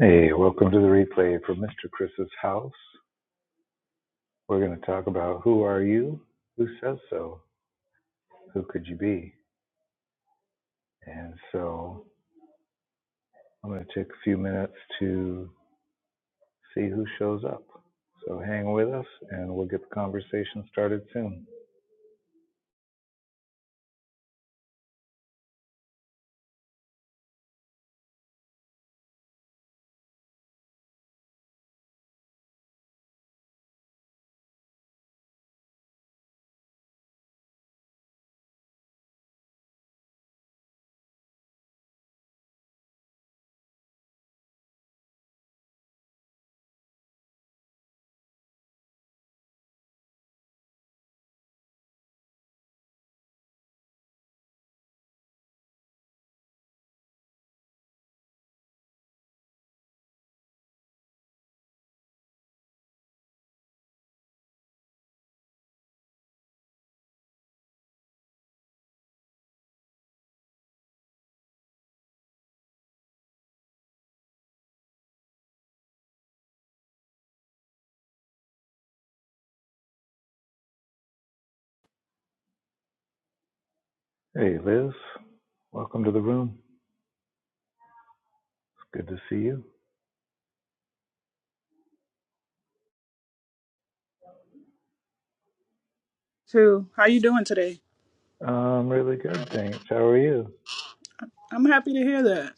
Hey, welcome to the replay from Mr. Chris's house. We're going to talk about who are you? Who says so? Who could you be? And so I'm going to take a few minutes to see who shows up. So hang with us and we'll get the conversation started soon. Hey, Liz, welcome to the room. It's good to see you. too. How you doing today? Um, really good, thanks. How are you? I'm happy to hear that.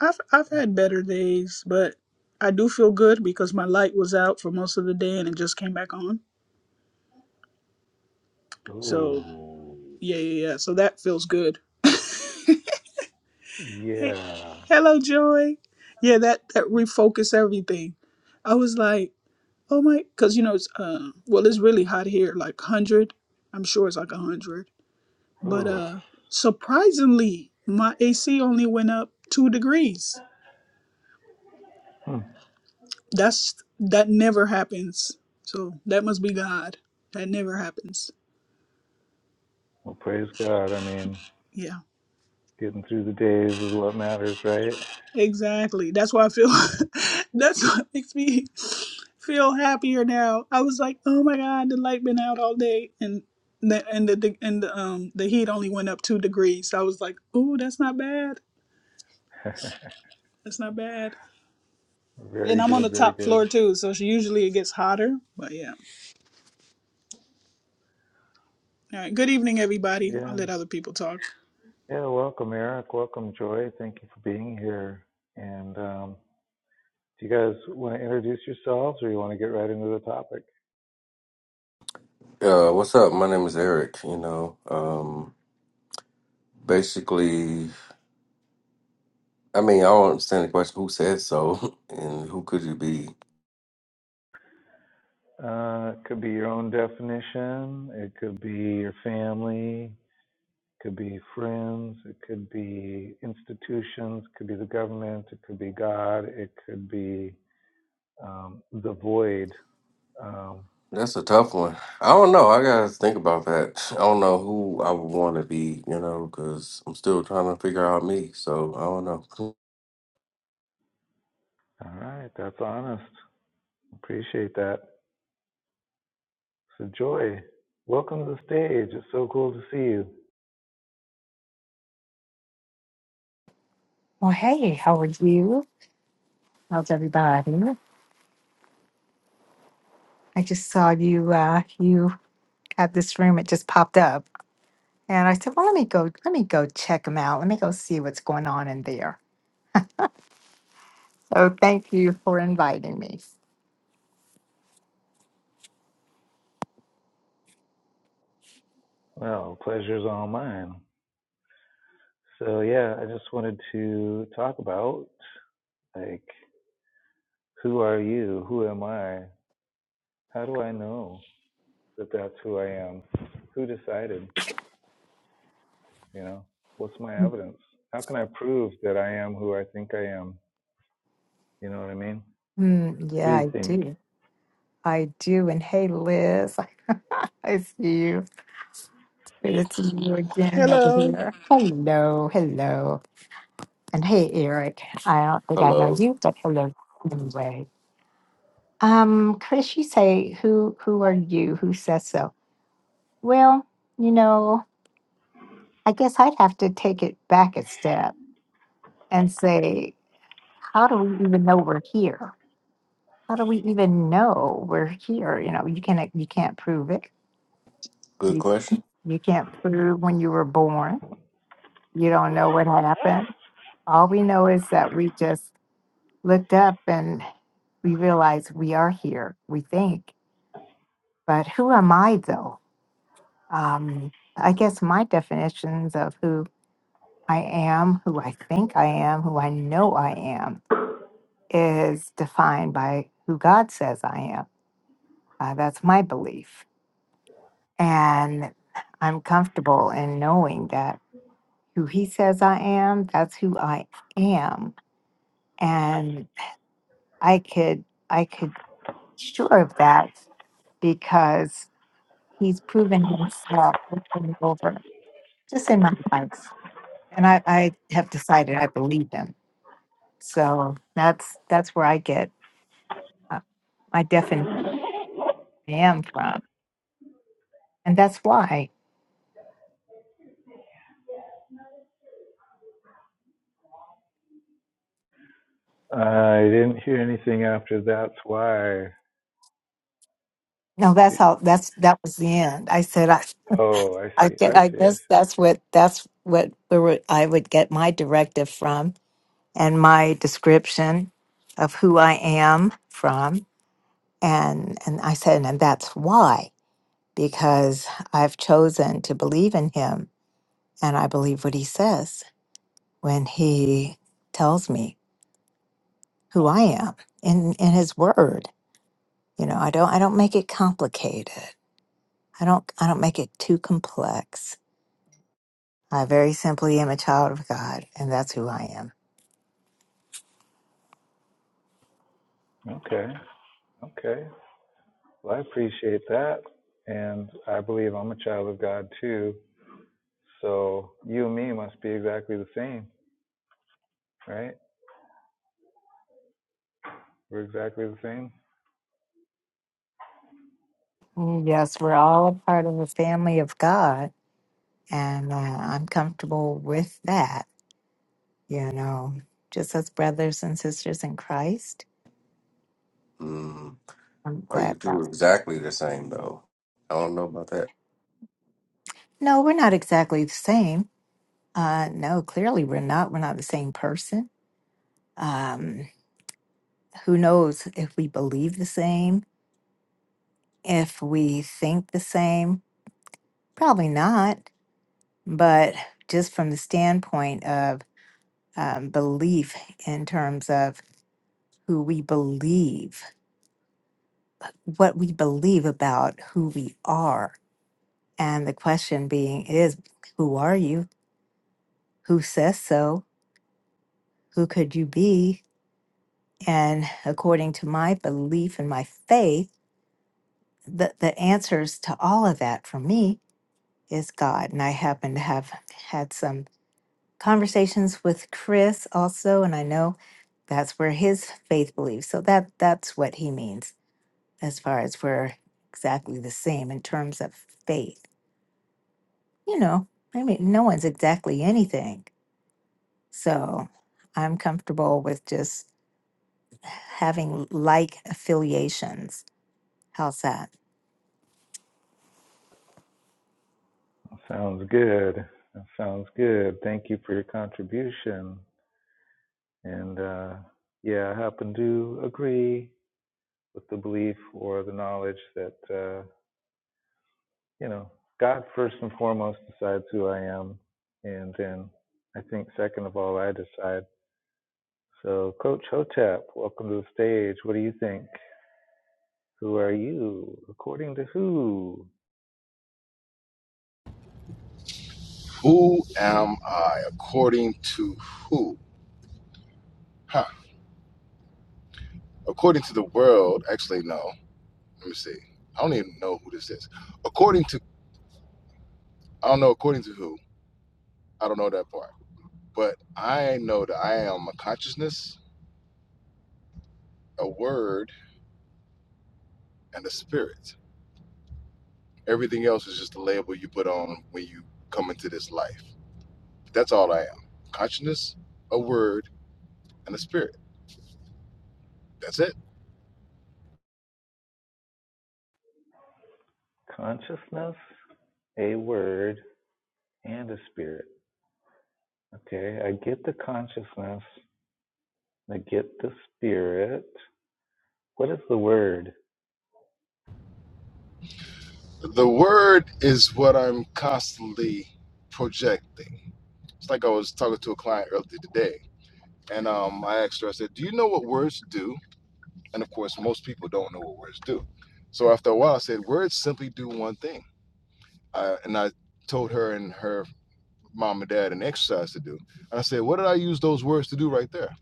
I've I've had better days, but I do feel good because my light was out for most of the day and it just came back on. So Oh, yeah, yeah, yeah. So that feels good. Hey, yeah. hello, Joy. Yeah, that that refocus everything. I was like, oh my, because you know it's uh, well, it's really hot here, like hundred. I'm sure it's like hundred, but Ooh. uh, surprisingly, my AC only went up two degrees. Hmm. That's that never happens. So that must be God. That never happens. Well, praise God. I mean, Yeah, Getting through the days is what matters, right? exactly. That's why I feel. that's what makes me feel happier now. I was like, oh my God, the light been out all day, and the and the, the and the, um the heat only went up two degrees. So I was like, oh, that's not bad. That's not bad. And very I'm on the good, very top floor good. too, so she usually it gets hotter. But yeah. All right. Good evening, everybody. Yeah. I'll let other people talk. Yeah, welcome, Eric. Welcome, Joy. Thank you for being here. And um, do you guys want to introduce yourselves or you want to get right into the topic? Uh, what's up? My name is Eric. You know, um, basically, I mean, I don't understand the question. Who said so, and who could you be? Uh, it could be your own definition, it could be your family, it could be friends, it could be institutions, it could be the government, it could be God, it could be um, the void. Um, That's a tough one. I don't know. I gotta think about that. I don't know who I would want to be. You know, because I'm still trying to figure out me. So I don't know. all right, that's honest. Appreciate that. So, Joy, welcome to the stage. It's so cool to see you. Well, hey, how are you? How's everybody? I just saw you. Uh, you had this room; it just popped up, and I said, "Well, let me go. Let me go check them out. Let me go see what's going on in there." So, thank you for inviting me. Well, pleasure's all mine. So, yeah, I just wanted to talk about like, who are you? Who am I? How do I know that that's who I am? Who decided? You know, what's my evidence? How can I prove that I am who I think I am? You know what I mean? Mm, What do yeah, you I think? do. I do. And hey, Liz, I see you. Good to see you again over Hello. here. Hello, hello, and hey, Eric. I don't think I know Hello. you, but hello anyway. Um, could she say, "Who who are you? Who says so?" Well, you know, I guess I'd have to take it back a step and say, "How do we even know we're here? How do we even know we're here? You know, you can't you can't prove it. Good You question. you can't prove when you were born. You don't know what happened. All we know is that we just looked up and we realized we are here. We think, but who am I though? um, I guess my definitions of who I am, who I think I am, who I know I am, is defined by who God says I am. Uh, that's my belief. And I'm comfortable in knowing that who He says I am, that's who I am. And I could, I could be sure of that because He's proven Himself over and over, just in my life. And I, I have decided I believe Him So that's that's where I get uh, my definition I am from, and that's why. I didn't hear anything after that's why. No, that's Okay. how. That's that was the end. I said I. Oh, I I, see. get, I I see. I guess see. that's what that's what we were, I would get my directive from, and my description of who I am from, and and I said, and that's why because I've chosen to believe in him, and I believe what he says when he tells me who I am in in his word You know, I don't I don't make it complicated. I don't I don't make it too complex. I very simply am a child of God, and that's who I am. Okay. Okay. Well, I appreciate that. And I believe I'm a child of God too. So you and me must be exactly the same, right? We're exactly the same. Mm, Yes, we're all a part of the family of God, and uh, I'm comfortable with that. You know, just as brothers and sisters in Christ. Mm, I'm are you glad that. two exactly the same though? I don't know about that. No, we're not exactly the same. Uh, no, clearly we're not. We're not the same person. Um, who knows if we believe the same, if we think the same, Probably not, but just from the standpoint of um, belief in terms of who we believe, what we believe about who we are. And the question being is, who are you? Who says so? Who could you be? And according to my belief and my faith, the, the answers to all of that for me is God. And I happen to have had some conversations with Chris also, and I know That's where his faith believes. So that that's what he means as far as we're exactly the same in terms of faith. You know, I mean no one's exactly anything. So I'm comfortable with just having like affiliations. How's that? Sounds good. That sounds good. Thank you for your contribution. And uh, yeah, I happen to agree with the belief or the knowledge that, uh, you know, God first and foremost decides who I am. And then I think, second of all, I decide. So, Coach Hotep, welcome to the stage. What do you think? Who are you? According to who? Who am I? According to who? Huh. According to the world, actually, no. Let me see. I don't even know who this is. According to, I don't know, according to who? I don't know that part. But I know that I am a consciousness, a word, and a spirit. Everything else is just a label you put on when you come into this life. That's all I am consciousness, a word, and a spirit. That's it. Consciousness, a word, and a spirit. Okay, I get the consciousness, I get the spirit. What is the word? The word is what I'm constantly projecting It's like I was talking to a client earlier today, and um, I asked her, I said, Do you know what words do? And of course, most people don't know what words do. So after a while, I said, Words simply do one thing. I, and I told her and her mom and dad an exercise to do. And I said, What did I use those words to do right there?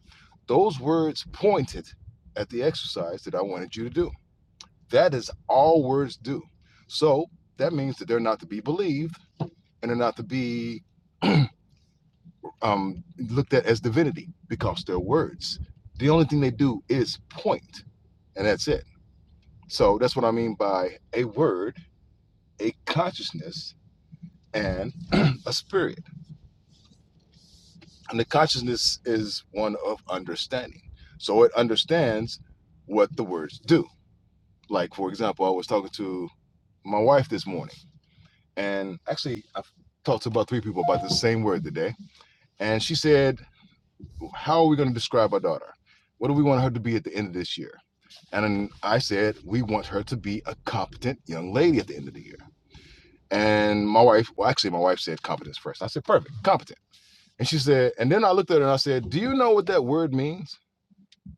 Those words pointed at the exercise that I wanted you to do. That is all words do. So that means that they're not to be believed and they're not to be um, looked at as divinity because they're words. The only thing they do is point, and that's it. So that's what I mean by a word, a consciousness, and a spirit. And the consciousness is one of understanding. So it understands what the words do. Like, for example, I was talking to my wife this morning, and actually, I've talked to about three people about the same word today. And she said, how are we going to describe our daughter? What do we want her to be at the end of this year? And then I said, we want her to be a competent young lady at the end of the year. And my wife, well, actually, my wife said competence first. I said, perfect, competent. And she said, and then I looked at her and I said, do you know what that word means?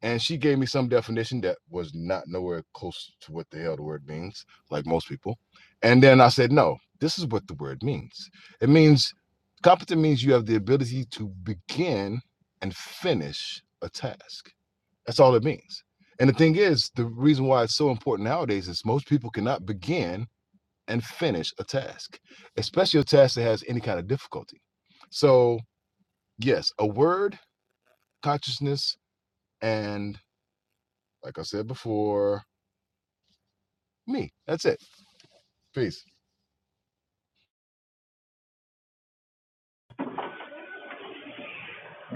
and she gave me some definition that was not nowhere close to what the hell the word means, like most people. And then I said, no, this is what the word means. It means competent means you have the ability to begin and finish a task. That's all it means. And the thing is, the reason why it's so important nowadays is most people cannot begin and finish a task, especially a task that has any kind of difficulty. So, yes, a word, consciousness, and like I said before, me. That's it. Peace.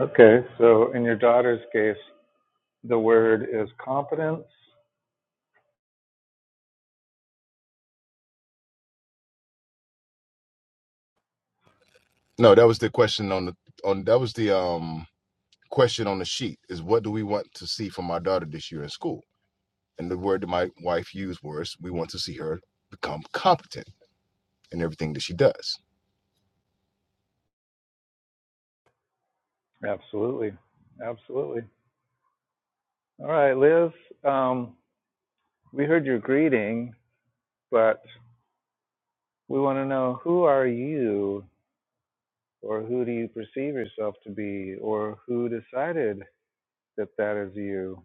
Okay, so in your daughter's case, the word is competence. No, that was the question on the on that was the um question on the sheet is what do we want to see from our daughter this year in school? And the word that my wife used was we want to see her become competent in everything that she does. Absolutely, absolutely. All right, Liz, um, we heard your greeting, but we want to know who are you or who do you perceive yourself to be, or who decided that that is you?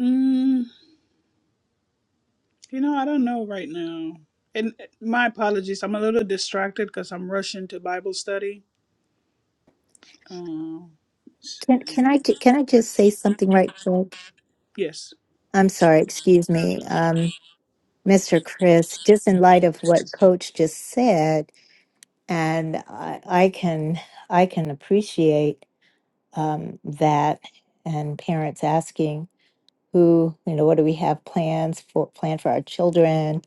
Mm. You know, I don't know right now. And uh, my apologies. I'm a little distracted because I'm rushing to Bible study. Uh, let's Can, see. can I ju- can I just say something right quick? Yes. I'm sorry, excuse me, um, Mr. Chris. Just in light of what Coach just said, and I, I can I can appreciate. um, that and parents asking who you know what do we have plans for plan for our children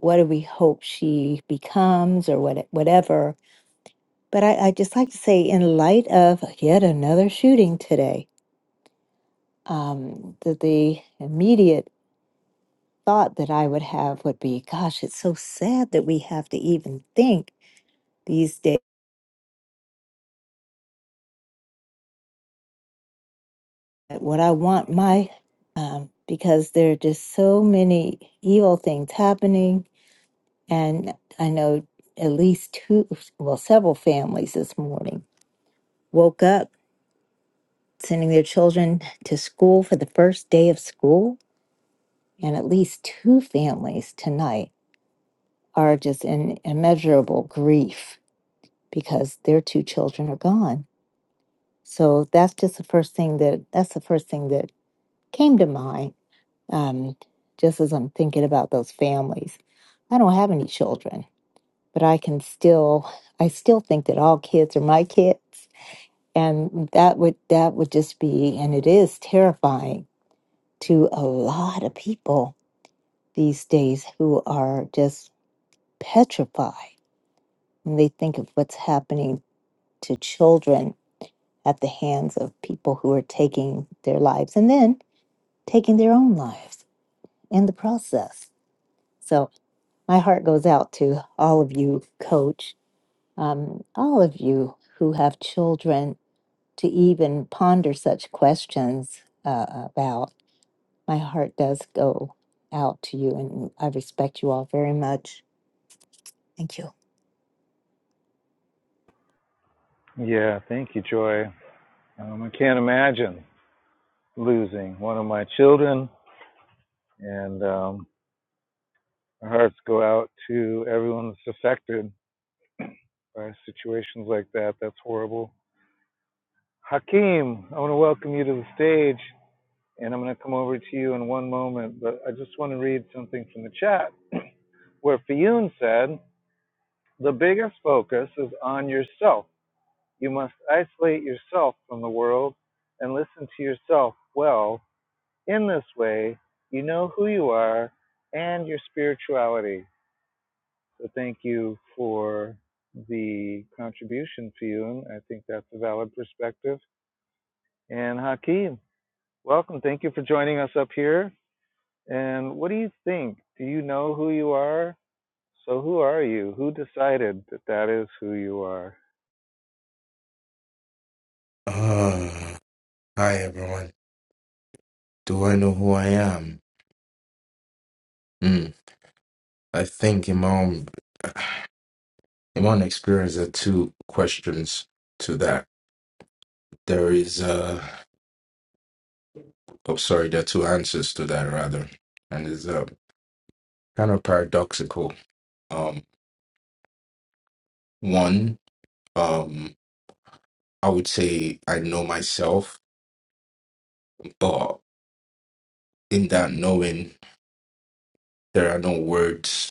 what do we hope she becomes or what whatever but I, I just like to say in light of yet another shooting today um, that the immediate thought that i would have would be gosh it's so sad that we have to even think these days that what i want my um, because there are just so many evil things happening And I know at least two, well, several families this morning woke up sending their children to school for the first day of school. And at least two families tonight are just in immeasurable grief because their two children are gone. So that's just the first thing that that's the first thing that came to mind. Um, just as I'm thinking about those families, I don't have any children, but I can still I still think that all kids are my kids and that would that would just be and it is terrifying to a lot of people these days who are just petrified when they think of what's happening to children at the hands of people who are taking their lives and then taking their own lives in the process so my heart goes out to all of you coach um, all of you who have children to even ponder such questions uh, about my heart does go out to you, and I respect you all very much. Thank you. Yeah, thank you, Joy. Um, I can't imagine losing one of my children, and um, our hearts go out to everyone that's affected by situations like that. That's horrible. Hakeem, I want to welcome you to the stage, and I'm going to come over to you in one moment, but I just want to read something from the chat where Fiyun said, The biggest focus is on yourself You must isolate yourself from the world and listen to yourself well. In this way, you know who you are and your spirituality. So, thank you for the contribution, Fiyun. I think that's a valid perspective. And Hakeem, welcome. Thank you for joining us up here. And what do you think? Do you know who you are? So, who are you? Who decided that that is who you are? Uh, hi everyone. Do I know who I am? Hmm. I think in my own in my own experience, there are two questions to that. There is uh, oh sorry, there are two answers to that rather, and it's uh kind of paradoxical. Um, one, um, I would say I know myself, but in that knowing, there are no words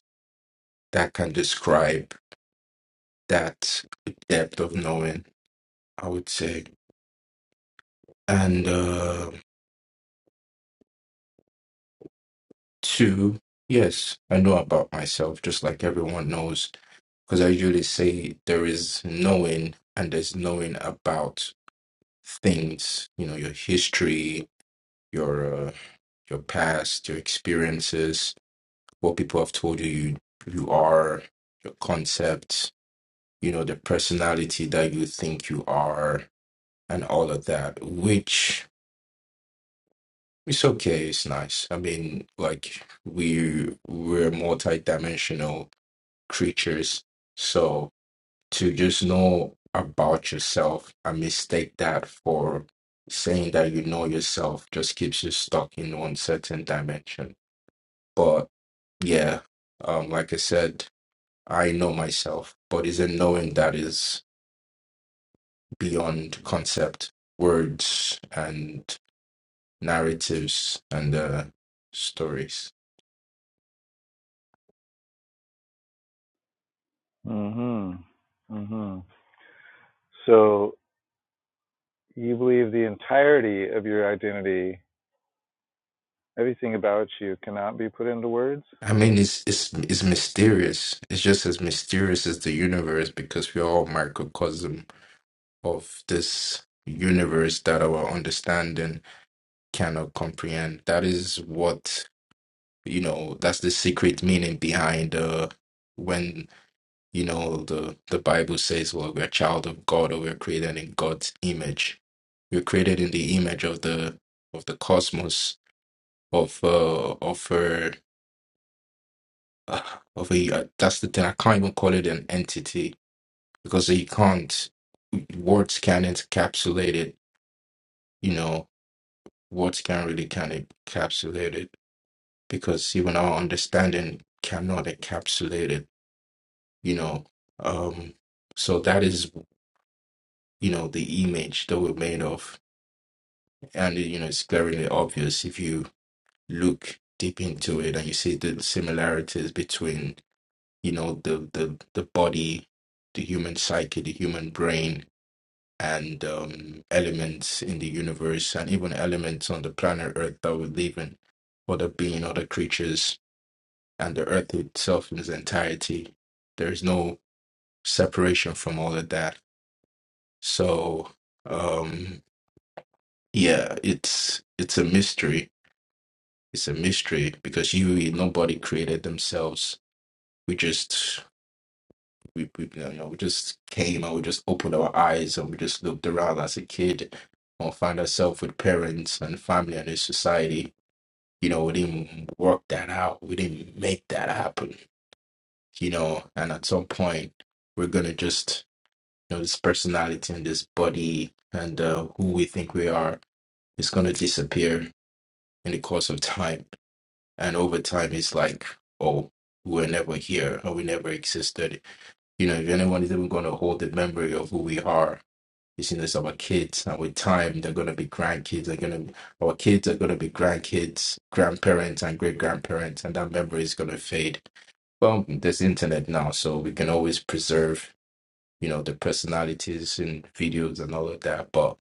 that can describe that depth of knowing. I would say, and uh. Two, yes, I know about myself, just like everyone knows, because I usually say there is knowing and there's knowing about things, you know, your history, your uh, your past, your experiences, what people have told you you, you are, your concepts, you know, the personality that you think you are, and all of that, which it's okay, it's nice. I mean, like we we're multi-dimensional creatures. So to just know about yourself and mistake that for saying that you know yourself just keeps you stuck in one certain dimension. But yeah, um, like I said, I know myself, but it's a knowing that is beyond concept, words, and narratives and uh, stories. Mm hmm. Mm hmm. So you believe the entirety of your identity, everything about you, cannot be put into words? I mean, it's it's it's mysterious. It's just as mysterious as the universe because we're all microcosm of this universe that our understanding cannot comprehend. That is what, you know, that's the secret meaning behind uh, when, you know, the, the Bible says, well, we're a child of God or we're created in God's image. We're created in the image of the of the cosmos of uh, of a uh, of a uh, that's the thing I can't even call it an entity because you can't words can't encapsulate it you know words can't really can encapsulate it because even our understanding cannot encapsulate it you know um so that is you know the image that we're made of and you know it's glaringly obvious if you look deep into it and you see the similarities between you know the the the body the human psyche the human brain and um, elements in the universe and even elements on the planet earth that we live in other being other creatures and the earth itself in its entirety. There is no separation from all of that. So um yeah, it's it's a mystery. It's a mystery because you nobody created themselves. We just we, we you know we just came and we just opened our eyes and we just looked around as a kid and found ourselves with parents and family and a society. You know, we didn't work that out. We didn't make that happen. You know, and at some point we're gonna just know, this personality and this body and uh, who we think we are is going to disappear in the course of time. And over time, it's like, oh, we were never here or we never existed. You know, if anyone is even going to hold the memory of who we are, it's in this our kids. And with time, they're going to be grandkids. They're going to our kids are going to be grandkids, grandparents, and great grandparents, and that memory is going to fade. Well, there's internet now, so we can always preserve you know, the personalities in videos and all of that. But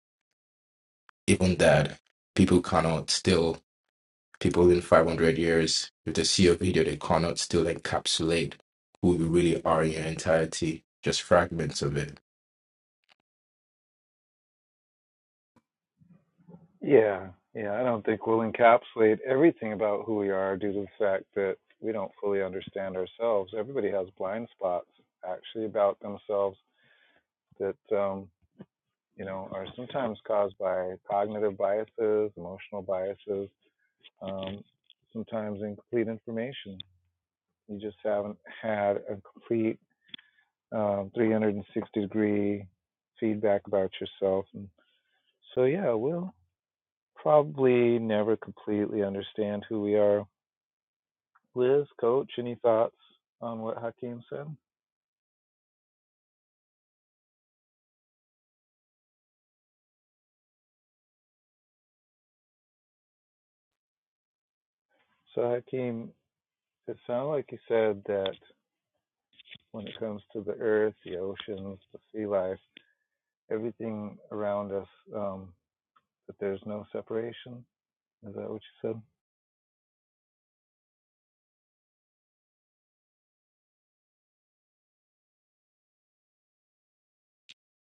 even that, people cannot still, people in 500 years, if they see a video, they cannot still encapsulate who you really are in your entirety, just fragments of it. Yeah, yeah. I don't think we'll encapsulate everything about who we are due to the fact that we don't fully understand ourselves. Everybody has blind spots, actually, about themselves that um, you know are sometimes caused by cognitive biases, emotional biases, um, sometimes incomplete information. You just haven't had a complete um, 360 degree feedback about yourself. And so, yeah, we'll probably never completely understand who we are. Liz, coach, any thoughts on what Hakeem said? So, Hakeem, it sounded like you said that when it comes to the earth, the oceans, the sea life, everything around us, um, that there's no separation. Is that what you said?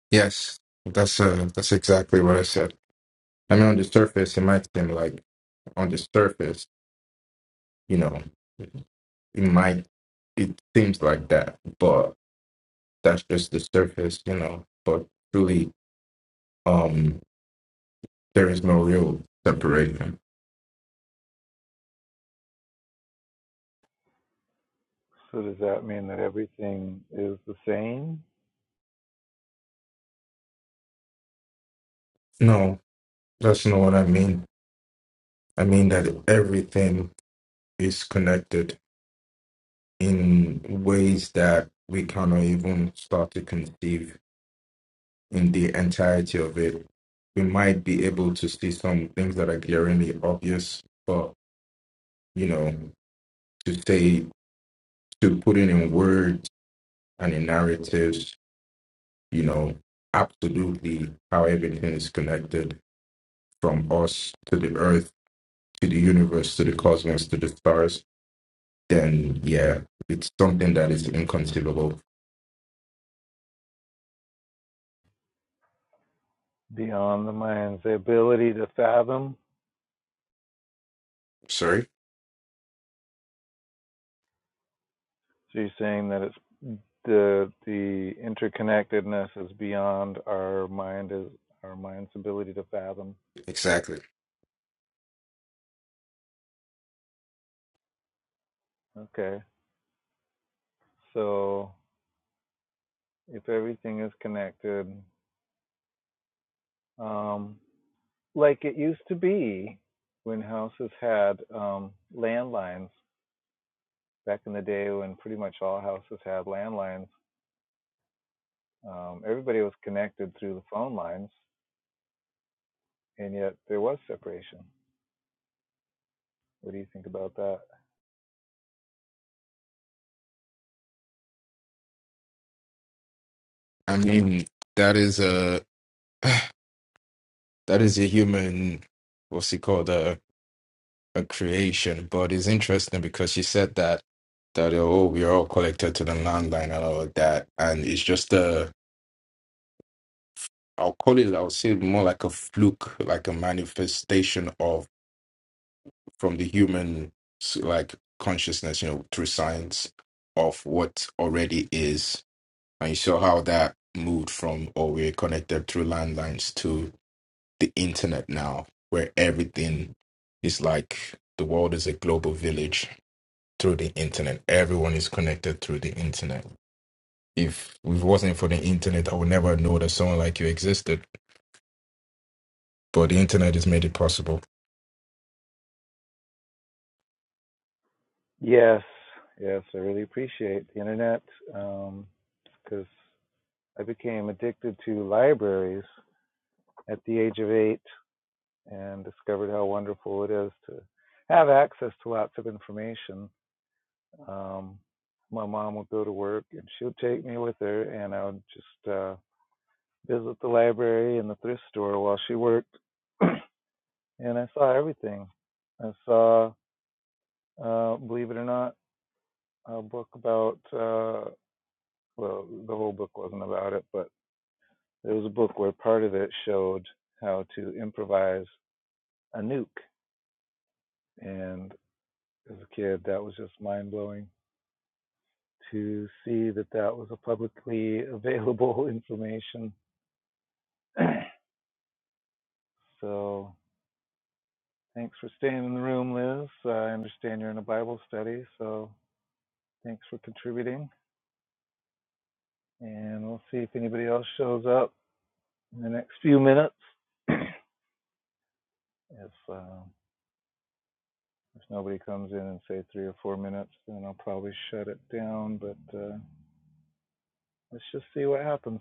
Yes, that's uh, that's exactly what I said. I mean, on the surface, it might seem like on the surface, you know, it might it seems like that, but that's just the surface, you know. But truly, um. There is no real separation. So, does that mean that everything is the same No, that's not what I mean. I mean that everything is connected in ways that we cannot even start to conceive in the entirety of it. We might be able to see some things that are glaringly obvious, but you know, to say to put it in words and in narratives, you know, absolutely how everything is connected from us to the earth to the universe, to the cosmos, to the stars, then yeah, it's something that is inconceivable. beyond the mind's ability to fathom Sorry. So you're saying that it's the the interconnectedness is beyond our mind is our mind's ability to fathom. Exactly. Okay. So if everything is connected, um, like it used to be when houses had um, landlines back in the day when pretty much all houses had landlines, um, everybody was connected through the phone lines, and yet there was separation. What do you think about that? I mean, that is a that is a human, what's it called, a a creation. But it's interesting because you said that that oh, we are all connected to the landline and all of that, and it's just a I'll call it. I'll say more like a fluke, like a manifestation from the human s- like consciousness, you know, through science of what already is. And you saw how that moved from, or we're connected through landlines to the internet now, where everything is like the world is a global village through the internet. Everyone is connected through the internet. If it wasn't for the internet, I would never know that someone like you existed. But the internet has made it possible. Yes, yes, I really appreciate the internet um, because I became addicted to libraries at the age of eight and discovered how wonderful it is to have access to lots of information. Um, my mom would go to work and she would take me with her, and I would just uh, visit the library and the thrift store while she worked. and I saw everything. I saw, uh, believe it or not, a book about. uh, well, the whole book wasn't about it, but there was a book where part of it showed how to improvise a nuke. And as a kid, that was just mind blowing to see that that was a publicly available information. so thanks for staying in the room, Liz. I understand you're in a Bible study, so thanks for contributing. And we'll see if anybody else shows up in the next few minutes. if uh, If nobody comes in and say three or four minutes, then I'll probably shut it down. But uh, let's just see what happens.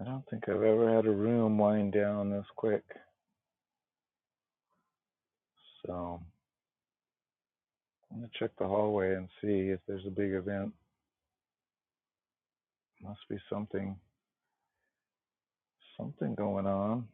I don't think I've ever had a room wind down this quick. So I'm gonna check the hallway and see if there's a big event. Must be something, something going on.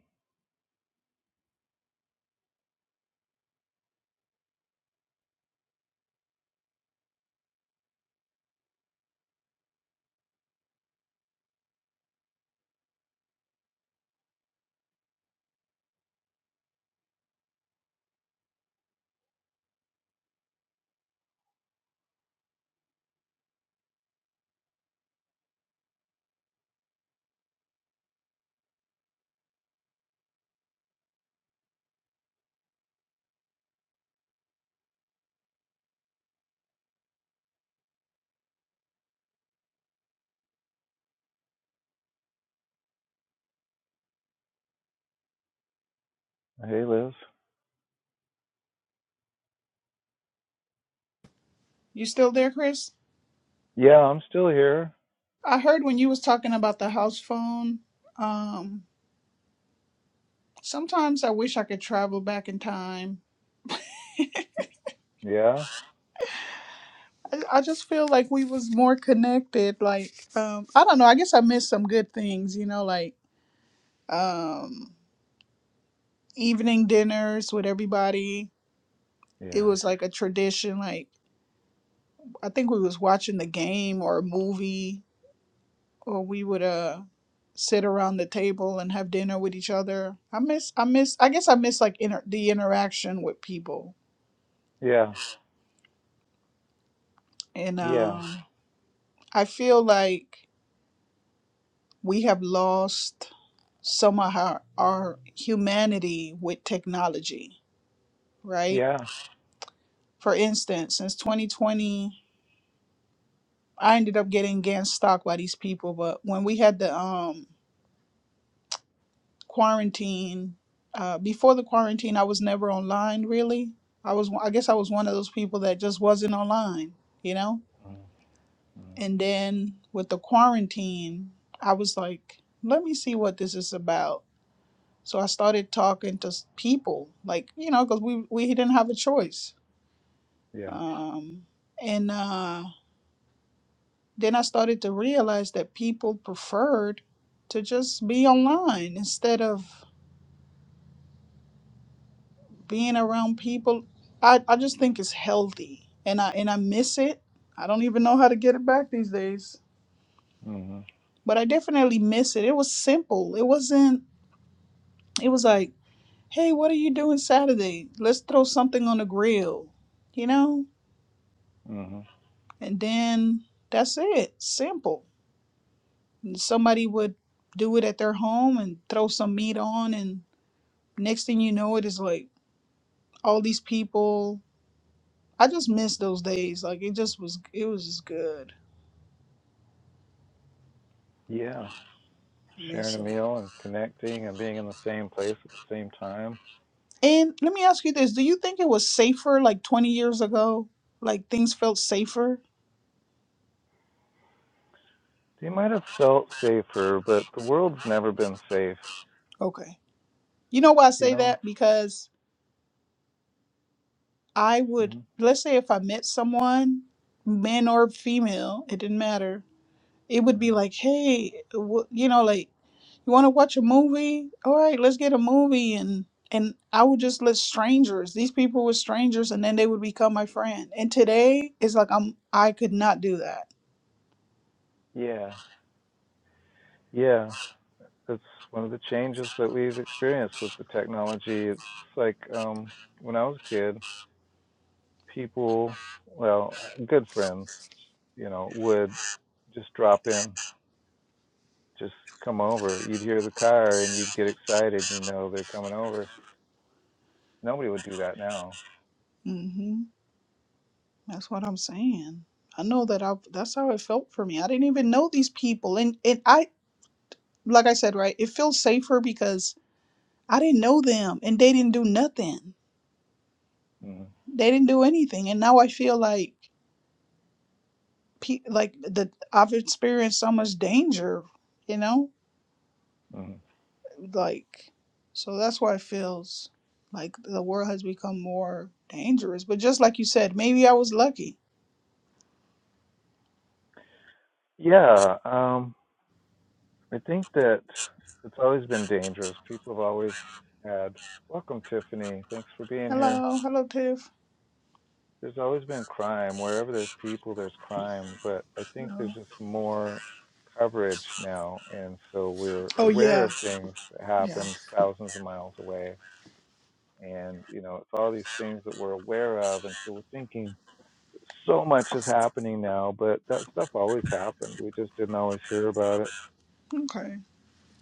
Hey, Liz. You still there, Chris? Yeah, I'm still here. I heard when you was talking about the house phone. Um, sometimes I wish I could travel back in time. Yeah. I, I just feel like we was more connected. Like, um, I don't know. I guess I missed some good things. You know, like um, evening dinners with everybody. It Yeah. was like a tradition. Like. I think we was watching the game or a movie, or we would uh sit around the table and have dinner with each other. I miss, I miss, I guess I miss like inter- the interaction with people, Yeah. and Yeah. um, I feel like we have lost some of our, our humanity with technology, right? Yeah. For instance, since 2020, I ended up getting against stock by these people, but when we had the um quarantine uh, before the quarantine i was never online really i was i guess i was one of those people that just wasn't online you know Mm-hmm. Mm-hmm. and then with the quarantine i was like let me see what this is about so i started talking to s- people like you know because we we didn't have a choice Yeah. um and uh then i started to realize that people preferred to just be online instead of being around people i, I just think it's healthy and i and i miss it i don't even know how to get it back these days Mhm. but i definitely miss it it was simple it wasn't it was like hey what are you doing saturday let's throw something on the grill you know Mhm. and then that's it simple and somebody would do it at their home and throw some meat on and next thing you know it is like all these people i just miss those days like it just was it was just good Yeah. I sharing miss a it. meal and connecting and being in the same place at the same time. And let me ask you this: Do you think it was safer like 20 years ago? Like things felt safer? They might have felt safer, but the world's never been safe, Okay. You know why I you say know? that? Because I would, hmm let's say if I met someone, man or female, it didn't matter. It would be hmm like, hey, wh- you know, like you want to watch a movie? All right, let's get a movie. And and I would just let strangers. These people were strangers, and then they would become my friend. And today, it's like I'm. I could not do that. Yeah, yeah. That's one of the changes that we've experienced with the technology. It's like um, when I was a kid, people, well, good friends, you know, would just drop in, just come over. You'd hear the car and you'd get excited, you know, they're coming over. Nobody would do that now. Mm-hmm. That's what I'm saying. I know that I that's how it felt for me. I didn't even know these people and and I like I said, right? It feels safer because I didn't know them and they didn't do nothing. Mm. They didn't do anything and now I feel like pe- like the I've experienced so much danger, you know? Mm. Like so that's why it feels like the world has become more dangerous. But just like you said, maybe I was lucky. Yeah, um, I think that it's always been dangerous. People have always had. Welcome, Tiffany. Thanks for being here. Hello, hello Tiff. There's always been crime. Wherever there's people, there's crime. But I think Hello. there's just more coverage now. And so we're Oh aware yeah. of things that Yeah. happened thousands of miles away. And, you know, it's all these things that we're aware of. And so we're thinking so much is happening now, but that stuff always happened. We just didn't always hear about it. Okay.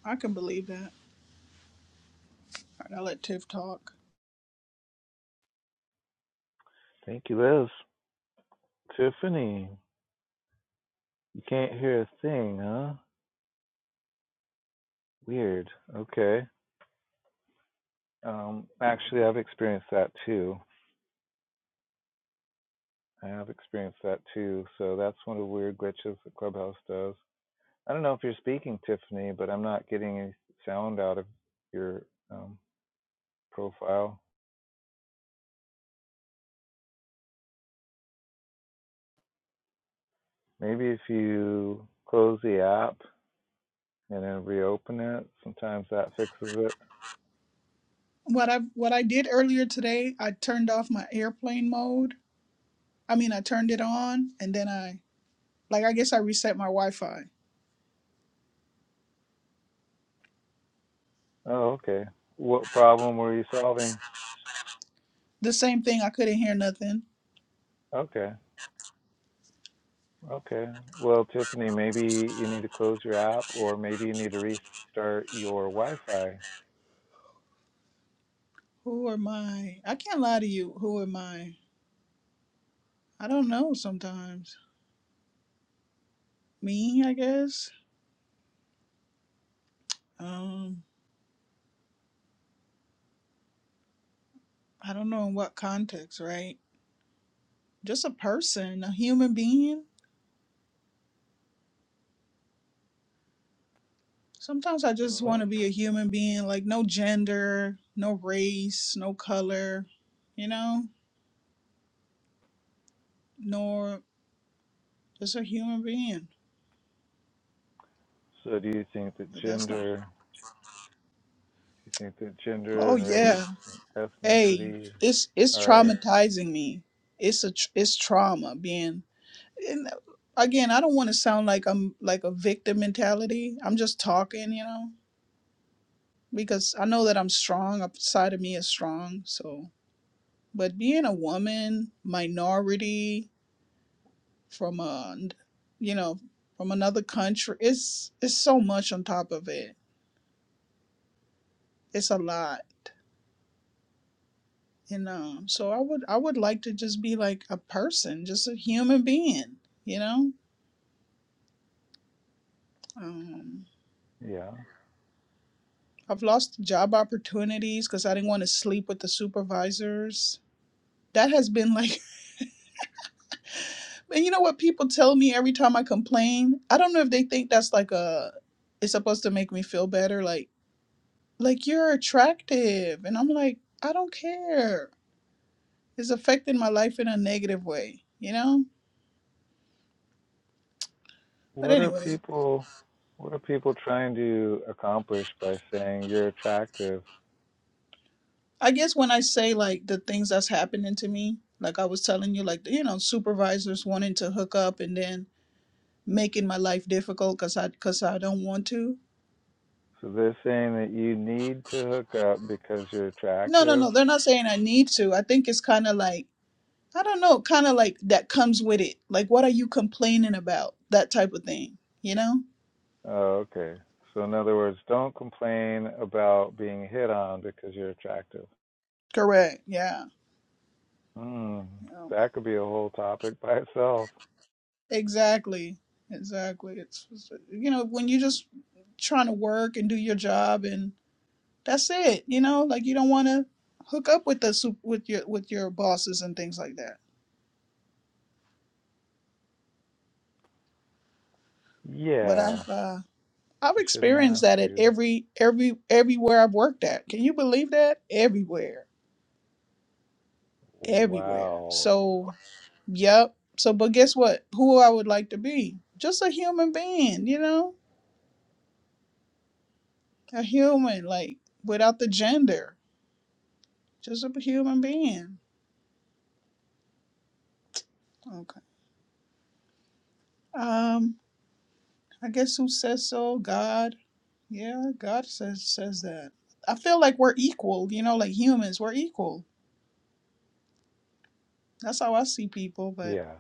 I can believe that. All right, I'll let Tiff talk. Thank you, Liz. Tiffany, you can't hear a thing, huh? Weird. Okay. Um, actually, I've experienced that too. I have experienced that too. So that's one of the weird glitches that Clubhouse does. I don't know if you're speaking, Tiffany, but I'm not getting any sound out of your um, profile. Maybe if you close the app and then reopen it, sometimes that fixes it. What I what I did earlier today, I turned off my airplane mode. I mean, I turned it on, and then I like I guess I reset my Wi-Fi. Oh, okay. What problem were you solving? The same thing. I couldn't hear nothing. Okay. Okay. Well, Tiffany, maybe you need to close your app or maybe you need to restart your Wi Fi. Who am I? I can't lie to you. Who am I? I don't know. Sometimes me, I guess. Um, I don't know in what context, right? Just a person, a human being. Sometimes I just want Well, to be a human being, like no gender, no race, no color, you know nor just a human being. so do you think that But that's not. gender, do you think that gender Oh and yeah. race and Hey, ethnicity it's it's are, traumatizing me. It's a tr- it's trauma being. And again, I don't want to sound like I'm like a victim mentality. I'm just talking, you know, because I know that I'm strong. A side of me is strong. So, but being a woman, minority from a, you know, from another country, it's it's so much on top of it. It's a lot And um, so I would I would like to just be like a person, just a human being, you know. Um, yeah. I've lost job opportunities because I didn't want to sleep with the supervisors. That has been like, and you know what people tell me every time I complain. I don't know if they think that's like a, it's supposed to make me feel better. Like like you're attractive, and I'm like I don't care. It's affecting my life in a negative way, you know. But What are anyway. people, what are people trying to accomplish by saying you're attractive? I guess when I say like the things that's happening to me, like I was telling you, like you know, supervisors wanting to hook up and then making my life difficult because I because I don't want to. So they're saying that you need to hook up because you're No, no, attractive. no. They're not saying I need to. I think it's kind of like I don't know, kind of like that comes with it. Like, what are you complaining about? That type of thing. You know? Oh, okay. So in other words, don't complain about being hit on because you're attractive. Correct. Yeah. Hmm. yeah. That could be a whole topic by itself. Exactly. Exactly. It's you know when you're just trying to work and do your job and. That's it. You know, like you don't want to hook up with the sup- with your with your bosses and things like that. But Yeah. I've uh, I've You shouldn't experienced have that at to. every every everywhere I've worked at. Can you believe that? Everywhere, everywhere. Wow. So, yep. So, but guess what? Who I would like to be? Just a human being. You know, a human like without the gender. Just a human being. Okay. Um. I guess who says so? God. Yeah, God says says that. I feel like we're equal, you know, like humans, we're equal. That's how I see people, but Yeah.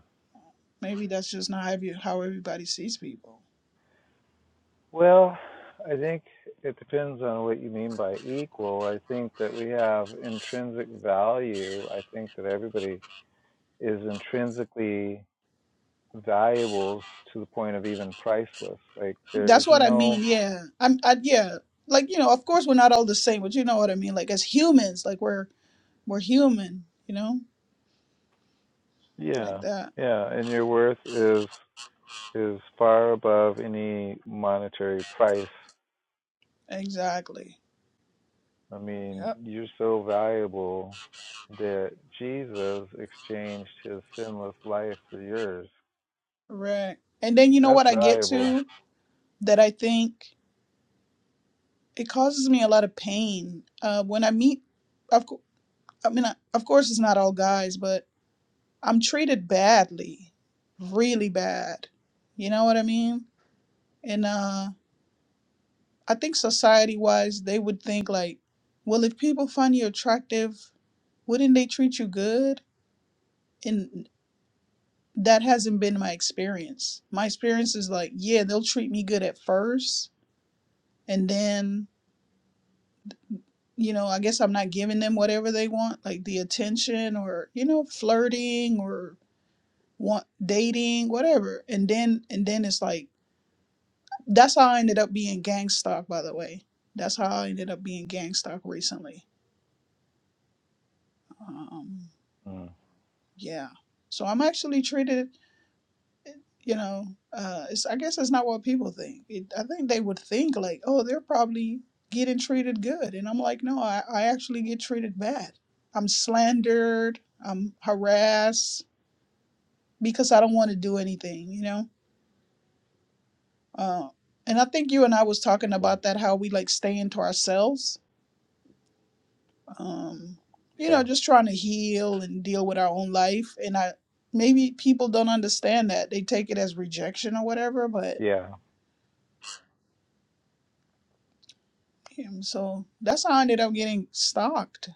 maybe that's just not how, every, how everybody sees people. Well, I think it depends on what you mean by equal. I think that we have intrinsic value. I think that everybody is intrinsically valuable to the point of even priceless. Like there is That's what I no mean. Yeah, I'm. I, yeah, like you know, of course we're not all the same, but you know what I mean. Like as humans, like we're we're human, you know, Yeah, like that. yeah, and your worth is is far above any monetary price. Exactly. I mean, Yep. you're so valuable that Jesus exchanged his sinless life for yours. Right. And then you know That's what I get valuable. to that I think it causes me a lot of pain uh, when I meet. Of, cou- I mean, I, of course it's not all guys, but I'm treated badly, really bad. You know what I mean? And uh, I think society wise, they would think like, well, if people find you attractive, wouldn't they treat you good? And that hasn't been my experience. My experience is like, yeah, they'll treat me good at first, and then you know, I guess I'm not giving them whatever they want, like the attention or you know, flirting or want dating, whatever. And then and then it's like That's how I ended up being gang stalked, by the way. That's how I ended up being gang stalked recently. Um, Mm, yeah. So I'm actually treated, you know, uh, it's, I guess it's not what people think. It, I think they would think like, oh, they're probably getting treated good. And I'm like, no, I, I actually get treated bad. I'm slandered. I'm harassed because I don't want to do anything, you know? Uh, and I think you and I was it's talking terrible. about that, how we like staying to ourselves um, you Yeah, know, just trying to heal and deal with our own life. And I maybe people don't understand that they take it as rejection or whatever. But yeah, um, so that's how I ended up getting stalked.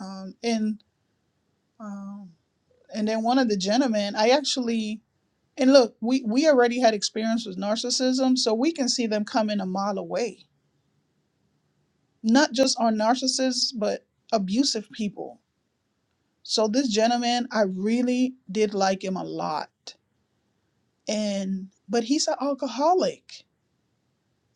Um, and um, and then one of the gentlemen, I actually and look, we we already had experience with narcissism, so we can see them coming a mile away. Not just our narcissists, but abusive people. So this gentleman, I really did like him a lot and but he's an alcoholic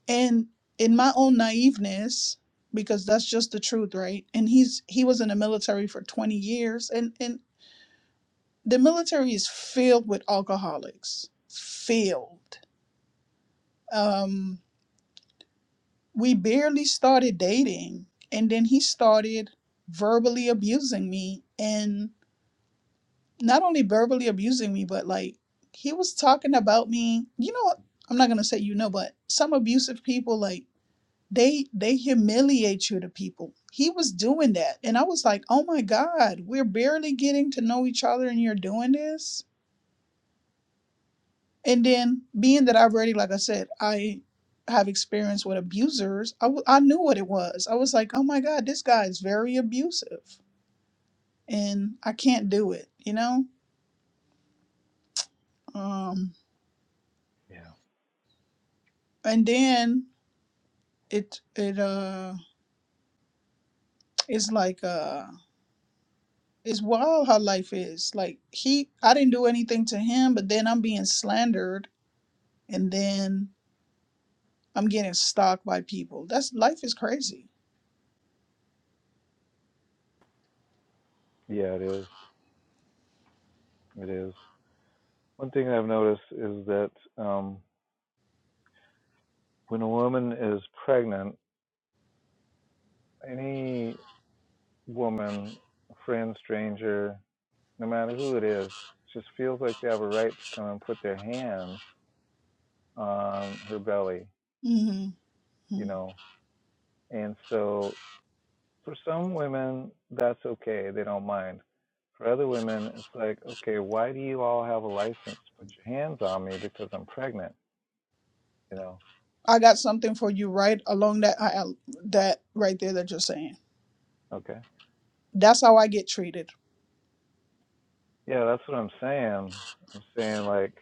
and in my own naiveness because that's just the truth right and he's he was in the military for 20 years and and the military is filled with alcoholics filled um we barely started dating and then he started verbally abusing me and not only verbally abusing me but like he was talking about me you know i'm not going to say you know but some abusive people like they they humiliate you to people he was doing that and i was like oh my god we're barely getting to know each other and you're doing this and then being that i've already like i said i have experience with abusers I w- I knew what it was i was like oh my god this guy is very abusive and i can't do it you know um yeah, and then it it uh it's like uh it's wild how life is like he i didn't do anything to him but then i'm being slandered and then I'm getting stalked by people. That's life is crazy. yeah. It is. It is. One thing I've noticed is that um, when a woman is pregnant, any woman, friend, stranger, no matter who it is, just feels like they have a right to come and put their hands on her belly, hmm you know. And so for some women, that's okay. They don't mind. For other women, it's like, okay, why do you all have a license to put your hands on me because I'm pregnant, you know? I got something for you right along that I, that right there that you're saying. Okay. That's how I get treated. Yeah, that's what I'm saying. I'm saying like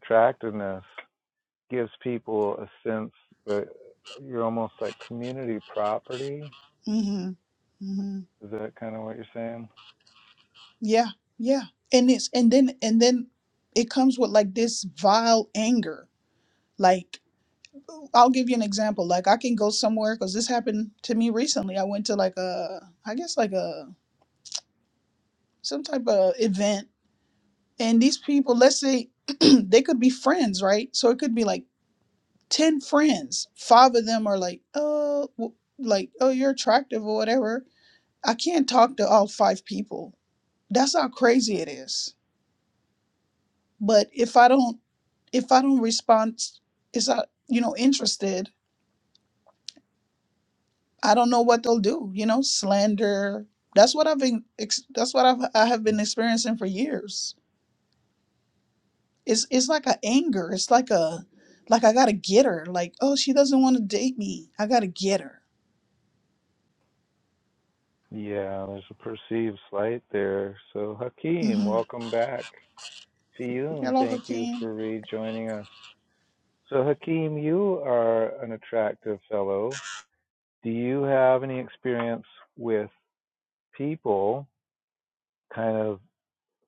attractiveness gives people a sense that you're almost like community property. hmm hmm Is that kind of what you're saying? Yeah, yeah, and it's and then and then it comes with like this vile anger. Like I'll give you an example. Like I can go somewhere because this happened to me recently. I went to like a I guess like a some type of event and these people let's say they could be friends right so it could be like 10 friends five of them are like oh w- like oh you're attractive or whatever i can't talk to all five people that's how crazy it is but if i don't if i don't respond is i you know interested i don't know what they'll do you know slander that's what i've been ex- that's what I've, i have been experiencing for years it's it's like a anger. It's like a like I gotta get her. Like oh, she doesn't want to date me. I gotta get her. Yeah, there's a perceived slight there. So, Hakeem, hmm welcome back. Fiyun, Hello, thank you Hakeem. for rejoining us. So, Hakeem, you are an attractive fellow. Do you have any experience with people kind of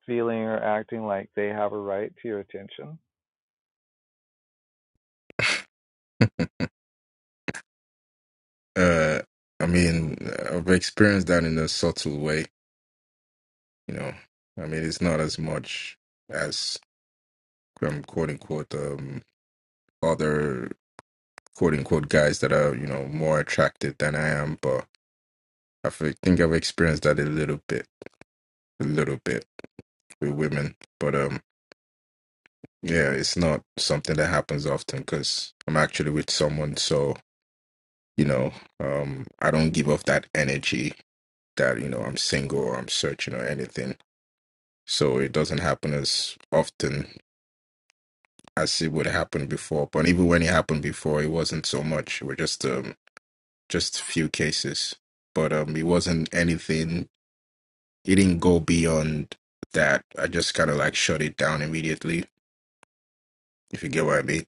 feeling or acting like they have a right to your attention? Uh, I mean, I've experienced that in a subtle way You know, I mean, it's not as much as um, quote unquote um, other quote unquote guys that are you know more attractive than I am, but I fe- think I've experienced that a little bit, a little bit with women. But um, yeah, it's not something that happens often because I'm actually with someone, so you know, um, I don't give off that energy that you know I'm single or I'm searching or anything. So it doesn't happen as often as it would happen before. But even when it happened before, it wasn't so much. It was just um just few cases, but um it wasn't anything. It didn't go beyond that. I just kind of like shut it down immediately. If you get what I mean.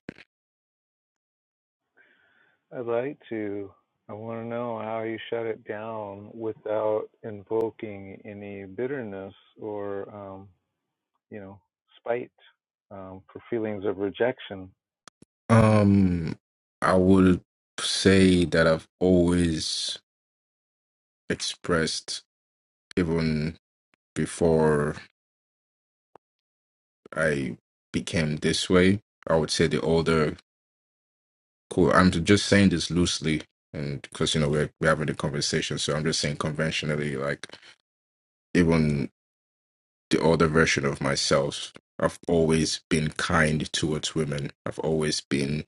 I'd like to. I want to know how you shut it down without invoking any bitterness or um, you know, spite um, for feelings of rejection. Um, I would say that I've always expressed even before I became this way. I would say the older Cool. I'm ju- just saying this loosely, and because you know we're we're having a conversation, so I'm just saying conventionally, like even the older version of myself, I've always been kind towards women. I've always been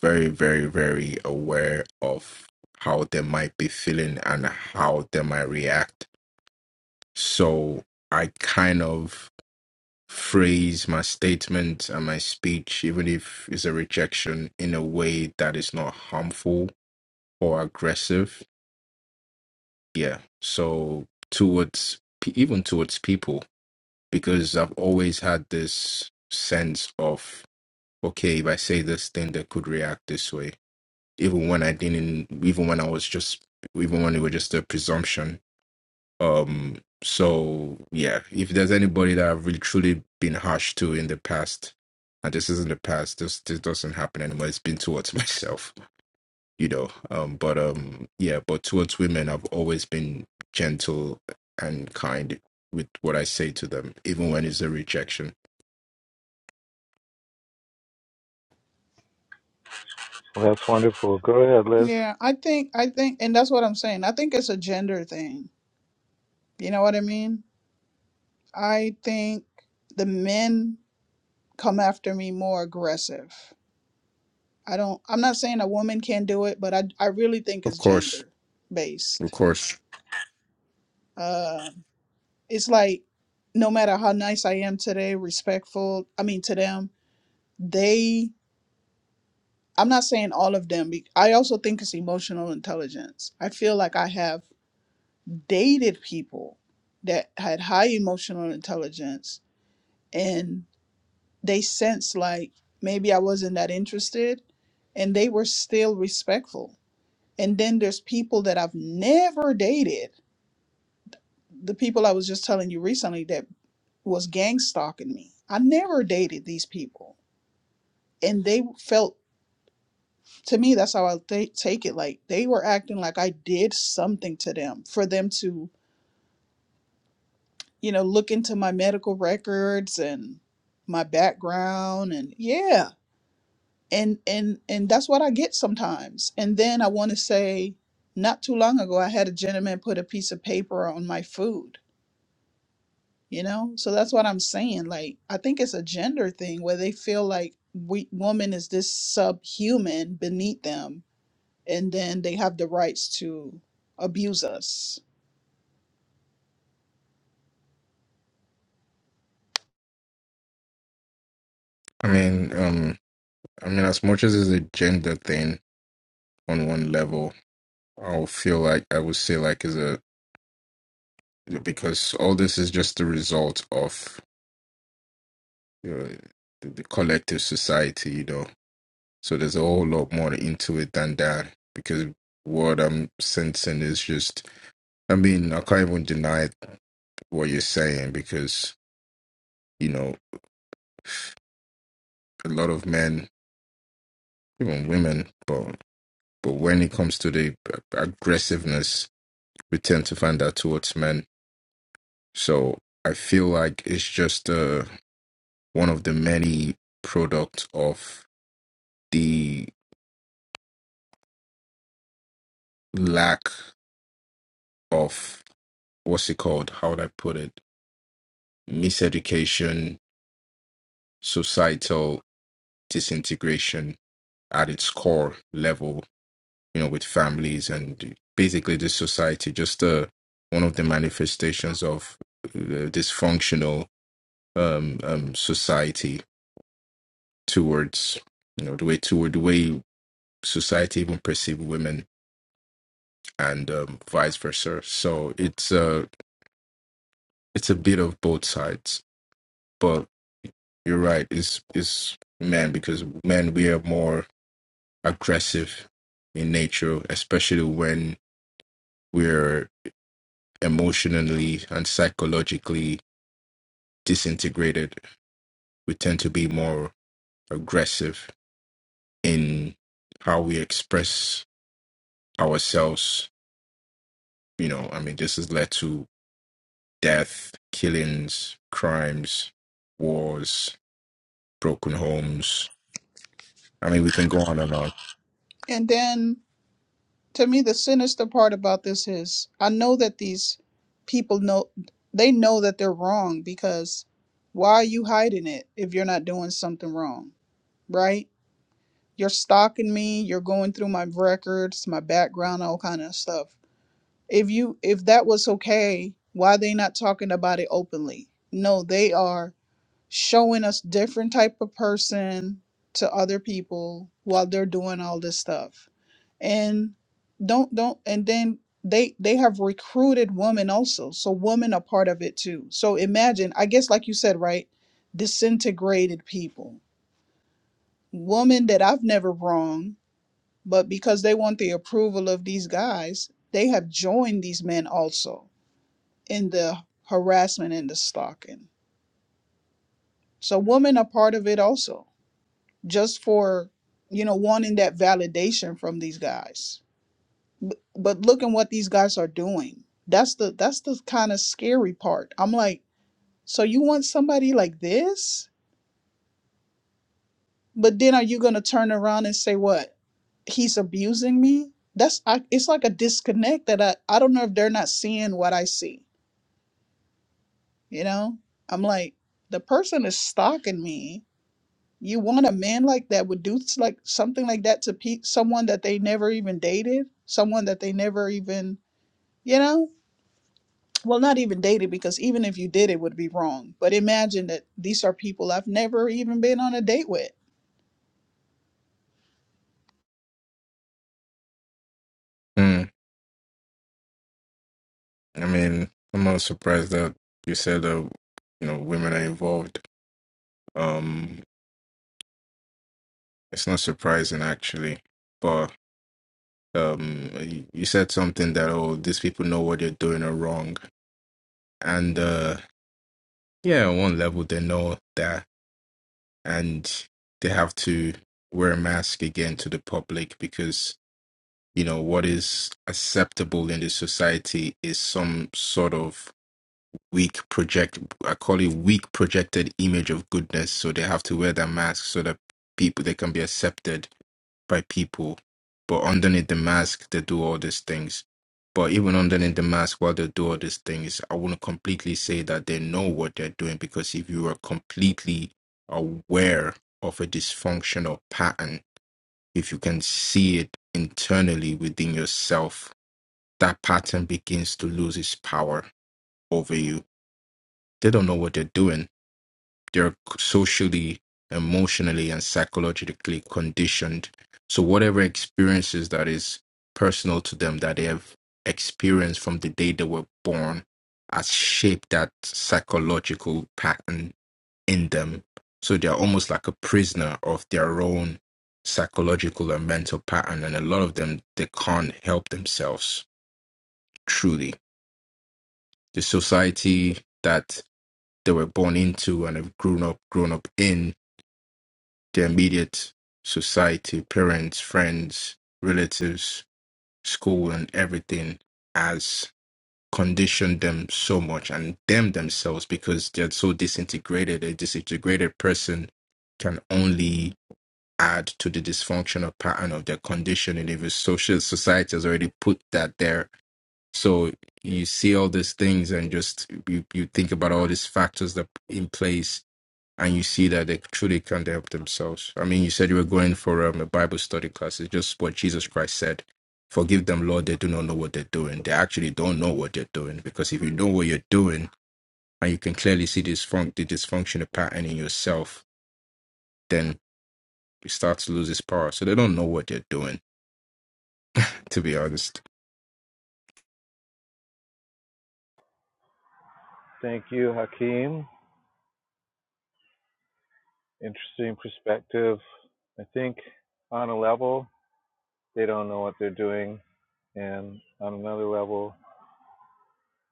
very, very, very aware of how they might be feeling and how they might react. So I kind of phrase my statement and my speech, even if it's a rejection, in a way that is not harmful or aggressive yeah so towards pe- even towards people because i've always had this sense of okay if i say this thing they could react this way even when i didn't even when i was just even when it was just a presumption um so yeah if there's anybody that i've really truly been harsh to in the past and this isn't the past this this doesn't happen anymore it's been towards myself you know um but um yeah but towards women i've always been gentle and kind with what i say to them even when it's a rejection Well, that's wonderful. Go ahead, Liz. Yeah, I think I think, and that's what I'm saying. I think it's a gender thing. You know what I mean? I think the men come after me more aggressive. I don't. I'm not saying a woman can't do it, but I I really think Of it's course, gender of based. course. Uh, it's like no matter how nice I am today, respectful. I mean to them, they I'm not saying all of them. be- I also think it's emotional intelligence. I feel like I have dated people that had high emotional intelligence and they sense like maybe I wasn't that interested and they were still respectful. And then there's people that I've never dated. The people I was just telling you recently that was gang stalking me. I never dated these people and they felt to me that's how i th- take it like they were acting like i did something to them for them to you know look into my medical records and my background and yeah and and and that's what i get sometimes and then i want to say not too long ago i had a gentleman put a piece of paper on my food you know so that's what i'm saying like i think it's a gender thing where they feel like we woman is this subhuman beneath them and then they have the rights to abuse us. I mean, um, I mean, as much as it's a gender thing on one level, I'll feel like I would say like is a because all this is just the result of you know, the, the collective society, you know. So there's a whole lot more into it than that because what I'm sensing is just I mean, I can't even deny what you're saying because you know a lot of men, even women, but but when it comes to the aggressiveness, we tend to find that towards men. So I feel like it's just uh, one of the many products of the lack of what's it called? How would I put it? Miseducation, societal disintegration at its core level you know, with families and basically this society, just uh, one of the manifestations of uh, dysfunctional um, um, society towards, you know, the way toward the way society even perceive women and um, vice versa. So it's uh, it's a bit of both sides, but you're right. It's it's men because men we are more aggressive in nature, especially when we're emotionally and psychologically disintegrated. We tend to be more aggressive in how we express ourselves. You know, I mean, this has led to death, killings, crimes, wars, broken homes. I mean, we can go on and on. And then to me the sinister part about this is I know that these people know they know that they're wrong because why are you hiding it if you're not doing something wrong, right? You're stalking me, you're going through my records, my background, all kind of stuff. If you if that was okay, why are they not talking about it openly? No, they are showing us different type of person to other people while they're doing all this stuff and don't don't and then they they have recruited women also so women are part of it too so imagine i guess like you said right disintegrated people women that i've never wronged but because they want the approval of these guys they have joined these men also in the harassment and the stalking so women are part of it also just for you know wanting that validation from these guys but, but looking what these guys are doing that's the that's the kind of scary part i'm like so you want somebody like this but then are you going to turn around and say what he's abusing me that's I, it's like a disconnect that I, I don't know if they're not seeing what i see you know i'm like the person is stalking me You want a man like that would do s- like something like that to pe- someone that they never even dated, someone that they never even, you know, well, not even dated because even if you did, it would be wrong. But imagine that these are people I've never even been on a date with. Mm. I mean, I'm not surprised that you said that, you know, women are involved. Um, it's not surprising actually, but um, you you said something that, oh, these people know what they're doing are wrong. And uh, Yeah, on one level they know that and they have to wear a mask again to the public because, you know, what is acceptable in the society is some sort of weak project I call it weak projected image of goodness. So they have to wear their mask so that people they can be accepted by people. But underneath the mask, they do all these things. But even underneath the mask, while they do all these things, I want to completely say that they know what they're doing because if you are completely aware of a dysfunctional pattern, if you can see it internally within yourself, that pattern begins to lose its power over you. They don't know what they're doing they're socially, emotionally, and psychologically conditioned. So whatever experiences that is personal to them that they have experienced from the day they were born has shaped that psychological pattern in them. So they're almost like a prisoner of their own psychological and mental pattern. And a lot of them, they can't help themselves truly. The society that they were born into and have grown up, grown up in the immediate society, parents, friends, relatives, school, and everything has conditioned them so much and them themselves because they're so disintegrated. A disintegrated person can only add to the dysfunctional pattern of their conditioning if it's social society has already put that there. So you see all these things and just you, you think about all these factors that in place and you see that they truly can't help themselves. I mean, you said you were going for um, a Bible study class. It's just what Jesus Christ said. Forgive them, Lord. They do not know what they're doing. They actually don't know what they're doing because if you know what you're doing and you can clearly see this fun- the dysfunctional pattern in yourself, then it starts to lose its power. So they don't know what they're doing, to be honest. Thank you, Hakeem. Interesting perspective. I think on a level, they don't know what they're doing. And on another level,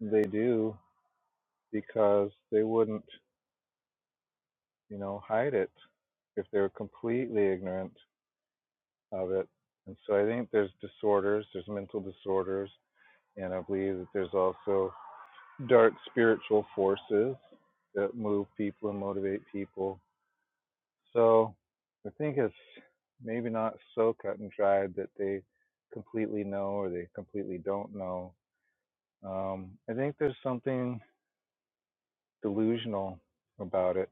they do because they wouldn't, you know, hide it if they were completely ignorant of it. And so I think there's disorders, there's mental disorders, and I believe that there's also dark spiritual forces that move people and motivate people. So I think it's maybe not so cut and dried that they completely know or they completely don't know. Um, I think there's something delusional about it,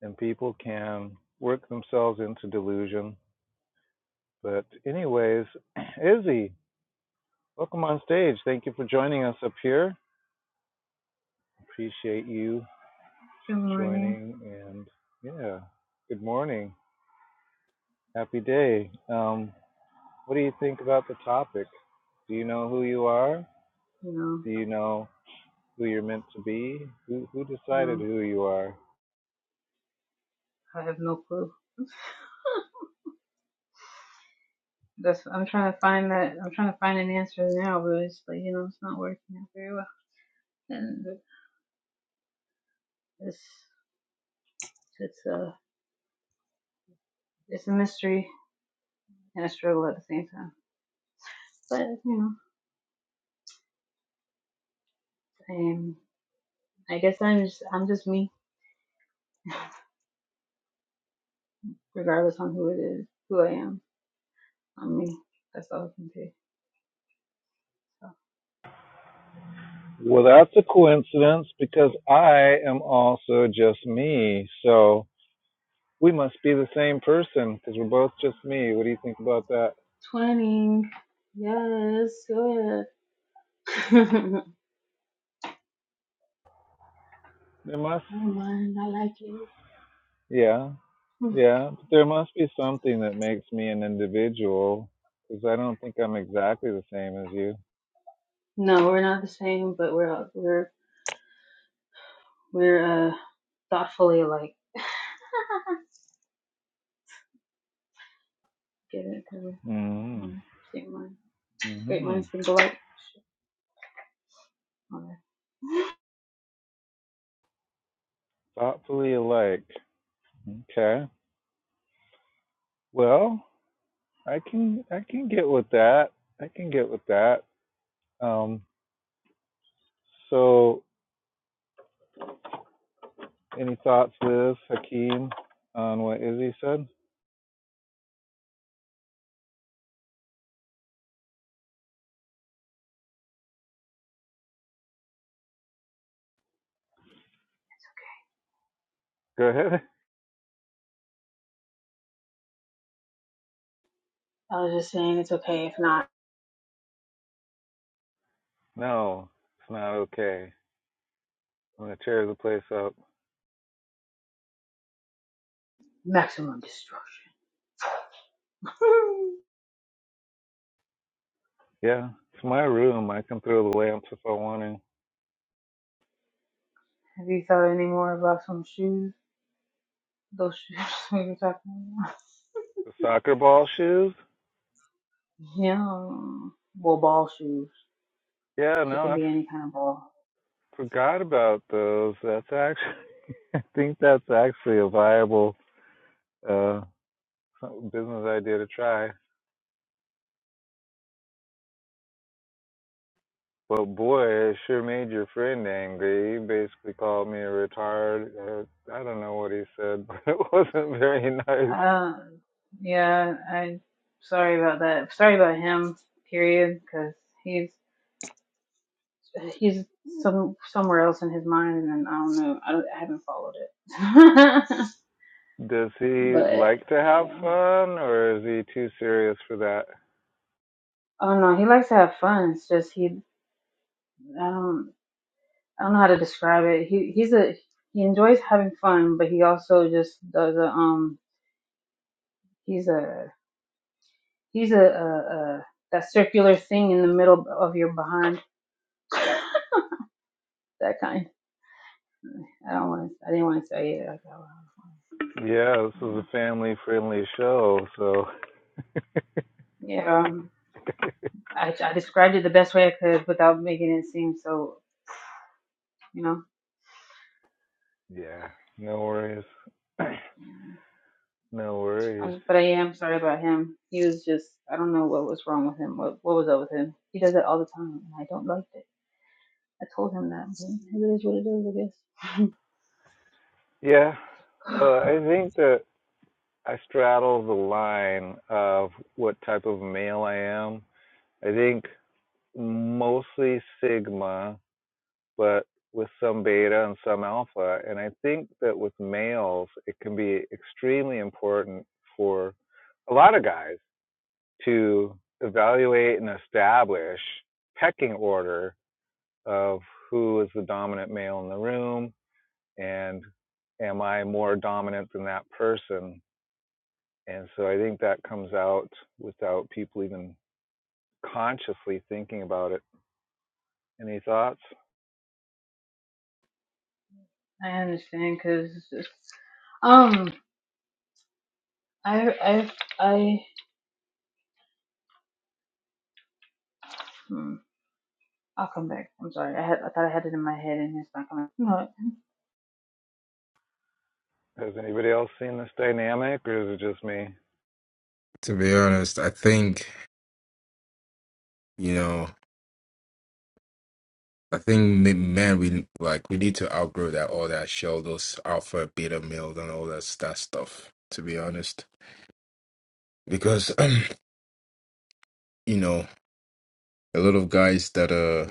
and people can work themselves into delusion. But, anyways, Izzy, welcome on stage. Thank you for joining us up here. Appreciate you Good morning. joining, and yeah, good morning. Happy day. Um, what do you think about the topic? Do you know who you are? No, Do you know who you're meant to be? Who, who decided no, who you are? I have no clue. That's I'm trying to find that. I'm trying to find an answer now, but it's like you know, it's not working out very well, and it's it's a it's a mystery and a struggle at the same time. But you know, um, I guess I'm just I'm just me, regardless on who it is, who I am. I'm me. That's all I can say. So Well, that's a coincidence because I am also just me. So we must be the same person because we're both just me. What do you think about that? twenty, yes, good. I There must, don't mind. I like it. yeah, Hmm. yeah. But there must be something that makes me an individual because I don't think I'm exactly the same as you. No, we're not the same, but we're we're We're uh, thoughtfully alike. get it? Mm-hmm. Same mind. Great Mm-hmm. minds think alike. okay. thoughtfully alike. Okay. Well, I can I can get with that. I can get with that. Um, so, any thoughts, Liz Hakeem, on what Izzy said? Go ahead. I was just saying it's okay if not No, it's not okay. I'm gonna tear the place up. maximum destruction. Yeah, it's my room. I can throw the lamps if I want to. Have you thought any more about some shoes? Those shoes we were talking about. The soccer ball shoes? Yeah. Well, ball shoes. Yeah, 'cause no, it can I f- be any kind of ball. forgot about those. That's actually, I think that's actually a viable uh, business idea to try. But boy, it sure made your friend angry. He basically called me a retard. Uh, I don't know what he said, but it wasn't very nice. Uh, yeah. I. Sorry about that. Sorry about him. Period. Because he's He's some somewhere else in his mind, and I don't know. I, don't, I haven't followed it, Does he but like to have yeah. fun, or is he too serious for that? Oh no, he likes to have fun. It's just he. I don't. I don't know how to describe it. He he's a he enjoys having fun, but he also just does a um. He's a he's a, a, a that circular thing in the middle of your behind. That kind. I don't want to. I didn't want to say it. out loud. Yeah, this is Yeah. a family-friendly show, so Yeah. I, I described it the best way I could without making it seem so, you know. yeah, no worries. no worries. Um, but I am sorry about him. He was just, I don't know what was wrong with him. What, what was up with him? He does it all the time, and I don't like it. I told him that. but It is what it is, Yeah, I guess. well, I think that I straddle the line of what type of male I am. I think mostly Sigma but with some beta and some alpha. And I think that with males, it can be extremely important for a lot of guys to evaluate and establish pecking order of who is the dominant male in the room and am I more dominant than that person? And so I think that comes out without people even consciously thinking about it. Any thoughts? I understand, cause it's just, um, I, I, I, hmm, I'll come back. I'm sorry. I had, I thought I had it in my head, and it's not coming. No. Has anybody else seen this dynamic or is it just me? To be honest, I think, you know, I think m- man, we like we need to outgrow that all that show, those alpha, beta males, and all that that stuff. To be honest, because you know a lot of guys that uh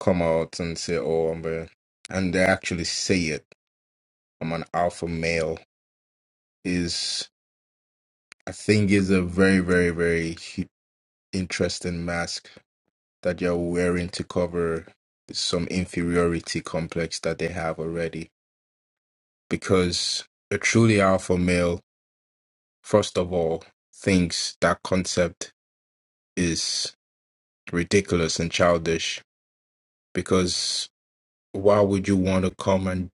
come out and say oh i'm a and they actually say it i'm an alpha male is i think is a very very very hu- interesting mask that you're wearing to cover some inferiority complex that they have already because a truly alpha male first of all thinks that concept is ridiculous and childish because why would you want to come and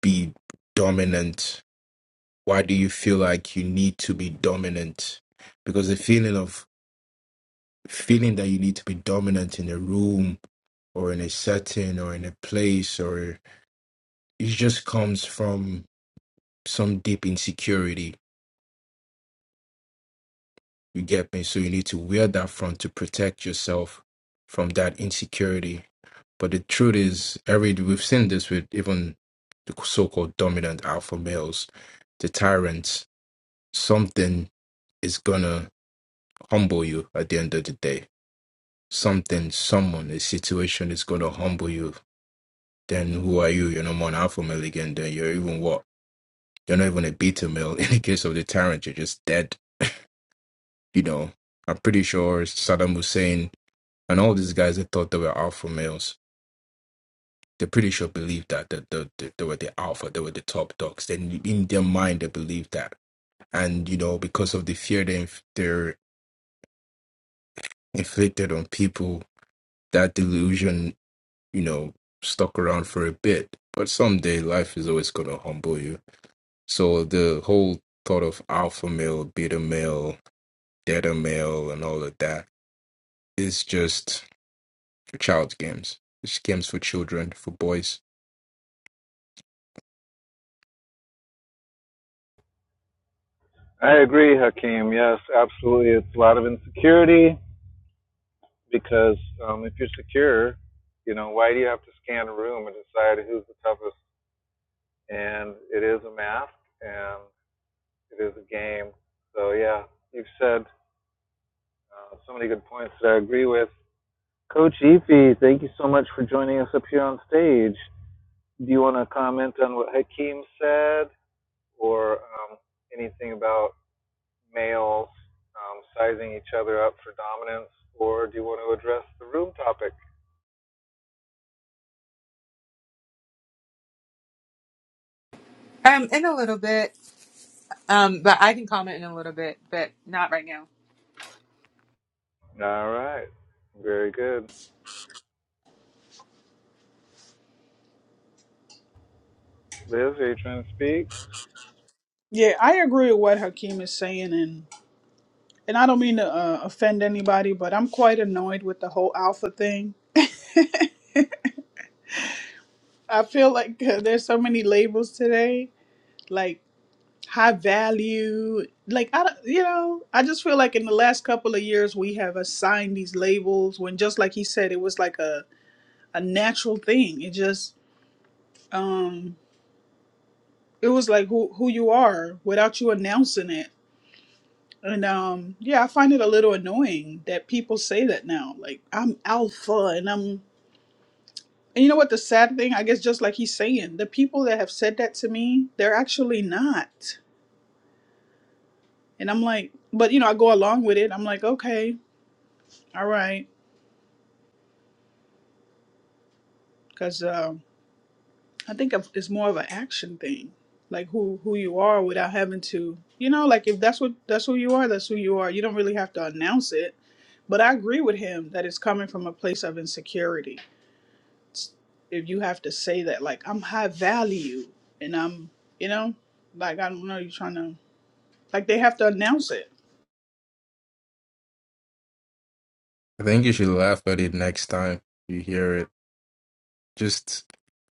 be dominant? Why do you feel like you need to be dominant? Because the feeling of feeling that you need to be dominant in a room or in a setting or in a place or it just comes from some deep insecurity. You get me? So you need to wear that front to protect yourself from that insecurity. But the truth is, every we've seen this with even the so-called dominant alpha males, the tyrants. Something is gonna humble you at the end of the day. Something, someone, a situation is going to humble you. Then who are you? You're no more an alpha male again. Then you're even what? You're not even a beta male. In the case of the tyrant, you're just dead. You know, I'm pretty sure Saddam Hussein and all these guys that thought they were alpha males, they are pretty sure believed that, that, that, that they were the alpha, they were the top dogs. Then in their mind, they believed that. And, you know, because of the fear they inf- they're inflicted on people, that delusion you know, stuck around for a bit. But someday life is always going to humble you. So the whole thought of alpha male, beta male, delta male, and all of that is just child's games. It's games for children, for boys. I agree, Hakeem. Yes, absolutely. It's a lot of insecurity because um, if you're secure, you know, why do you have to scan a room and decide who's the toughest? And it is a mask and it is a game. So, yeah, you've said uh, so many good points that I agree with. Coach Efi, thank you so much for joining us up here on stage. Do you want to comment on what Hakeem said or um, anything about males um, sizing each other up for dominance, or do you want to address the room topic? Um, in a little bit. Um, but I can comment in a little bit, but not right now. All right, very good. Liz, are you trying to speak? Yeah, I agree with what Hakeem is saying, and and I don't mean to uh, offend anybody, but I'm quite annoyed with the whole alpha thing. I feel like there's so many labels today. Like high value. Like I, don't- you know, I just feel like in the last couple of years we have assigned these labels when, just like he said, it was like a a natural thing. It just, um, it was like who who you are without you announcing it. And um, yeah, I find it a little annoying that people say that now. Like I'm alpha, and I'm. And you know what? The sad thing, I guess, just like he's saying, the people that have said that to me, they're actually not. And I'm like, but you know, I go along with it. I'm like, okay, all right. because um, I think of- it's more of an action thing, like who who you are without having to, you know, like if that's what that's who you are, that's who you are. You don't really have to announce it. But I agree with him that it's coming from a place of insecurity. It's- If you have to say that, like I'm high value and I'm, you know, like I don't know, you're trying to like they have to announce it. I think you should laugh at it next time you hear it. Just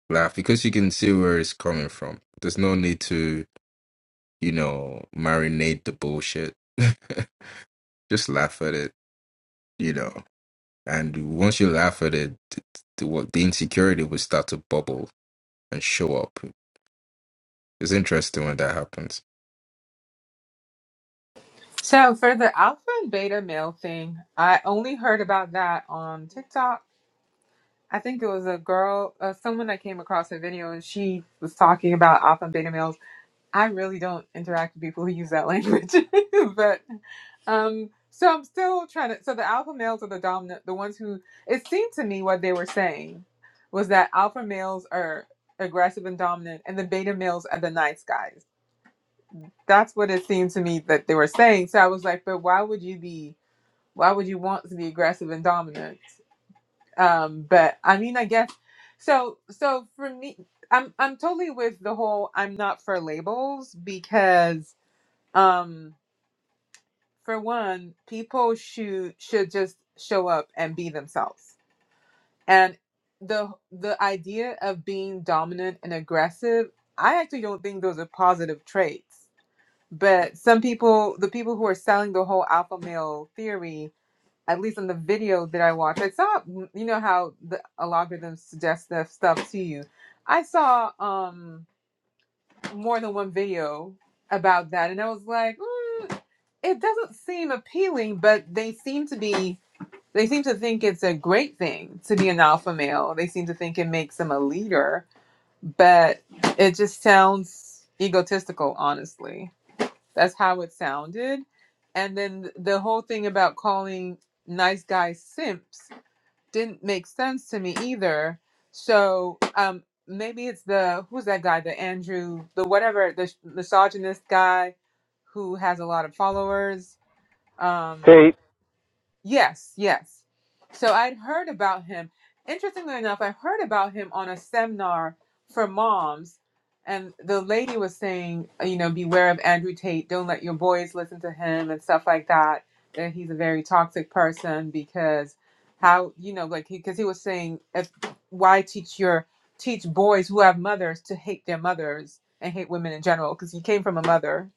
laugh because you can see where it's coming from. There's no need to, you know, marinate the bullshit. just laugh at it, you know. And once you laugh at it, the, what the insecurity will start to bubble and show up. It's interesting when that happens. So for the alpha and beta male thing, I only heard about that on TikTok. I think it was a girl, uh, someone that came across a video, and she was talking about alpha and beta males. I really don't interact with people who use that language, but um, so I'm still trying to. So the alpha males are the dominant, the ones who. It seemed to me what they were saying was that alpha males are aggressive and dominant, and the beta males are the nice guys that's what it seemed to me that they were saying. So I was like, but why would you be? Why would you want to be aggressive and dominant? Um, but I mean, I guess so. So for me, I'm I'm totally with the whole I'm not for labels because um, for one, people should should just show up and be themselves. And the the idea of being dominant and aggressive, I actually don't think those are positive traits. But some people, the people who are selling the whole alpha male theory, at least in the video that I watched, I saw, you know how the algorithm suggests that stuff to you. I saw um more than one video about that, and I was like, mm, it doesn't seem appealing, but they seem to be. They seem to think it's a great thing to be an alpha male. They seem to think it makes them a leader, but it just sounds egotistical, honestly. That's how it sounded. And then th- the whole thing about calling nice guys simps didn't make sense to me either. So um, maybe it's the who's that guy, the Andrew, the whatever, the sh- misogynist guy who has a lot of followers. Um, Kate, Yes, yes. So I'd heard about him. Interestingly enough, I heard about him on a seminar for moms, and the lady was saying, uh, you know, beware of Andrew Tate. Don't let your boys listen to him and stuff like that. That he's a very toxic person because how you know, like, because he was saying, if why teach your teach boys who have mothers to hate their mothers and hate women in general because he came from a mother,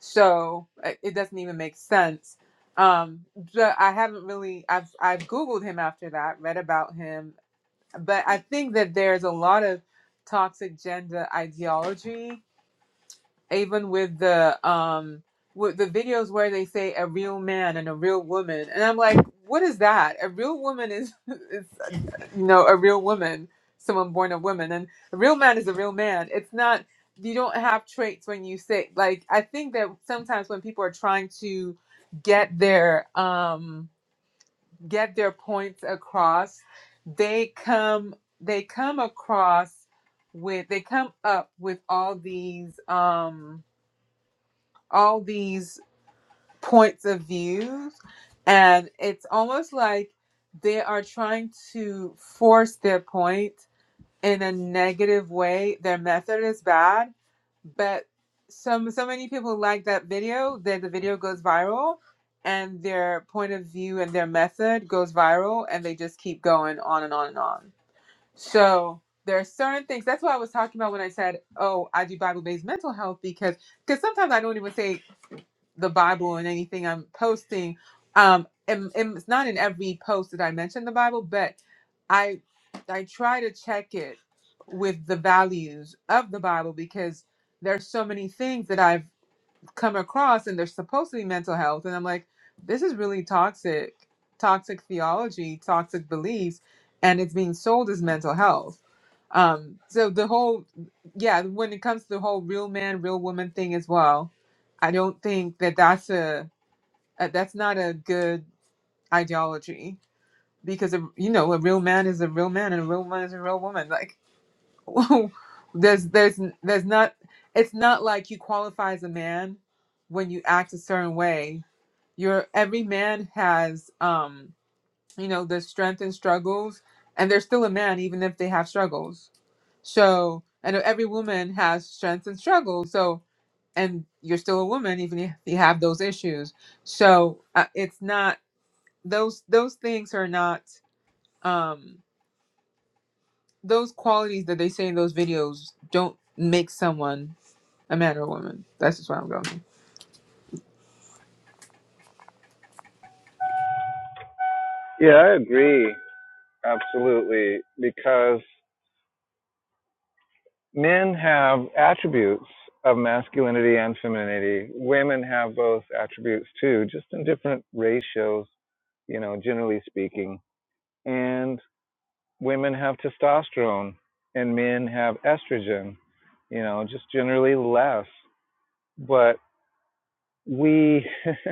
so uh, it doesn't even make sense um, so I haven't really. I've I've googled him after that, read about him, but I think that there's a lot of toxic gender ideology, even with the um with the videos where they say a real man and a real woman, and I'm like, what is that? A real woman is is you know a real woman, someone born of woman, and a real man is a real man. It's not. You don't have traits when you say like. I think that sometimes when people are trying to get their um get their points across they come they come across with they come up with all these um all these points of views and it's almost like they are trying to force their point in a negative way. Their method is bad, but some so many people like that video that the video goes viral and their point of view and their method goes viral and they just keep going on and on and on. So there are certain things. That's what I was talking about when I said, "Oh, I do Bible-based mental health," because because sometimes I don't even say the Bible and anything I'm posting. Um, and, and it's not in every post that I mention the Bible, but I I try to check it with the values of the Bible because there's so many things that I've come across and they're supposed to be mental health and i'm like this is really toxic toxic theology toxic beliefs and it's being sold as mental health um so the whole yeah when it comes to the whole real man real woman thing as well i don't think that that's a, a that's not a good ideology because a, you know a real man is a real man and a real woman is a real woman like. there's there's there's not it's not like you qualify as a man when you act a certain way you're every man has um you know their strength and struggles and they're still a man even if they have struggles so and every woman has strengths and struggles so and you're still a woman even if you have those issues so uh, it's not those those things are not um those qualities that they say in those videos don't make someone a man or a woman. That's just where I'm going. yeah, I agree, absolutely, because men have attributes of masculinity and femininity. Women have both attributes too, just in different ratios, you know, generally speaking. And women have testosterone and men have estrogen, you know, just generally less. But we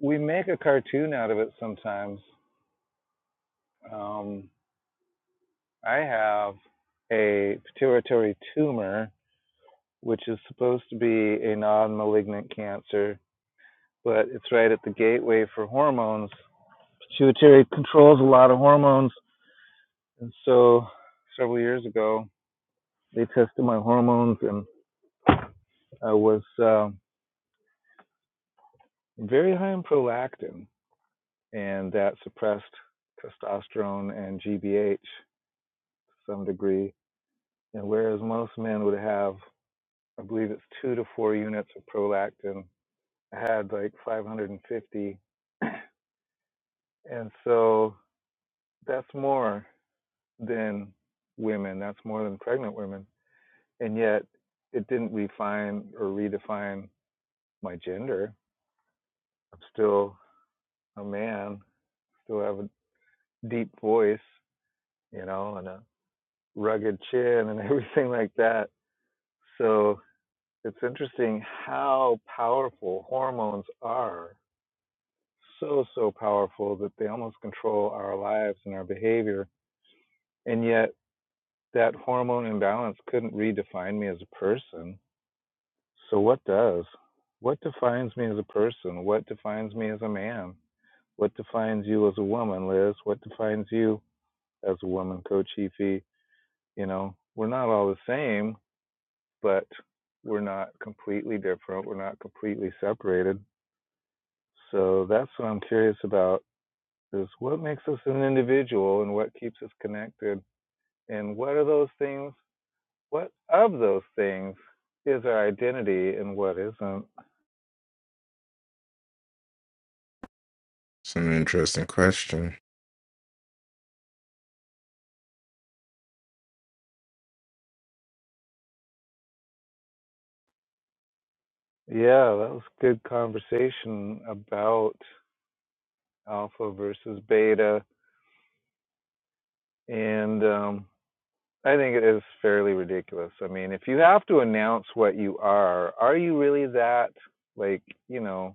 we make a cartoon out of it sometimes. Um, I have a pituitary tumor, which is supposed to be a non-malignant cancer, but it's right at the gateway for hormones. Pituitary controls a lot of hormones, and so several years ago they tested my hormones and I was um, very high in prolactin, and that suppressed testosterone and GBH to some degree. And whereas most men would have, I believe it's two to four units of prolactin, I had like 550. And so that's more than women, that's more than pregnant women. And yet it didn't refine or redefine my gender. I'm still a man, still have a deep voice, you know, and a rugged chin and everything like that. So it's interesting how powerful hormones are. So, so powerful that they almost control our lives and our behavior. And yet, that hormone imbalance couldn't redefine me as a person. So, what does? What defines me as a person? What defines me as a man? What defines you as a woman, Liz? What defines you as a woman, Coach Efi? You know, we're not all the same but we're not completely different. We're not completely separated. So that's what I'm curious about is what makes us an individual and what keeps us connected and what are those things what of those things is our identity and what isn't It's an interesting question. yeah that was good conversation about alpha versus beta and um I think it is fairly ridiculous. I mean, if you have to announce what you are, are you really that? Like, you know,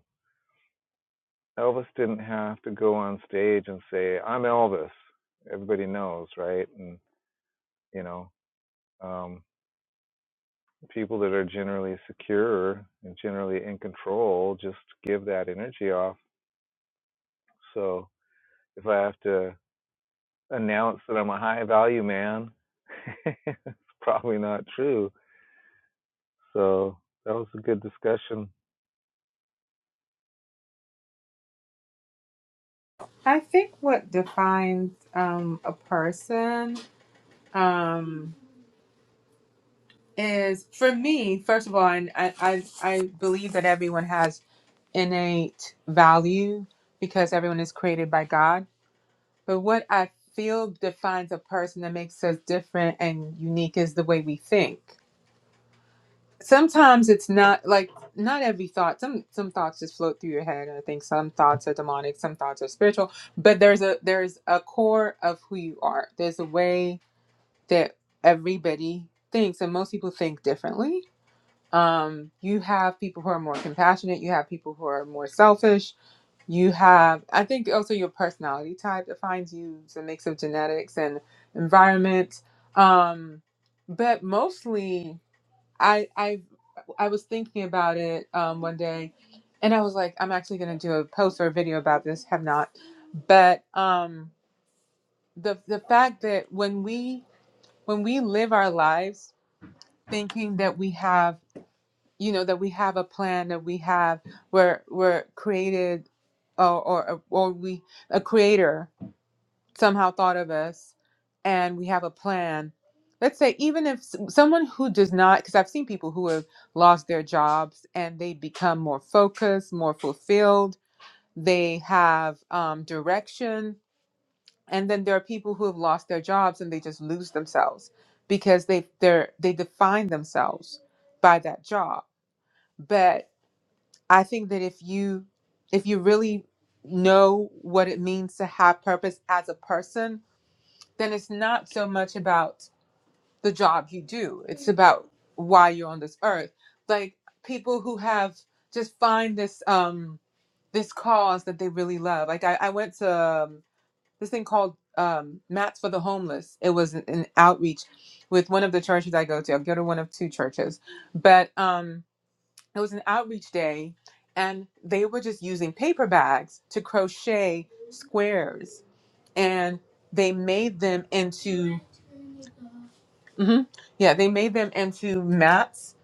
Elvis didn't have to go on stage and say, "I'm Elvis." Everybody knows, right? And you know, um, people that are generally secure and generally in control just give that energy off. So if I have to announce that I'm a high value man, it's probably not true. So that was a good discussion. I think what defines um, a person um, is, for me, first of all, and I, I, I believe that everyone has innate value because everyone is created by God. But what I feel defines a person that makes us different and unique is the way we think. sometimes it's not like not every thought some some thoughts just float through your head and i think some thoughts are demonic some thoughts are spiritual but there's a there's a core of who you are there's a way that everybody thinks and most people think differently um you have people who are more compassionate you have people who are more selfish you have i think also your personality type defines you it's a mix of genetics and environment um but mostly I I I was thinking about it um, one day, and I was like, I'm actually going to do a post or a video about this. Have not, but um, the the fact that when we when we live our lives thinking that we have you know that we have a plan that we have we're we're created or or or we a creator somehow thought of us and we have a plan let's say even if s- someone who does not because i've seen people who have lost their jobs and they become more focused more fulfilled they have um, direction and then there are people who have lost their jobs and they just lose themselves because they they're they define themselves by that job but i think that if you if you really know what it means to have purpose as a person then it's not so much about the job you do it's about why you're on this earth like people who have just find this um this cause that they really love like i, I went to um, this thing called um mats for the homeless it was an, an outreach with one of the churches i go to i go to one of two churches but um it was an outreach day and they were just using paper bags to crochet squares and they made them into hmm Yeah, they made them into mats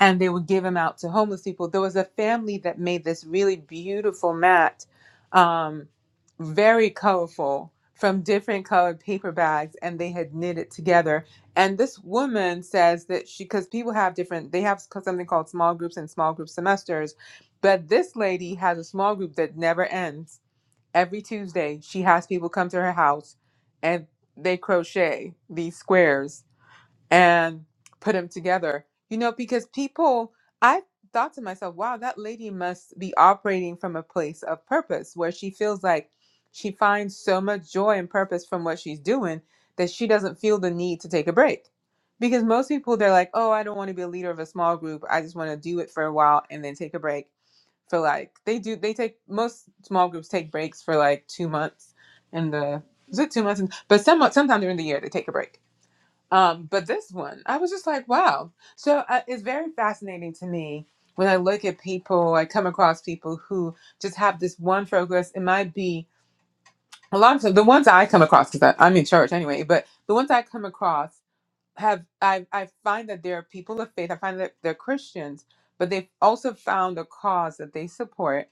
and they would give them out to homeless people. There was a family that made this really beautiful mat, um, very colorful, from different colored paper bags, and they had knit it together. And this woman says that she, because people have different, they have something called small groups and small group semesters, but this lady has a small group that never ends. Every Tuesday, she has people come to her house and they crochet these squares and put them together. You know, because people, I thought to myself, wow, that lady must be operating from a place of purpose where she feels like she finds so much joy and purpose from what she's doing that she doesn't feel the need to take a break. Because most people, they're like, oh, I don't want to be a leader of a small group. I just want to do it for a while and then take a break for like, they do, they take, most small groups take breaks for like two months in the, is it two months? but some, sometimes during the year, they take a break um, but this one, I was just like, wow. So uh, it's very fascinating to me when I look at people, I come across people who just have this one focus. It might be a lot of times- the ones I come across, because I'm in church anyway, but the ones I come across have, I, I find that they're people of faith. I find that they're Christians, but they've also found a cause that they support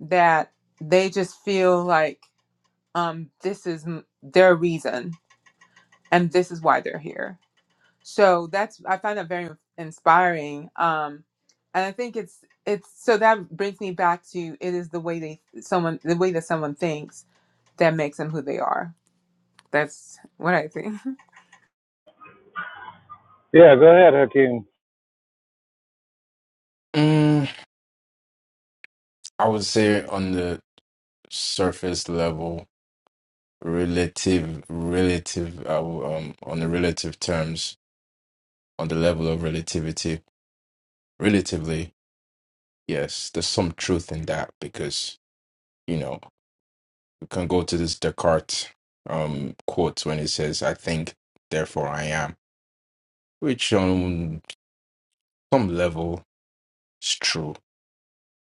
that they just feel like um, this is m- their reason and this is why they're here so that's i find that very inspiring um and i think it's it's so that brings me back to it is the way they someone the way that someone thinks that makes them who they are that's what i think Yeah, go ahead, Hakeem. Mm, I would say on the surface level, relative, relative, uh, um, on the relative terms, on the level of relativity, relatively, yes, there's some truth in that because, you know, we can go to this Descartes um quote when it says, I think, therefore I am, which on some level it's true,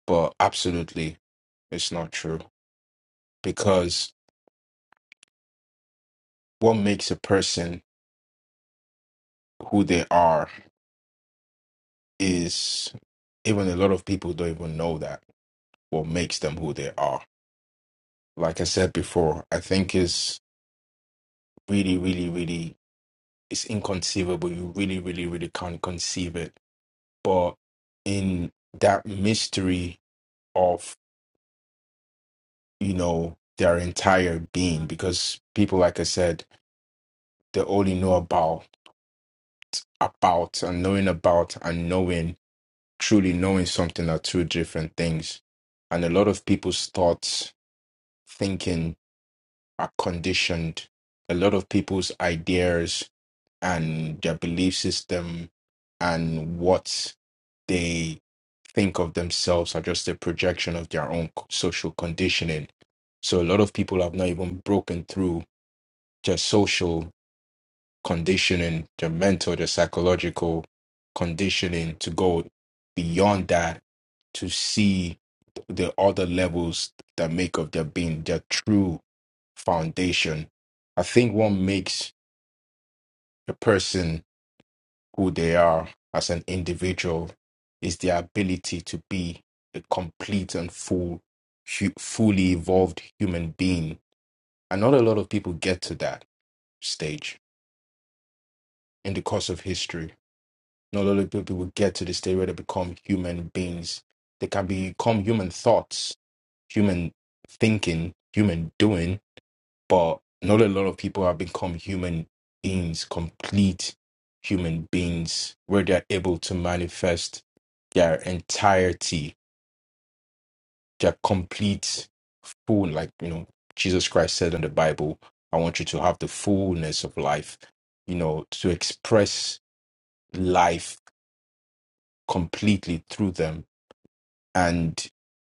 but absolutely it's not true because what makes a person who they are is even a lot of people don't even know that what makes them who they are. Like I said before, I think is really, really, really it's inconceivable. You really, really, really can't conceive it. But in that mystery of, you know, their entire being, because people like I said, they only know about about and knowing about and knowing, truly knowing something are two different things. And a lot of people's thoughts, thinking are conditioned. A lot of people's ideas and their belief system and what they think of themselves are just a projection of their own social conditioning. So a lot of people have not even broken through their social. conditioning, the mental, the psychological conditioning to go beyond that to see the other levels that make of their being their true foundation. I think what makes a person who they are as an individual is their ability to be a complete and full, hu- fully evolved human being. And not a lot of people get to that stage in the course of history. Not a lot of people will get to the stage where they become human beings. They can become human thoughts, human thinking, human doing, but not a lot of people have become human beings, complete human beings, where they're able to manifest their entirety, their complete full, like, you know, Jesus Christ said in the Bible, I want you to have the fullness of life, you know, to express life completely through them and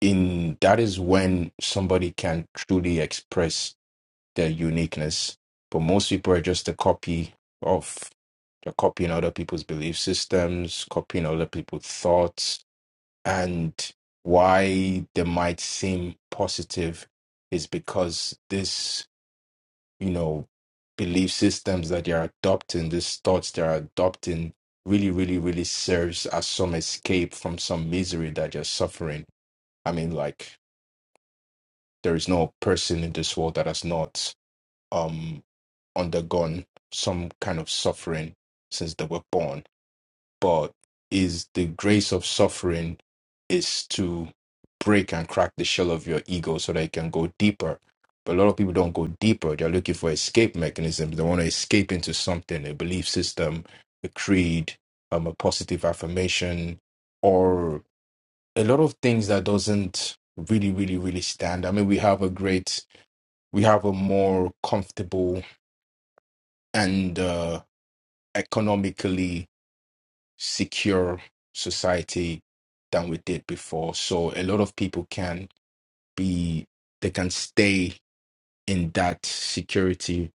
in that is when somebody can truly express their uniqueness but most people are just a copy of they're copying other people's belief systems copying other people's thoughts and why they might seem positive is because this you know belief systems that they're adopting these thoughts they're adopting really really really serves as some escape from some misery that you're suffering i mean like There is no person in this world that has not um, undergone some kind of suffering since they were born. But is the grace of suffering is to break and crack the shell of your ego so that you can go deeper. But a lot of people don't go deeper. They're looking for escape mechanisms. They want to escape into something, a belief system, a creed, um, a positive affirmation, or a lot of things that doesn't really, really, really stand. I mean, we have a great we have a more comfortable and uh, economically secure society than we did before. So a lot of people can be, they can stay in that security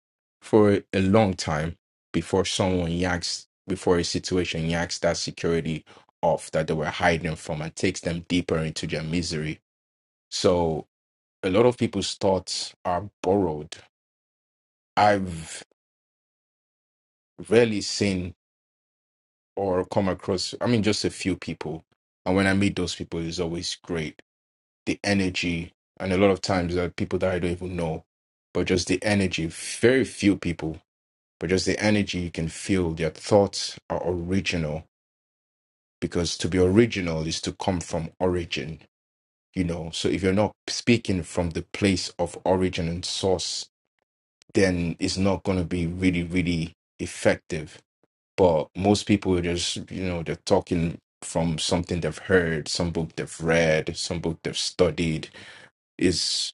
for a long time before someone yaks, before a situation yaks that security off that they were hiding from and takes them deeper into their misery. So a lot of people's thoughts are borrowed. I've rarely seen or come across, I mean, just a few people. And when I meet those people, it's always great. The energy, and a lot of times there are people that I don't even know, but just the energy, very few people, but just the energy you can feel, their thoughts are original because to be original is to come from origin, you know. So if you're not speaking from the place of origin and source, then it's not going to be really, really effective but most people just, you know, they're talking from something they've heard, some book they've read, some book they've studied. It's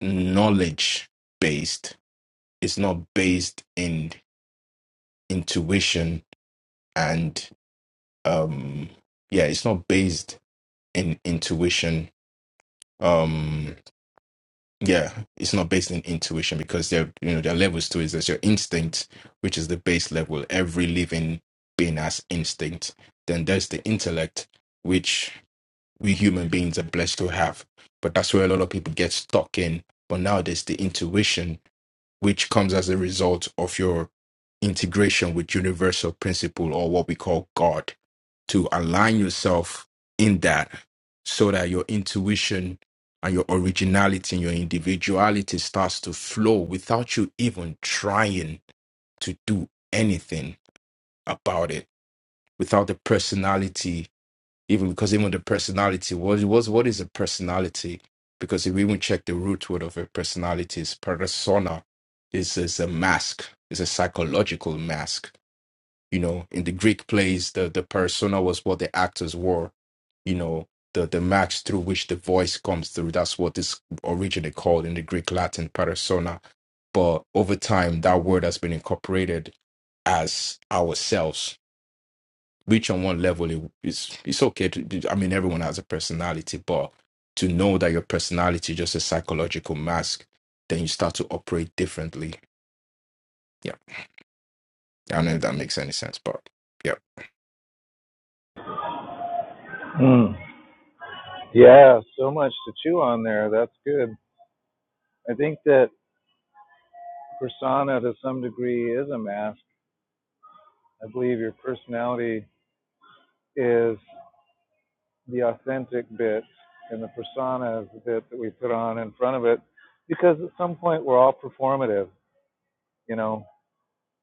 knowledge based. It's not based in intuition and um yeah, it's not based in intuition. Um yeah, it's not based in intuition because there you know there are levels to it. There's your instinct, which is the base level. Every living being has instinct. Then there's the intellect, which we human beings are blessed to have. But that's where a lot of people get stuck in. But now there's the intuition, which comes as a result of your integration with universal principle or what we call God, to align yourself in that so that your intuition and your originality and your individuality starts to flow without you even trying to do anything about it, without the personality even because even the personality what was what is a personality because if we even check the root word of a personality is persona is is a mask is a psychological mask you know in the greek plays the the persona was what the actors wore you know the the mask through which the voice comes through that's what this originally called in the greek latin persona but over time that word has been incorporated as ourselves which on one level it, it's it's okay to be- i mean everyone has a personality but to know that your personality is just a psychological mask then you start to operate differently yeah i don't know if that makes any sense but yeah Mm. Yeah, so much to chew on there. That's good. I think that. persona to some degree is a mask. I believe your personality is the authentic bit, and the persona is the bit that we put on in front of it, because at some point we're all performative, you know,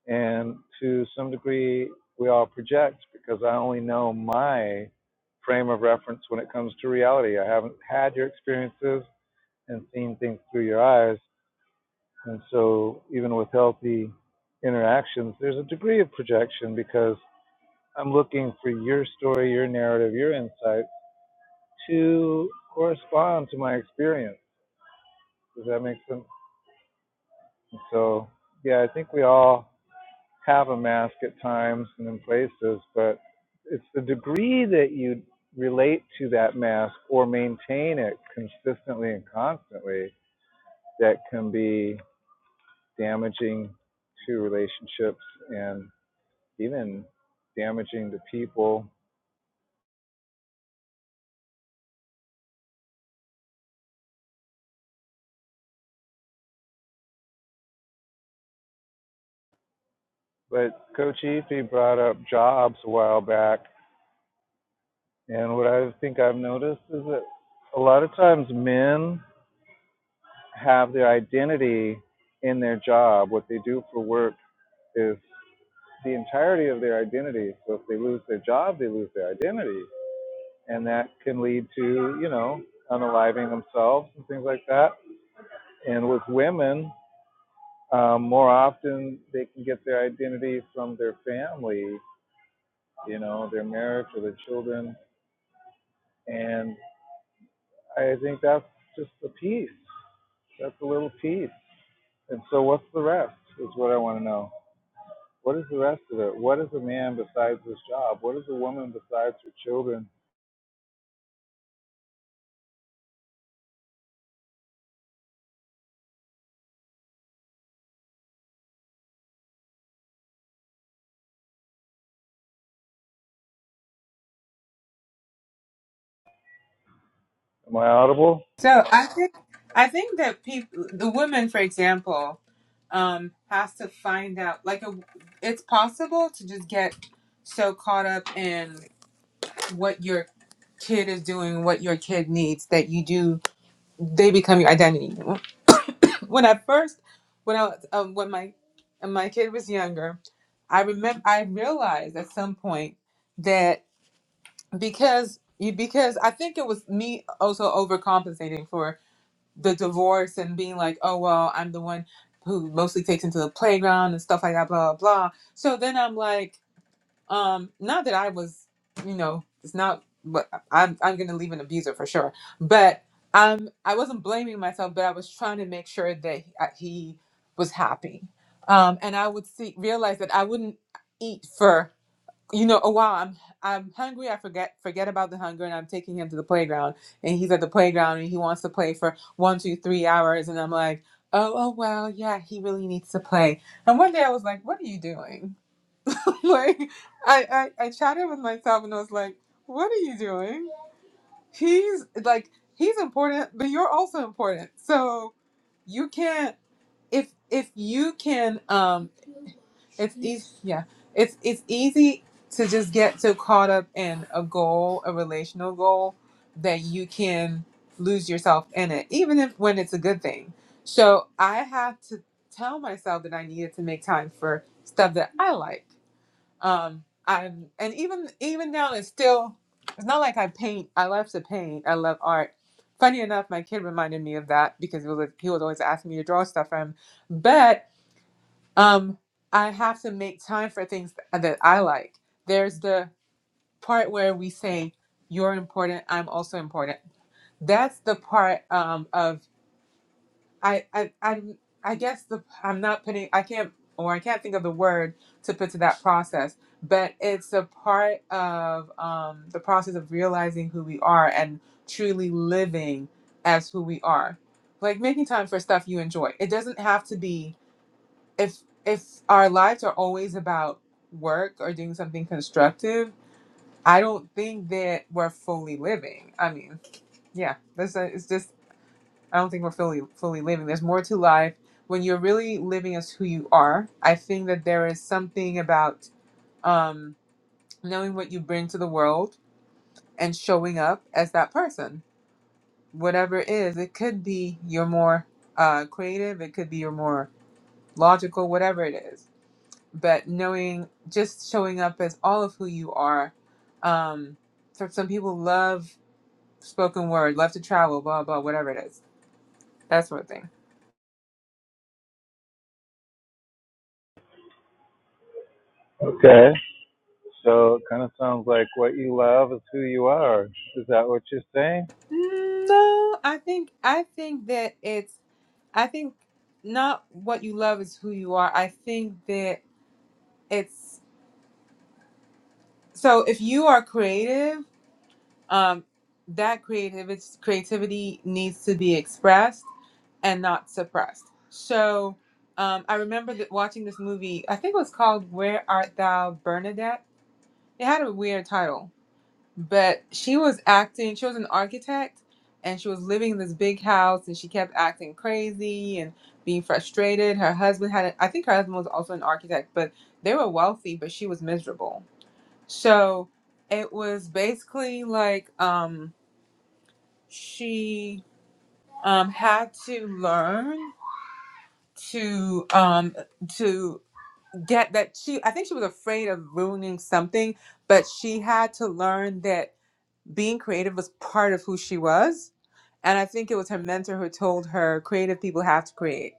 and to some degree we all project because I only know my frame of reference when it comes to reality. I haven't had your experiences and seen things through your eyes. And so, even with healthy interactions, there's a degree of projection because I'm looking for your story, your narrative, your insight to correspond to my experience. Does that make sense? And so, yeah, I think we all have a mask at times and in places, but it's the degree that you relate to that mask or maintain it consistently and constantly that can be damaging to relationships and even damaging to people. But Coach Efi brought up jobs a while back And what I think I've noticed is that a lot of times men have their identity in their job. What they do for work is the entirety of their identity. So if they lose their job, they lose their identity. And that can lead to, you know, unaliving themselves and things like that. And with women, um, more often they can get their identity from their family, you know, their marriage or their children. And I think that's just the piece. That's a little piece. And so, what's the rest? Is what I want to know. What is the rest of it? What is a man besides his job? What is a woman besides her children? Am I audible? so i think i think that people the woman for example um has to find out like a, it's possible to just get so caught up in what your kid is doing what your kid needs that you do they become your identity when I first when I was- um, when my when my kid was younger, I remember I realized at some point that because you because I think it was me also overcompensating for the divorce and being like, oh well, I'm the one who mostly takes him to the playground and stuff like that, blah blah blah. So then I'm like, um, not that I was, you know, it's not but I'm I'm gonna leave an abuser for sure. But um I wasn't blaming myself, but I was trying to make sure that he, uh, he was happy. Um and I would see realize that I wouldn't eat for you know, oh wow, I'm I'm hungry, I forget forget about the hunger and I'm taking him to the playground and he's at the playground and he wants to play for one, two, three hours and I'm like, Oh, oh well, yeah, he really needs to play. And one day I was like, What are you doing? like I, I I chatted with myself and I was like, what are you doing? He's like he's important, but you're also important. So you can't if if you can um it's easy yeah it's it's easy to just get so caught up in a goal a relational goal that you can lose yourself in it even if when it's a good thing so i had to tell myself that i needed to make time for stuff that i like um, I'm, and even even now, it's still. It's not like I paint. I love to paint. I love art. Funny enough, my kid reminded me of that because he was he was always asking me to draw stuff for him. But um, I have to make time for things that I like. There's the part where we say, "You're important. I'm also important." That's the part um, of I, I, I'm, I guess the I'm not putting I can't or I can't think of the word to put to that process, but it's a part of um, the process of realizing who we are and truly living as who we are. Like making time for stuff you enjoy. It doesn't have to be if if our lives are always about work or doing something constructive. I don't think that we're fully living. I mean, yeah, that's a, it's just I don't think we're fully fully living. There's more to life. When you're really living as who you are, I think that there is something about um, knowing what you bring to the world and showing up as that person. Whatever it is, it could be you're more uh, creative, it could be you're more logical, whatever it is. But knowing, just showing up as all of who you are. Um, for some people, love spoken word, love to travel, blah blah, whatever it is. That sort of thing. Okay. So it kind of sounds like what you love is who you are. Is that what you're saying? No, I think I think that it's I think not what you love is who you are. I think that it's so if you are creative, um that creative creativity needs to be expressed and not suppressed. So um, I remember that watching this movie. I think it was called "Where Art Thou, Bernadette." It had a weird title, but she was acting she was an architect and she was living in this big house and she kept acting crazy and being frustrated her husband had a, i think her husband was also an architect but they were wealthy but she was miserable so it was basically like um she um had to learn to um to get that she i think she was afraid of ruining something but she had to learn that being creative was part of who she was and I think it was her mentor who told her creative people have to create.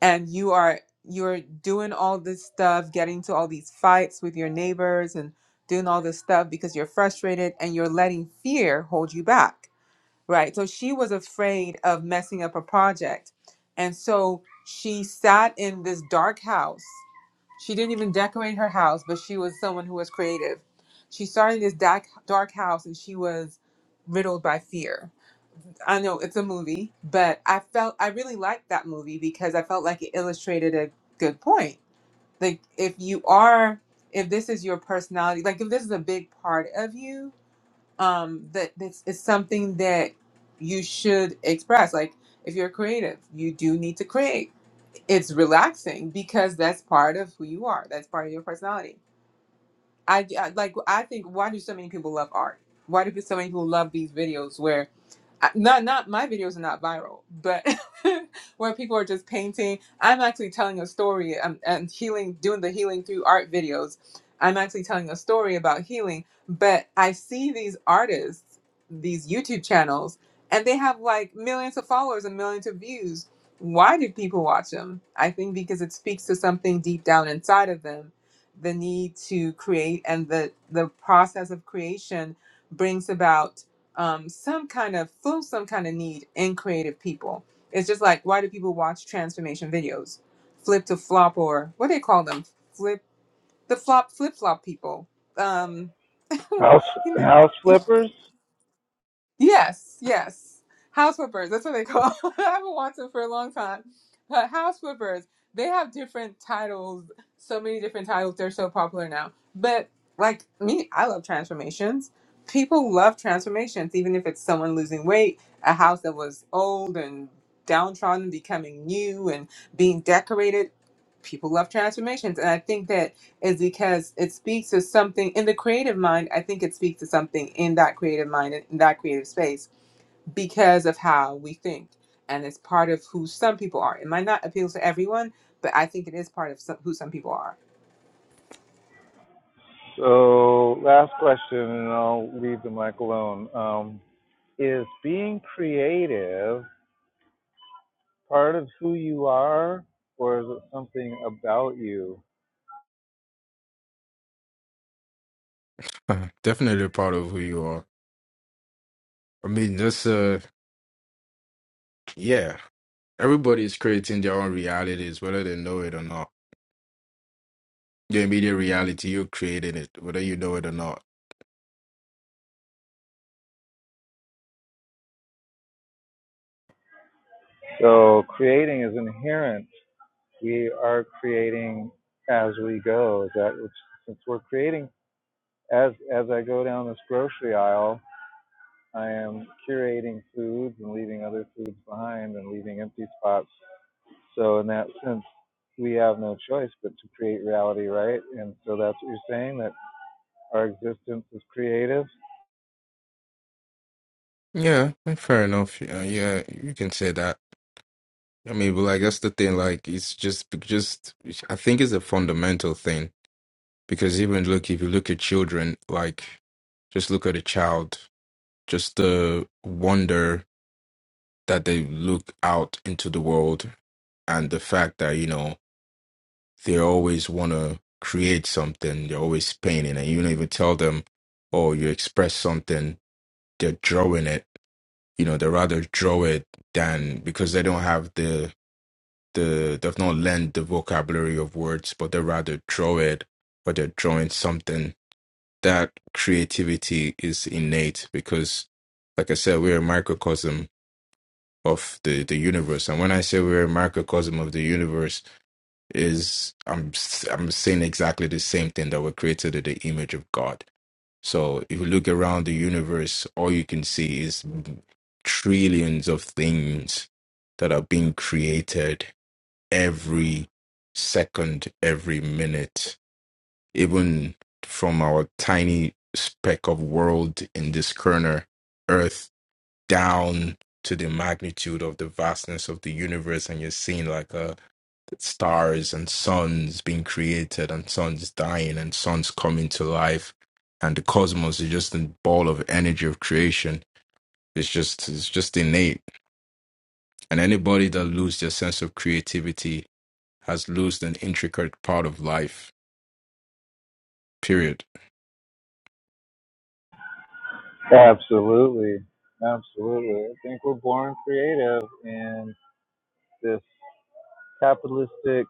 And you are you're doing all this stuff, getting to all these fights with your neighbors and doing all this stuff because you're frustrated and you're letting fear hold you back. Right? So she was afraid of messing up a project. And so she sat in this dark house. She didn't even decorate her house, but she was someone who was creative. She started this dark dark house and she was riddled by fear I know it's a movie, but I felt I really liked that movie because I felt like it illustrated a good point. Like if you are if this is your personality, like if this is a big part of you, um that this is something that you should express. Like if you're creative, you do need to create. It's relaxing because that's part of who you are. That's part of your personality. I, I like I think why do so many people love art? Why do so many people love these videos where I- not not my videos are not viral, but where people are just painting. I'm actually telling a story. I'm and healing, doing the healing through art videos. I'm actually telling a story about healing, but I see these artists, these YouTube channels, and they have like millions of followers and millions of views. Why do people watch them? I think because it speaks to something deep down inside of them, the need to create and the the process of creation brings about um, some kind of fill some kind of need in creative people. It's just like why do people watch transformation videos, flip to flop or what do they call them, flip the flop flip flop people. Um, you House house know, flippers. Yes, yes. House flippers, that's what they call. I haven't watched them for a long time. But house flippers, they have different titles, so many different titles. They're so popular now. But like me, I love transformations. People love transformations, even if it's someone losing weight, a house that was old and downtrodden becoming new and being decorated. People love transformations. And I think that is because it speaks to something in the creative mind. I think it speaks to something in that creative mind, and in that creative space, because of how we think. And it's part of who some people are. It might not appeal to everyone, but I think it is part of some, who some people are. So last question, and I'll leave the mic alone. Um, is being creative part of who you are, or is it something about you? Uh, definitely proud of who you are i mean that's uh yeah everybody is creating their own realities whether they know it or not your immediate reality you're creating it whether you know it or not So creating is inherent. We are creating as we go. that which, since we're creating as as I go down this grocery aisle, I am curating foods and leaving other foods behind and leaving empty spots. So in that sense, we have no choice but to create reality, right? And so that's what you're saying that our existence is creative. Yeah, yeah, fair enough. Yeah, yeah, you can say that. I mean, but like that's the thing. Like, it's just, just I think it's a fundamental thing because even look, if you look at children, like, just look at a child, just the wonder that they look out into the world and the fact that you know they always want to create something, they're always painting, and you don't even tell them, oh, you express something, they're drawing it You know, they rather draw it than because they don't have the the they've not learned the vocabulary of words, but they rather draw it But they're drawing something. That creativity is innate because like I said, we're a microcosm of the, the universe. And when I say we're a microcosm of the universe, is I'm i I'm saying exactly the same thing that we're created in the image of God so if you look around the universe, all you can see is trillions of things that are being created every second, every minute, even from our tiny speck of world in this corner, Earth, down to the magnitude of the vastness of the universe. And you're seeing like a stars and suns being created and suns dying and suns coming to life and the cosmos is just a ball of energy of creation it's just it's just innate and anybody that loses their sense of creativity has lost an intricate part of life period Absolutely, absolutely. I think we're born creative, and this capitalistic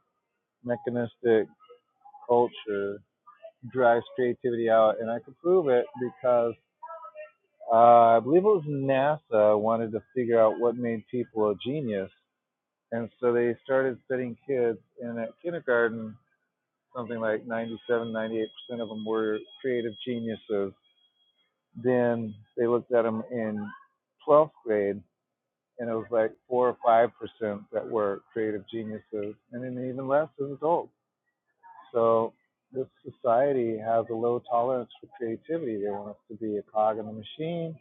mechanistic culture drives creativity out, and I could prove it because uh, I believe it was NASA wanted to figure out what made people a genius, and so they started studying kids, and at kindergarten, something like 97, 98 percent of them were creative geniuses. Then they looked at them in 12th grade, and it was like four or five percent that were creative geniuses, and then even less as adults. So this society has a low tolerance for creativity. They want us to be a cog in the machine,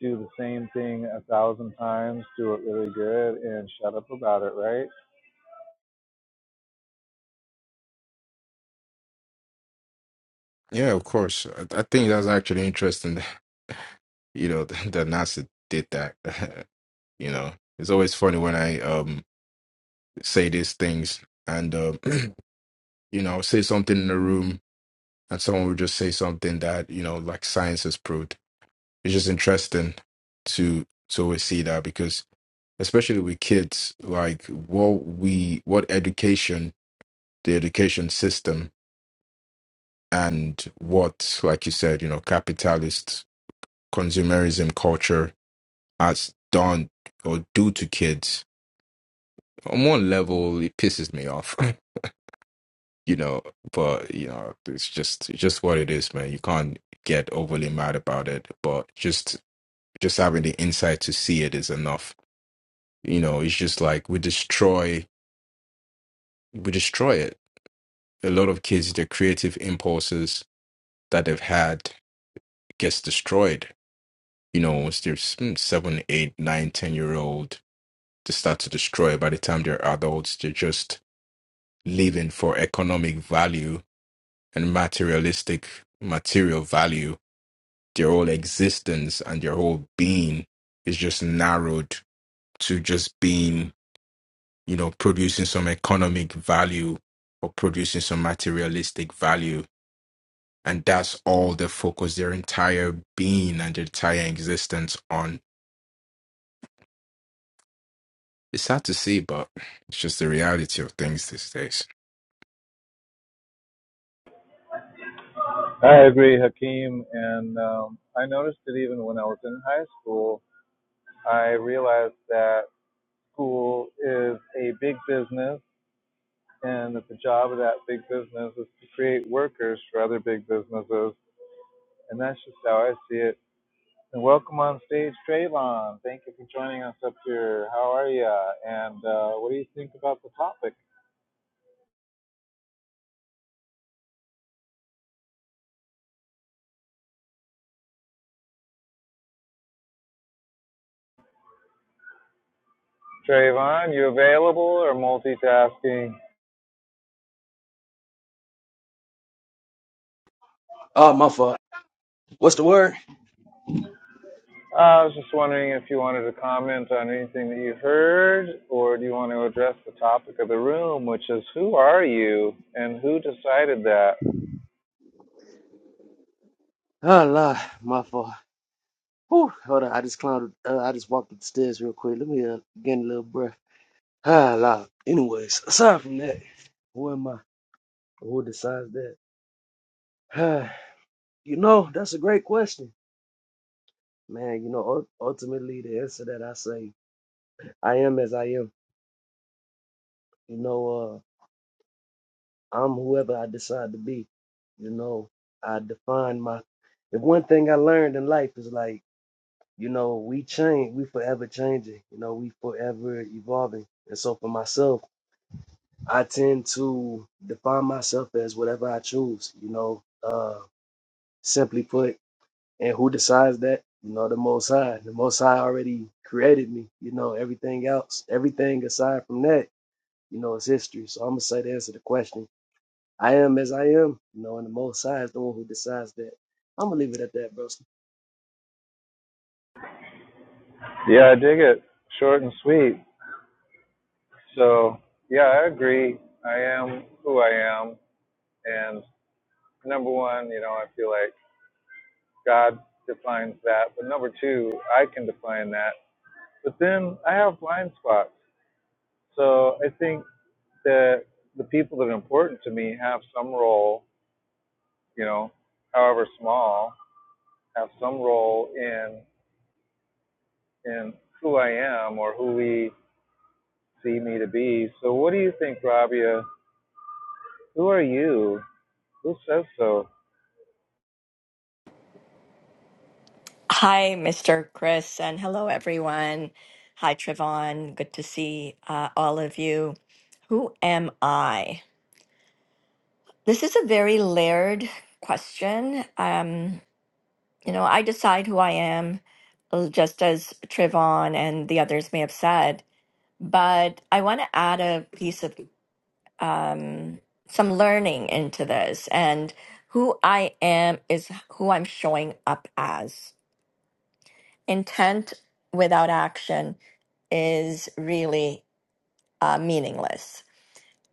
do the same thing a thousand times, do it really good, and shut up about it, right? yeah of course i, I think that's actually interesting you know that nasa did that you know it's always funny when i um say these things and um you know i'll say something in the room and someone would just say something that you know like science has proved it's just interesting to to always see that because especially with kids like what we what education the education system and what like you said you know capitalist consumerism culture has done or do to kids on one level it pisses me off you know but you know it's just it's just what it is man you can't get overly mad about it but just. just having the insight to see it is enough. You know, it's just like we destroy we destroy it. A lot of kids, their creative impulses that they've had gets destroyed. You know, once they're s- mm, seven, eight, nine, ten year old, they start to destroy. By the time they're adults, they're just living for economic value and materialistic material value. Their whole existence and their whole being is just narrowed to just being you know, producing some economic value or producing some materialistic value. And that's all they focus their entire being and their entire existence on. It's sad to see, but it's just the reality of things these days. I agree, Hakeem. And um, I noticed that even when I was in high school, I realized that school is a big business and that the job of that big business is to create workers for other big businesses. And that's just how I see it And welcome on stage, Trayvon. Thank you for joining us up here. How are you? And uh, what do you think about the topic? Trayvon, you available or multitasking? Oh, my fault. What's the word? Uh, I was just wondering if you wanted to comment on anything that you heard, or do you want to address the topic of the room, which is who are you and who decided that? Oh, Lord, my fault. Whew, hold on. I just climbed. Uh, I just walked up the stairs real quick. Let me uh, get a little breath. Ah, Lord. Anyways, aside from that, who am I? Who decides that? Ah, you know, that's a great question, man. You know, ul- ultimately the answer that I say, I am as I am. You know, uh, I'm whoever I decide to be. You know, I define my. If one thing I learned in life is like. you know, we change, we forever changing, you know, we forever evolving. And so for myself, I tend to define myself as whatever I choose, you know, uh, simply put, and who decides that? You know, the Most High. The Most High already created me, you know, everything else, everything aside from that, you know, is history. So I'm going to say the answer to the question. I am as I am, you know, and the Most High is the one who decides that. I'm going to leave it at that, bro. Yeah, I dig it. Short and sweet. So, yeah, I agree. I am who I am. And number one, you know, I feel like God defines that. But number two, I can define that. But then I have blind spots. So I think that the people that are important to me have some role, you know, however small, have some role in in who I am or who we see me to be. So what do you think, Rabia? Who are you? Who says so? Hi, Mr. Chris, and hello, everyone. Hi, Trevon. Good to see uh, all of you. Who am I? This is a very layered question. Um, you know, I decide who I am, uh, just as Trevon and the others may have said, but I want to add a piece of um, some learning into this. And who I am is who I'm showing up as intent without action is really uh, meaningless.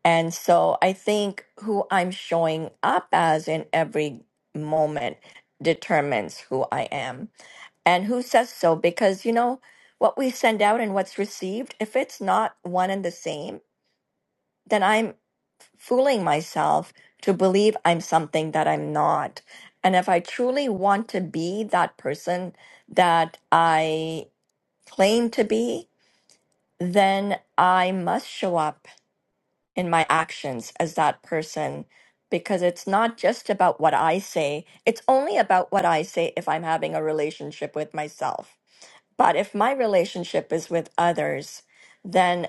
And so I think who I'm showing up as in every moment determines who I am and who says so. Because, you know, what we send out and what's received, if it's not one and the same, then I'm fooling myself to believe I'm something that I'm not. And if I truly want to be that person that I claim to be, then I must show up in my actions as that person because it's not just about what I say. It's only about what I say if I'm having a relationship with myself. But if my relationship is with others, then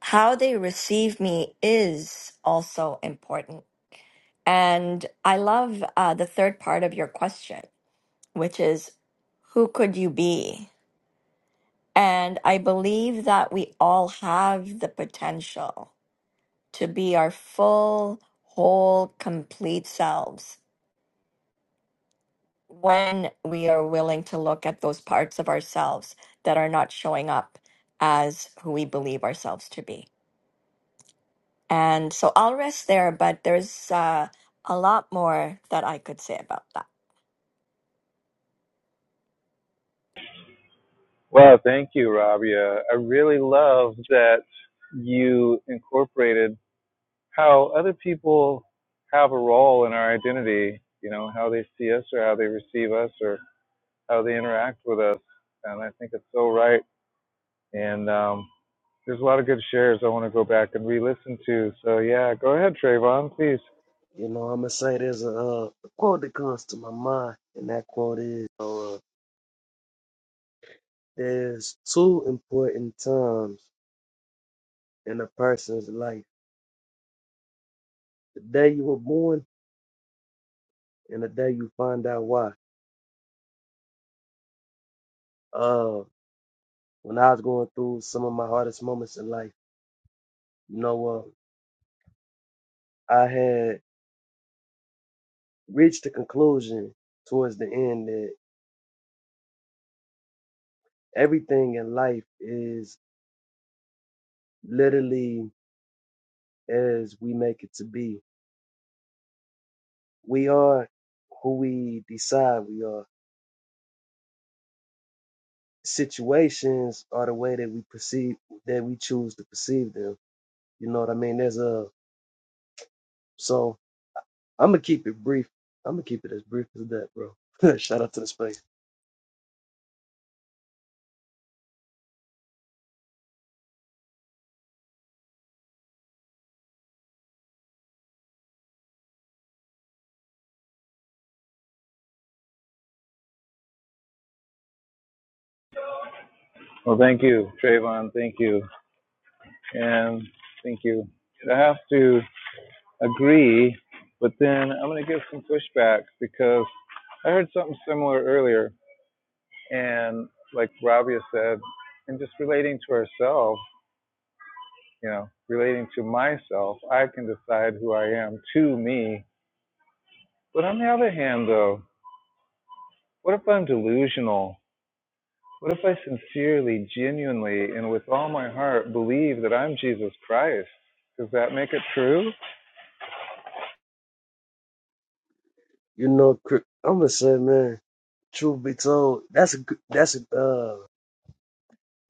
how they receive me is also important. And I love uh, the third part of your question, which is who could you be? And I believe that we all have the potential to be our full, whole, complete selves when we are willing to look at those parts of ourselves that are not showing up as who we believe ourselves to be. And so I'll rest there, but there's uh, a lot more that I could say about that. Well, thank you, Rabia. I really love that you incorporated how other people have a role in our identity, you know, how they see us or how they receive us or how they interact with us. And I think it's so right. And um, there's a lot of good shares I want to go back and re listen to. So, yeah, go ahead, Trayvon, please. You know, I'm gonna say there's a, uh, a quote that comes to my mind, and that quote is: uh, "There's two important times in a person's life: the day you were born and the day you find out why." Uh, when I was going through some of my hardest moments in life, you know, uh, I had reached the conclusion towards the end that everything in life is literally as we make it to be. We are who we decide we are situations are the way that we perceive that we choose to perceive them. You know what I mean? There's a so I'm gonna keep it brief. I'm gonna keep it as brief as that, bro. Shout out to the space. Well, thank you, Trayvon. Thank you. And thank you. I have to agree, but then I'm going to give some pushback because I heard something similar earlier And like Rabia said, and just relating to herself, you know, relating to myself, I can decide who I am to me. But on the other hand, though, what if I'm delusional? What if I sincerely, genuinely, and with all my heart believe that I'm Jesus Christ? Does that make it true? You know, I'm gonna say, man. Truth be told, that's a good- that's a uh,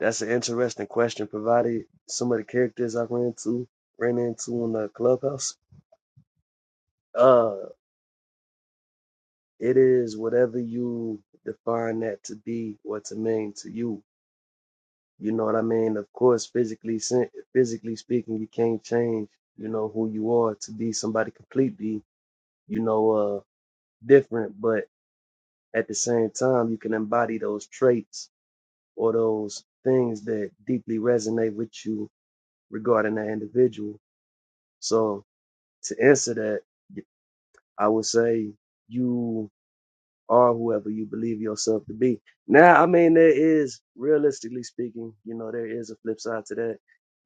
that's an interesting question. Provided some of the characters I ran into ran into in the clubhouse, uh, it is whatever you define that to be or to mean to you You know what I mean? Of course, physically sen- physically speaking, you can't change, you know, who you are to be somebody completely, you know, uh different, but at the same time, you can embody those traits or those things that deeply resonate with you regarding that individual. So, to answer that, I would say you or whoever you believe yourself to be. Now, I mean, there is, realistically speaking, you know, there is a flip side to that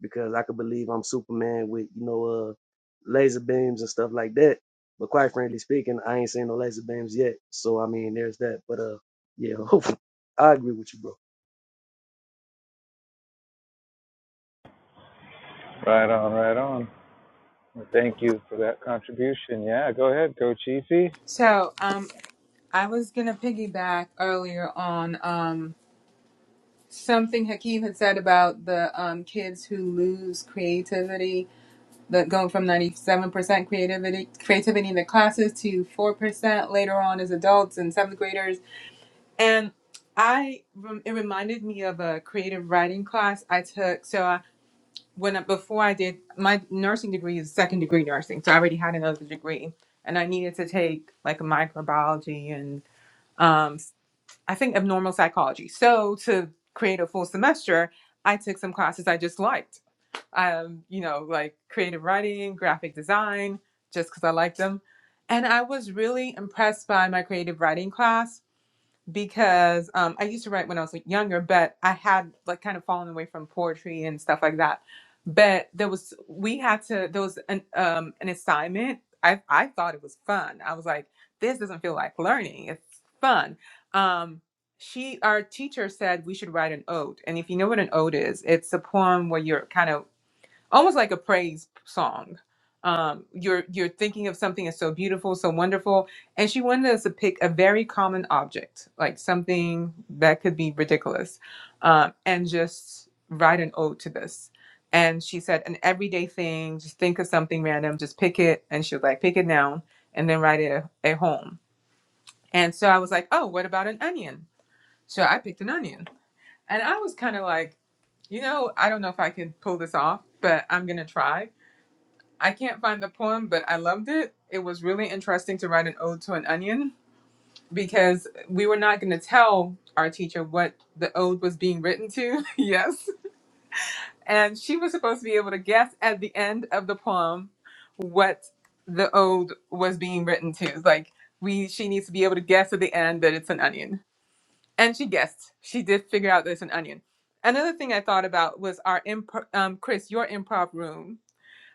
because I could believe I'm Superman with, you know, uh, laser beams and stuff like that. But quite frankly speaking, I ain't seen no laser beams yet. So, I mean, there's that. But, uh, yeah, hopefully, I agree with you, bro. Right on, right on. Well, Thank you for that contribution. Yeah, go ahead, Coach Efi. So, um, I was gonna piggyback earlier on um, something Hakeem had said about the um, kids who lose creativity, that going from ninety-seven percent creativity creativity in the classes to four percent later on as adults and seventh graders. And I, rem- it reminded me of a creative writing class I took. So I, when I, before I did my nursing degree is second degree nursing, so I already had another degree, and I needed to take like microbiology and um, s- I think abnormal psychology. So to create a full semester, I took some classes I just liked. Um, you know, like creative writing, graphic design, just because I liked them. And I was really impressed by my creative writing class because um, I used to write when I was like, younger, but I had like kind of fallen away from poetry and stuff like that. But there was we had to there was an um, an assignment. I I thought it was fun. I was like, this doesn't feel like learning. It's fun. Um, she our teacher said we should write an ode, and if you know what an ode is, it's a poem where you're kind of almost like a praise song. Um, you're you're thinking of something that's so beautiful, so wonderful, and she wanted us to pick a very common object, like something that could be ridiculous, um, and just write an ode to this. And she said, an everyday thing, just think of something random, just pick it. And she was like, pick it now, and then write it a a home. And so I was like, oh, what about an onion? So I picked an onion, and I was kind of like, you know, I don't know if I can pull this off, but I'm gonna try I can't find the poem, but I loved it. It was really interesting to write an ode to an onion because we were not going to tell our teacher what the ode was being written to. yes. And she was supposed to be able to guess at the end of the poem what the ode was being written to. It's like we she needs to be able to guess at the end that it's an onion. And she guessed. She did figure out that it's an onion. Another thing I thought about was our imp- um Chris, your improv room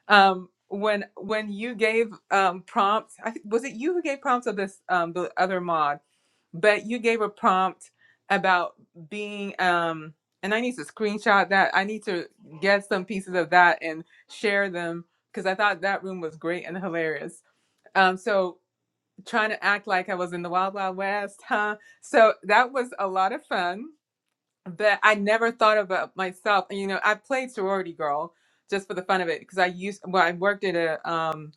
um when when you gave um prompts i think was it you who gave prompts of this um the other mod but you gave a prompt about being um and i need to screenshot that i need to get some pieces of that and share them because i thought that room was great and hilarious um so trying to act like i was in the wild wild west huh so that was a lot of fun but I never thought about myself. You know, I played sorority girl just for the fun of it because I used well, I worked at a um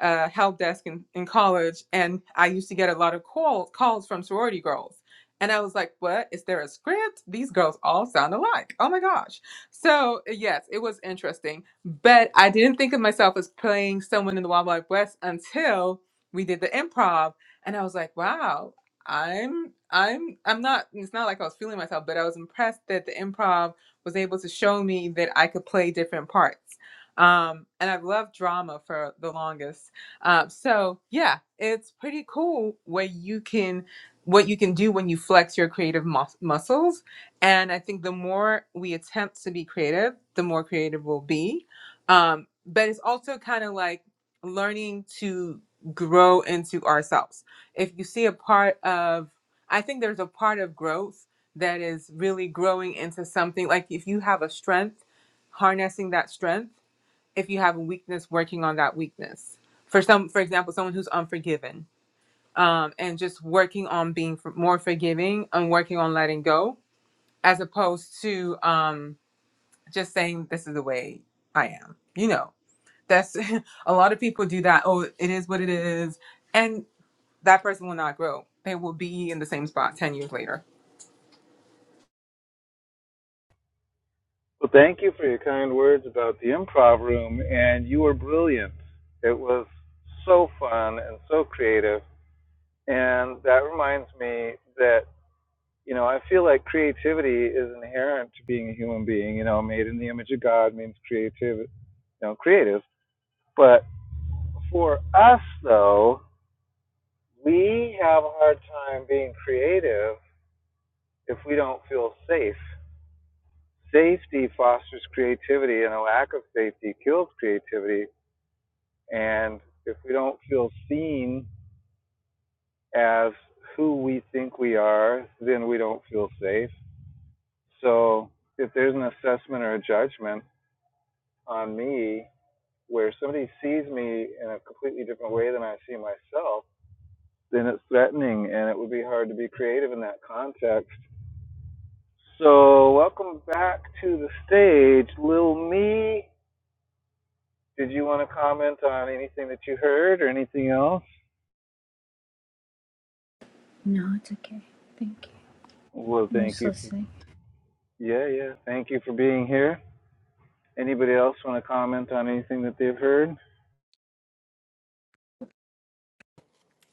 a help desk in, in college, and I used to get a lot of call, calls from sorority girls. And I was like, "What is there a script? These girls all sound alike. Oh my gosh!" So yes, it was interesting, but I didn't think of myself as playing someone in the Wild Wild West until we did the improv, and I was like, "Wow!" I'm I'm I'm not it's not like I was feeling myself, but I was impressed that the improv was able to show me that I could play different parts. Um, and I've loved drama for the longest. Um, so yeah, it's pretty cool what you can what you can do when you flex your creative mus- muscles. And I think the more we attempt to be creative, the more creative we'll be. Um, but it's also kind of like learning to grow into ourselves if you see a part of i think there's a part of growth that is really growing into something like if you have a strength harnessing that strength if you have a weakness working on that weakness for some for example someone who's unforgiven um, and just working on being for, more forgiving and working on letting go as opposed to um, just saying this is the way i am you know that's a lot of people do that oh it is what it is and that person will not grow. They will be in the same spot 10 years later. Well, thank you for your kind words about the improv room, and you were brilliant. It was so fun and so creative. And that reminds me that, you know, I feel like creativity is inherent to being a human being. You know, made in the image of God means creative, you know, creative. But for us, though, we have a hard time being creative if we don't feel safe. Safety fosters creativity, and a lack of safety kills creativity And if we don't feel seen as who we think we are, then we don't feel safe. So if there's an assessment or a judgment on me where somebody sees me in a completely different way than I see myself, then it's threatening and it would be hard to be creative in that context. So, welcome back to the stage, Lil Me. Did you want to comment on anything that you heard or anything else? No, it's okay. Thank you. Well, I'm thank just you for listening. Yeah, yeah. Thank you for being here. Anybody else want to comment on anything that they've heard?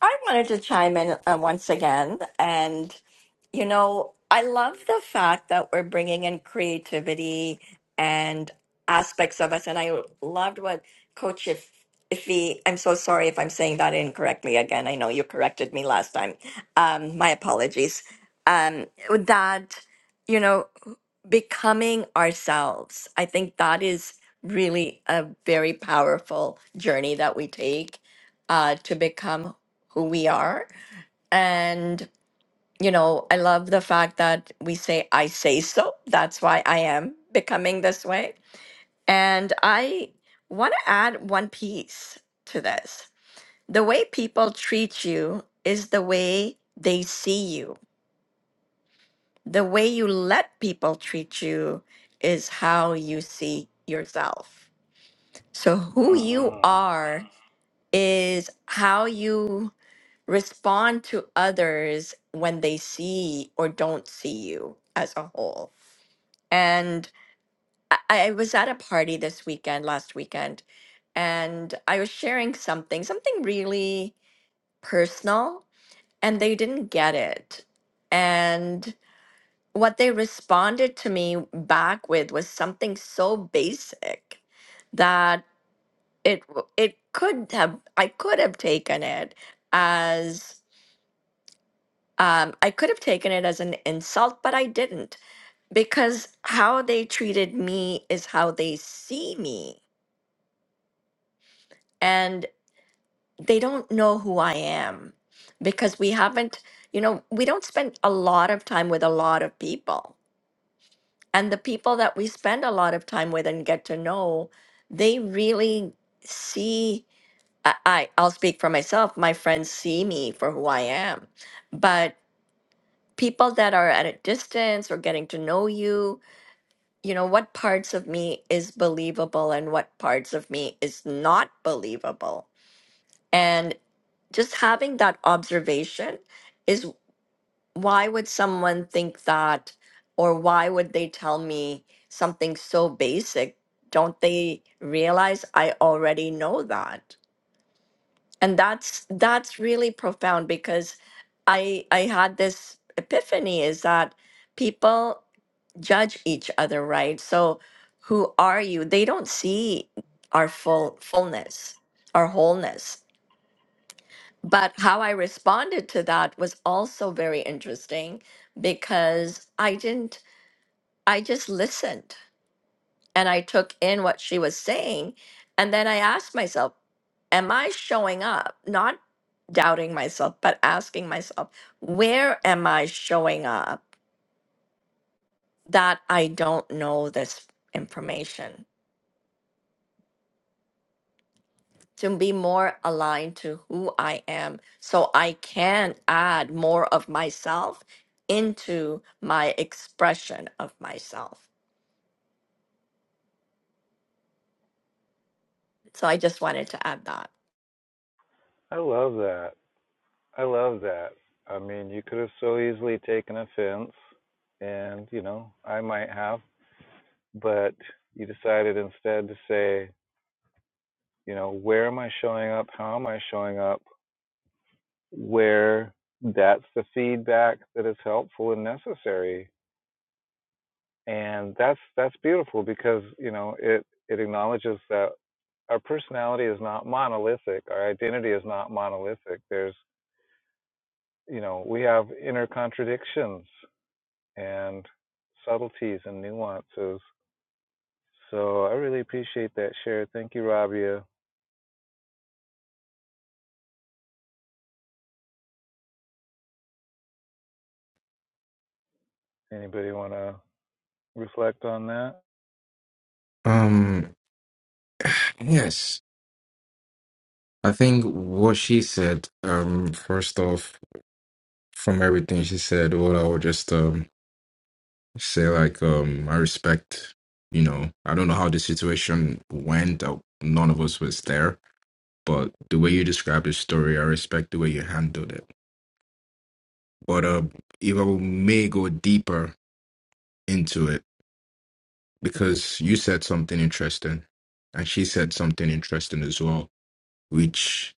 I wanted to chime in uh, once again. And, you know, I love the fact that we're bringing in creativity and aspects of us. And I loved what Coach if, Iffy, I'm so sorry if I'm saying that incorrectly again. I know you corrected me last time. Um, my apologies. Um, that, you know, becoming ourselves, I think that is really a very powerful journey that we take uh, to become who we are. And, you know, I love the fact that we say, I say so. That's why I am becoming this way. And I want to add one piece to this the way people treat you is the way they see you, the way you let people treat you is how you see yourself. So, who you hmm are is how you respond to others when they see or don't see you as a whole. And I, I was at a party this weekend, last weekend, and I was sharing something, something really personal, and they didn't get it. And what they responded to me back with was something so basic that it w- it could have I could have taken it as Um, I could have taken it as an insult, but I didn't because how they treated me is how they see me. And they don't know who I am because we haven't, you know, we don't spend a lot of time with a lot of people. And the people that we spend a lot of time with and get to know, they really see. I, I, I'll speak for myself. My friends see me for who I am. But people that are at a distance or getting to know you, you know, what parts of me is believable and what parts of me is not believable. And just having that observation is why would someone think that or why would they tell me something so basic? Don't they realize I already know that? And that's that's really profound because I I had this epiphany is that people judge each other, right? So who are you? They don't see our full fullness, our wholeness. But how I responded to that was also very interesting because I didn't I just listened and I took in what she was saying and then I asked myself, am I showing up? Not doubting myself, but asking myself, where am I showing up that I don't know this information? to be more aligned to who I am so I can add more of myself into my expression of myself. So I just wanted to add that. I love that. I love that. I mean, you could have so easily taken offense, and, you know, I might have, but you decided instead to say, you know, where am I showing up? How am I showing up? Where that's the feedback that is helpful and necessary and that's that's beautiful because you know it it acknowledges that our personality is not monolithic our identity is not monolithic there's you know we have inner contradictions and subtleties and nuances so i really appreciate that share thank you rabia anybody want to reflect on that Um, yes, I think what she said, um, first off, from everything she said, what I would just um say, like, um, I respect, you know, I don't know how the situation went. uh, None of us was there But the way you described the story, I respect the way you handled it. But uh, if I may go deeper into it, because you said something interesting, and she said something interesting as well, which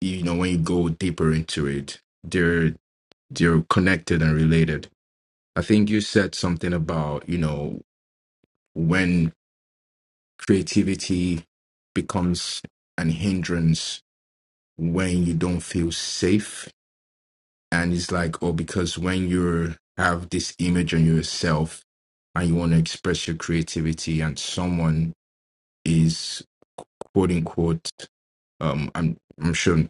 you know when you go deeper into it, they're they're connected and related. I think you said something about you know when creativity becomes an hindrance when you don't feel safe and it's like oh because when you have this image on yourself and you want to express your creativity and someone is quote unquote um i'm i'm sure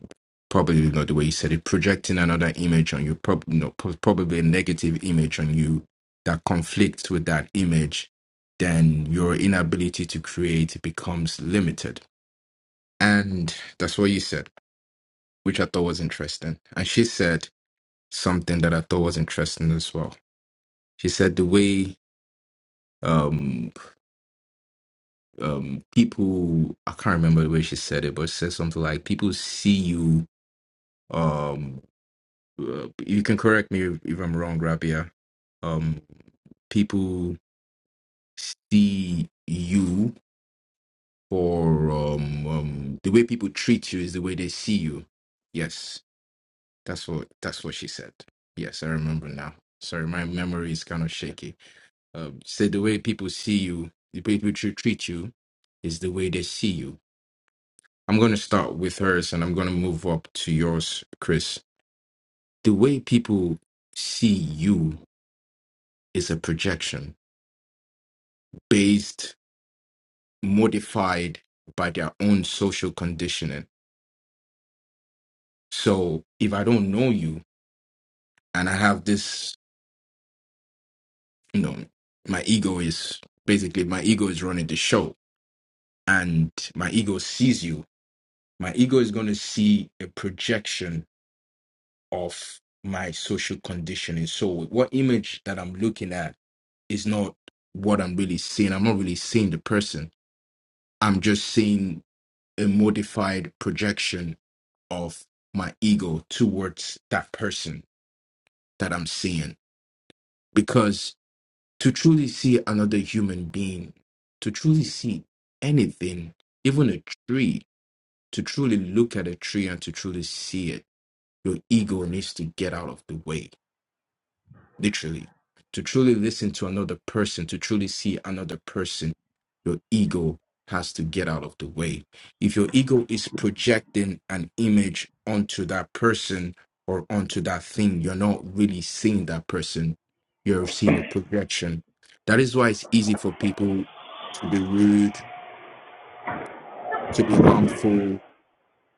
probably not the way you said it projecting another image on you probably no, pro- probably a negative image on you that conflicts with that image then your inability to create becomes limited and that's what you said which i thought was interesting and she said something that i thought was interesting as well She said the way um um people I can't remember the way she said it, but she said something like people see you um uh, you can correct me if, if I'm wrong, Rabia. Um people see you for um, um the way people treat you is the way they see you. Yes, that's what that's what she said. Yes, I remember now. Sorry, my memory is kind of shaky. Um, say the way people see you, the way people tr- treat you, is the way they see you. I'm going to start with hers, and I'm going to move up to yours, Chris. The way people see you is a projection based, modified by their own social conditioning. So if I don't know you, and I have this, you know, my ego is basically my ego is running the show, and my ego sees you. My ego is going to see a projection of my social conditioning. So what image that I'm looking at is not what I'm really seeing. I'm not really seeing the person. I'm just seeing a modified projection of my ego towards that person that I'm seeing. Because to truly see another human being, to truly see anything, even a tree, to truly look at a tree and to truly see it, your ego needs to get out of the way literally. To truly listen to another person, to truly see another person, your ego has to get out of the way. If your ego is projecting an image onto that person or onto that thing, you're not really seeing that person, you're seeing a projection. That is why it's easy for people to be rude, to be harmful,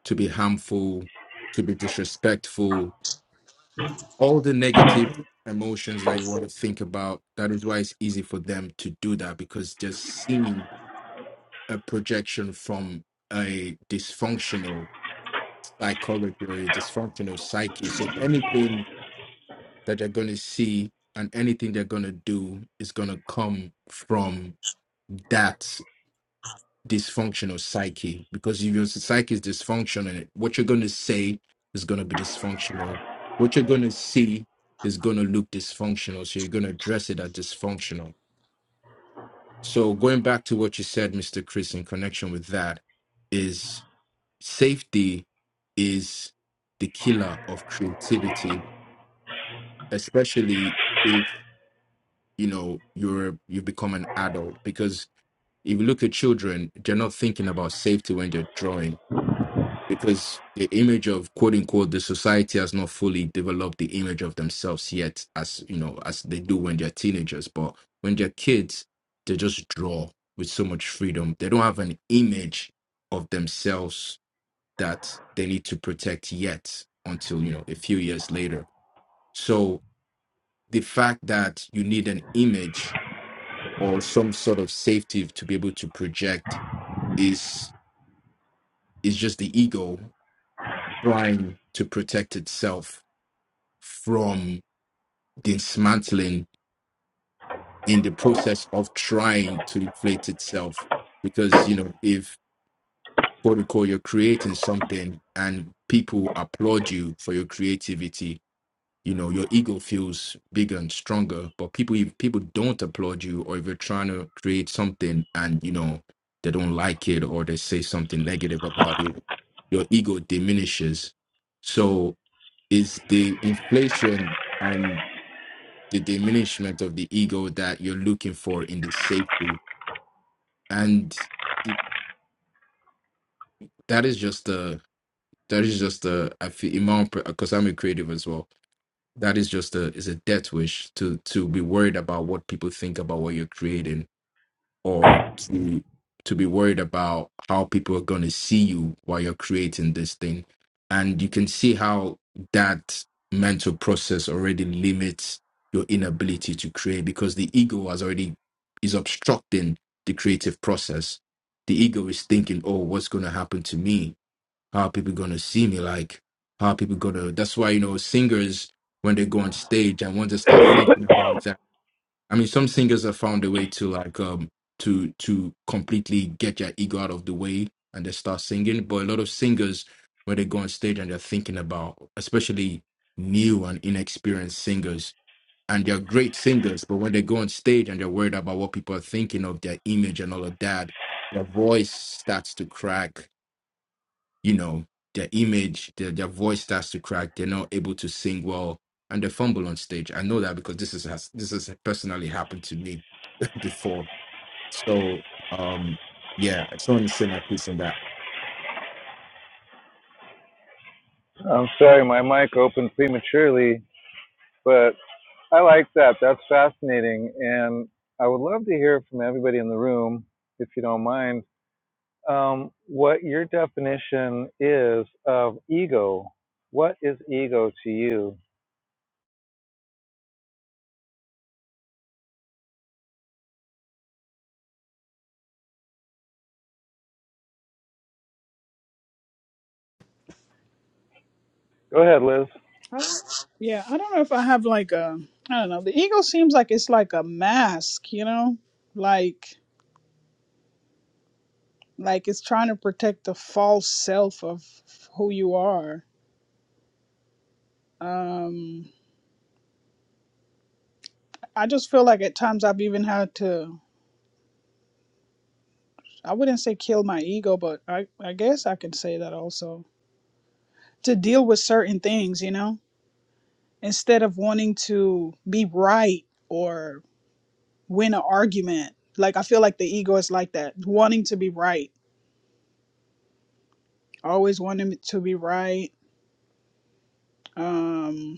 to be harmful, to be disrespectful, all the negative emotions that you want to think about. That is why it's easy for them to do that because just seeing a projection from a dysfunctional psychology or a dysfunctional psyche. So anything that they're going to see and anything they're going to do is going to come from that dysfunctional psyche because if your psyche is dysfunctional, what you're going to say is going to be dysfunctional. What you're going to see is going to look dysfunctional. So you're going to address it as dysfunctional. So going back to what you said, Mr. Chris, in connection with that, is safety is the killer of creativity, especially if you know you're you become an adult because if you look at children, they're not thinking about safety when they're drawing because the image of quote unquote the society has not fully developed the image of themselves yet as you know as they do when they're teenagers but when they're kids they just draw with so much freedom they don't have an image of themselves that they need to protect yet until you know a few years later so the fact that you need an image or some sort of safety to be able to project is is just the ego trying to protect itself from dismantling in the process of trying to inflate itself. Because, you know, if quote unquote you're creating something and people applaud you for your creativity, you know, your ego feels bigger and stronger. But people if people don't applaud you or if you're trying to create something and, you know, they don't like it or they say something negative about it, your ego diminishes. So is the inflation and. the diminishment of the ego that you're looking for in the safety and that is just a that is just a i feel in my own, because i'm a creative as well that is just a is a death wish to to be worried about what people think about what you're creating or to to be worried about how people are going to see you while you're creating this thing and you can see how that mental process already limits your inability to create because the ego has already is obstructing the creative process the ego is thinking oh what's going to happen to me how are people going to see me like how are people going to that's why you know singers when they go on stage and want to start thinking about I mean, some singers have found a way to like um to to completely get your ego out of the way and they start singing. But a lot of singers, when they go on stage and they're thinking about, especially new and inexperienced singers, and they're great singers, but when they go on stage and they're worried about what people are thinking of their image and all of that, their voice starts to crack. You know, their image, their their voice starts to crack. They're not able to sing well and they fumble on stage. I know that because this is has this has personally happened to me before. So um yeah, I just wanted to say my piece on that. i'm sorry my mic opened prematurely but. I like that. That's fascinating. And I would love to hear from everybody in the room, if you don't mind, um, what your definition is of ego. What is ego to you? Go ahead, Liz. I don't- yeah, I don't know if I have like a, I don't know. The ego seems like it's like a mask, you know, like. like it's trying to protect the false self of who you are um i just feel like at times i've even had to i wouldn't say kill my ego but i i guess i can say that also to deal with certain things you know instead of wanting to be right or win an argument like i feel like the ego is like that wanting to be right always wanting to be right Um,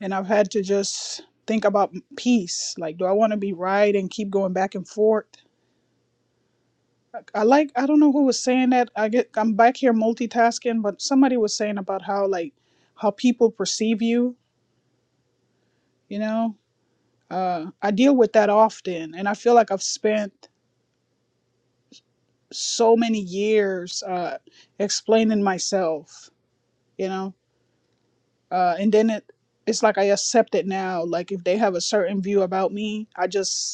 and I've had to just think about peace. Like, do I want to be right and keep going back and forth? I I like I don't know who was saying that. I get I'm back here multitasking, but somebody was saying about how like how people perceive you. You know, uh, I deal with that often, and I feel like I've spent so many years uh, explaining myself. You know, uh, and then it it's like I accept it now. Like if they have a certain view about me, I just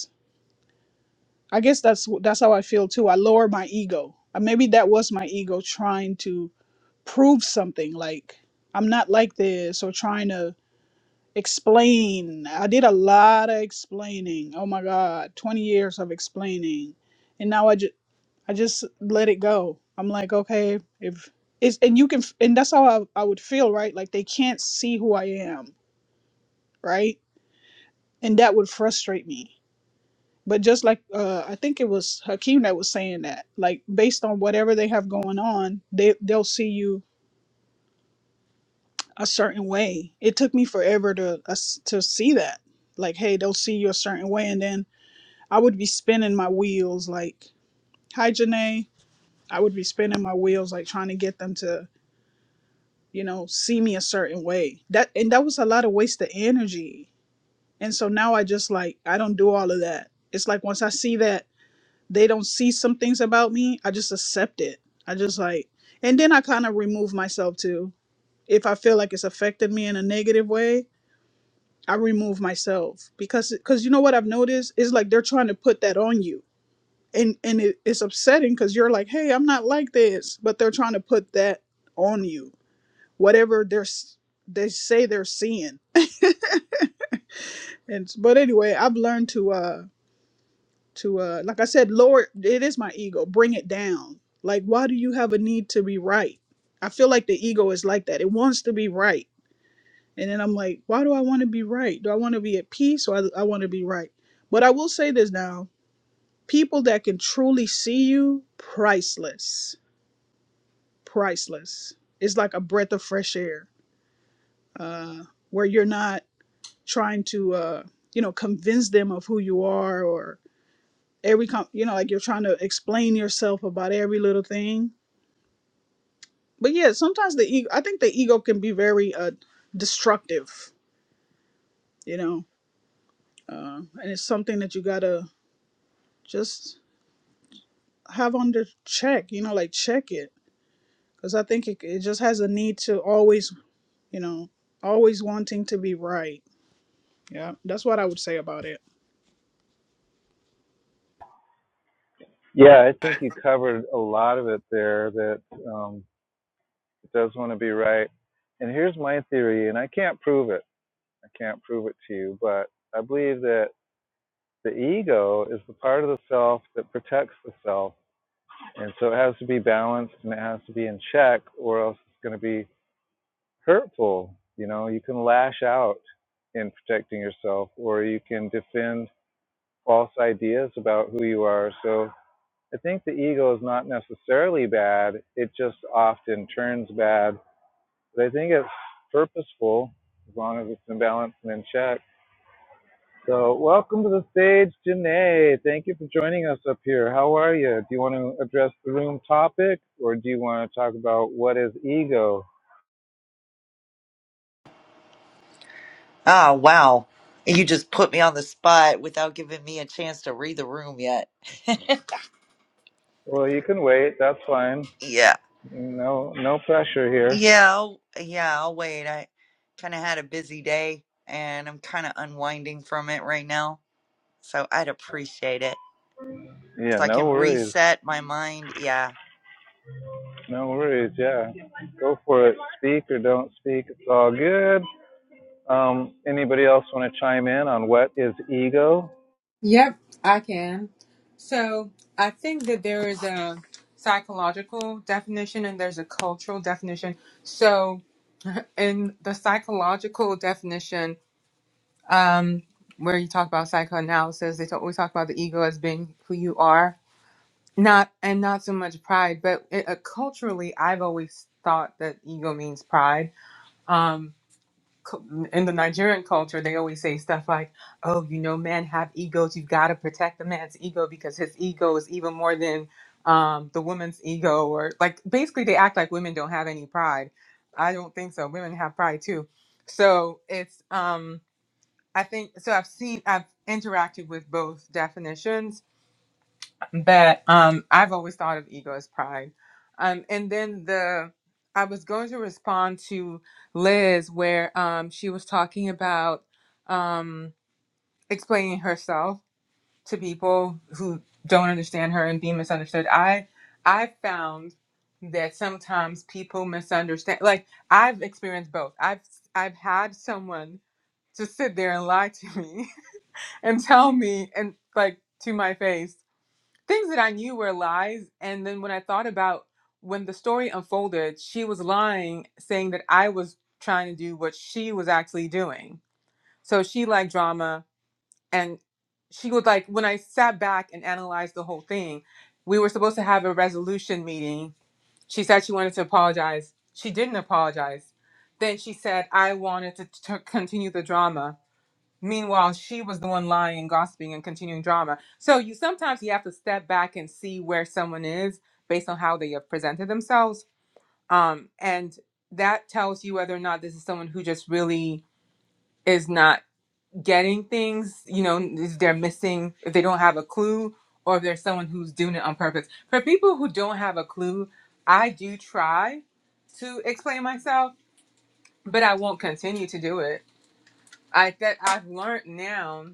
I guess that's that's how I feel too. I lower my ego. Uh, Maybe that was my ego trying to prove something like I'm not like this or trying to explain. I did a lot of explaining. Oh my god, 20 years of explaining. And now I just I just let it go. I'm like, okay, if it's and you can f- and that's how I, I would feel, right? Like they can't see who I am, right? And that would frustrate me But just like uh, I think it was Hakeem that was saying that, like based on whatever they have going on, they they'll see you a certain way. It took me forever to us to see that, like hey, they'll see you a certain way, and then I would be spinning my wheels like, hi Janae, I would be spinning my wheels like trying to get them to you know see me a certain way. That and that was a lot of wasted energy. And so now I just like I don't do all of that. It's like once I see that they don't see some things about me, I just accept it. I just like, and then I kind of remove myself too. If I feel like it's affected me in a negative way, I remove myself because, because you know what I've noticed is like they're trying to put that on you, and and it, it's upsetting because you're like, hey, I'm not like this, but they're trying to put that on you, whatever they're s- they say they're seeing. And but anyway, I've learned to. uh to uh like I said, lower it is my ego. Bring it down. Like why do you have a need to be right? I feel like the ego is like that. It wants to be right. And then I'm like, why do I want to be right? Do I want to be at peace or I, I want to be right? But I will say this now. People that can truly see you, priceless. Priceless. It's like a breath of fresh air. Uh where you're not trying to uh you know convince them of who you are or. every com- you know like you're trying to explain yourself about every little thing but yeah sometimes the ego i think the ego can be very uh destructive you know uh and it's something that you gotta just have under check you know like check it because i think it, it just has a need to always you know always wanting to be right yeah that's what i would say about it Yeah, I think you covered a lot of it there that um, does want to be right. And here's my theory, and I can't prove it. I can't prove it to you, but I believe that the ego is the part of the self that protects the self And so it has to be balanced and it has to be in check, or else it's going to be hurtful. You know, you can lash out in protecting yourself, or you can defend false ideas about who you are. So I think the ego is not necessarily bad, it just often turns bad. But I think it's purposeful as long as it's in balance and in check. So, welcome to the stage, Janae. Thank you for joining us up here. How are you? Do you want to address the room topic or do you want to talk about what is ego? Ah, wow. You just put me on the spot without giving me a chance to read the room yet. Well, you can wait. That's fine. yeah. No, no pressure here. Yeah. I'll, yeah. I'll wait. I kind of had a busy day and I'm kind of unwinding from it right now. So I'd appreciate it. Yeah, So I can no worries. reset my mind. Yeah. No worries. Yeah. Go for it. Speak or don't speak. It's all good. Um, anybody else want to chime in on what is ego? Yep, I can. So I think that there is a psychological definition and there's a cultural definition. So in the psychological definition, um, where you talk about psychoanalysis, they talk, we talk about the ego as being who you are, not and not so much pride. But it, uh, culturally, I've always thought that ego means pride. Um, cu- in the Nigerian culture, they always say stuff like, "Oh, you know, men have egos. You've got to protect the man's ego because his ego is even more than um, the woman's ego." Or like, basically, they act like women don't have any pride. I don't think so. Women have pride too. So it's, um, I think, so I've seen, I've interacted with both definitions but um i've always thought of ego as pride um and then the i was going to respond to liz where um she was talking about um explaining herself to people who don't understand her and being misunderstood i i found that sometimes people misunderstand like i've experienced both i've i've had someone just sit there and lie to me and tell me and like to my face things that I knew were lies. And then when I thought about when the story unfolded, she was lying, saying that I was trying to do what she was actually doing. So she liked drama. And she would like, when I sat back and analyzed the whole thing, we were supposed to have a resolution meeting. She said she wanted to apologize. She didn't apologize. Then she said, I wanted to t- continue the drama Meanwhile, she was the one lying, gossiping, and continuing drama. So you sometimes you have to step back and see where someone is based on how they have presented themselves. Um, and that tells you whether or not this is someone who just really is not getting things, you know, if they're missing, if they don't have a clue, or if there's someone who's doing it on purpose. For people who don't have a clue, I do try to explain myself, but I won't continue to do it I that I've learned now,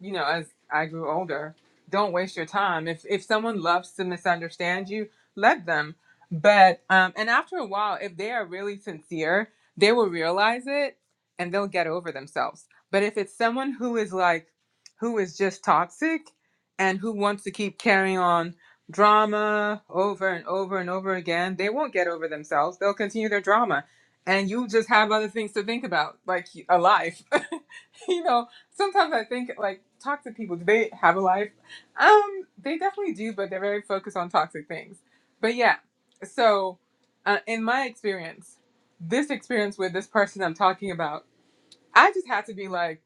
you know, as I grew older, don't waste your time. If if someone loves to misunderstand you, let them. But um, and after a while, if they are really sincere, they will realize it and they'll get over themselves. But if it's someone who is like, who is just toxic, and who wants to keep carrying on drama over and over and over again, they won't get over themselves. They'll continue their drama, and you just have other things to think about, like a life. you know, sometimes I think like talk to people. Do they have a life? Um, they definitely do, but they're very focused on toxic things. But yeah, so uh, in my experience, this experience with this person I'm talking about, I just had to be like,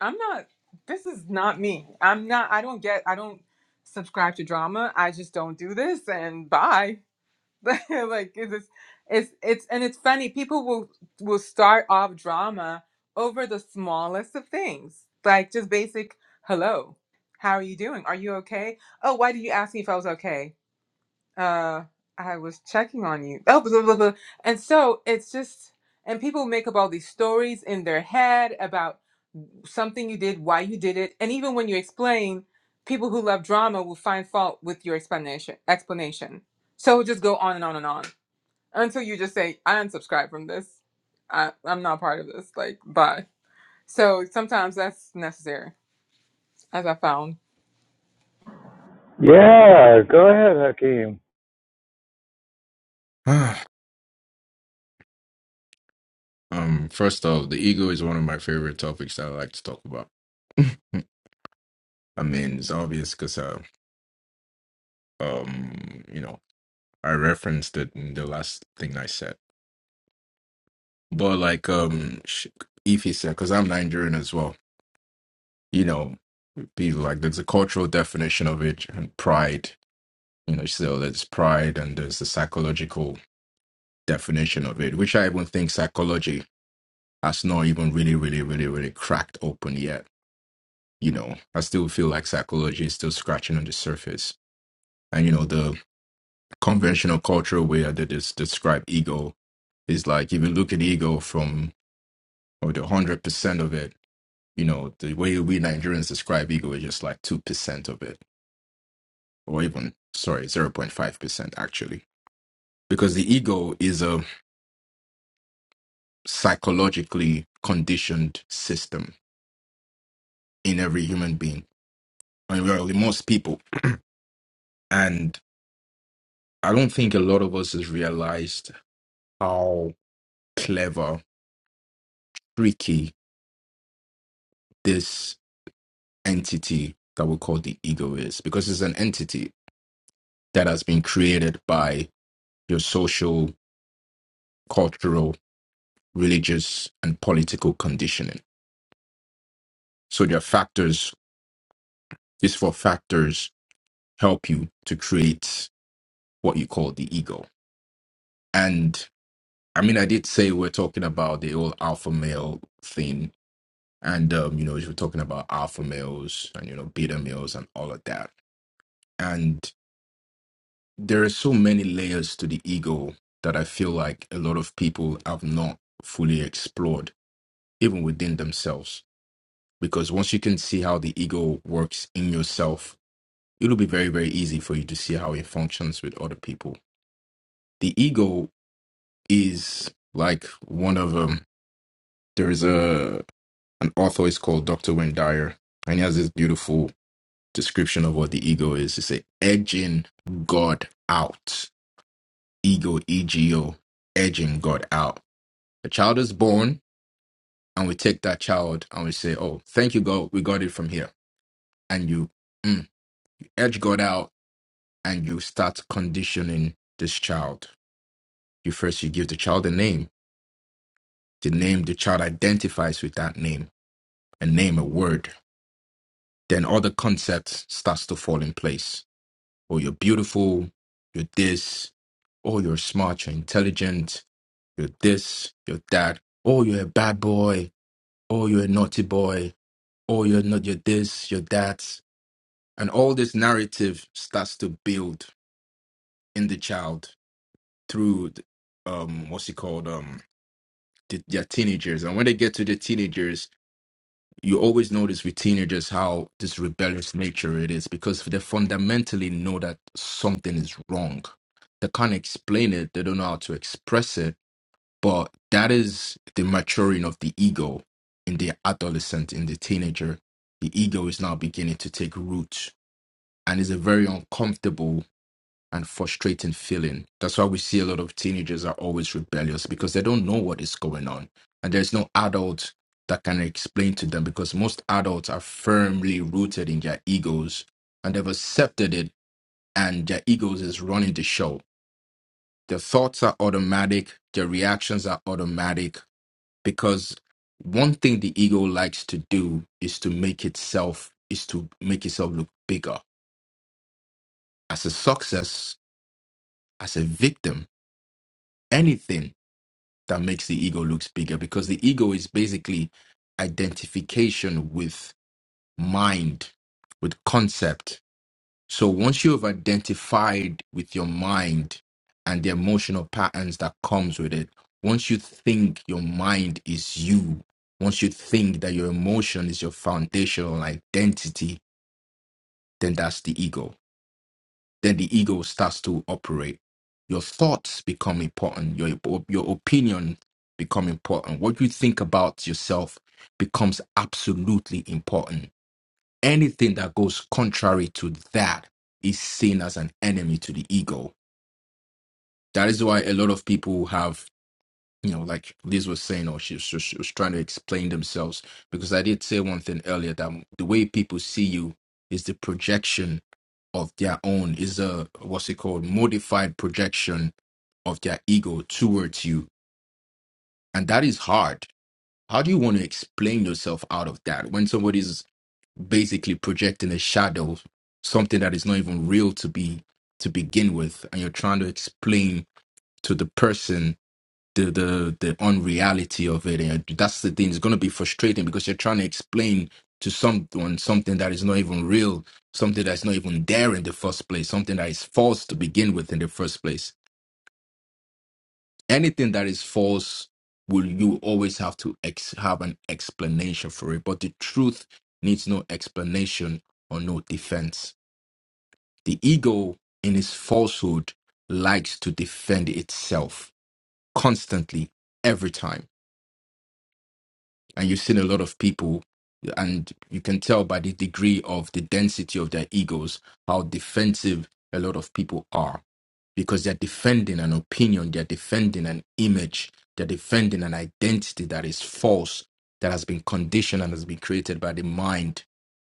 I'm not. This is not me. I'm not. I don't get. I don't subscribe to drama. I just don't do this. And bye. like it's it's it's it's- and it's funny people will will start off drama over the smallest of things like just basic hello how are you doing are you okay oh why did you ask me if i was okay uh I was checking on you. Oh, blah, blah, blah. blah. and so it's just and people make up all these stories in their head about something you did, why you did it, and even when you explain, people who love drama will find fault with your explanation. Explanation. So it'll just go on and on and on until you just say, "I unsubscribe from this. I, I'm not part of this. Like, bye." So sometimes that's necessary, as I found. Yeah, go ahead, Hakeem. Ah, um, first off, the ego is one of my favorite topics that I like to talk about. I mean, it's obvious because, uh, um, you know, I referenced it in the last thing I said. But like, um, sh- if he said, because I'm Nigerian as well, you know, people like there's a cultural definition of it and pride. You know, so there's pride and there's the psychological definition of it, which I even think psychology That's not even really, really, really, really cracked open yet. You know, I still feel like psychology is still scratching on the surface. And you know, the conventional cultural way that is describe ego is like if you look at ego from or the one hundred percent of it, you know, the way we Nigerians describe ego is just like two percent of it, or even sorry, zero point five percent actually, because the ego is a psychologically conditioned system in every human being, and well, in most people. And I don't think a lot of us has realized how clever, tricky this entity that we call the ego is, because it's an entity that has been created by your social, cultural, religious, and political conditioning. So there are factors, these four factors help you to create what you call the ego. And I mean, I did say we're talking about the old alpha male thing, And um, you know, you were talking about alpha males and you know beta males and all of that. And there are so many layers to the ego that I feel like a lot of people have not fully explored, even within themselves. Because once you can see how the ego works in yourself, it'll be very, very easy for you to see how it functions with other people. The ego is like one of um there is a an author is called Dr. Wayne Dyer, and he has this beautiful description of what the ego is. It's a edging God out. Ego, E-G-O, edging God out. A child is born, and we take that child and we say, "Oh, thank you, God, we got it from here." And you mm, edge God out, and you start conditioning this child. You first you give the child a name. The name the child identifies with that name, a name, a word. Then all the concepts starts to fall in place or you're beautiful, you're this, or you're smart, you're intelligent, you're this, you're that, or you're a bad boy, or you're a naughty boy, or you're not, you're this, you're that. And all this narrative starts to build in the child through, um, what's it called, um, the, their teenagers. And when they get to the teenagers, you always notice with teenagers how this rebellious nature it is because they fundamentally know that something is wrong. They can't explain it, they don't know how to express it, but that is the maturing of the ego in the adolescent, in the teenager. The ego is now beginning to take root and is a very uncomfortable and frustrating feeling. That's why we see a lot of teenagers are always rebellious because they don't know what is going on. And there's no adult that can explain to them because most adults are firmly rooted in their egos and they've accepted it and their egos is running the show. Their thoughts are automatic, their reactions are automatic because one thing the ego likes to do is to make itself is to make itself look bigger as a success, as a victim, anything that makes the ego looks bigger because the ego is basically identification with mind with concept so once you have identified with your mind and the emotional patterns that comes with it once you think your mind is you once you think that your emotion is your foundational identity then that's the ego then the ego starts to operate. Your thoughts become important. Your your opinion become important. What you think about yourself becomes absolutely important. Anything that goes contrary to that is seen as an enemy to the ego. That is why a lot of people have you know, like Liz was saying, or she, she, she was trying to explain themselves. Because I did say one thing earlier that the way people see you is the projection of their own, is a what's it called, modified projection of their ego towards you. And that is hard. How do you want to explain yourself out of that when somebody's basically projecting a shadow, something that is not even real to be to begin with, and you're trying to explain to the person the the the unreality of it and that's the thing it's going to be frustrating because you're trying to explain to someone something that is not even real something that's not even there in the first place something that is false to begin with in the first place anything that is false will you always have to ex- have an explanation for it but the truth needs no explanation or no defense the ego in its falsehood likes to defend itself constantly every time and you've seen a lot of people and you can tell by the degree of the density of their egos how defensive a lot of people are because they're defending an opinion they're defending an image they're defending an identity that is false that has been conditioned and has been created by the mind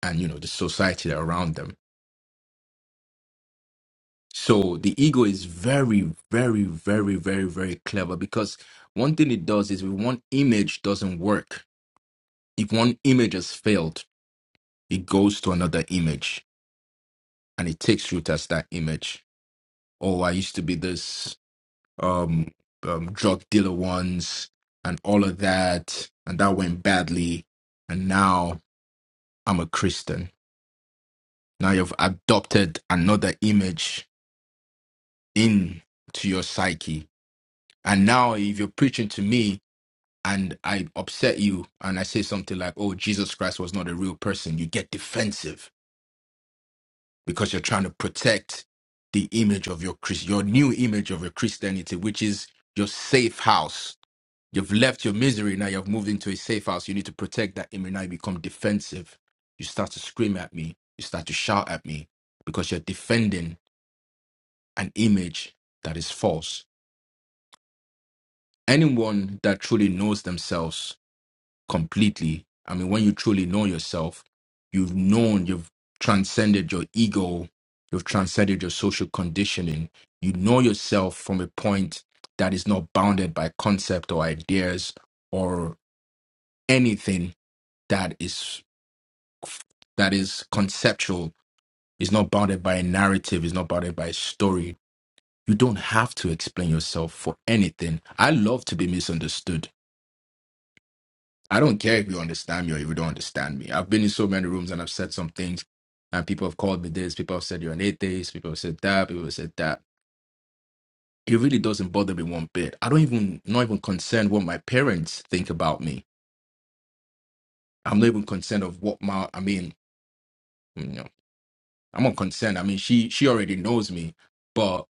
and you know the society around them so the ego is very very very very very clever because one thing it does is if one image doesn't work if one image has failed it goes to another image and it takes root as that image. Oh, I used to be this um, um drug dealer once and all of that, and that went badly, and now I'm a Christian. Now you've adopted another image into your psyche. And now if you're preaching to me and I upset you and I say something like, Oh, Jesus Christ was not a real person, you get defensive because you're trying to protect the image of your Chris, your new image of your Christianity, which is your safe house. You've left your misery now. You've moved into a safe house. You need to protect that image. Now you become defensive. You start to scream at me. You start to shout at me because you're defending an image that is false. Anyone that truly knows themselves completely. I mean, when you truly know yourself, you've known, you've transcended your ego, you've transcended your social conditioning. You know yourself from a point that is not bounded by concept or ideas or anything that is that is conceptual, is not bounded by a narrative, is not bounded by a story. You don't have to explain yourself for anything. I love to be misunderstood. I don't care if you understand me or if you don't understand me. I've been in so many rooms and I've said some things, and people have called me this, people have said you're an atheist, people have said that, people have said that. It really doesn't bother me one bit. I don't even not even concerned what my parents think about me. I'm not even concerned of what my I mean, you know, I'm not concerned. I mean, she she already knows me, but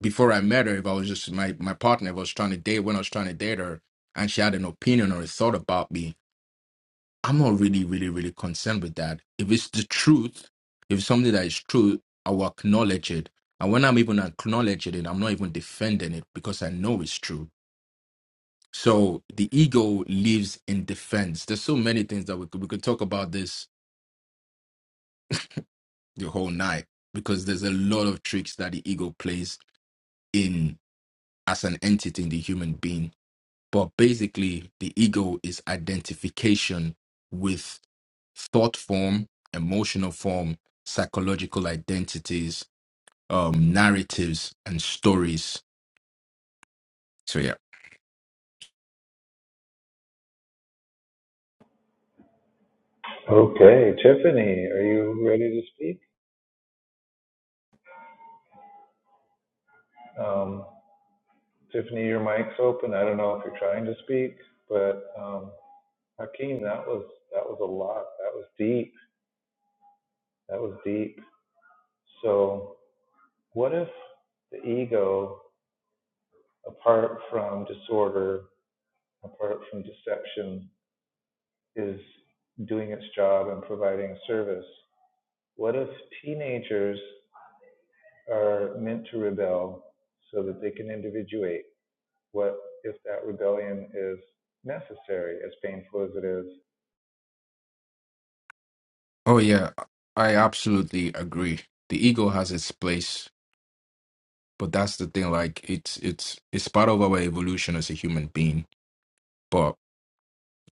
before I met her, if I was just my my partner, if I was trying to date when I was trying to date her, and she had an opinion or a thought about me, I'm not really, really, really concerned with that. If it's the truth, if it's something that is true, I will acknowledge it. And when I'm even acknowledging it, I'm not even defending it because I know it's true. So the ego lives in defense. There's so many things that we could we could talk about this the whole night because there's a lot of tricks that the ego plays in as an entity in the human being But basically, the ego is identification with thought form, emotional form, psychological identities, um, narratives, and stories. So, yeah. Okay, Tiffany, are you ready to speak? Um, Tiffany, your mic's open. I don't know if you're trying to speak, but um, Hakeem, that was that was a lot. That was deep. That was deep. So, what if the ego, apart from disorder, apart from deception, is doing its job and providing service? What if teenagers are meant to rebel so that they can individuate? What if that rebellion is necessary, as painful as it is? Oh, yeah. I absolutely agree. The ego has its place, but that's the thing. Like, it's it's it's part of our evolution as a human being. But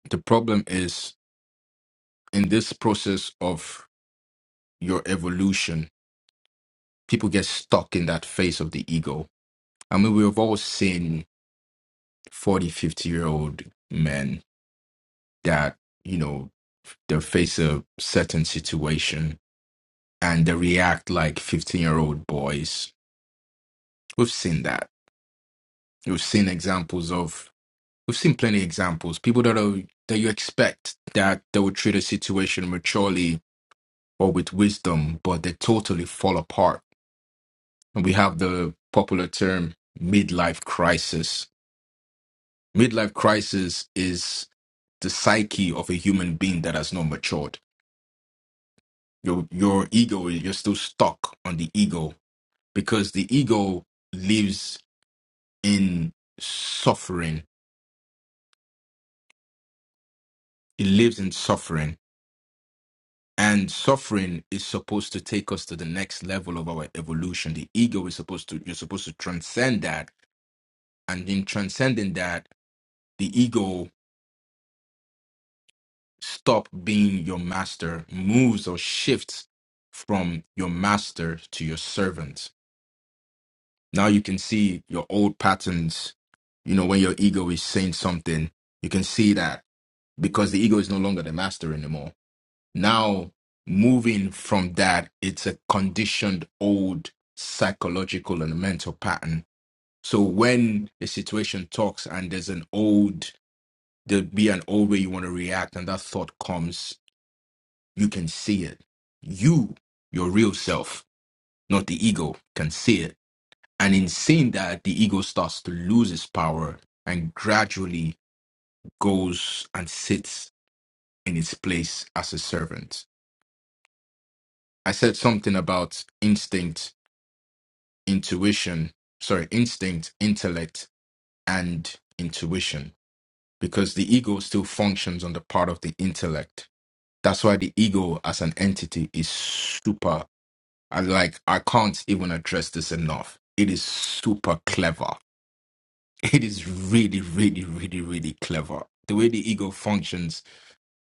the problem is in this process of your evolution, people get stuck in that phase of the ego I mean, we've all seen 4050 year old men that, you know, they face a certain situation and they react like 15 year old boys. We've seen that. We've seen examples of, we've seen plenty of examples. People that are, that you expect that they would treat a situation maturely or with wisdom, but they totally fall apart. And we have the popular term midlife crisis Midlife crisis is the psyche of a human being that has not matured. Your your ego, you're still stuck on the ego because the ego lives in suffering. It lives in suffering. And suffering is supposed to take us to the next level of our evolution. The ego is supposed to you're supposed to transcend that. And in transcending that, the ego stop being your master moves or shifts from your master to your servant now you can see your old patterns you know when your ego is saying something you can see that because the ego is no longer the master anymore now moving from that it's a conditioned old psychological and mental pattern so when a situation talks and there's an old there'll be an old way you want to react and that thought comes You can see it. You, your real self, not the ego, can see it. And in seeing that, the ego starts to lose its power and gradually goes and sits in its place as a servant. I said something about instinct, intuition, sorry, instinct, intellect, and intuition, because the ego still functions on the part of the intellect. That's why the ego as an entity is super. And like, I can't even address this enough. It is super clever. It is really, really, really, really clever. The way the ego functions,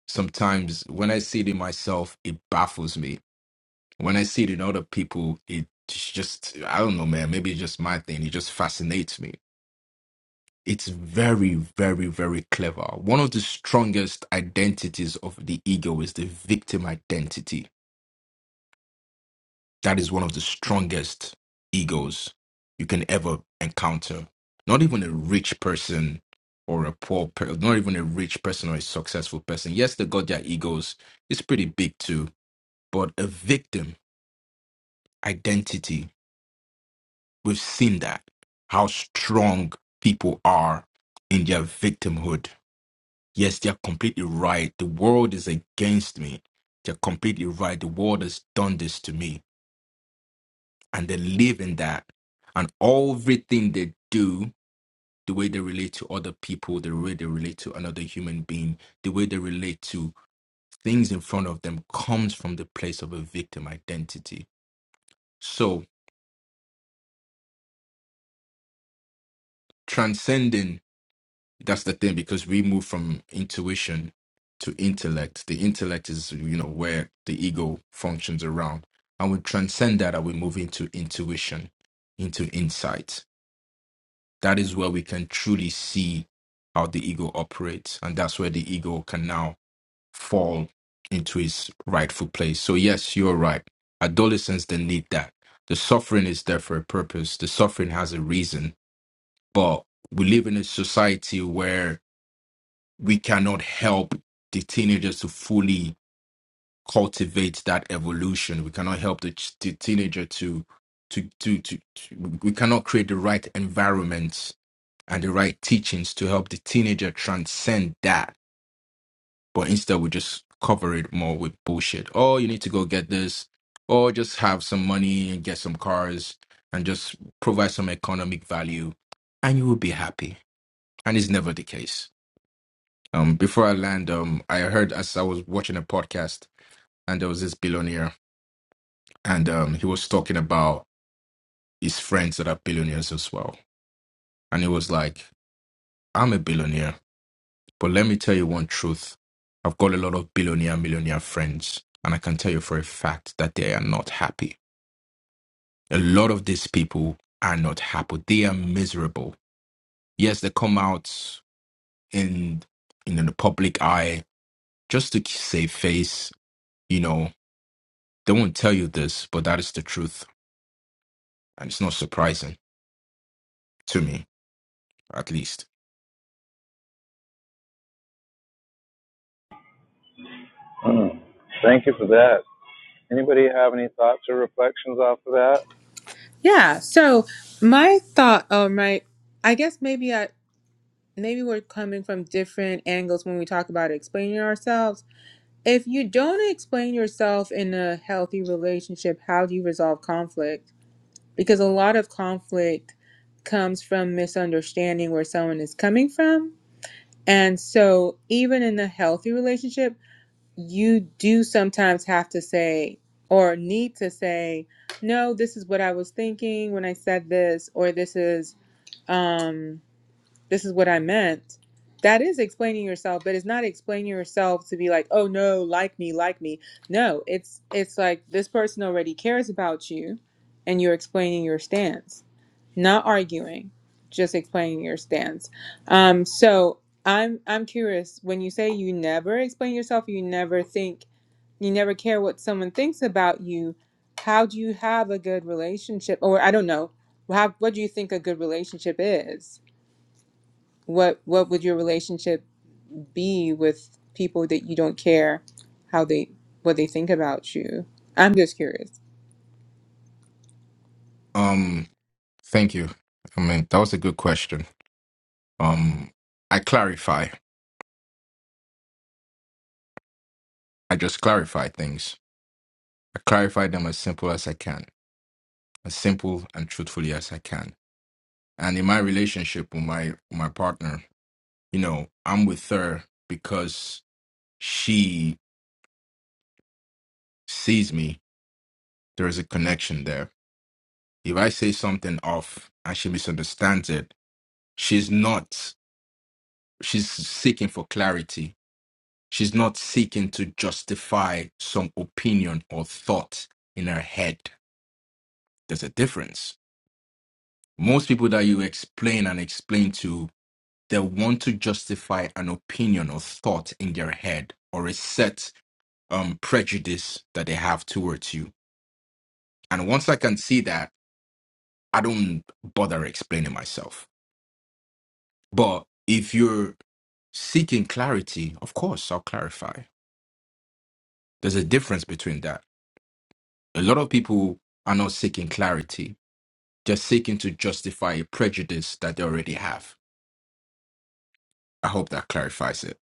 sometimes when I see it in myself, it baffles me. When I see it in other people, it just, I don't know, man, maybe it's just my thing. It just fascinates me. It's very, very, very clever. One of the strongest identities of the ego is the victim identity That is one of the strongest egos you can ever encounter. Not even a rich person or a poor person, not even a rich person or a successful person. Yes, they got their egos. It's pretty big too. But a victim identity, we've seen that. How strong people are in their victimhood. Yes, they're completely right. The world is against me. They're completely right. The world has done this to me and they live in that. And everything they do, the way they relate to other people, the way they relate to another human being, the way they relate to things in front of them comes from the place of a victim identity. So transcending, that's the thing, because we move from intuition to intellect. The intellect is, you know, where the ego functions around. And we transcend that and we move into intuition, into insight that is where we can truly see how the ego operates. And that's where the ego can now fall into its rightful place. So, yes, you're right. Adolescents, they need that. The suffering is there for a purpose, the suffering has a reason. But we live in a society where we cannot help the teenagers to fully cultivate that evolution. We cannot help the, ch- the teenager to, to, to, to, to, we cannot create the right environment and the right teachings to help the teenager transcend that. But instead, we just cover it more with bullshit. Oh, you need to go get this, or just have some money and get some cars and just provide some economic value, and you will be happy. And it's never the case. Um, before I land, um, I heard as I was watching a podcast, and there was this billionaire, and um, he was talking about his friends that are billionaires as well, and it was like, I'm a billionaire But let me tell you one truth. I've got a lot of billionaire, millionaire friends, and I can tell you for a fact that they are not happy. A lot of these people are not happy. They are miserable. Yes, they come out in in the public eye just to save face. You know, they won't tell you this, but that is the truth, and it's not surprising to me, at least. Mm. Thank you for that. Anybody have any thoughts or reflections off of that? Yeah. So my thought, or my, I guess maybe I. maybe we're coming from different angles when we talk about explaining ourselves. If you don't explain yourself in a healthy relationship, how do you resolve conflict? Because a lot of conflict comes from misunderstanding where someone is coming from. And so, even in a healthy relationship, you do sometimes have to say or need to say, no, this is what I was thinking when I said this, or this is, um, this is what I meant. That is explaining yourself, but it's not explaining yourself to be like, oh no, like me, like me. No, it's it's like this person already cares about you and you're explaining your stance. Not arguing, just explaining your stance. Um, so I'm I'm curious, when you say you never explain yourself, you never think you never care what someone thinks about you, how do you have a good relationship? Or I don't know, how what do you think a good relationship is? what what would your relationship be with people that you don't care how they what they think about you i'm just curious Um, thank you. I mean, that was a good question. Um, I clarify. I just clarify things I clarify them as simple as I can, as simple and truthfully as I can. And in my relationship with my my partner, you know, I'm with her because she sees me. There is a connection there. If I say something off and she misunderstands it, she's not she's seeking for clarity. She's not seeking to justify some opinion or thought in her head. There's a difference. Most people that you explain and explain to they want to justify an opinion or thought in their head or a set um, prejudice that they have towards you. And once I can see that, I don't bother explaining myself. But if you're seeking clarity, of course, I'll clarify. There's a difference between that. A lot of people are not seeking clarity, they're seeking to justify a prejudice that they already have I hope that clarifies it.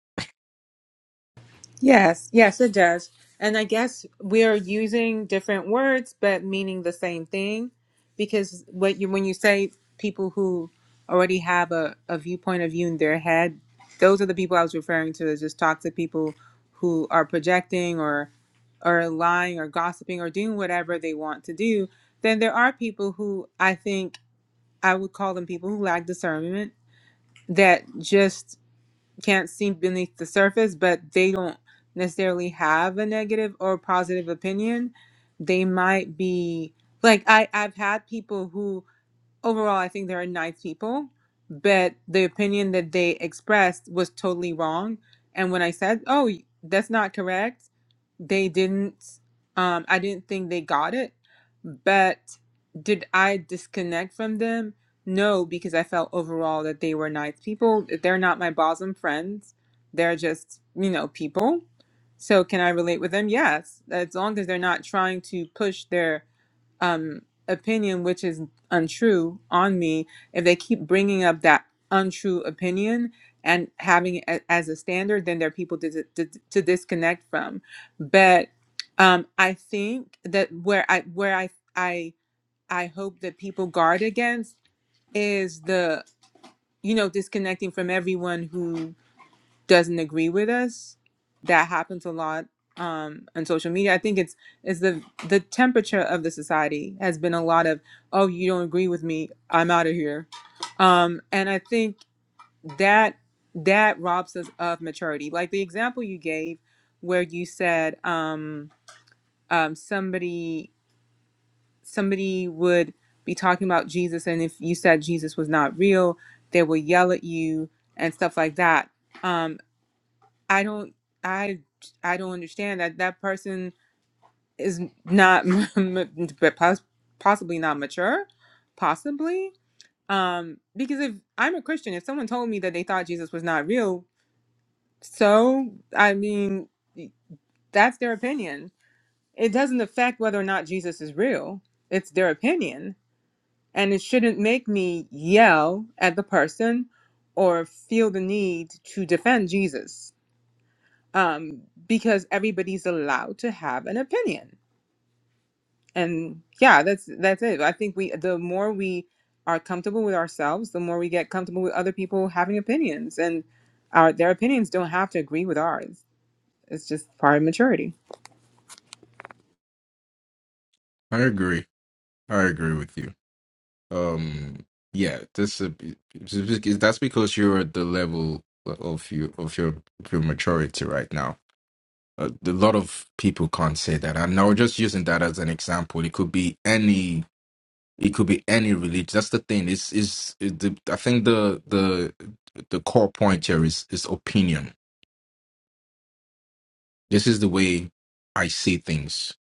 Yes, yes, it does. And I guess we are using different words but meaning the same thing because what you when you say people who already have a, a viewpoint of you in their head, those are the people I was referring to as just toxic people who are projecting or or lying or gossiping or doing whatever they want to do. Then there are people who I think I would call them people who lack discernment that just can't see beneath the surface, but they don't necessarily have a negative or positive opinion. They might be like I I've had people who overall, I think they're nice people, but the opinion that they expressed was totally wrong. And when I said, "Oh, that's not correct," they didn't. Um, I didn't think they got it. But did I disconnect from them? No, because I felt overall that they were nice people. They're not my bosom friends. They're just you know people. So can I relate with them? Yes, as long as they're not trying to push their um, opinion which is untrue on me, if they keep bringing up that untrue opinion and having it a- as a standard, then there are people to, to, to disconnect from. But um, I think that where I where I I I hope that people guard against is the you know disconnecting from everyone who doesn't agree with us that happens a lot um on social media i think it's it's the the temperature of the society has been a lot of oh you don't agree with me i'm out of here um and i think that that robs us of maturity like the example you gave where you said um um somebody somebody would be talking about jesus and if you said jesus was not real they will yell at you and stuff like that Um, I don't I I don't understand that that person is not but pos- possibly not mature, possibly. Um, because if I'm a Christian, if someone told me that they thought Jesus was not real, so I mean, that's their opinion. It doesn't affect whether or not Jesus is real. It's their opinion, and it shouldn't make me yell at the person or feel the need to defend Jesus. um, because everybody's allowed to have an opinion. And yeah, that's that's it. I think we the more we are comfortable with ourselves, the more we get comfortable with other people having opinions, and our their opinions don't have to agree with ours. It's just part of maturity. I agree. I agree with you. Um, yeah, this uh, that's because you're at the level of you of your of your maturity right now. Uh, a lot of people can't say that, and now just using that as an example, it could be any It could be any religion. That's the thing. It's is the I think the the the core point here is is opinion. This is the way I see things.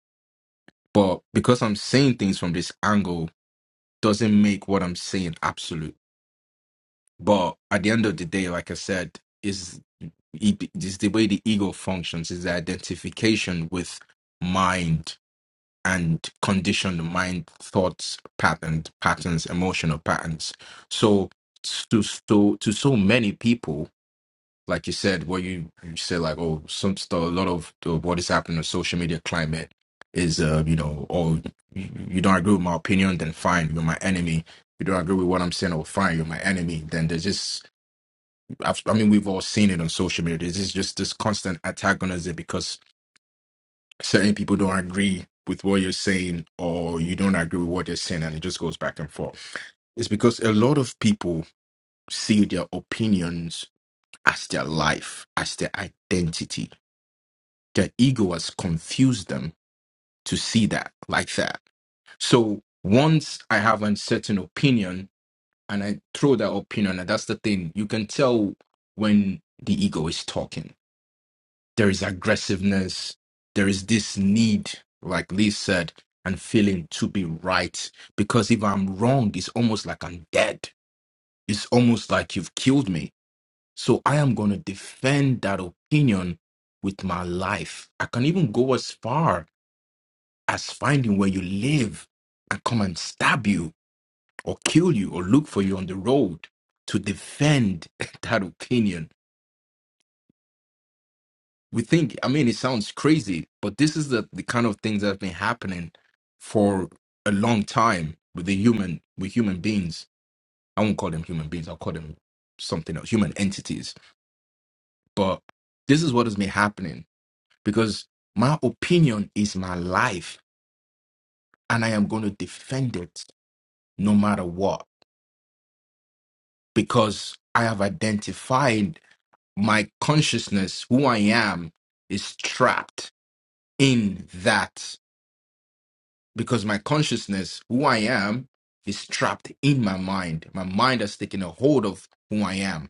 But because I'm saying things from this angle doesn't make what I'm saying absolute. But at the end of the day, like I said, is is the way the ego functions is the identification with mind and condition the mind thoughts patterns patterns emotional patterns so to so to so many people like you said what you, you said like oh some stuff a lot of the- what is happening in social media climate is uh you know oh you, you don't agree with my opinion then fine you're my enemy you don't agree with what i'm saying oh fine you're my enemy then there's just I've, i mean we've all seen it on social media there's just, just this constant antagonism because certain people don't agree with what you're saying or you don't agree with what they're saying and it just goes back and forth. It's because a lot of people see their opinions as their life, as their identity. Their ego has confused them to see that like that. So once I have a certain opinion and I throw that opinion, and that's the thing, you can tell when the ego is talking there is aggressiveness there is this need like lee said and feeling to be right because if i'm wrong it's almost like i'm dead it's almost like you've killed me so i am going to defend that opinion with my life i can even go as far as finding where you live and come and stab you or kill you or look for you on the road to defend that opinion we think i mean it sounds crazy but this is the, the kind of things that have been happening for a long time with the human with human beings i won't call them human beings i'll call them something else human entities but this is what has been happening because my opinion is my life and i am going to defend it no matter what because i have identified my consciousness who i am is trapped in that because my consciousness, who I am, is trapped in my mind. My mind has taken a hold of who I am.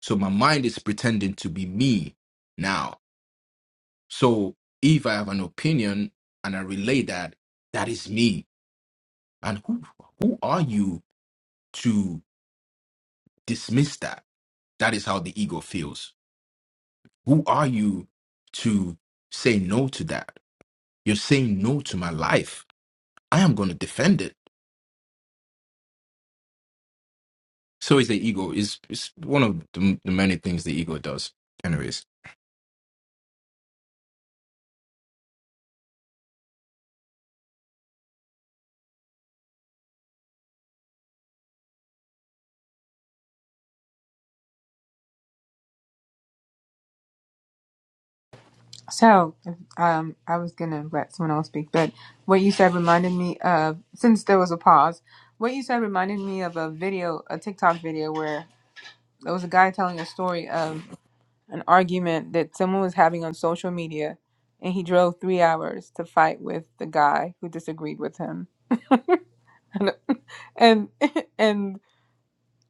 So my mind is pretending to be me now. So if I have an opinion and I relay that, that is me. And who who are you to dismiss that? That is how the ego feels. Who are you to say no to that? You're saying no to my life. I am going to defend it. So is the ego. Is it's one of the, the many things the ego does. Anyways, So, um, I was gonna let someone else speak, but what you said reminded me of, since there was a pause, what you said reminded me of a video, a TikTok video where there was a guy telling a story of an argument that someone was having on social media, and he drove three hours to fight with the guy who disagreed with him. And and, and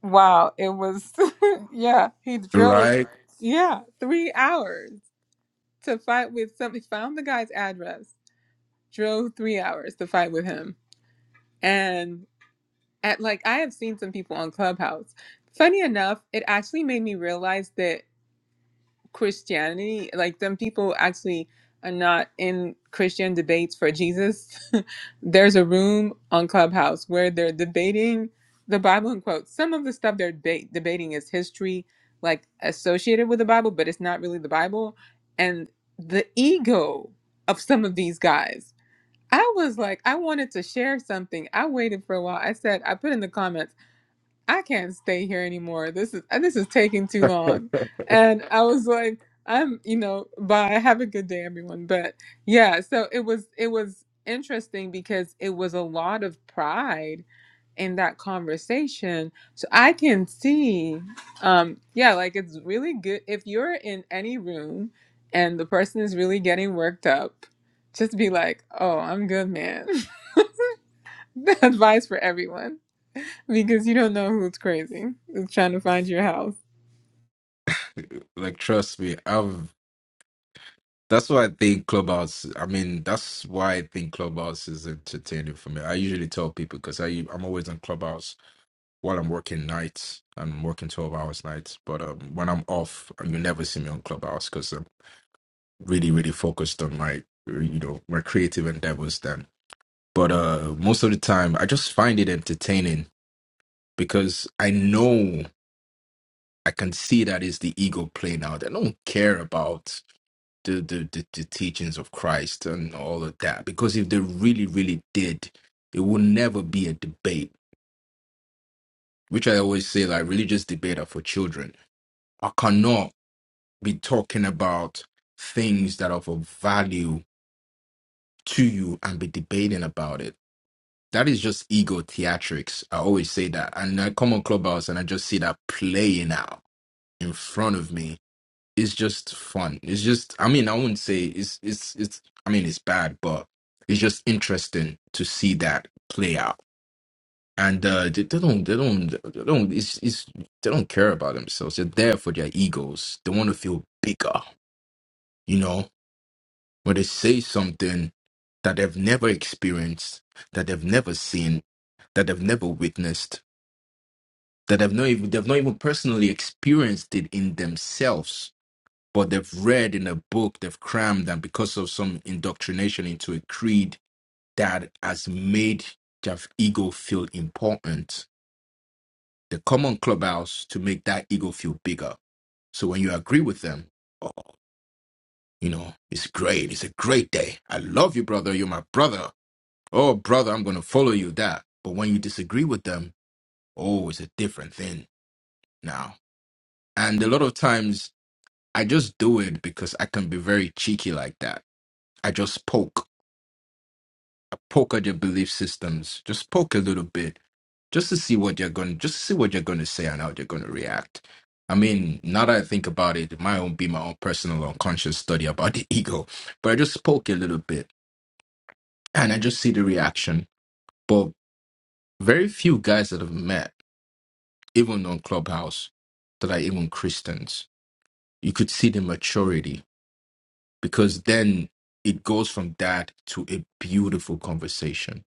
wow, it was yeah, he drove right? yeah three hours to fight with somebody. Found the guy's address, drove three hours to fight with him, and at like I have seen some people on Clubhouse. Funny enough, it actually made me realize that. Christianity. Like them people actually are not in Christian debates for Jesus. There's a room on Clubhouse where they're debating the Bible in quotes. Some of the stuff they're deba- debating is history, like associated with the Bible, but it's not really the Bible. And the ego of some of these guys. I was like, I wanted to share something. I waited for a while. I said, I put in the comments. I can't stay here anymore. This is uh, this is taking too long. And I was like, I'm, you know, bye. Have a good day, everyone. But yeah, so it was it was interesting because it was a lot of pride in that conversation. So I can see, um, yeah, like it's really good if you're in any room and the person is really getting worked up, just be like, oh, I'm good, man. Advice for everyone because you don't know who's crazy who's trying to find your house. Like trust me, I've. That's why I think Clubhouse. I mean, that's why I think Clubhouse is entertaining for me. I usually tell people because I I'm always on Clubhouse while I'm working nights. I'm working twelve hours nights, but um, when I'm off, you never see me on Clubhouse because I'm really really focused on my you know my creative endeavors then. But uh, most of the time, I just find it entertaining because I know I can see that is the ego playing out. I don't care about the, the, the, the teachings of Christ and all of that because if they really, really did, it would never be a debate, which I always say like religious debate are for children. I cannot be talking about things that are of value to you and be debating about it. That is just ego theatrics. I always say that. And I come on Clubhouse and I just see that playing out in front of me it's just fun. It's just I mean, I wouldn't say it's it's it's I mean it's bad, but it's just interesting to see that play out. And uh they, they don't they don't they don't it's it's they don't care about themselves. They're there for their egos. They want to feel bigger, you know? When they say something that they've never experienced, that they've never seen, that they've never witnessed, that they've not even they've not even personally experienced it in themselves but they've read in a book, they've crammed, and because of some indoctrination into a creed that has made their ego feel important, they come on clubhouse to make that ego feel bigger. So when you agree with them, oh, you know, it's great, it's a great day. I love you, brother. You're my brother. Oh, brother, I'm going to follow you that. But when you disagree with them, oh, it's a different thing now. And a lot of times I just do it because I can be very cheeky like that. I just poke poke at your belief systems. Just poke a little bit, just to see what you are going, just to see what you are going to say and how you are going to react. I mean, now that I think about it, it might own be my own personal unconscious study about the ego, but I just poke a little bit and I just see the reaction. But very few guys that I've met, even on Clubhouse, that are even Christians, you could see the maturity because then it goes from that to a beautiful conversation.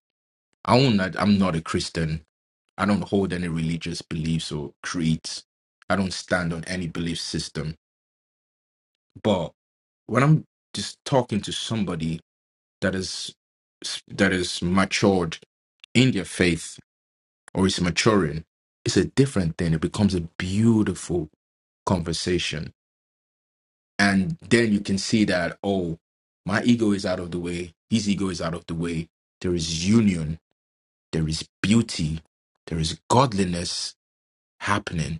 I won't, I'm not a Christian. I don't hold any religious beliefs or creeds. I don't stand on any belief system. But when I'm just talking to somebody that is that is matured in their faith or is maturing, it's a different thing. It becomes a beautiful conversation. And then you can see that, oh, my ego is out of the way, his ego is out of the way. There is union, there is beauty, there is godliness happening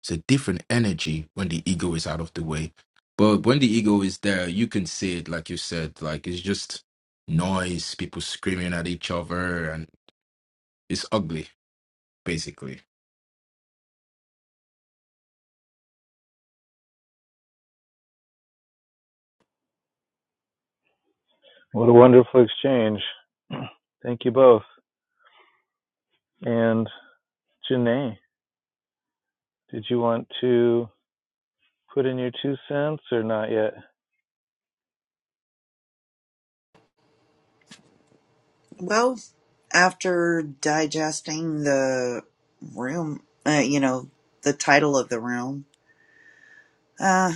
It's a different energy when the ego is out of the way. But when the ego is there, you can see it, like you said, like it's just noise, people screaming at each other, and it's ugly, basically. What a wonderful exchange. Thank you both. And Janae, did you want to put in your two cents or not yet? Well, after digesting the room, uh, you know, the title of the room, uh,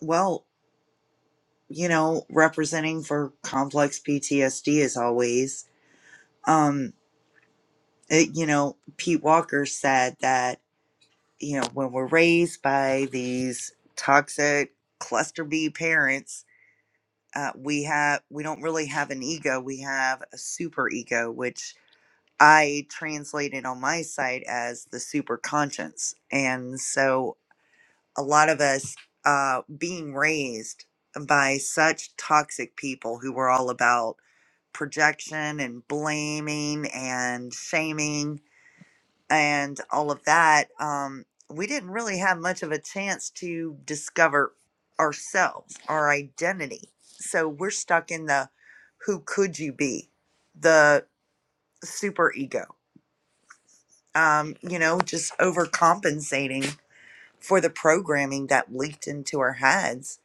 well. you know, representing for complex PTSD as always. Um, it, you know, Pete Walker said that, you know, when we're raised by these toxic cluster B parents, uh, we have we don't really have an ego. We have a super ego, which I translated on my site as the super conscience. And so a lot of us uh, being raised by such toxic people who were all about projection and blaming and shaming and all of that, um, we didn't really have much of a chance to discover ourselves, our identity. So we're stuck in the who could you be, the super ego, um, you know, just overcompensating for the programming that leaked into our heads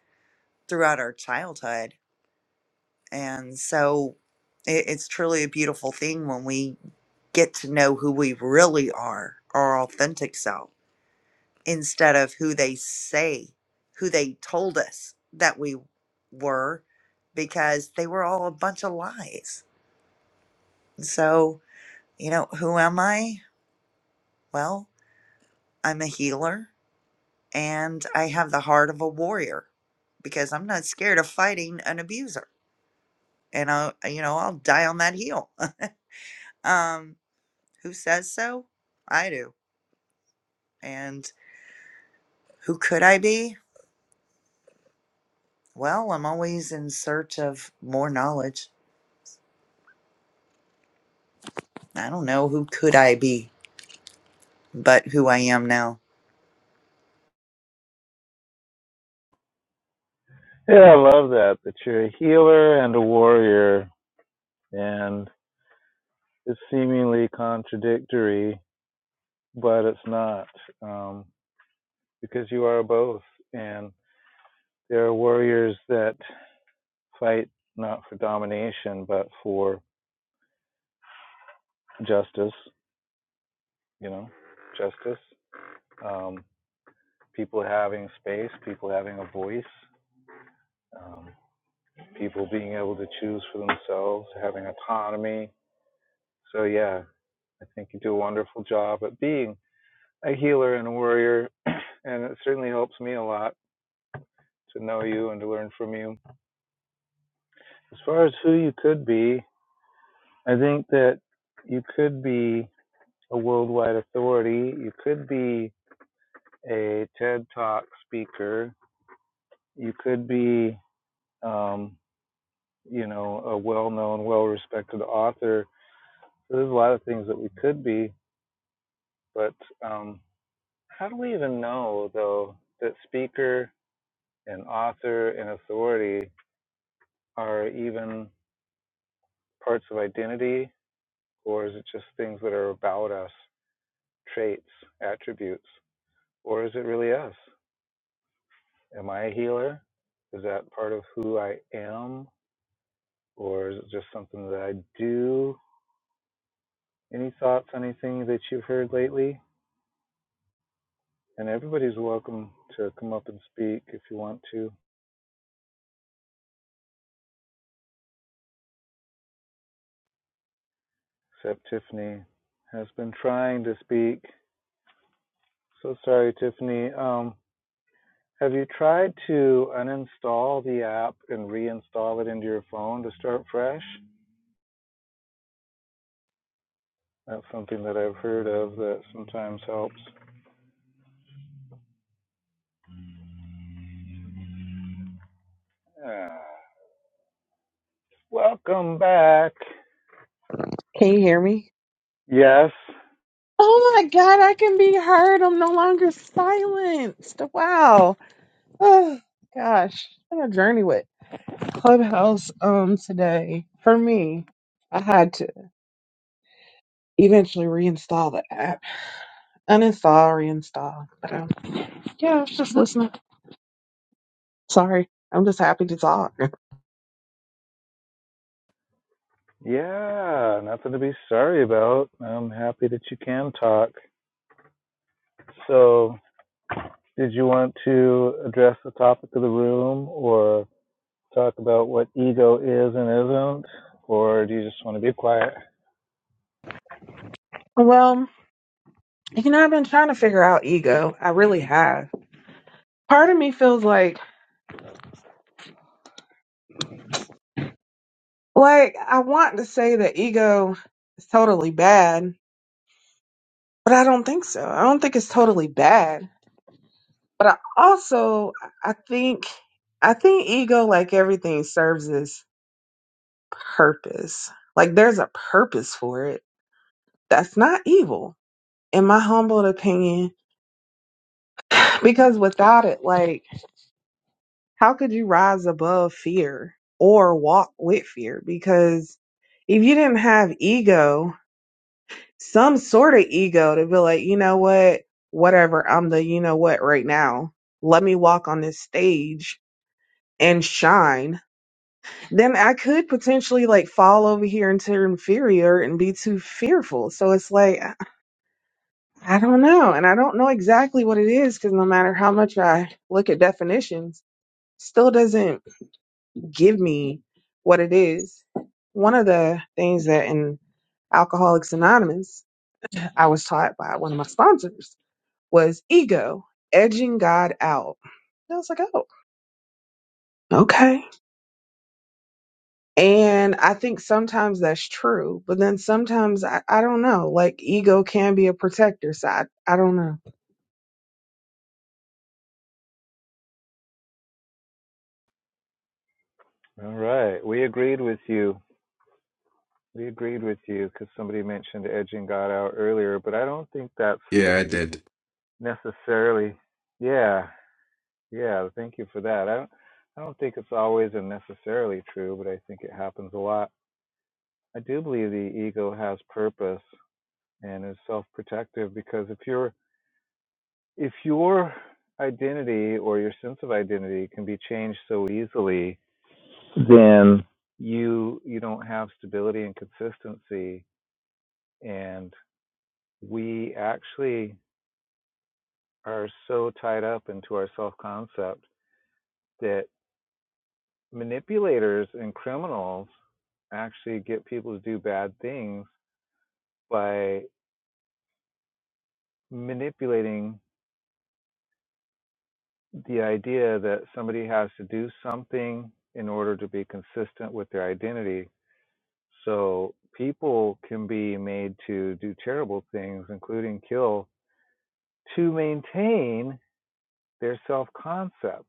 throughout our childhood. And so it, it's truly a beautiful thing when we get to know who we really are, our authentic self, instead of who they say, who they told us that we were, because they were all a bunch of lies. So, you know, who am I? Well, I'm a healer and I have the heart of a warrior because I'm not scared of fighting an abuser. And I, will you know, I'll die on that heel. um, who says so? I do. And who could I be? Well, I'm always in search of more knowledge. I don't know who could I be, but who I am now. Yeah, I love that, that you're a healer and a warrior, and it's seemingly contradictory, but it's not, um, because you are both. And there are warriors that fight not for domination, but for justice you know, justice, um, people having space, people having a voice, um, people being able to choose for themselves, having autonomy. So, yeah, I think you do a wonderful job at being a healer and a warrior. and it certainly helps me a lot to know you and to learn from you. As far as who you could be, I think that you could be a worldwide authority, you could be a TED Talk speaker, you could be. Um, you know, a well known, well respected author. So there's a lot of things that we could be, but um, how do we even know, though, that speaker and author and authority are even parts of identity, or is it just things that are about us, traits, attributes, or is it really us? Am I a healer? Is that part of who I am, or is it just something that I do? Any thoughts on anything that you've heard lately? And everybody's welcome to come up and speak if you want to, except Tiffany has been trying to speak. So sorry, Tiffany. Um, have you tried to uninstall the app and reinstall it into your phone to start fresh? That's something that I've heard of that sometimes helps. Ah, welcome back. Can you hear me? Yes. Oh my God, I can be heard. I'm no longer silenced. Wow. Oh gosh, what a journey with Clubhouse um today for me. I had to eventually reinstall the app, uninstall, reinstall. But um, yeah, I was just listening. Sorry, I'm just happy to talk. Yeah, nothing to be sorry about. I'm happy that you can talk. So, Did you want to address the topic of the room or talk about what ego is and isn't? Or do you just want to be quiet? Well, you know, I've been trying to figure out ego. I really have. Part of me feels like like I want to say that ego is totally bad But I don't think so. I don't think it's totally bad. But I also I think I think ego like everything serves its purpose. Like there's a purpose for it. That's not evil in my humble opinion because without it like how could you rise above fear or walk with fear because if you didn't have ego some sort of ego to be like, you know what, whatever, I'm the you know what right now. Let me walk on this stage and shine. Then I could potentially like fall over here into inferior and be too fearful. So it's like, I I don't know. And I don't know exactly what it is because no matter how much I look at definitions, still doesn't give me what it is. One of the things that in Alcoholics Anonymous, I was taught by one of my sponsors was ego, edging God out. And I was like, oh, okay. And I think sometimes that's true, but then sometimes I, I don't know, like ego can be a protector. So I, I don't know. All right. We agreed with you. We agreed with you because somebody mentioned edging God out earlier, but I don't think that's Yeah, I did. necessarily. Yeah. Yeah. Thank you for that. I don't, I don't think it's always and necessarily true, but I think it happens a lot. I do believe the ego has purpose and is self protective because if you're if your identity or your sense of identity can be changed so easily, then you you don't have stability and consistency and we actually are so tied up into our self concept that manipulators and criminals actually get people to do bad things by manipulating the idea that somebody has to do something in order to be consistent with their identity So people can be made to do terrible things, including kill, to maintain their self concept.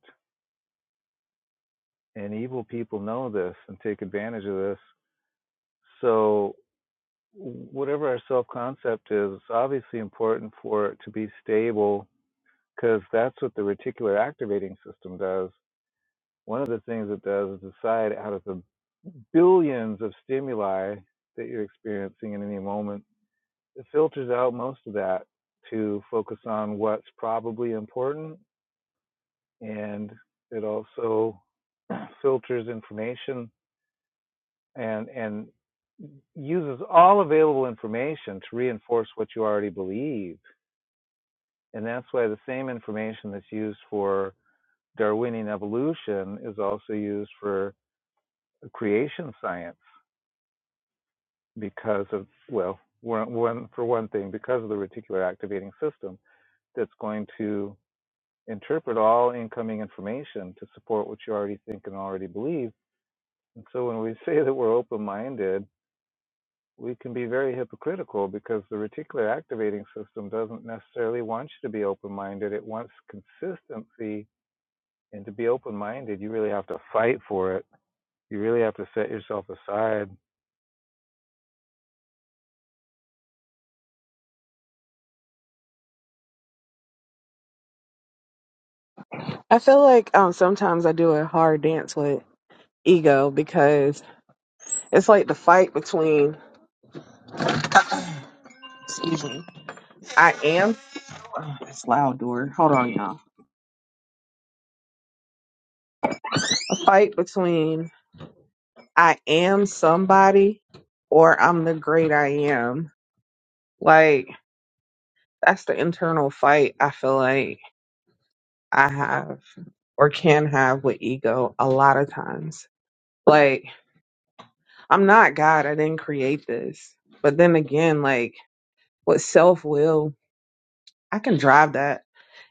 And evil people know this and take advantage of this. So, whatever our self concept is, it's obviously important for it to be stable because that's what the reticular activating system does. One of the things it does is decide out of the billions of stimuli that you're experiencing in any moment it filters out most of that to focus on what's probably important and it also filters information and and uses all available information to reinforce what you already believe and that's why the same information that's used for darwinian evolution is also used for creation science because of well one, one for one thing because of the reticular activating system that's going to interpret all incoming information to support what you already think and already believe. And so when we say that we're open minded, we can be very hypocritical because the reticular activating system doesn't necessarily want you to be open minded. It wants consistency. And to be open minded, you really have to fight for it. You really have to set yourself aside. I feel like um, sometimes I do a hard dance with ego because it's like the fight between, excuse me, I am, oh, it's loud, door. Hold on, y'all. The Fight between I am somebody or I'm the great I am. Like, that's the internal fight I feel like I have or can have with ego a lot of times. Like, I'm not God, I didn't create this. But then again, like with self will, I can drive that.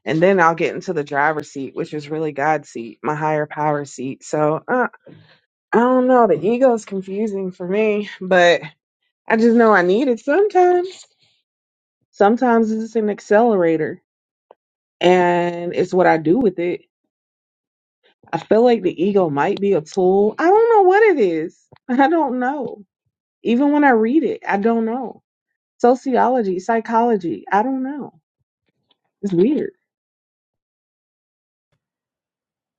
And then I'll get into the driver's seat, which is really God's seat, my higher power seat. So uh, I don't know. The ego is confusing for me, but I just know I need it sometimes. Sometimes it's an accelerator and it's what I do with it I feel like the ego might be a tool. I don't know what it is. I don't know. Even when I read it, I don't know. Sociology, psychology, I don't know. It's weird.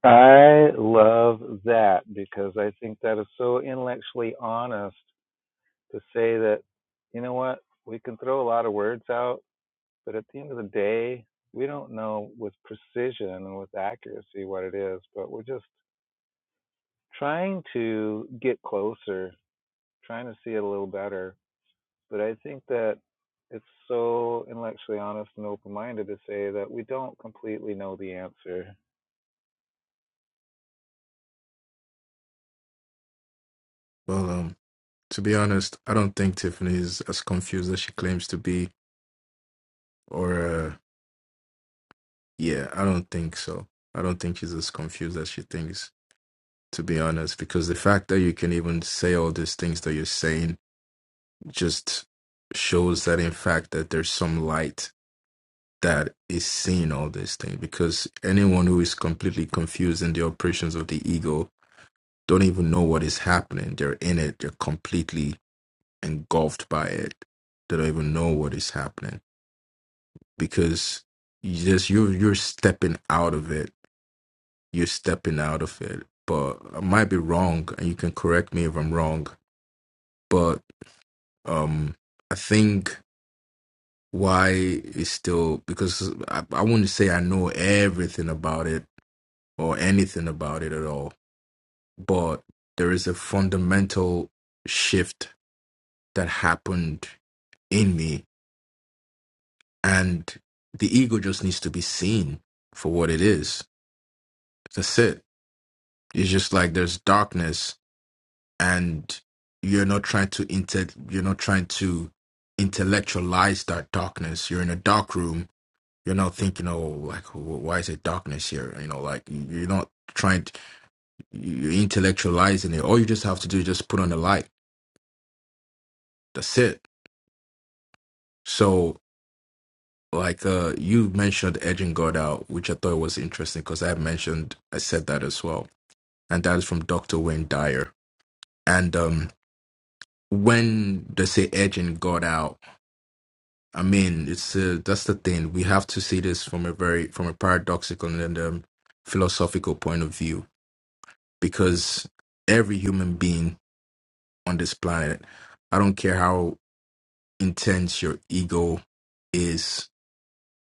I love that because I think that is so intellectually honest to say that, you know what, we can throw a lot of words out But at the end of the day, we don't know with precision and with accuracy what it is, but we're just trying to get closer, trying to see it a little better. But I think that it's so intellectually honest and open minded to say that we don't completely know the answer. Well, um, to be honest, I don't think Tiffany is as confused as she claims to be. Or, uh, yeah, I don't think so. I don't think she's as confused as she thinks, to be honest, because the fact that you can even say all these things that you're saying just shows that, in fact, that there's some light that is seeing all these things because anyone who is completely confused in the operations of the ego don't even know what is happening they're in it they're completely engulfed by it they don't even know what is happening because you just you you're stepping out of it you're stepping out of it but i might be wrong and you can correct me if i'm wrong but um i think why is still because I, I wouldn't say I know everything about it, or anything about it at all. But there is a fundamental shift that happened in me, and the ego just needs to be seen for what it is. That's it. It's just like there's darkness, and you're not trying to inte- you're not trying to intellectualize that darkness. You're in a dark room. You're not thinking, oh, like wh- why is it darkness here? You know, like you're not trying to, you're intellectualizing it. All you just have to do is just put on the light That's it. So, like uh, you mentioned edging God out, which I thought was interesting because I mentioned I said that as well, and that is from Doctor Wayne Dyer. And um, when they say edging God out, I mean it's uh, that's the thing. We have to see this from a very from a paradoxical and um, philosophical point of view because every human being on this planet, I don't care how intense your ego is,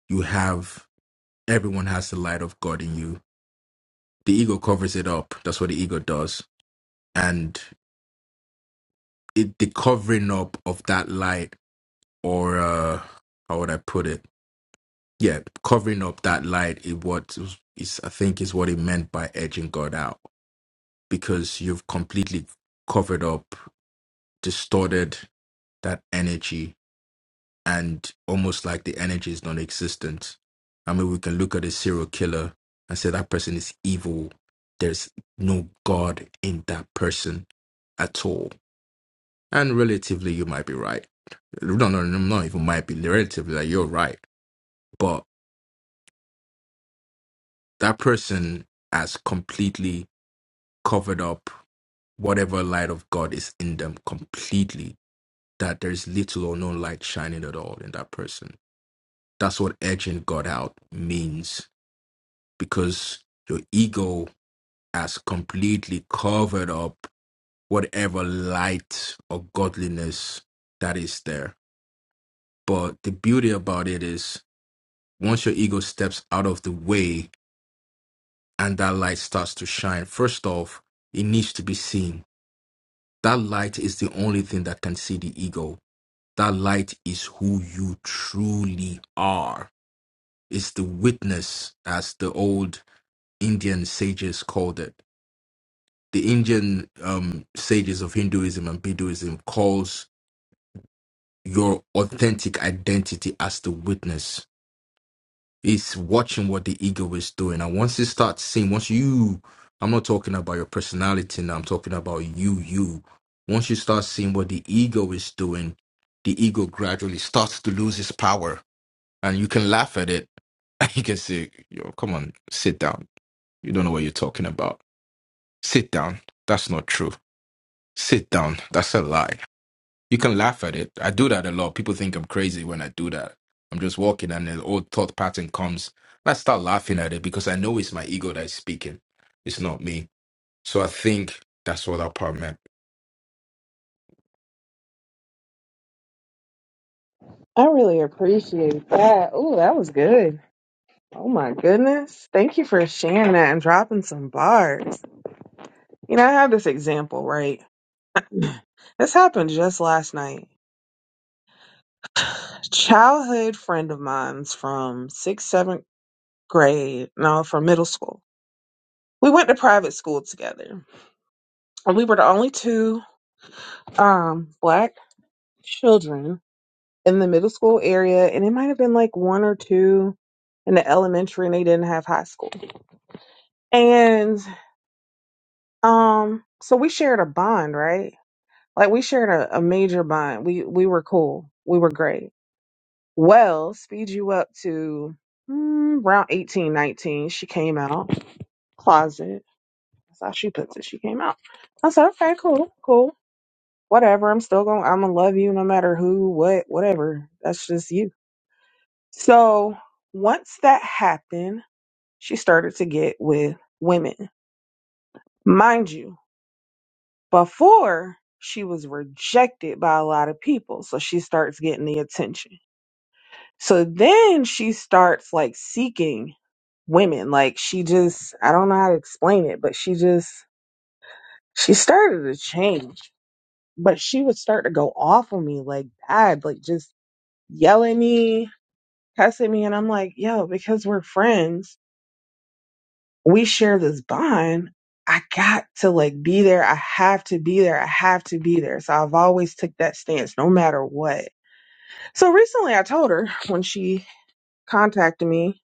you have everyone has the light of God in you. The ego covers it up. That's what the ego does. And it, the covering up of that light, or uh, how would I put it? Yeah, covering up that light is what is I think is what it meant by edging God out because you've completely covered up, distorted that energy and almost like the energy is non-existent. I mean, we can look at a serial killer and say that person is evil. There's no God in that person at all. And relatively, you might be right. No, no, no, not even might be relatively. Like you're right, but that person has completely covered up whatever light of God is in them completely. That there's little or no light shining at all in that person. That's what edging God out means because your ego has completely covered up whatever light or godliness that is there. But the beauty about it is once your ego steps out of the way and that light starts to shine, first off, it needs to be seen. That light is the only thing that can see the ego. That light is who you truly are. It's the witness, as the old Indian sages called it the Indian um, sages of Hinduism and Buddhism calls your authentic identity as the witness. It's watching what the ego is doing, and once it starts seeing, once you, I'm not talking about your personality now. I'm talking about you, you. Once you start seeing what the ego is doing, the ego gradually starts to lose its power, and you can laugh at it. You can say, "Yo, come on, sit down. You don't know what you're talking about. Sit down. That's not true. Sit down. That's a lie." You can laugh at it. I do that a lot. People think I'm crazy when I do that. I'm just walking and an old thought pattern comes. And I start laughing at it because I know it's my ego that's speaking. It's not me. So I think that's what that part meant. I really appreciate that. Oh, that was good. Oh my goodness. Thank you for sharing that and dropping some bars. You know, I have this example, right? This happened just last night. Childhood friend of mine's from sixth, seventh grade, no, from middle school. We went to private school together. And we were the only two um black children in the middle school area and it might have been like one or two in the elementary and they didn't have high school and um so we shared a bond right like we shared a, a major bond we we were cool we were great well speed you up to mm, around eighteen, nineteen. she came out closet that's how she puts it she came out i said okay cool cool whatever i'm still gonna i'm gonna love you no matter who what whatever that's just you So once that happened, she started to get with women. Mind you, before she was rejected by a lot of people. So she starts getting the attention. So then she starts like seeking women. Like she just, I don't know how to explain it, but she just, she started to change. But she would start to go off on me like bad, like just yelling me, cuss me. And I'm like, yo, because we're friends we share this bond. I got to like be there. I have to be there. I have to be there. So I've always took that stance no matter what. So recently I told her when she contacted me,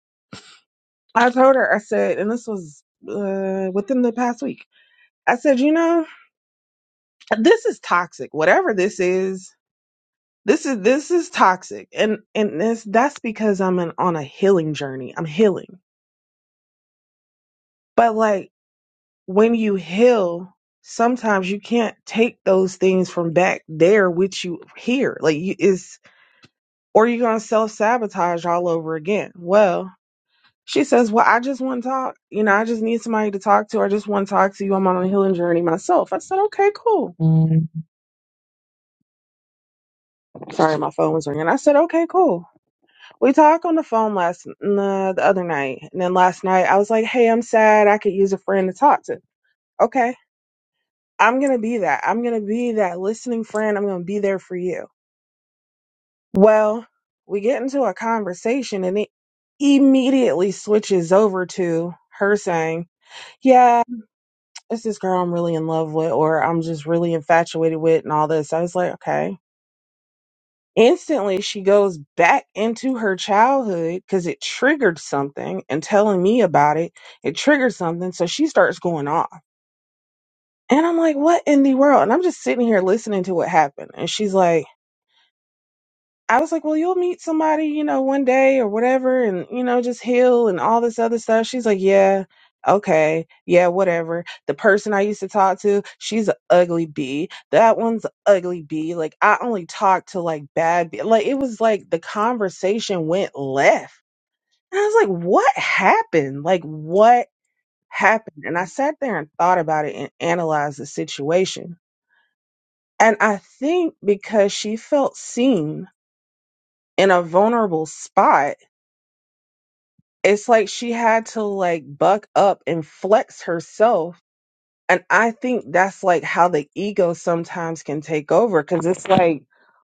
I told her, I said, and this was uh, within the past week. I said, you know, this is toxic. Whatever this is, this is this is toxic. And and this that's because I'm an, on a healing journey. I'm healing. But like when you heal, sometimes you can't take those things from back there with you here. Like you is or you're gonna self sabotage all over again. Well, she says, Well, I just want to talk. You know, I just need somebody to talk to. I just want to talk to you. I'm on a healing journey myself. I said, Okay, cool. Mm. Sorry, my phone was ringing. I said, Okay, cool. We talked on the phone last uh, the other night, and then last night I was like, Hey, I'm sad. I could use a friend to talk to. Okay I'm going to be that. I'm going to be that listening friend. I'm going to be there for you. Well, we get into a conversation and it immediately switches over to her saying, Yeah, it's this girl I'm really in love with, or I'm just really infatuated with, and all this. I was like, Okay. Instantly, she goes back into her childhood because it triggered something and telling me about it. It triggered something. So she starts going off. And I'm like, What in the world? And I'm just sitting here listening to what happened. And she's like, I was like, well, you'll meet somebody, you know, one day or whatever, and, you know, just heal and all this other stuff. She's like, yeah, okay, yeah, whatever. The person I used to talk to, she's an ugly bee. That one's a ugly bee. Like, I only talked to like bad, bee. like, it was like the conversation went left. And I was like, what happened? Like, what happened? And I sat there and thought about it and analyzed the situation. And I think because she felt seen in a vulnerable spot it's like she had to like buck up and flex herself. And I think that's like how the ego sometimes can take over because it's like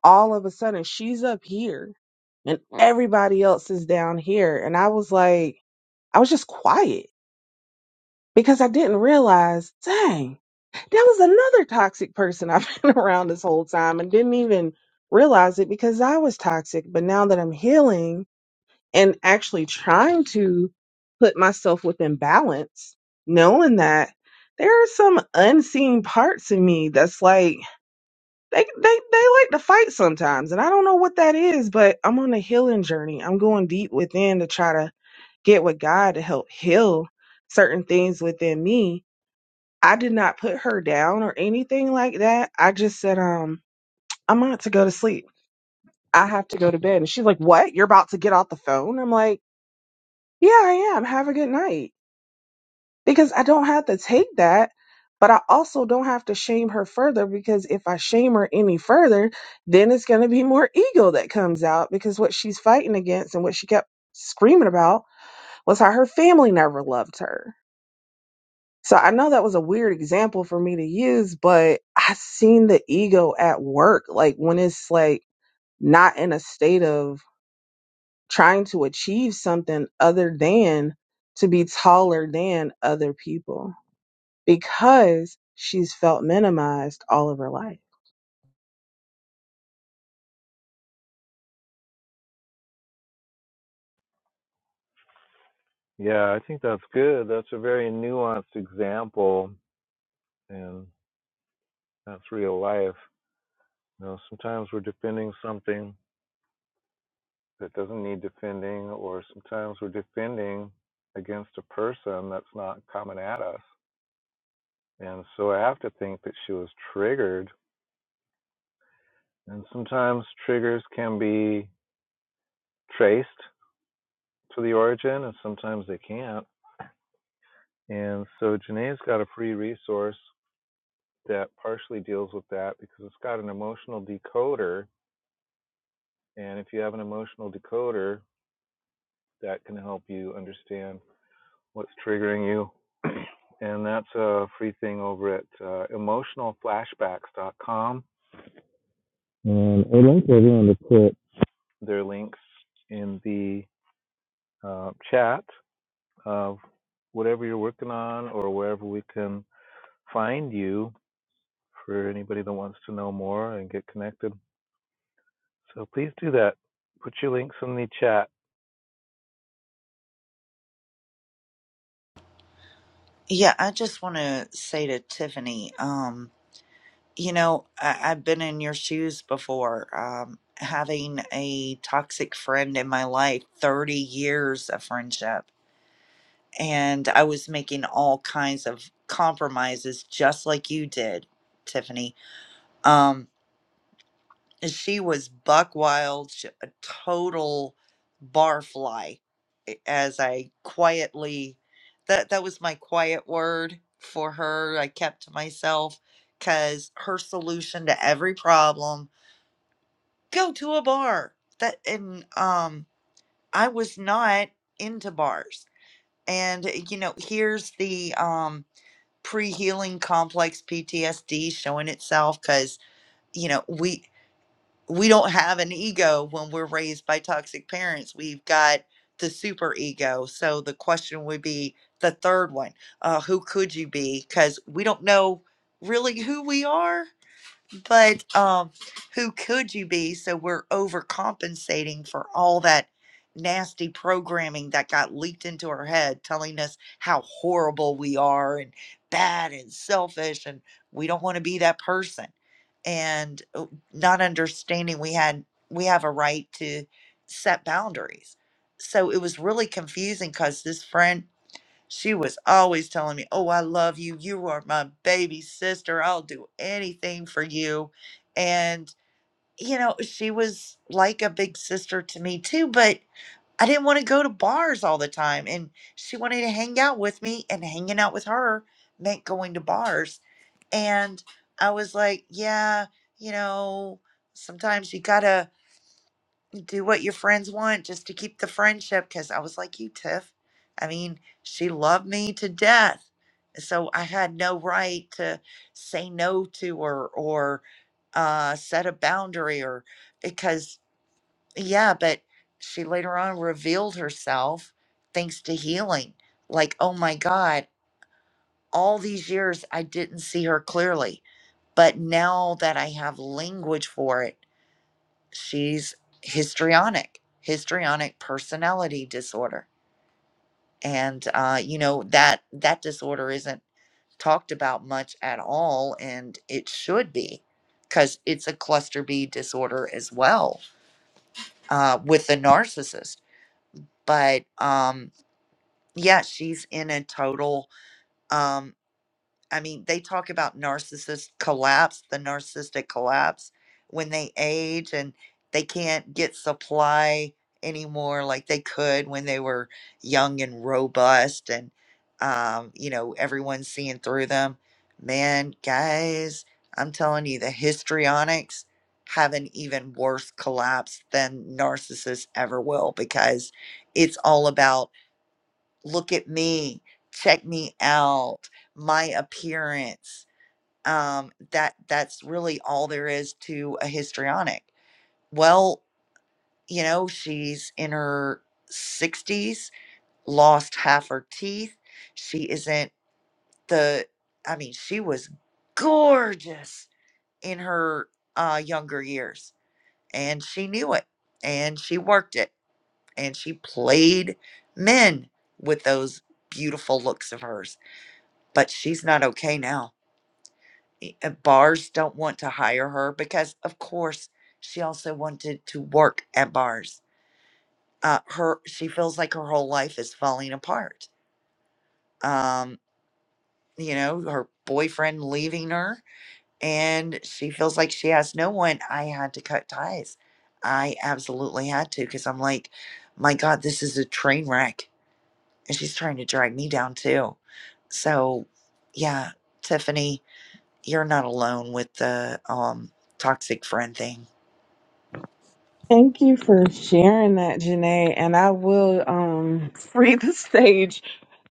all of a sudden she's up here and everybody else is down here. And I was like, I was just quiet because I didn't realize, dang, that was another toxic person I've been around this whole time and didn't even realize it because I was toxic. But now that I'm healing, and actually trying to put myself within balance, knowing that there are some unseen parts in me that's like they they they like to fight sometimes, and I don't know what that is, but I'm on a healing journey. I'm going deep within to try to get with God to help heal certain things within me. I did not put her down or anything like that. I just said, um, I'm about to go to sleep. I have to go to bed. And she's like, What? You're about to get off the phone? I'm like, Yeah, I am. Have a good night because I don't have to take that, but I also don't have to shame her further because if I shame her any further, then it's going to be more ego that comes out because what she's fighting against and what she kept screaming about was how her family never loved her. So I know that was a weird example for me to use, but I seen the ego at work like when it's like not in a state of trying to achieve something other than to be taller than other people because she's felt minimized all of her life. Yeah, I think that's good. That's a very nuanced example, and that's real life. You know, sometimes we're defending something that doesn't need defending, or sometimes we're defending against a person that's not coming at us. And so I have to think that she was triggered. And sometimes triggers can be traced to the origin, and sometimes they can't. And so Janae's got a free resource that partially deals with that because it's got an emotional decoder. And if you have an emotional decoder, that can help you understand what's triggering you. And that's a free thing over at uh, emotionalflashbacks.com. And I'd like everyone to put their links in the uh, chat of whatever you're working on or wherever we can find you for anybody that wants to know more and get connected. So please do that. Put your links in the chat. Yeah, I just want to say to Tiffany, um, you know, I, I've been in your shoes before. Um, having a toxic friend in my life, 30 years of friendship, and I was making all kinds of compromises just like you did, Tiffany. Um, and she was buck wild, sh- a total barfly. a- As I quietly, that that was my quiet word for her. I kept to myself because her solution to every problem go to a bar. That and um, I was not into bars. And uh, you know, here's the um pre-healing complex PTSD showing itself because you know we we don't have an ego when we're raised by toxic parents. We've got the super ego. So the question would be the third one uh, who could you be? Because we don't know really who we are. But um, who could you be? So we're overcompensating for all that nasty programming that got leaked into our head, telling us how horrible we are and bad and selfish, and we don't want to be that person. And uh, not understanding we had we have a right to set boundaries. So it was really confusing because this friend she was always telling me, Oh, I love you. You are my baby sister. I'll do anything for you. And, you know, she was like a big sister to me too, but I didn't want to go to bars all the time. And she wanted to hang out with me, and hanging out with her meant going to bars. And I was like, Yeah, you know, sometimes you gotta do what your friends want just to keep the friendship because I was like you, Tiff. I mean, she loved me to death. So I had no right to say no to her or uh, set a boundary or because, yeah, but she later on revealed herself thanks to healing. Like, oh my God, all these years I didn't see her clearly. But now that I have language for it, she's histrionic histrionic personality disorder and uh, you know that that disorder isn't talked about much at all and it should be because it's a cluster b disorder as well uh, with the narcissist but um yeah she's in a total um, I mean, they talk about narcissist collapse, the narcissistic collapse when they age and they can't get supply anymore like they could when they were young and robust and um, you know, everyone's seeing through them. Man, guys, I'm telling you, the histrionics have an even worse collapse than narcissists ever will because it's all about look at me, check me out, my appearance. Um, that that's really all there is to a histrionic. Well, you know, she's in her 60s, lost half her teeth. She isn't the I mean, she was gorgeous in her uh younger years and she knew it and she worked it and she played men with those beautiful looks of hers but she's not okay now. E- uh, Bars don't want to hire her because, of course, she also wanted to work at bars. Uh, her she feels like her whole life is falling apart. Um, you know, her boyfriend leaving her, and she feels like she has no one. I had to cut ties. I absolutely had to because I'm like, my God, this is a train wreck, and she's trying to drag me down too. So, yeah, Tiffany. you're not alone with the um toxic friend thing. Thank you for sharing that, Janae. And I will um, free the stage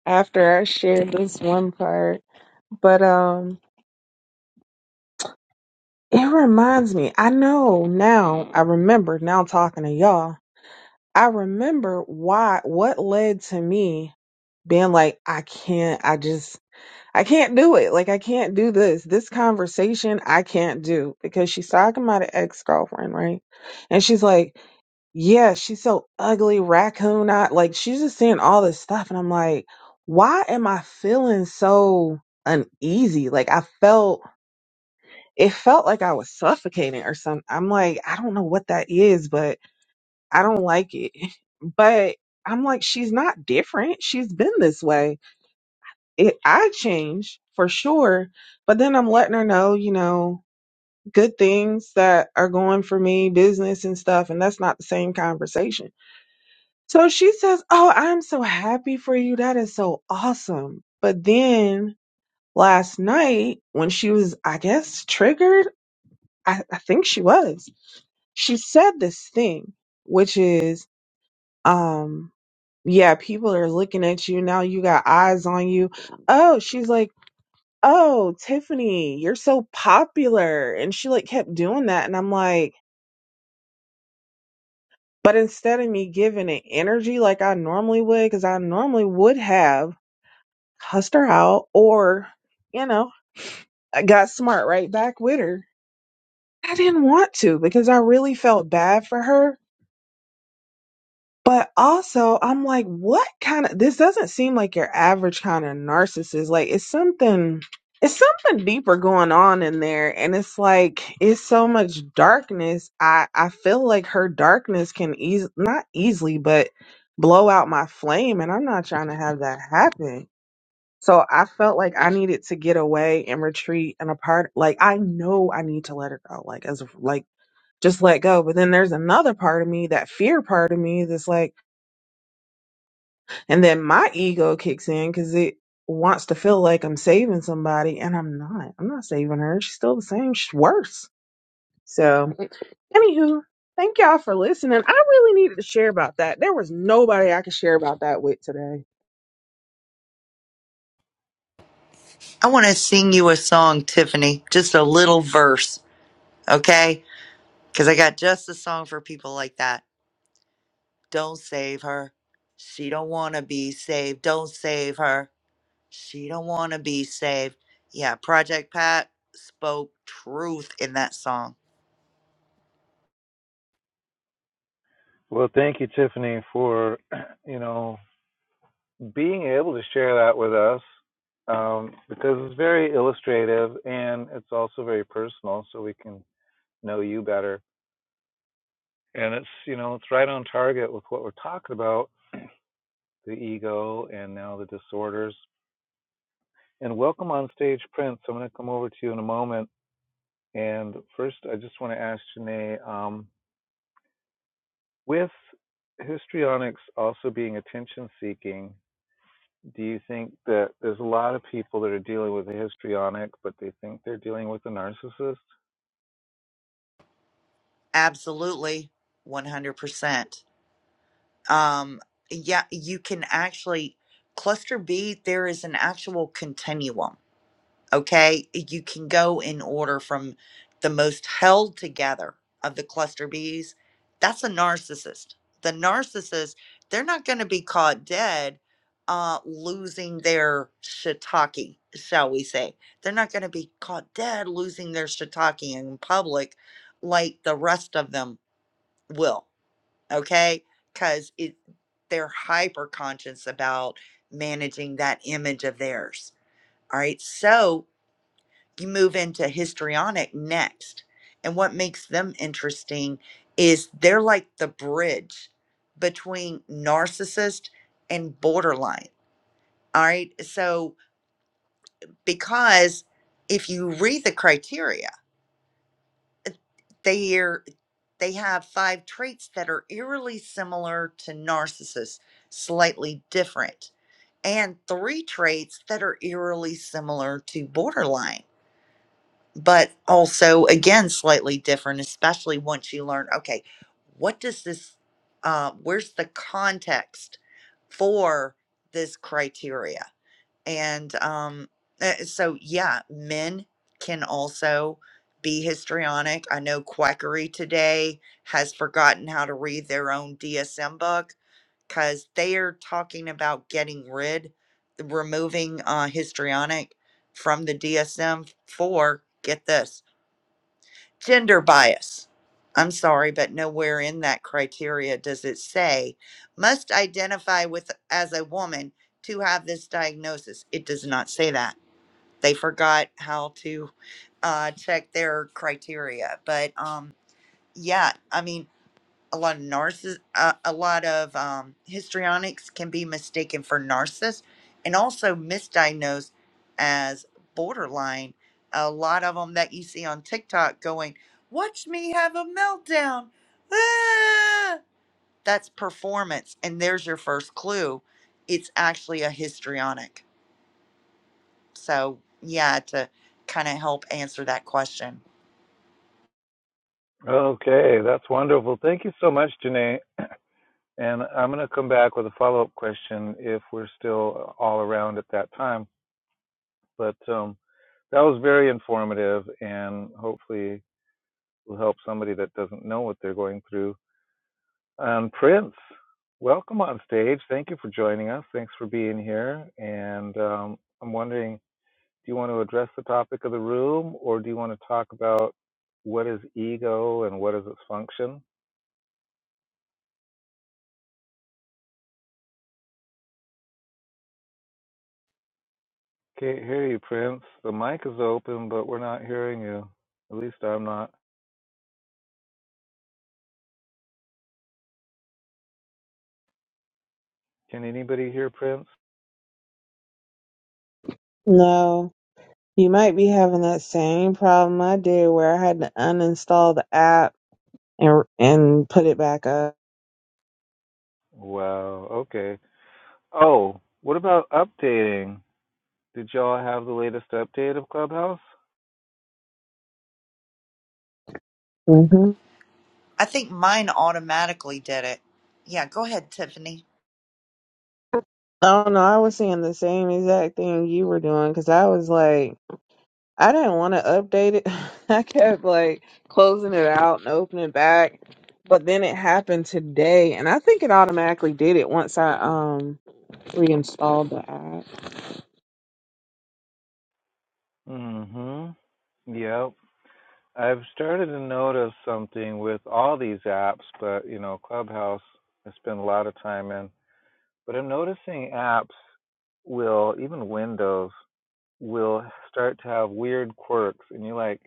after I share this one part. But um, it reminds me, I know now, I remember now talking to y'all. I remember why, what led to me being like, I can't, I just, I can't do it. Like, I can't do this. This conversation, I can't do because she's talking about an ex girlfriend, right? And she's like, Yeah, she's so ugly, raccoon eye. Like, she's just saying all this stuff. And I'm like, Why am I feeling so uneasy? Like, I felt, it felt like I was suffocating or something. I'm like, I don't know what that is, but I don't like it. But I'm like, she's not different. She's been this way it I change for sure. But then I'm letting her know, you know, good things that are going for me, business and stuff, and that's not the same conversation. So she says, Oh, I'm so happy for you. That is so awesome. But then last night, when she was, I guess, triggered, I, I think she was, she said this thing, which is, um, yeah, people are looking at you. Now you got eyes on you. Oh, she's like, oh, Tiffany, you're so popular. And she like kept doing that. And I'm like, but instead of me giving it energy like I normally would, because I normally would have cussed her out or, you know, I got smart right back with her. I didn't want to because I really felt bad for her But also, I'm like, what kind of this doesn't seem like your average kind of narcissist. Like it's something it's something deeper going on in there and it's like it's so much darkness. I I feel like her darkness can eas not easily, but blow out my flame and I'm not trying to have that happen. So I felt like I needed to get away and retreat and apart. Like I know I need to let her go. Like as like just let go. But then there's another part of me, that fear part of me that's like and then my ego kicks in because it wants to feel like I'm saving somebody, and I'm not. I'm not saving her. She's still the same. She's worse. So, anywho, thank y'all for listening. I really needed to share about that. There was nobody I could share about that with today. I want to sing you a song, Tiffany, just a little verse, okay? Cuz I got just a song for people like that. Don't save her. She don't want to be saved. Don't save her. She don't want to be saved. Yeah, Project Pat spoke truth in that song. Well, thank you, Tiffany, for, you know, being able to share that with us um, because it's very illustrative and it's also very personal, so we can know you better. And it's you know it's right on target with what we're talking about the ego and now the disorders. And welcome on stage, Prince. I'm going to come over to you in a moment. And first, I just want to ask Janae, um, with histrionics also being attention seeking, do you think that there's a lot of people that are dealing with a histrionic, but they think they're dealing with a narcissist? Absolutely 100%. Um yeah, you can actually cluster B there is an actual continuum okay you can go in order from the most held together of the cluster bees that's a narcissist the narcissist they're not going to be caught dead uh losing their shiitake shall we say they're not going to be caught dead losing their shiitake in public like the rest of them will okay because it they're hyper conscious about managing that image of theirs all right so you move into histrionic next. And what makes them interesting is they're like the bridge between narcissist and borderline. All right. So because if you read the criteria, they are they have five traits that are eerily similar to narcissists, slightly different, and three traits that are eerily similar to borderline but also again slightly different especially once you learn okay what does this uh, where's the context for this criteria and um, eh, so yeah men can also be histrionic i know quackery today has forgotten how to read their own dsm book because they are talking about getting rid, removing uh, histrionic from the DSM for, get this, gender bias. I'm sorry, but nowhere in that criteria does it say must identify with as a woman to have this diagnosis. It does not say that. They forgot how to uh, check their criteria. But um, yeah, I mean, a lot of narciss uh, a lot of um, histrionics can be mistaken for narcissists and also misdiagnosed as borderline a lot of them that you see on tiktok going watch me have a meltdown Ah!" that's performance and there's your first clue it's actually a histrionic so yeah to kind of help answer that question Okay, that's wonderful. Thank you so much, Janae. And I'm going to come back with a follow up question if we're still all around at that time. But um, that was very informative and hopefully will help somebody that doesn't know what they're going through. And Prince, welcome on stage. Thank you for joining us. Thanks for being here. And um, I'm wondering do you want to address the topic of the room or do you want to talk about what is ego and what is its function? Can't hear you, Prince. The mic is open, but we're not hearing you. At least I'm not. Can anybody hear Prince? No, you might be having that same problem I did where I had to uninstall the app and and put it back up. Wow, okay. Oh, what about updating? Did y'all have the latest update of Clubhouse? hmm i think mine automatically did it yeah go ahead tiffany Oh no, I was seeing the same exact thing you were doing because I was like. I didn't want to update it. I kept like closing it out and opening it back. But then it happened today and I think it automatically did it once I um reinstalled the app. Mm-hmm. Yep. I've started to notice something with all these apps, but you know, Clubhouse I spend a lot of time in. But I'm noticing apps will, even Windows, will start to have weird quirks, and you're like,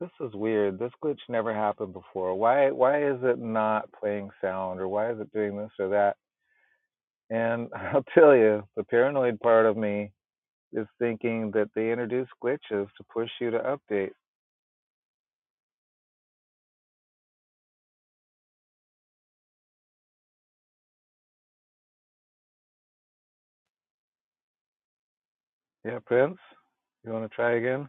this is weird. This glitch never happened before. Why why is it not playing sound or why is it doing this or that? And I'll tell you, the paranoid part of me is thinking that they introduce glitches to push you to update. Yeah, Prince, you want to try again?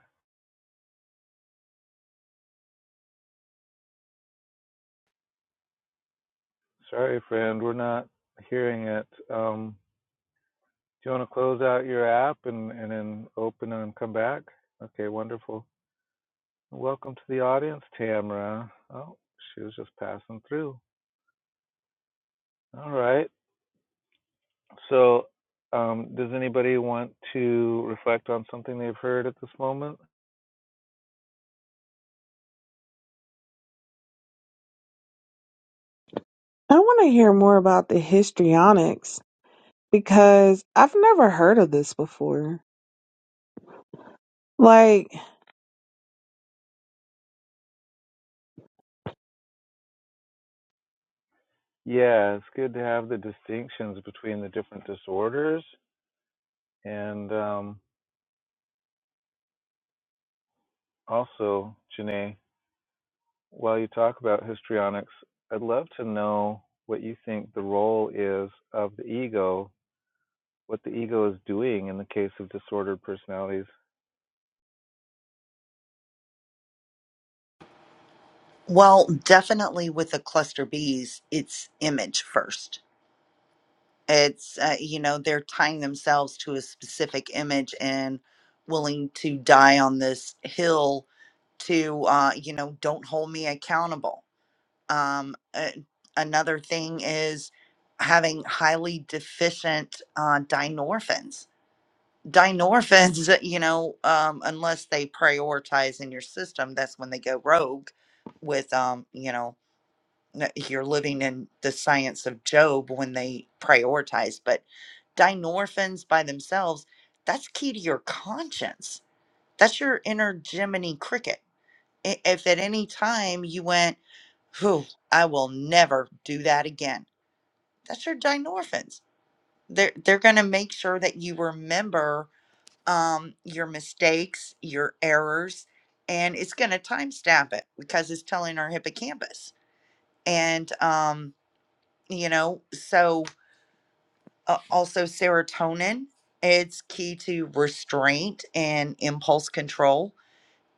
Sorry, friend, we're not hearing it. Um, Do you want to close out your app and, and then open and come back? Okay, wonderful. Welcome to the audience, Tamara. Oh, she was just passing through. All right. So, um, does anybody want to reflect on something they've heard at this moment? I want to hear more about the histrionics because I've never heard of this before. Like, Yeah, it's good to have the distinctions between the different disorders. And um, also, Janae, while you talk about histrionics, I'd love to know what you think the role is of the ego what the ego is doing in the case of disordered personalities. Well, definitely with the cluster bees, it's image first. It's, uh, you know, they're tying themselves to a specific image and willing to die on this hill to, uh, you know, don't hold me accountable. Um, uh, another thing is having highly deficient uh, dynorphins. Dynorphins, you know, um, unless they prioritize in your system, that's when they go rogue with, um, you know, n- you're living in the science of Job when they prioritize, but dynorphins by themselves, that's key to your conscience. That's your inner Jiminy Cricket. I- If at any time you went, whew, I will never do that again, that's your dynorphins. They're, they're going to make sure that you remember um, your mistakes, your errors, and it's going to timestamp it because it's telling our hippocampus. And, um, you know so uh, also serotonin it's key to restraint and impulse control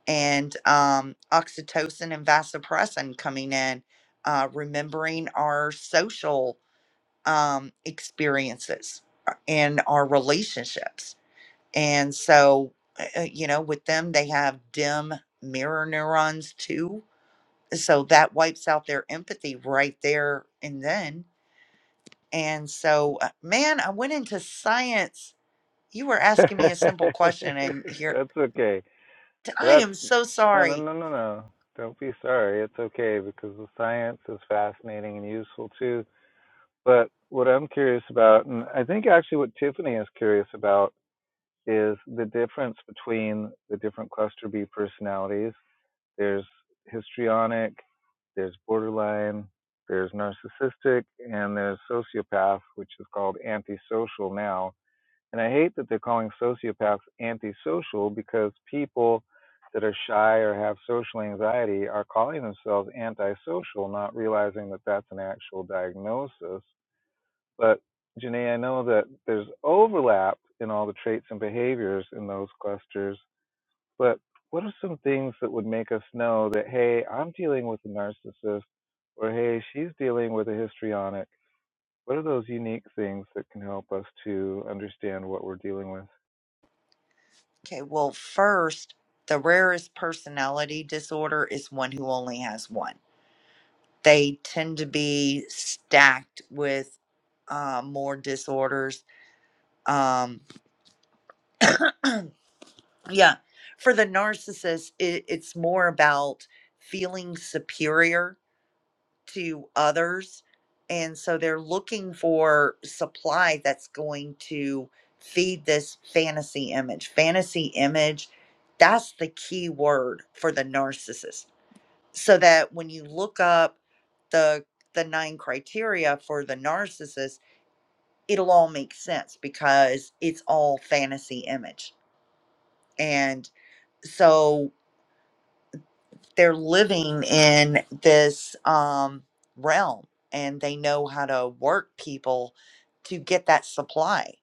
and um, oxytocin and vasopressin coming in uh, remembering our social um, experiences uh, and our relationships and so uh, uh, you know with them they have dim mirror neurons too so that wipes out their empathy right there and then And so, uh, man, I went into science. You were That's asking me a simple question, and here okay. I That's am so no, no, sorry. no, no, no. Don't be sorry. It's okay because the science is fascinating and useful too. But what I'm curious about, and I think actually what Tiffany is curious about, is the difference between the different cluster B personalities There's histrionic, there's borderline, there's narcissistic, and there's sociopath, which is called antisocial now. And I hate that they're calling sociopaths antisocial because people that are shy or have social anxiety are calling themselves antisocial, not realizing that that's an actual diagnosis. But Janae, I know that there's overlap in all the traits and behaviors in those clusters but what are some things that would make us know that, hey, I'm dealing with a narcissist or hey, she's dealing with a histrionic? What are those unique things that can help us to understand what we're dealing with? Okay, well, first, the rarest personality disorder is one who only has one. They tend to be stacked with uh, more disorders. Um, yeah, for the narcissist, it, it's more about feeling superior to others. And so they're looking for supply that's going to feed this fantasy image. Fantasy image, that's the key word for the narcissist. So that when you look up the the nine criteria for the narcissist, it'll all make sense because it's all fantasy image. And so they're living in this um, realm and they know how to work people to get that supply.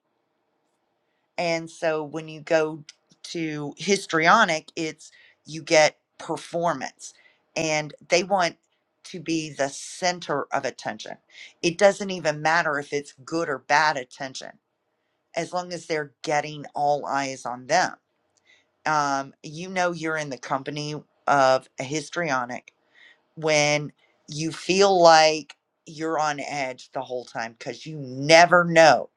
And so when you go to histrionic, it's you get performance and they want to be the center of attention. It doesn't even matter if it's good or bad attention, as long as they're getting all eyes on them. Um, you know, you're in the company of a histrionic when you feel like you're on edge the whole time because you never know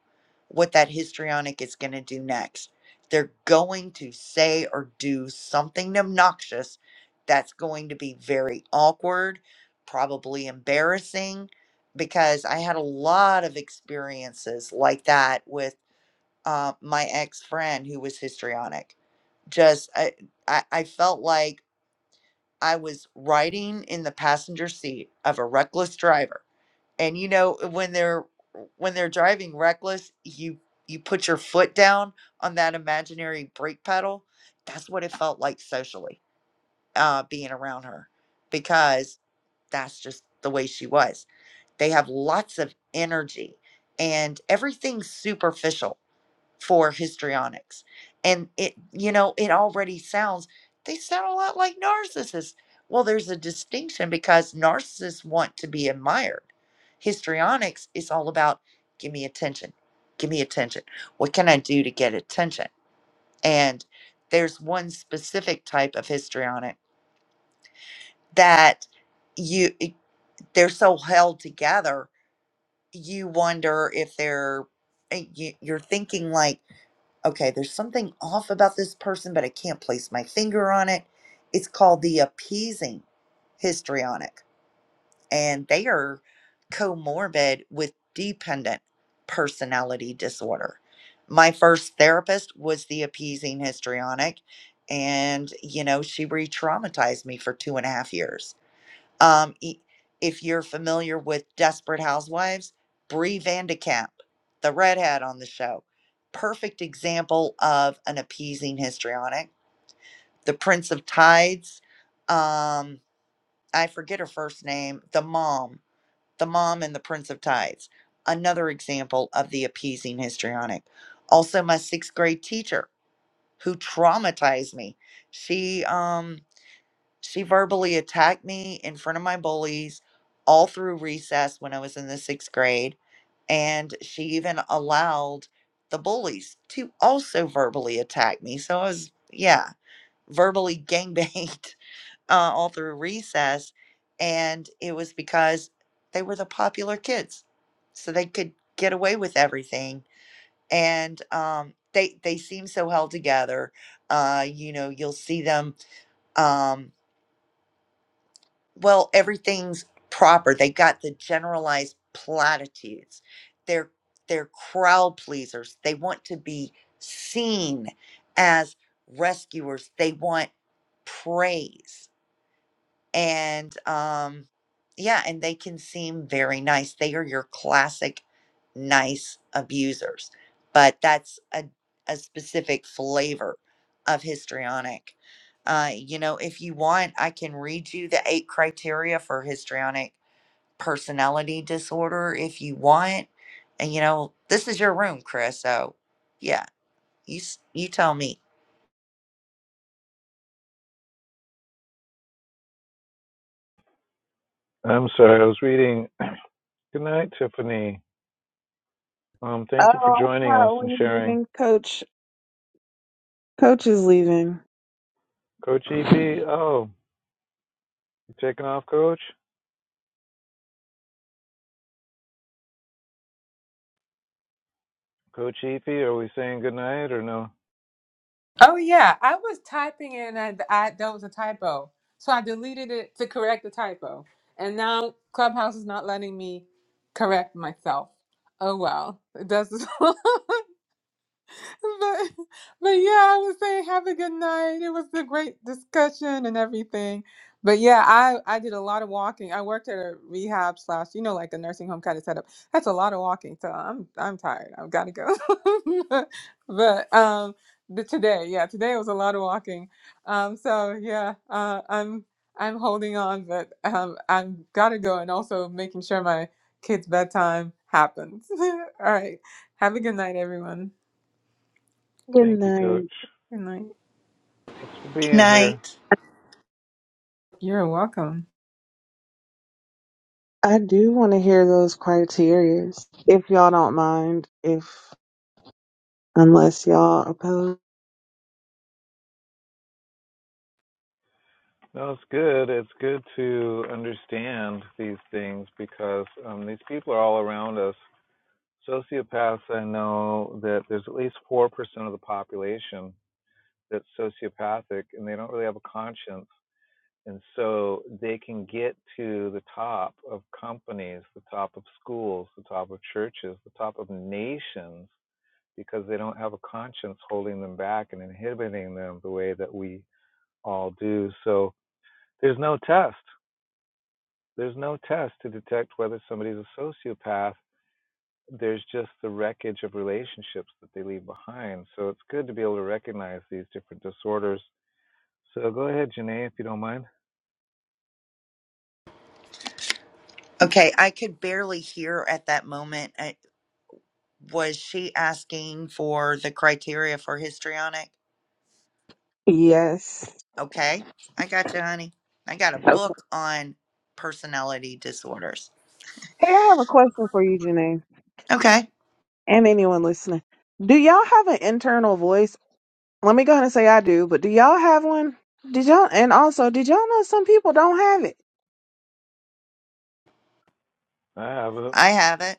what that histrionic is going to do next. They're going to say or do something obnoxious that's going to be very awkward, probably embarrassing, because I had a lot of experiences like that with uh, my ex friend who was histrionic. Just, I, I, I felt like I was riding in the passenger seat of a reckless driver. And you know when they're when they're driving reckless, you you put your foot down on that imaginary brake pedal. That's what it felt like socially, uh, being around her, because that's just the way she was. They have lots of energy, and everything's superficial for histrionics. And it, you know, it already sounds, they sound a lot like narcissists. Well, there's a distinction because narcissists want to be admired. Histrionics is all about give me attention, give me attention. What can I do to get attention? And there's one specific type of histrionic that you it- they're so held together you wonder if they're eh, you, you're thinking like okay, there's something off about this person, but I can't place my finger on it. It's called the appeasing histrionic, and they are comorbid with dependent personality disorder. My first therapist was the appeasing histrionic, and you know, she re traumatized me for two and a half years um, e- if you're familiar with Desperate Housewives, Brie Vandekamp, the redhead on the show, perfect example of an appeasing histrionic. The Prince of Tides, um, I forget her first name, the mom, the mom in The Prince of Tides, another example of the appeasing histrionic. Also, my sixth grade teacher who traumatized me. She, um, she verbally attacked me in front of my bullies all through recess when I was in the sixth grade. And she even allowed the bullies to also verbally attack me. So I was, yeah, verbally gangbanged uh, all through recess. And it was because they were the popular kids. So they could get away with everything. And um, they, they seem so held together. Uh, you know, you'll see them. Um, well, everything's proper. They got the generalized platitudes. They're they're crowd pleasers. They want to be seen as rescuers. They want praise and um yeah and they can seem very nice they are your classic nice abusers but that's a, a specific flavor of histrionic uh you know if you want i can read you the eight criteria for histrionic personality disorder if you want and you know this is your room chris so yeah you s- you tell me I'm sorry, I was reading. Good night, Tiffany. Um, thank you for oh, I'm joining us and probably sharing. leaving. Coach Coach is leaving. Coach Good Efi, oh, you taking off, Coach? Coach Efi, are we saying good night or no? Oh yeah, I was typing and I, I that was a typo, so I deleted it to correct the typo, and now Clubhouse is not letting me correct myself. Oh well, it does. but, but yeah, I would say have a good night. It was a great discussion and everything. But yeah, I I did a lot of walking. I worked at a rehab slash, you know, like a nursing home kind of setup. That's a lot of walking, so I'm I'm tired. I've got to go. but um, the today, yeah, today was a lot of walking. Um, so yeah, uh, I'm I'm holding on, but um, I've got to go, and also making sure my kids' bedtime happens. All right, have a good night, everyone. Thank you, night. Coach. Good night. Thanks for Good being here. night You're welcome. I do want to hear those criterias, if y'all don't mind, if unless y'all oppose. No, it's good. It's good to understand these things because um, these people are all around us. Sociopaths, I know that there's at least 4% of the population that's sociopathic and they don't really have a conscience. And so they can get to the top of companies, the top of schools, the top of churches, the top of nations because they don't have a conscience holding them back and inhibiting them the way that we all do. So there's no test. There's no test to detect whether somebody's a sociopath. There's just the wreckage of relationships that they leave behind. So it's good to be able to recognize these different disorders. So go ahead, Janae, if you don't mind. okay i could barely hear at that moment uh, was she asking for the criteria for histrionic? Yes. Okay, I got you, honey. I got a Okay. book on personality disorders. Hey, I have a question for you, Janae, Okay, and anyone listening. Do y'all have an internal voice? Let me go ahead and say I do, but do y'all have one? Did y'all and also did y'all know some people don't have it? I have it. I have it.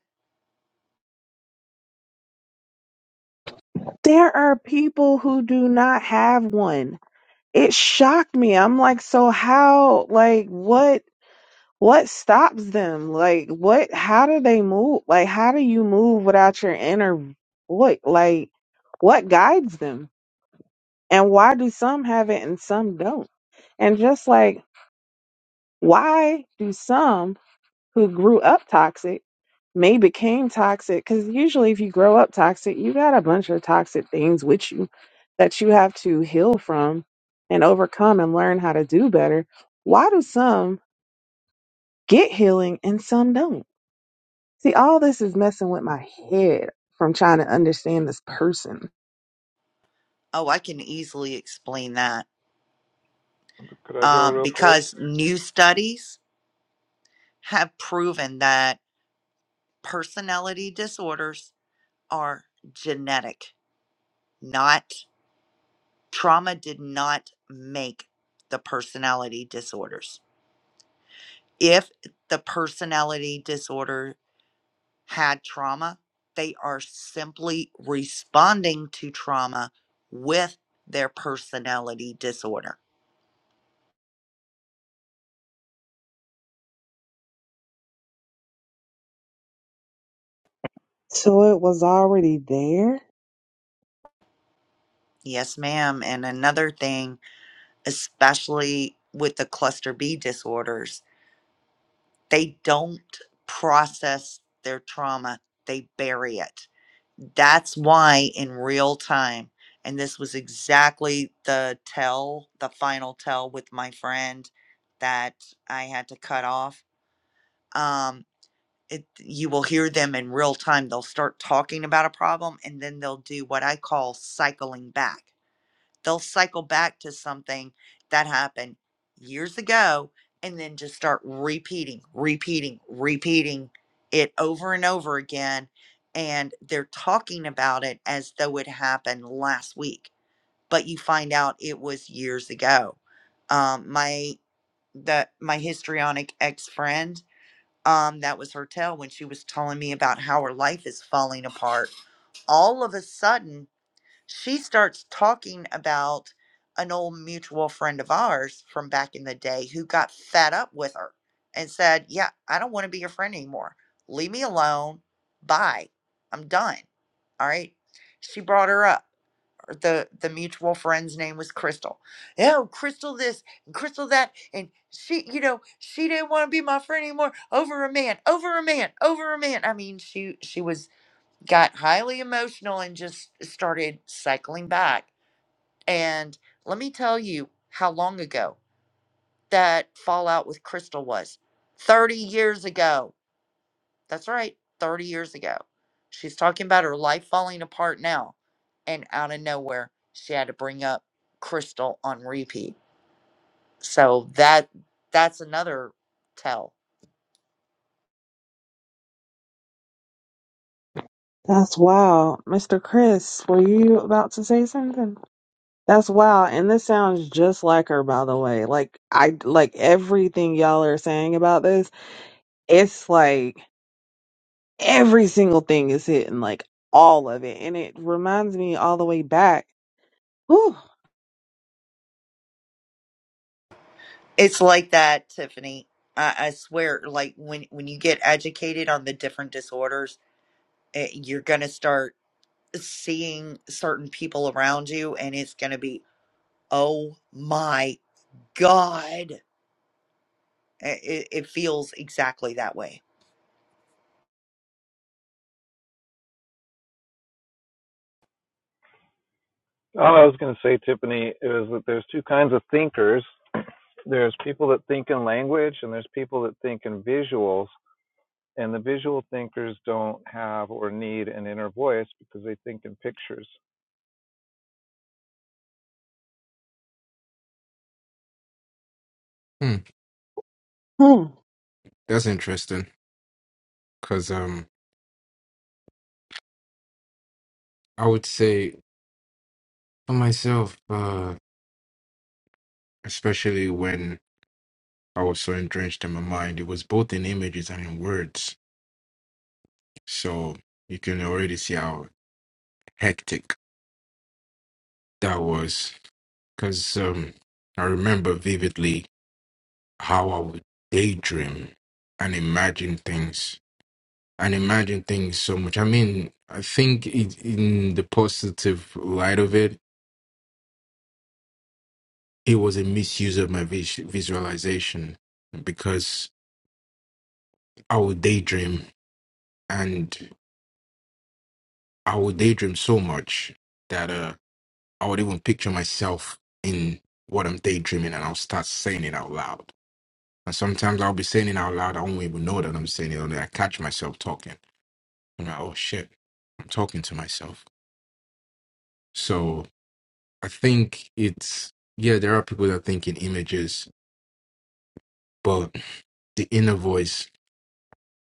There are people who do not have one. It shocked me. I'm like, so how like what what stops them? Like what how do they move? Like how do you move without your inner voice? Like what guides them? And why do some have it and some don't? And just like, why do some who grew up toxic may became toxic? Because usually, if you grow up toxic, you got a bunch of toxic things with you that you have to heal from and overcome and learn how to do better. Why do some get healing and some don't? See, all this is messing with my head from trying to understand this person. Oh, I can easily explain that Could I go um, real quick? because new studies have proven that personality disorders are genetic, not trauma did not make the personality disorders. If the personality disorder had trauma. They are simply responding to trauma with their personality disorder. So it was already there Yes, ma'am. And another thing, especially with the cluster B disorders, they don't process their trauma, they bury it. That's why in real time, and this was exactly the tell, the final tell with my friend that I had to cut off. Um, it, you will hear them in real time. They'll start talking about a problem and then they'll do what I call cycling back. They'll cycle back to something that happened years ago and then just start repeating, repeating, repeating it over and over again. And they're talking about it as though it happened last week, but you find out it was years ago. Um, my the my histrionic ex friend um, that was her tale when she was telling me about how her life is falling apart. All of a sudden, she starts talking about an old mutual friend of ours from back in the day who got fed up with her and said, Yeah, I don't want to be your friend anymore. Leave me alone. Bye. I'm done. All right. She brought her up the the mutual friend's name was Crystal. Oh, Crystal this and Crystal that, and she, you know, she didn't want to be my friend anymore. Over a man, over a man, over a man. I mean, she she was got highly emotional and just started cycling back. And let me tell you how long ago that fallout with Crystal was. Thirty years ago. That's right, 30 years ago. She's talking about her life falling apart now. And out of nowhere, she had to bring up Crystal on repeat. So that that's another tell. That's wow. Mr. Chris, were you about to say something? That's wow. And this sounds just like her, by the way. Like I like everything y'all are saying about this, it's like every single thing is hitting, like all of it. And it reminds me all the way back. Whew, It's like that, Tiffany. I, I swear, like when when you get educated on the different disorders, eh, you're gonna start seeing certain people around you, and it's gonna be, oh my god, It, it feels exactly that way. All I was going to say, Tiffany, is that there's two kinds of thinkers. There's people that think in language, and there's people that think in visuals. And the visual thinkers don't have or need an inner voice because they think in pictures. Hmm. hmm, That's interesting. Cause um I would say for myself, uh, especially when I was so entrenched in my mind, it was both in images and in words. So you can already see how hectic that was. Cause um I remember vividly how I would daydream and imagine things and imagine things so much. I mean, I think it, in the positive light of it, it was a misuse of my vis- visualization because I would daydream and I would daydream so much that uh, I would even picture myself in what I'm daydreaming and I'll start saying it out loud. And sometimes I'll be saying it out loud. I won't even know that I'm saying it. Only I catch myself talking I'm like, oh shit, I'm talking to myself. So I think it's, yeah, there are people that think in images, but the inner voice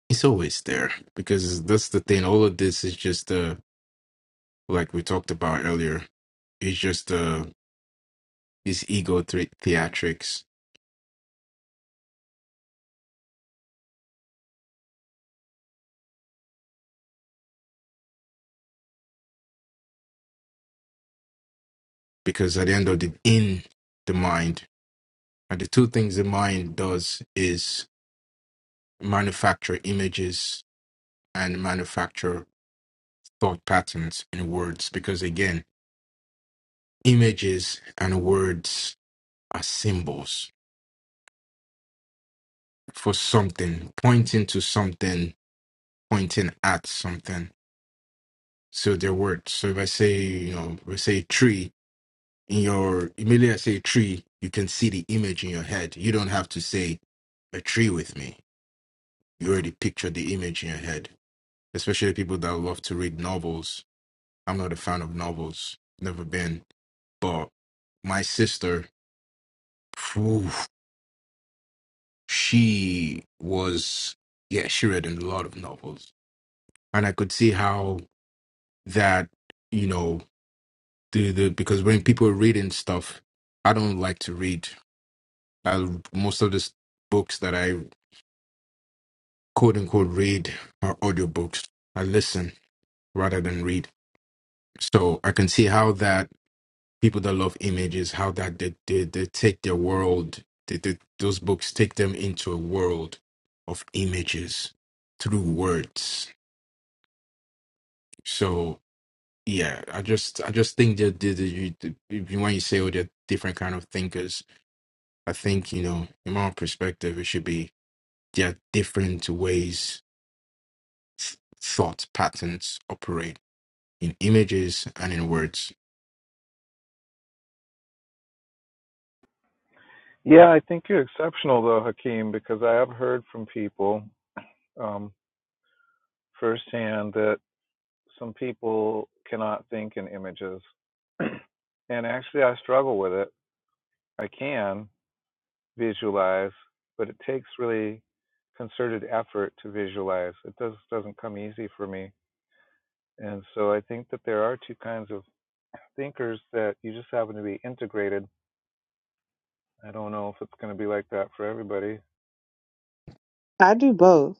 is always there because that's the thing. All of this is just, uh, like we talked about earlier, it's just uh, this ego thre- theatrics because at the end of the, in the mind, and the two things the mind does is manufacture images and manufacture thought patterns in words because again Images and words are symbols for something, pointing to something, pointing at something. So they're words. So if I say, you know, we say tree in your immediately I say tree, you can see the image in your head. You don't have to say a tree with me. You already picture the image in your head. Especially people that love to read novels. I'm not a fan of novels, never been. But my sister, phew, she was yeah she read a lot of novels and i could see how that you know the, the because when people are reading stuff i don't like to read I, most of the s- books that i quote unquote read are audiobooks i listen rather than read so i can see how that people that love images how that they, they, they take their world they, they, those books take them into a world of images through words So. Yeah, I just I just think that the, the, you- the, if you- when you say oh they're different kind of thinkers, I think you know in my own perspective it should be there are different ways th- thought patterns operate in images and in words. Yeah, I think you're exceptional though, Hakeem, because I have heard from people um, firsthand that some people cannot think in images. and actually, I struggle with it. I can visualize, but it takes really concerted effort to visualize. It does doesn't come easy for me. And so I think that there are two kinds of thinkers that you just happen to be integrated. I don't know if it's going to be like that for everybody. I do both.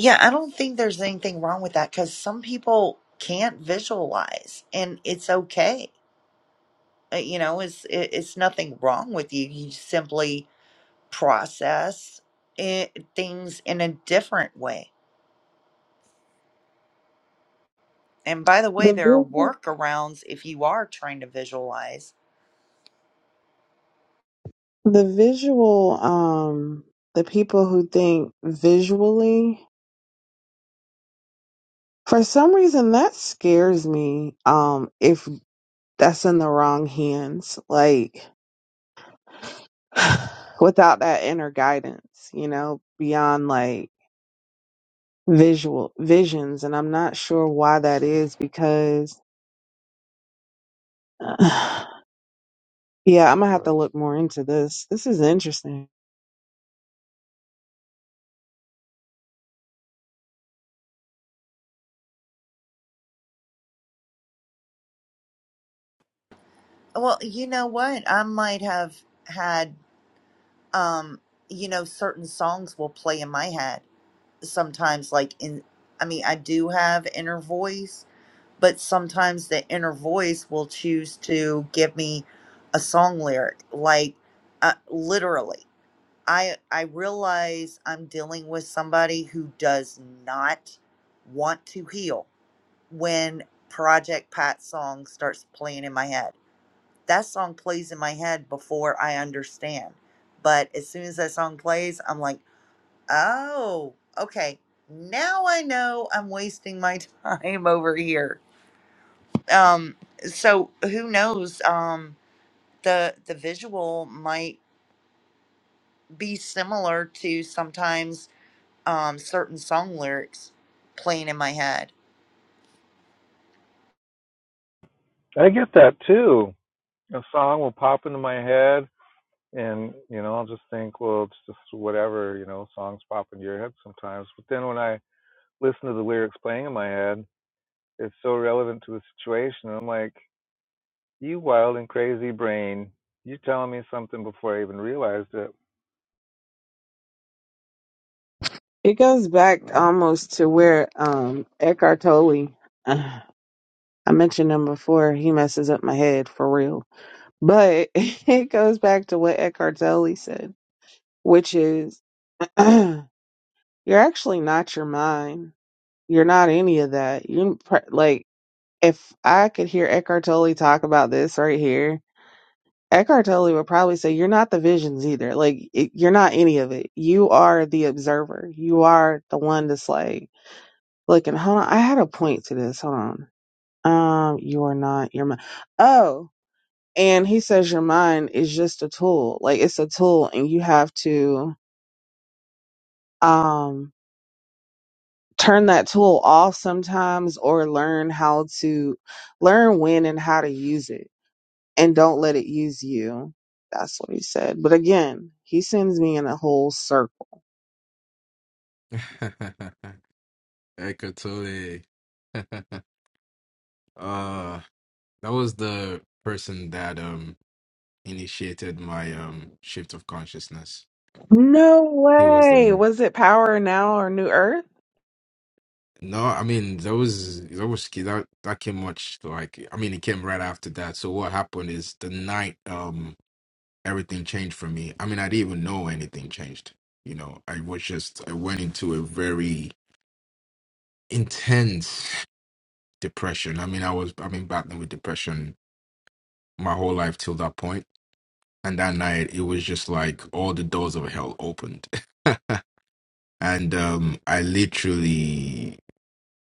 Yeah, I don't think there's anything wrong with that because some people can't visualize, and it's okay. Uh, You know, it's it, it's nothing wrong with you. You simply process it, things in a different way. And by the way, The there are visual, workarounds if you are trying to visualize. the visual, um, the people who think visually for some reason that scares me um if that's in the wrong hands. Like without that inner guidance, you know, beyond like visual visions. And I'm not sure why that is because, yeah, I'm gonna have to look more into this. This is interesting. Well, you know what? I might have had, um, you know, certain songs will play in my head sometimes. Like in, I mean, I do have inner voice, but sometimes the inner voice will choose to give me a song lyric, like uh, literally. I I realize I'm dealing with somebody who does not want to heal when Project Pat song starts playing in my head. That song plays in my head before I understand. But as soon as that song plays, I'm like, "Oh, okay. Now I know I'm wasting my time over here." Um so who knows um the the visual might be similar to sometimes um, certain song lyrics playing in my head. I get that too. a song will pop into my head and you know i'll just think well it's just whatever you know songs pop into your head sometimes but then when i listen to the lyrics playing in my head it's so relevant to the situation i'm like you wild and crazy brain you're telling me something before i even realized it It goes back almost to where um Eckhart Tolle. uh, I mentioned him before. He messes up my head for real, but it goes back to what Eckhart Tolle said, which is you're actually not your mind You're not any of that. You pr- like if I could hear Eckhart Tolle talk about this right here, Eckhart Tolle would probably say you're not the visions either. Like it, you're not any of it. You are the observer. You are the one that's like looking. Hold on, I had a point to this. Hold on. Um, you are not your mind. Oh, and he says your mind is just a tool. Like it's a tool, and you have to um turn that tool off sometimes or learn how to learn when and how to use it and don't let it use you. That's what he said. But again, he sends me in a whole circle. Eckhart Tolle. uh that was the person that um initiated my um shift of consciousness. No He was the way. one. Was it Power Now or New Earth? No, I mean that was that was that that came much like I mean it came right after that. So what happened is the night um everything changed for me. I mean I didn't even know anything changed. You know, I was just I went into a very intense depression. I mean I was I've been battling with depression my whole life till that point. And that night it was just like all the doors of hell opened. and um I literally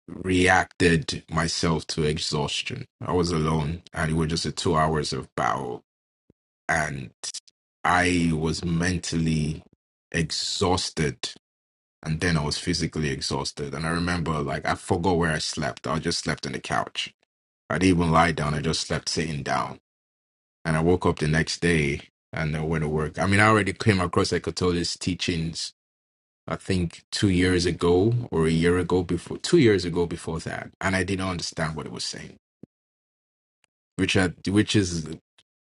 reacted myself to exhaustion. I was alone and it was just a two hours of battle and I was mentally exhausted and then I was physically exhausted. And I remember like I forgot where I slept. I just slept on the couch. I didn't even lie down, I just slept sitting down. And I woke up the next day and I went to work. I mean I already came across Eckhart Tolle's teachings I think two years ago or a year ago before two years ago before that, and I didn't understand what it was saying. Which I, which is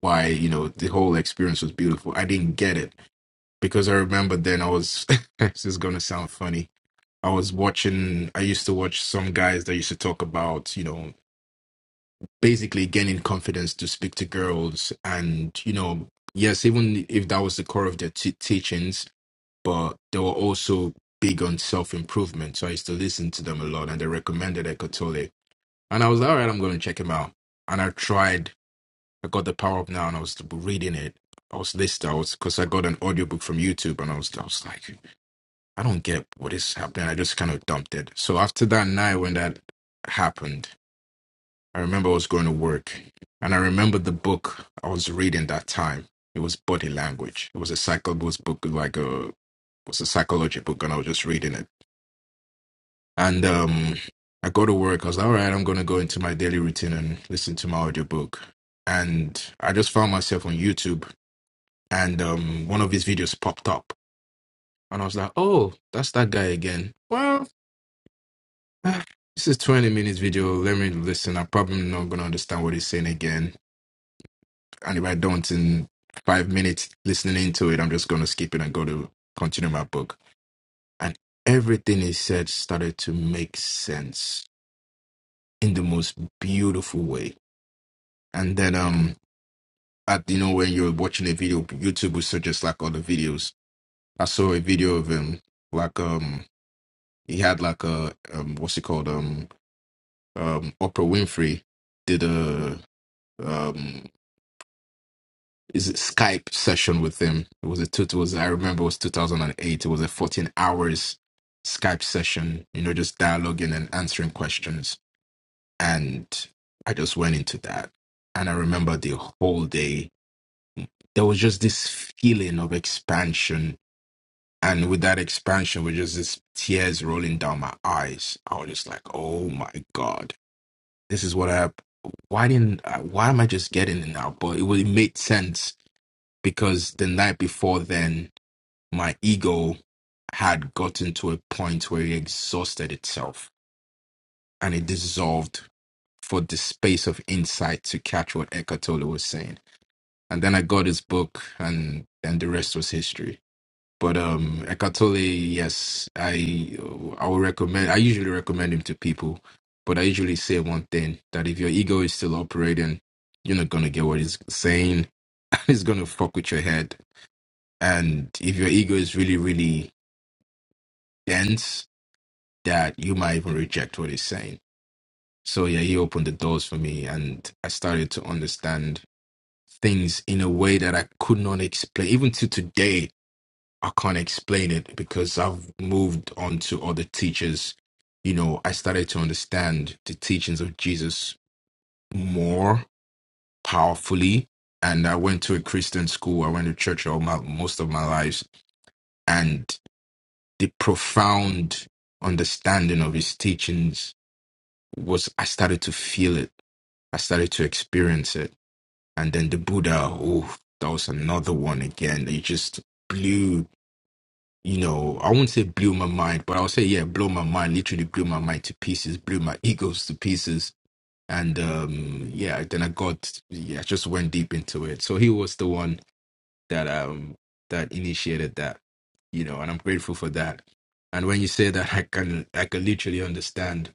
why you know the whole experience was beautiful. I didn't get it because I remember then I was this is gonna sound funny. I was watching. I used to watch some guys that used to talk about you know basically gaining confidence to speak to girls, and you know yes, even if that was the core of their t- teachings, but they were also big on self improvement. So I used to listen to them a lot, and they recommended Eckhart Tolle. And I was like, all right, I'm going to check him out. And I tried. I got the Power Up Now, and I was reading it. I was listening. I was because I got an audiobook from YouTube, and I was I was like, I don't get what is happening. I just kind of dumped it. So after that night when that happened, I remember I was going to work, and I remember the book I was reading that time. It was Body Language. It was a psycho it was book, like a it was a psychology book, and I was just reading it And um, I go to work. I was like, all right, I'm going to go into my daily routine and listen to my audiobook. And I just found myself on YouTube and um, one of his videos popped up. And I was like, oh, that's that guy again. Well, this is 20 minutes video. Let me listen. I'm probably not going to understand what he's saying again. And if I don't in five minutes listening into it, I'm just going to skip it and go to continue my book. And everything he said started to make sense in the most beautiful way And then um at you know when you're watching a video, YouTube will suggest like other videos. I saw a video of him like um he had like a um what's it called? Um um Oprah Winfrey did a um is it Skype session with him. It was a two it was I remember it was two thousand and eight. It was a fourteen hours Skype session, you know, just dialoguing and answering questions. And I just went into that. And I remember the whole day there was just this feeling of expansion. And with that expansion were just this tears rolling down my eyes. I was just like, oh my God, this is what I, why didn't, I, why am I just getting it now? But it, wa- it made sense because the night before then, my ego had gotten to a point where it exhausted itself and it dissolved for the space of insight to catch what Eckhart Tolle was saying. And then I got his book and then the rest was history. But um, Ekatole, yes, I I would recommend. I usually recommend him to people, but I usually say one thing that if your ego is still operating, you're not gonna get what he's saying, and it's gonna fuck with your head. And if your ego is really really dense, that you might even reject what he's saying. So yeah, he opened the doors for me, and I started to understand things in a way that I could not explain, even to today I can't explain it because I've moved on to other teachers. You know, I started to understand the teachings of Jesus more powerfully. And I went to a Christian school. I went to church all my most of my lives, and the profound understanding of his teachings was I started to feel it. I started to experience it. And then the Buddha, oh, that was another one again. It just blew. you know, I won't say blew my mind, but I'll say, yeah, blew my mind, literally blew my mind to pieces, blew my egos to pieces. And um yeah, then I got yeah, I just went deep into it. So he was the one that um that initiated that, you know, and I'm grateful for that. And when you say that I can I can literally understand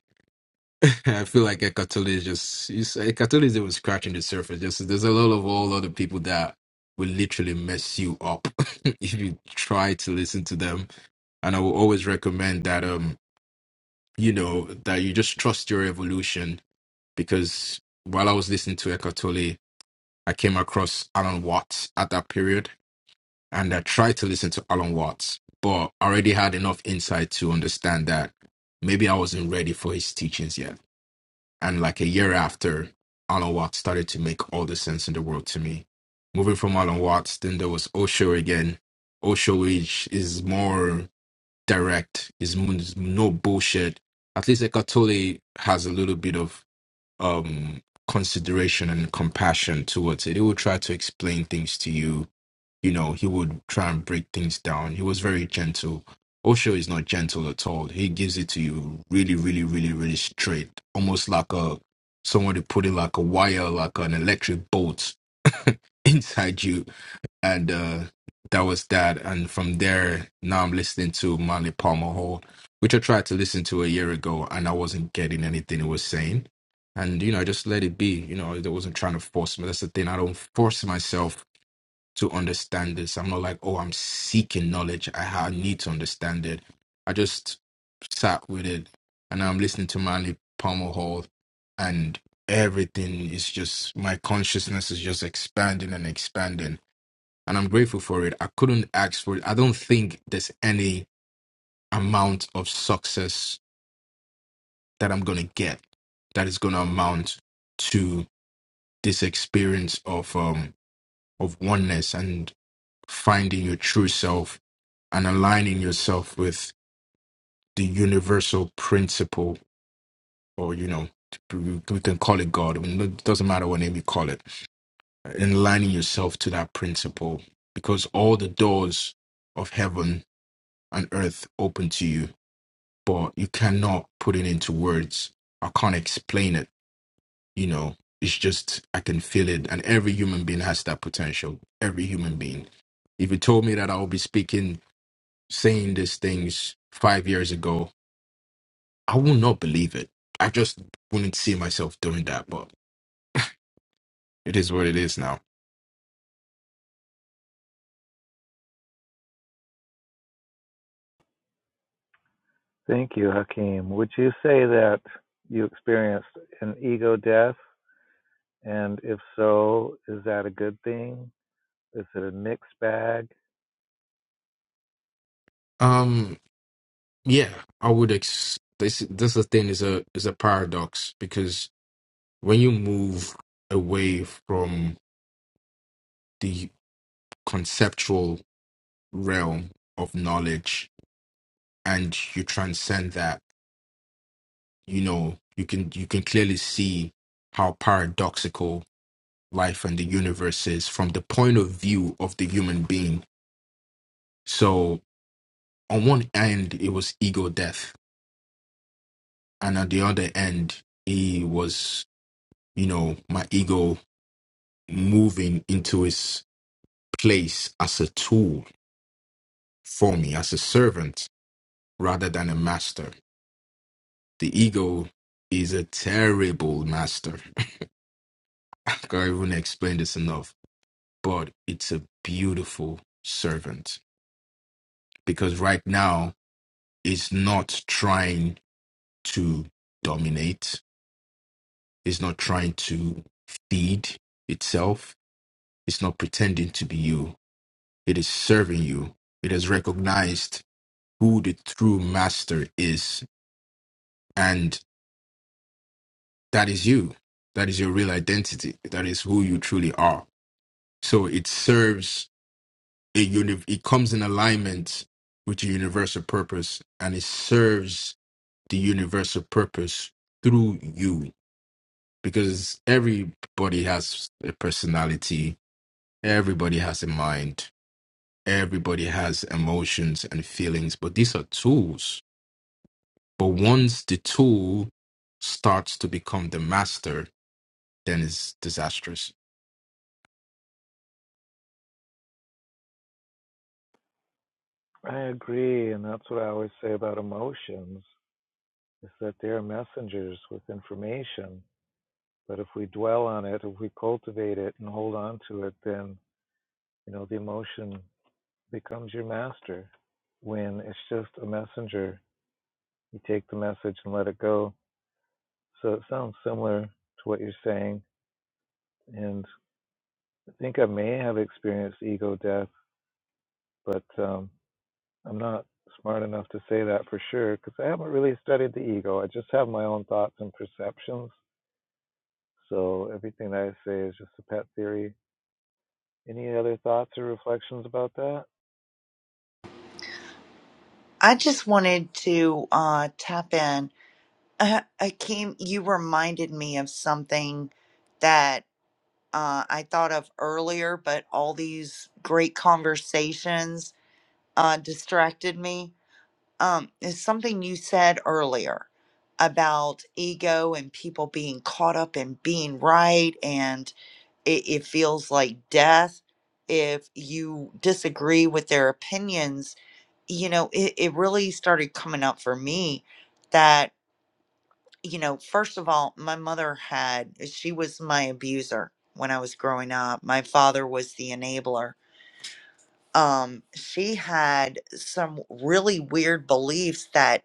I feel like Ekatoli is just is- Ekatoli is even scratching the surface. Just there's a lot of all other people that will literally mess you up if you try to listen to them. And I will always recommend that um you know that you just trust your evolution because while I was listening to Ekatoli, I came across Alan Watts at that period, and I tried to listen to Alan Watts, but I already had enough insight to understand that maybe I wasn't ready for his teachings yet and like a year after, Alan Watts started to make all the sense in the world to me. Moving from Alan Watts, then there was Osho again. Osho, which is more direct, is is no bullshit. At least Ekatole has a little bit of um, consideration and compassion towards it. He would try to explain things to you. You know, he would try and break things down. He was very gentle. Osho is not gentle at all. He gives it to you really, really, really, really straight, almost like a someone to put it like a wire, like an electric bolt inside you and uh, that was that. And from there, now I'm listening to Manly Palmer Hall, which I tried to listen to a year ago, and I wasn't getting anything it was saying. And you know, I just let it be. You know, I wasn't trying to force me. That's the thing. I don't force myself to understand this. I'm not like, oh, I'm seeking knowledge. I, ha- I need to understand it. I just sat with it, and I'm listening to Manly Palmer Hall, and everything is just my consciousness is just expanding and expanding and I'm grateful for it. I couldn't ask for it. I don't think there's any amount of success that I'm gonna get that is gonna amount to this experience of um of oneness and finding your true self and aligning yourself with the universal principle or you know we we can call it God. I mean, it doesn't matter what name you call it. And aligning yourself to that principle because all the doors of heaven and earth open to you but you cannot put it into words. I can't explain it. You know, it's just I can feel it, and every human being has that potential. Every human being. If you told me that I would be speaking, saying these things five years ago, I would not believe it. I just wouldn't see myself doing that. But it is what it is now. thank you hakeem would you say that you experienced an ego death and if so is that a good thing is it a mixed bag Um, Yeah, I would. Ex- this this is the thing is a is a paradox because when you move away from the conceptual realm of knowledge and you transcend that, you know, you can you can clearly see how paradoxical life and the universe is from the point of view of the human being. So on one end it was ego death, and at the other end he was, you know, my ego. moving into his place as a tool for me, as a servant rather than a master. The ego is a terrible master. I can't even explain this enough, but it's a beautiful servant because right now it's not trying to dominate, it's not trying to feed itself, it's not pretending to be you, it is serving you. It has recognized who the true master is. And that is you. That is your real identity. That is who you truly are. So it serves a uni- it comes in alignment with your universal purpose and it serves the universal purpose through you because everybody has a personality, everybody has a mind, everybody has emotions and feelings, but these are tools But once the tool starts to become the master, then it's disastrous. i agree and that's what i always say about emotions is that they're messengers with information. But if we dwell on it, if we cultivate it and hold on to it, then you know the emotion becomes your master. When it's just a messenger, you take the message and let it go. So it sounds similar to what you're saying, and I think I may have experienced ego death, but um, I'm not smart enough to say that for sure because I haven't really studied the ego. I just have my own thoughts and perceptions. So everything that I say is just a pet theory Any other thoughts or reflections about that? I just wanted to uh, tap in. Uh, I came. You reminded me of something that uh, I thought of earlier, but all these great conversations uh, distracted me um, is something you said earlier about ego and people being caught up in being right and it, it feels like death if you disagree with their opinions you know it, it really started coming up for me that you know first of all my mother had she was my abuser when i was growing up my father was the enabler um she had some really weird beliefs that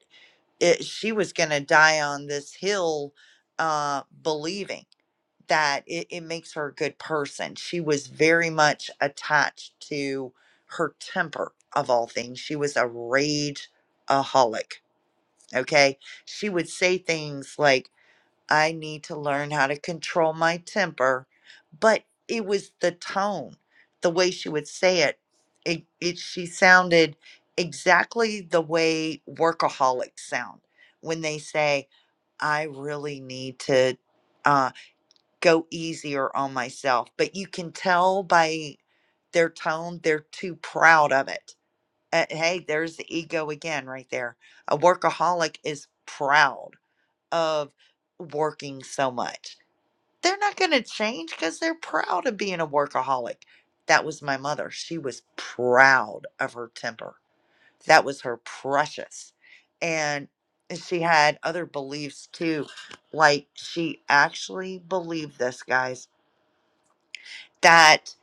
it, she was going to die on this hill uh, believing that it, it makes her a good person. She was very much attached to her temper, of all things. She was a rage aholic. Okay. She would say things like, I need to learn how to control my temper. But it was the tone, the way she would say it. It, it she sounded exactly the way workaholics sound when they say, I really need to uh, go easier on myself. But you can tell by their tone, they're too proud of it. Uh, hey, there's the ego again right there. A workaholic is proud of working so much they're not going to change because they're proud of being a workaholic. That was my mother. She was proud of her temper. That was her precious. And she had other beliefs too. Like she actually believed this, guys, that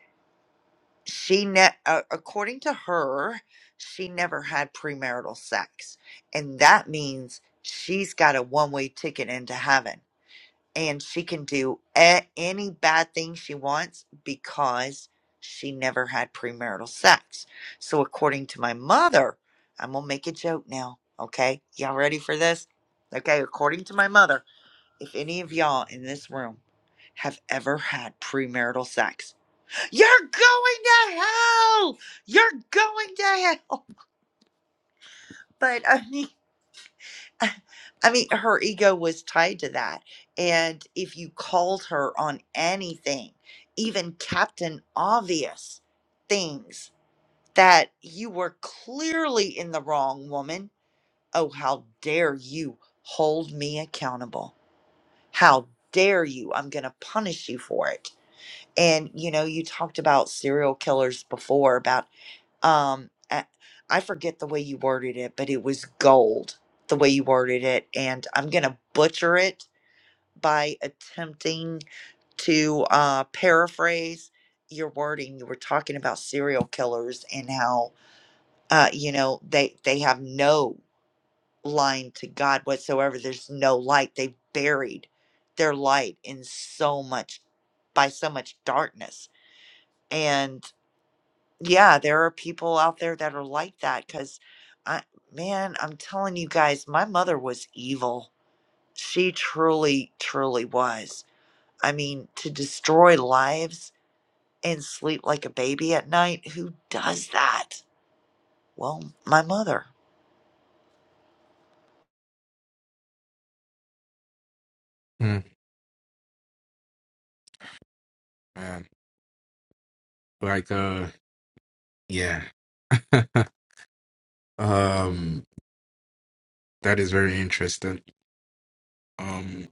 she, ne- uh, according to her, she never had premarital sex. And that means she's got a one way ticket into heaven and she can do a- any bad thing she wants because she never had premarital sex. So, according to my mother, I'm gonna make a joke now. Okay, y'all ready for this? Okay, according to my mother, if any of y'all in this room have ever had premarital sex, you're going to hell. You're going to hell. But I mean. I mean, her ego was tied to that. And if you called her on anything, even Captain Obvious things that you were clearly in the wrong, woman, oh, how dare you hold me accountable? How dare you? I'm going to punish you for it. And, you know, you talked about serial killers before, about um I I forget the way you worded it but it was gold the way you worded it and i'm gonna butcher it by attempting to uh paraphrase your wording you were talking about serial killers and how uh you know they they have no line to god whatsoever there's no light they've buried their light in so much by so much darkness and. yeah, there are people out there that are like that because I, man, I'm telling you guys, my mother was evil. She truly, truly was. I mean, to destroy lives and sleep like a baby at night, who does that? Well, my mother. Mm, man, like uh, yeah, um, that is very interesting. Um,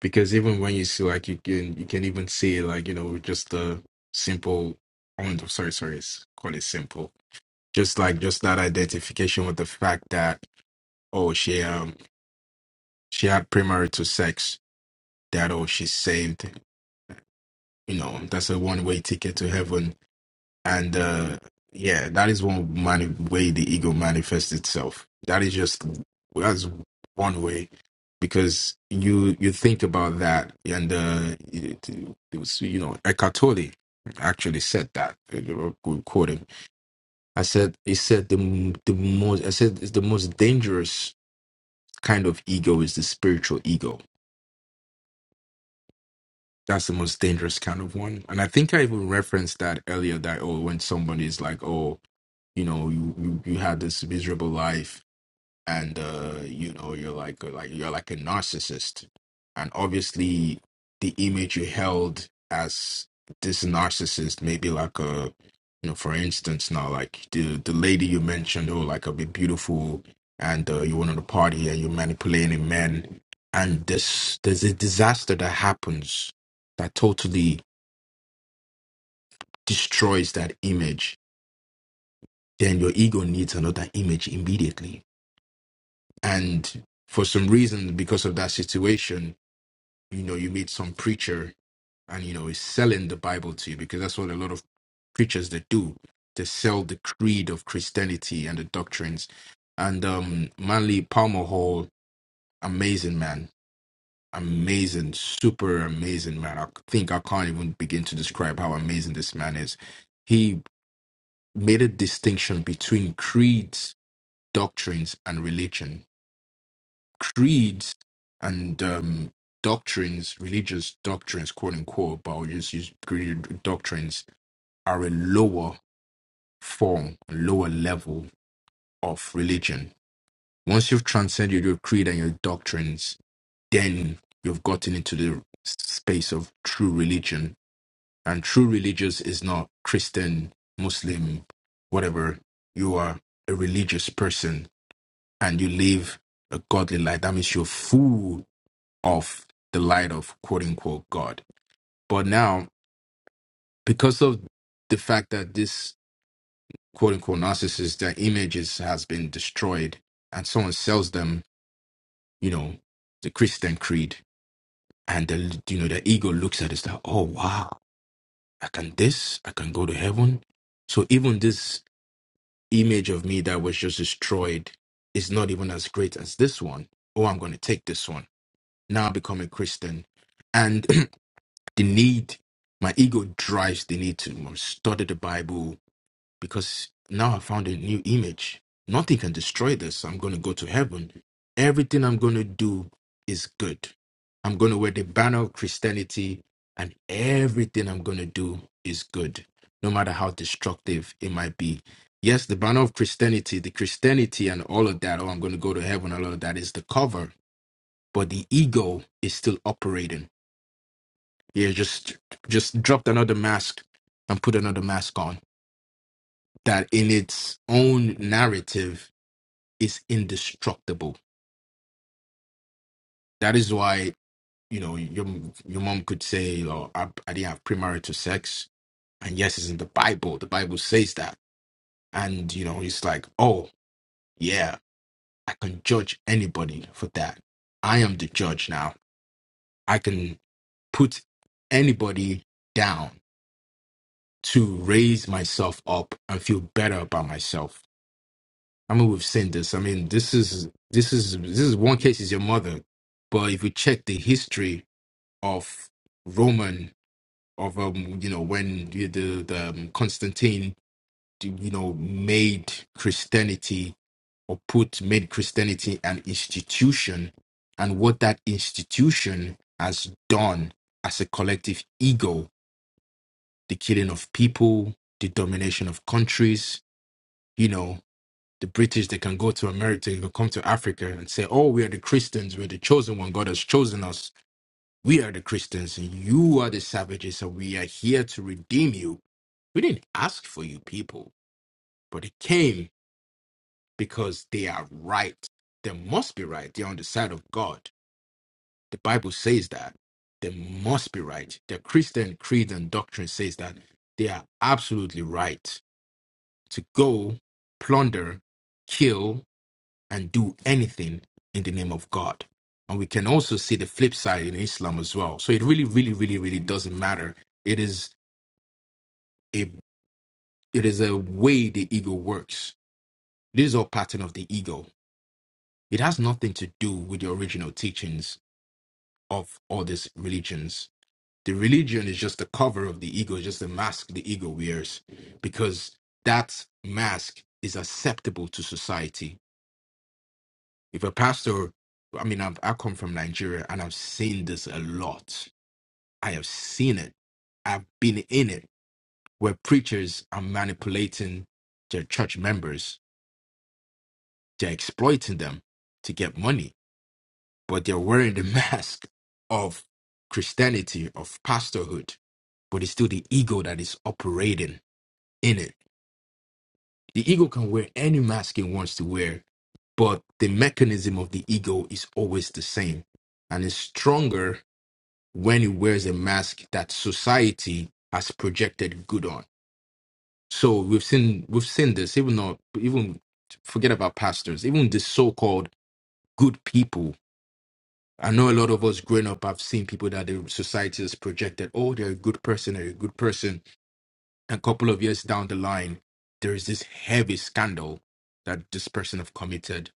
because even when you see like you can you can even see like you know just the simple. Oh, no, sorry, sorry, it's call it simple. Just like just that identification with the fact that oh she um she had premarital sex that oh she's saved. You know that's a one way ticket to heaven And uh, yeah, that is one mani- way the ego manifests itself. That is just that's one way because you you think about that, and uh, it, it was you know Eckhart Tolle actually said that. uh, Quote quote him. I said he said the the most I said it's the most dangerous kind of ego is the spiritual ego. That's the most dangerous kind of one. And I think I even referenced that earlier that oh when somebody is like oh you know you you, you have this miserable life and uh you know you're like uh, like you're like a narcissist and obviously the image you held as this narcissist maybe like a you know for instance now like the the lady you mentioned who like a bit beautiful and uh, you went on a party and you're manipulating men and this there's a disaster that happens that totally destroys that image then your ego needs another image immediately and for some reason because of that situation you know you meet some preacher and you know is selling the bible to you because that's what a lot of preachers they do they sell the creed of christianity and the doctrines and um manly palmer hall amazing man amazing super amazing man i think i can't even begin to describe how amazing this man is he made a distinction between creeds doctrines and religion creeds and um, doctrines, religious doctrines, quote unquote, but I'll just use creed doctrines, are a lower form, a lower level of religion. Once you've transcended your creed and your doctrines, then you've gotten into the space of true religion. And true religious is not Christian, Muslim, whatever. You are a religious person and you live a godly life. That means you're full of the light of quote unquote God. But now, because of the fact that this quote unquote narcissist, their images has been destroyed and someone sells them, you know, the Christian creed and the, you know, the ego looks at it, it's like, oh wow, I can this, I can go to heaven. So even this image of me that was just destroyed is not even as great as this one. Oh, I'm going to take this one. Now I become a Christian. the need my ego drives the need to um, study the bible because now i found a new image nothing can destroy this i'm going to go to heaven everything i'm going to do is good i'm going to wear the banner of christianity and everything i'm going to do is good no matter how destructive it might be yes the banner of christianity the christianity and all of that oh i'm going to go to heaven all of that is the cover but the ego is still operating yeah, just just dropped another mask and put another mask on that in its own narrative is indestructible. That is why, you know, your your mom could say, you know, I, I didn't have premarital sex. And yes, it's in the Bible. The Bible says that. And, you know, it's like, oh, yeah, I can judge anybody for that. I am the judge now. I can put anybody down to raise myself up and feel better about myself I mean, we've seen this. I mean, this is this is this is one case is your mother, but if you check the history of Roman of um, you know, when the the, the um, Constantine, you know, made Christianity or put made Christianity an institution, and what that institution has done as a collective ego, the killing of people, the domination of countries, you know. the British, they can go to America, they can come to Africa and say, Oh, we are the Christians, we're the chosen one. God has chosen us. We are the Christians, and you are the savages, and we are here to redeem you. We didn't ask for you people, but it came because they are right. They must be right. They're on the side of God. The Bible says that. They must be right. The Christian creed and doctrine says that they are absolutely right to go, plunder, kill, and do anything in the name of God. And we can also see the flip side in Islam as well. So it really, really, really, really doesn't matter. It is a it is a way the ego works. This is all pattern of the ego. It has nothing to do with the original teachings of all these religions. The religion is just the cover of the ego, just the mask the ego wears, because that mask is acceptable to society if a pastor i mean I've, i come from nigeria and i've seen this a lot i have seen it i've been in it where preachers are manipulating their church members they're exploiting them to get money but they're wearing the mask of christianity of pastorhood but it's still the ego that is operating in it the ego can wear any mask it wants to wear but the mechanism of the ego is always the same and it's stronger when he wears a mask that society has projected good on. So we've seen we've seen this even though even forget about pastors, even the so-called good people. I know a lot of us growing up have seen people that the society has projected, oh, they're a good person, they're a good person. A couple of years down the line, there is this heavy scandal that this person have committed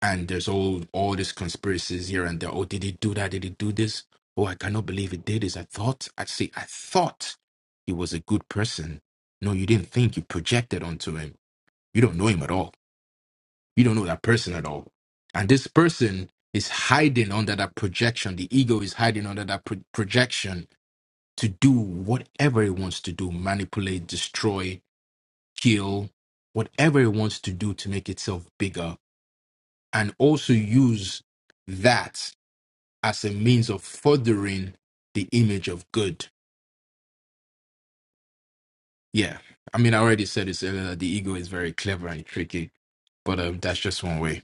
and there's all all these conspiracies here and there. Oh, did he do that? Did he do this? Oh, I cannot believe he did this. I thought I see. I thought he was a good person. No, you didn't think. You projected onto him. You don't know him at all. You don't know that person at all. And this person is hiding under that projection. The ego is hiding under that pro- projection to do whatever it wants to do: manipulate, destroy, kill, whatever it wants to do to make itself bigger, and also use that as a means of furthering the image of good. Yeah. I mean, I already said this earlier that the ego is very clever and tricky, but um, that's just one way.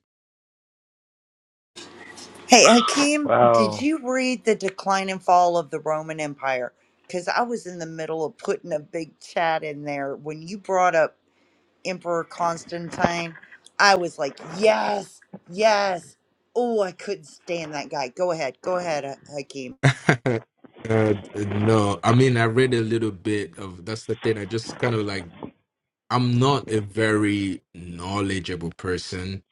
Hey, Hakeem, did Wow. you read The Decline and Fall of the Roman Empire? Because I was in the middle of putting a big chat in there when you brought up Emperor Constantine. I was like, yes, yes. Oh, I couldn't stand that guy. Go ahead, go ahead, Ha- Hakeem. uh, no, I mean, I read a little bit of that's the thing. I just kind of like, I'm not a very knowledgeable person,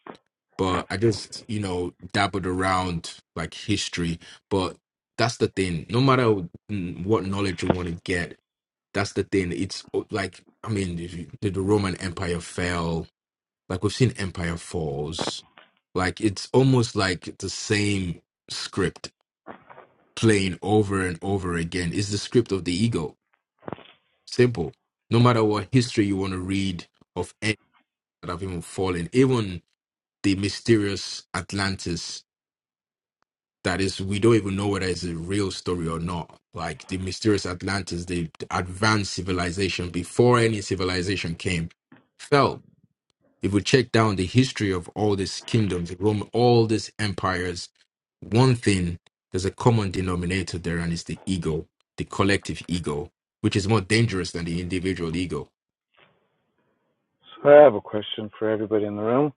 but I just, you know, dabbled around like history. But that's the thing. No matter mm, what knowledge you want to get, That's the thing. It's uh, like I mean, if the Roman Empire fell? Like we've seen Empire falls. Like it's almost like the same script playing over and over again. It's the script of the ego. Simple. No matter what history you want to read of any that have even fallen, even the mysterious Atlantis that is we don't even know whether it's a real story or not like the mysterious atlantis the advanced civilization before any civilization came fell if we check down the history of all these kingdoms rome all these empires one thing there's a common denominator there and it's the ego the collective ego which is more dangerous than the individual ego So I have a question for everybody in the room.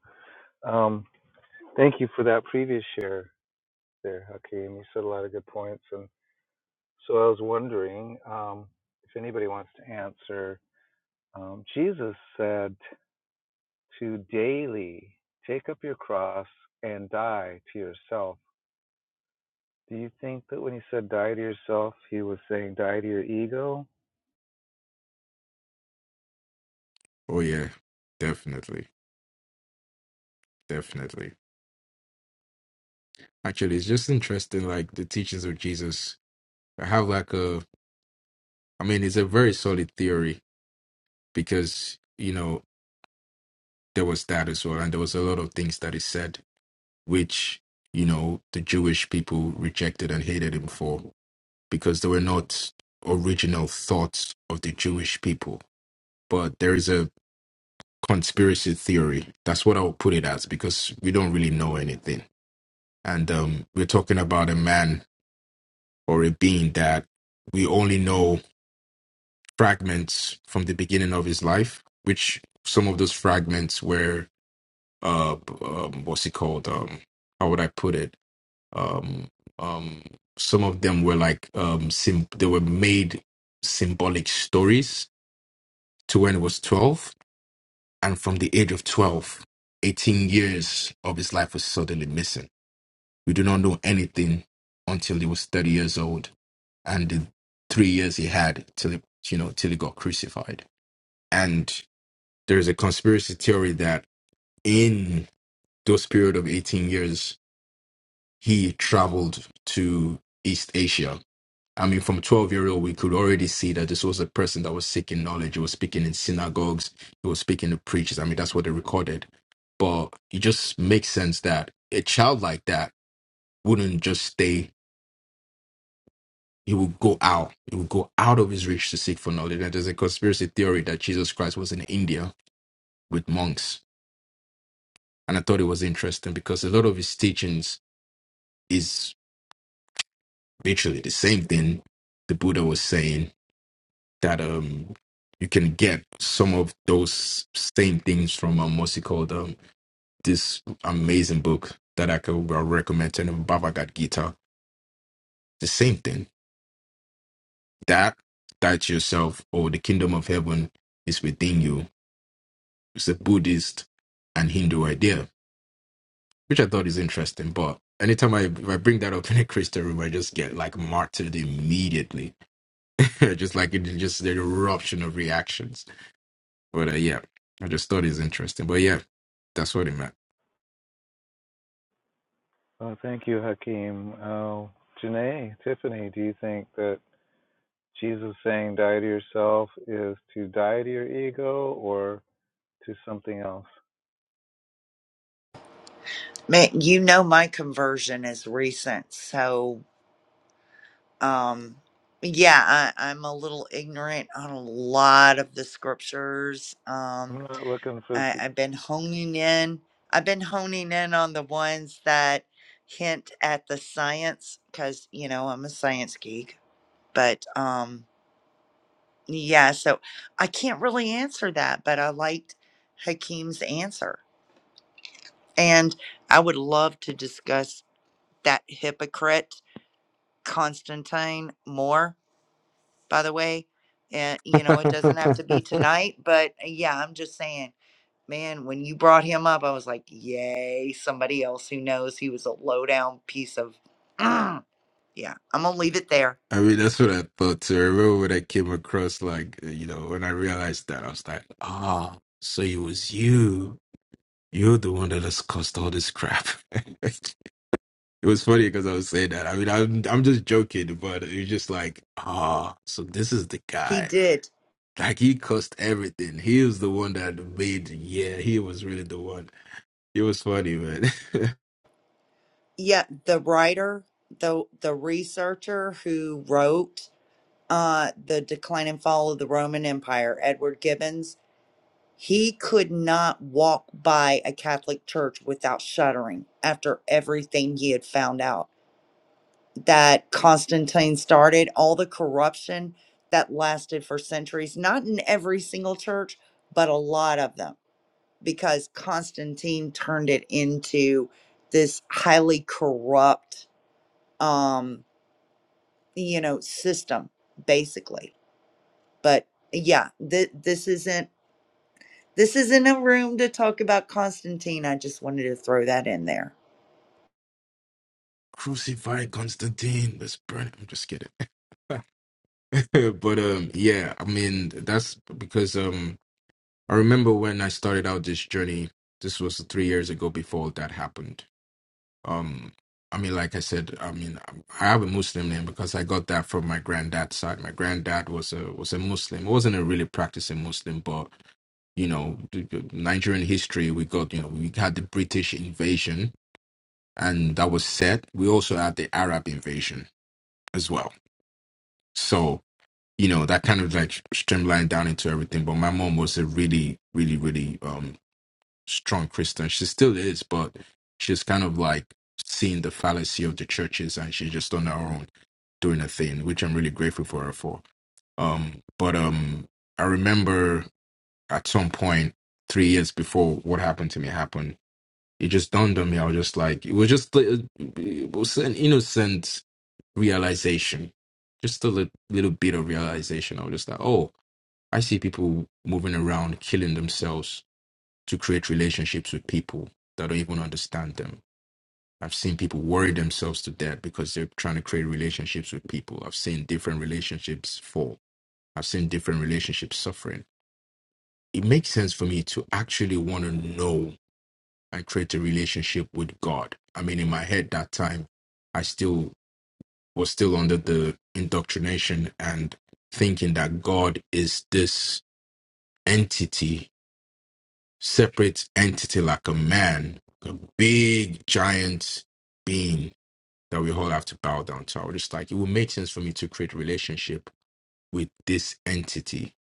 Um, thank you for that previous share there, Hakeem. You said a lot of good points. And so I was wondering um, if anybody wants to answer. Um, Jesus said to daily take up your cross and die to yourself. Do you think that when he said die to yourself, he was saying die to your ego? oh yeah definitely definitely actually it's just interesting like the teachings of jesus i have like a I mean, it's a very solid theory because, you know, there was that as well. And there was a lot of things that is said, which, you know, the Jewish people rejected and hated him for because they were not original thoughts of the Jewish people. But there is a conspiracy theory. That's what I'll put it as because we don't really know anything. And um, we're talking about a man or a being that we only know fragments from the beginning of his life, which some of those fragments were, uh, um, what's it called? Um, how would I put it? Um, um, some of them were like, um, sim- they were made symbolic stories to when he was 12. And from the age of 12, 18 years of his life was suddenly missing. We do not know anything until he was 30 years old and the three years he had till, he, you know, till he got crucified there's a conspiracy theory that in those period of 18 years he traveled to east asia i mean from 12 year old we could already see that this was a person that was seeking knowledge he was speaking in synagogues he was speaking to preachers i mean that's what they recorded but it just makes sense that a child like that wouldn't just stay he would go out he would go out of his reach to seek for knowledge and there's a conspiracy theory that jesus christ was in india with monks and i thought it was interesting because a lot of his teachings is literally the same thing the Buddha was saying that um you can get some of those same things from um what's it called um this amazing book that I could well recommend to them, Bhagavad Gita. The same thing that that yourself or the kingdom of heaven is within you. It's a Buddhist and Hindu idea, which I thought is interesting. But anytime I if I bring that up in a Christian room, I just get like martyred immediately just like it just the eruption of reactions. But uh, yeah, I just thought it's interesting. But yeah, that's what it meant. Oh, thank you, Hakeem. Oh, Janae, Tiffany, do you think that Jesus saying die to yourself is to die to your ego or to something else. Man, you know my conversion is recent, so um, yeah, I, I'm a little ignorant on a lot of the scriptures. I'm Um, not looking for I, th- I've been honing in. I've been honing in on the ones that hint at the science, because you know I'm a science geek. But um, Yeah, so I can't really answer that, but I liked Hakeem's answer. And I would love to discuss that hypocrite, Constantine, more, by the way. And, you know, it doesn't have to be tonight, but uh, yeah, I'm just saying, man, when you brought him up, I was like, yay, somebody else who knows he was a lowdown piece of. Mm. Yeah, I'm going to leave it there. I mean, that's what I thought too. I remember when I came across, like, uh, you know, when I realized that, I was like, ah, so it was you. You're the one that has caused all this crap. It was funny because I was saying that. I mean, I'm I'm just joking, but it was just like, ah, so this is the He guy. did. Like he cussed everything. He was the one that made. Yeah, he was really the one. It was funny, man. Yeah, the writer, the the researcher who wrote uh, the decline and fall of the Roman Empire, Edward Gibbons, he could not walk by a Catholic church without shuddering after everything he had found out that Constantine started, all the corruption that lasted for centuries, not in every single church, but a lot of them, because Constantine turned it into this highly corrupt, um, you know, system, basically but yeah, th- this isn't this isn't a room to talk about Constantine. I just wanted to throw that in there. Crucify Constantine. Let's burn him. I'm just kidding. but um, yeah. I mean, that's because um, I remember when I started out this journey. This was three years ago. Before that happened Um, I mean, like I said, I mean, um, I have a Muslim name because I got that from my granddad's side. My granddad was a was a Muslim. He wasn't a really practicing Muslim, but you know, the- the Nigerian history, we got, you know, we had the British invasion and that was set. We also had the Arab invasion as well. So, you know, that kind of like streamlined down into everything. But my mom was a really, really, really, um strong Christian. She still is, but she's kind of like seeing the fallacy of the churches and she's just on her own doing her thing, which I'm really grateful for her for. Um, but um, I remember at some point three years before what happened to me happened, it just dawned on me. I was just like, it was just li- it was an innocent realization, just a li- little bit of realization. I was just like, oh, I see people moving around, killing themselves to create relationships with people that don't even understand them. I've seen people worry themselves to death because they're trying to create relationships with people. I've seen different relationships fall. I've seen different relationships suffering. It makes sense for me to actually want to know and create a relationship with God. I mean, in my head that time, I still was still under the indoctrination and thinking that God is this entity separate entity like a man, a big giant being that we all have to bow down to. I was just like, it would make sense for me to create a relationship with this entity.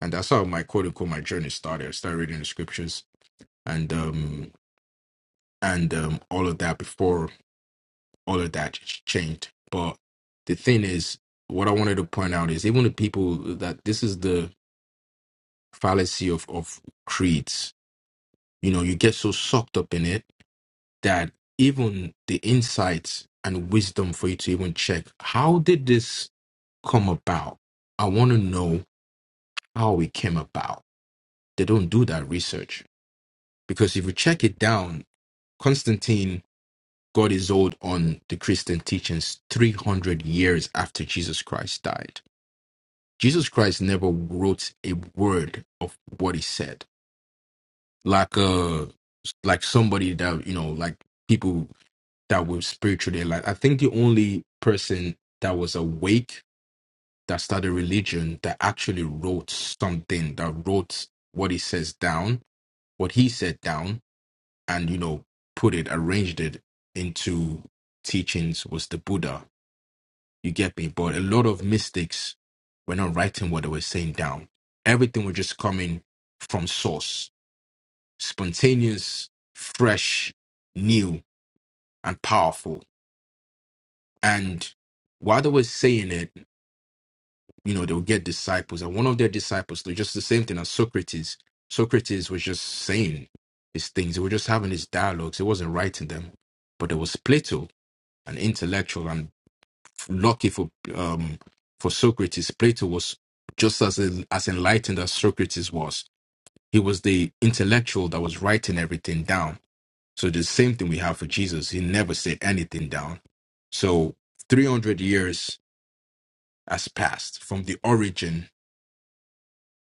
And that's how my quote unquote my journey started. I started reading the scriptures and um and um all of that before all of that changed. But the thing is, what I wanted to point out is even the people that this is the fallacy of of creeds. You know, you get so sucked up in it that even the insights and wisdom for you to even check how did this come about? I want to know how it came about. They don't do that research because if you check it down, Constantine got his hold on the Christian teachings 300 years after Jesus Christ died. Jesus Christ never wrote a word of what he said. Like uh like somebody that you know like people that were spiritually alive. I think the only person that was awake that started religion that actually wrote something that wrote what he says down, what he said down, and you know, put it, arranged it into teachings was the Buddha. You get me? But a lot of mystics were not writing what they were saying down. Everything was just coming from source, spontaneous, fresh, new, and powerful And while they were saying it, you know, they'll get disciples. And one of their disciples, they just the same thing as Socrates. Socrates was just saying his things. They were just having his dialogues. He wasn't writing them. But there was Plato, an intellectual, and lucky for um for Socrates, Plato was just as as enlightened as Socrates was. He was the intellectual that was writing everything down. So the same thing we have for Jesus. He never said anything down. So 300 years as past from the origin.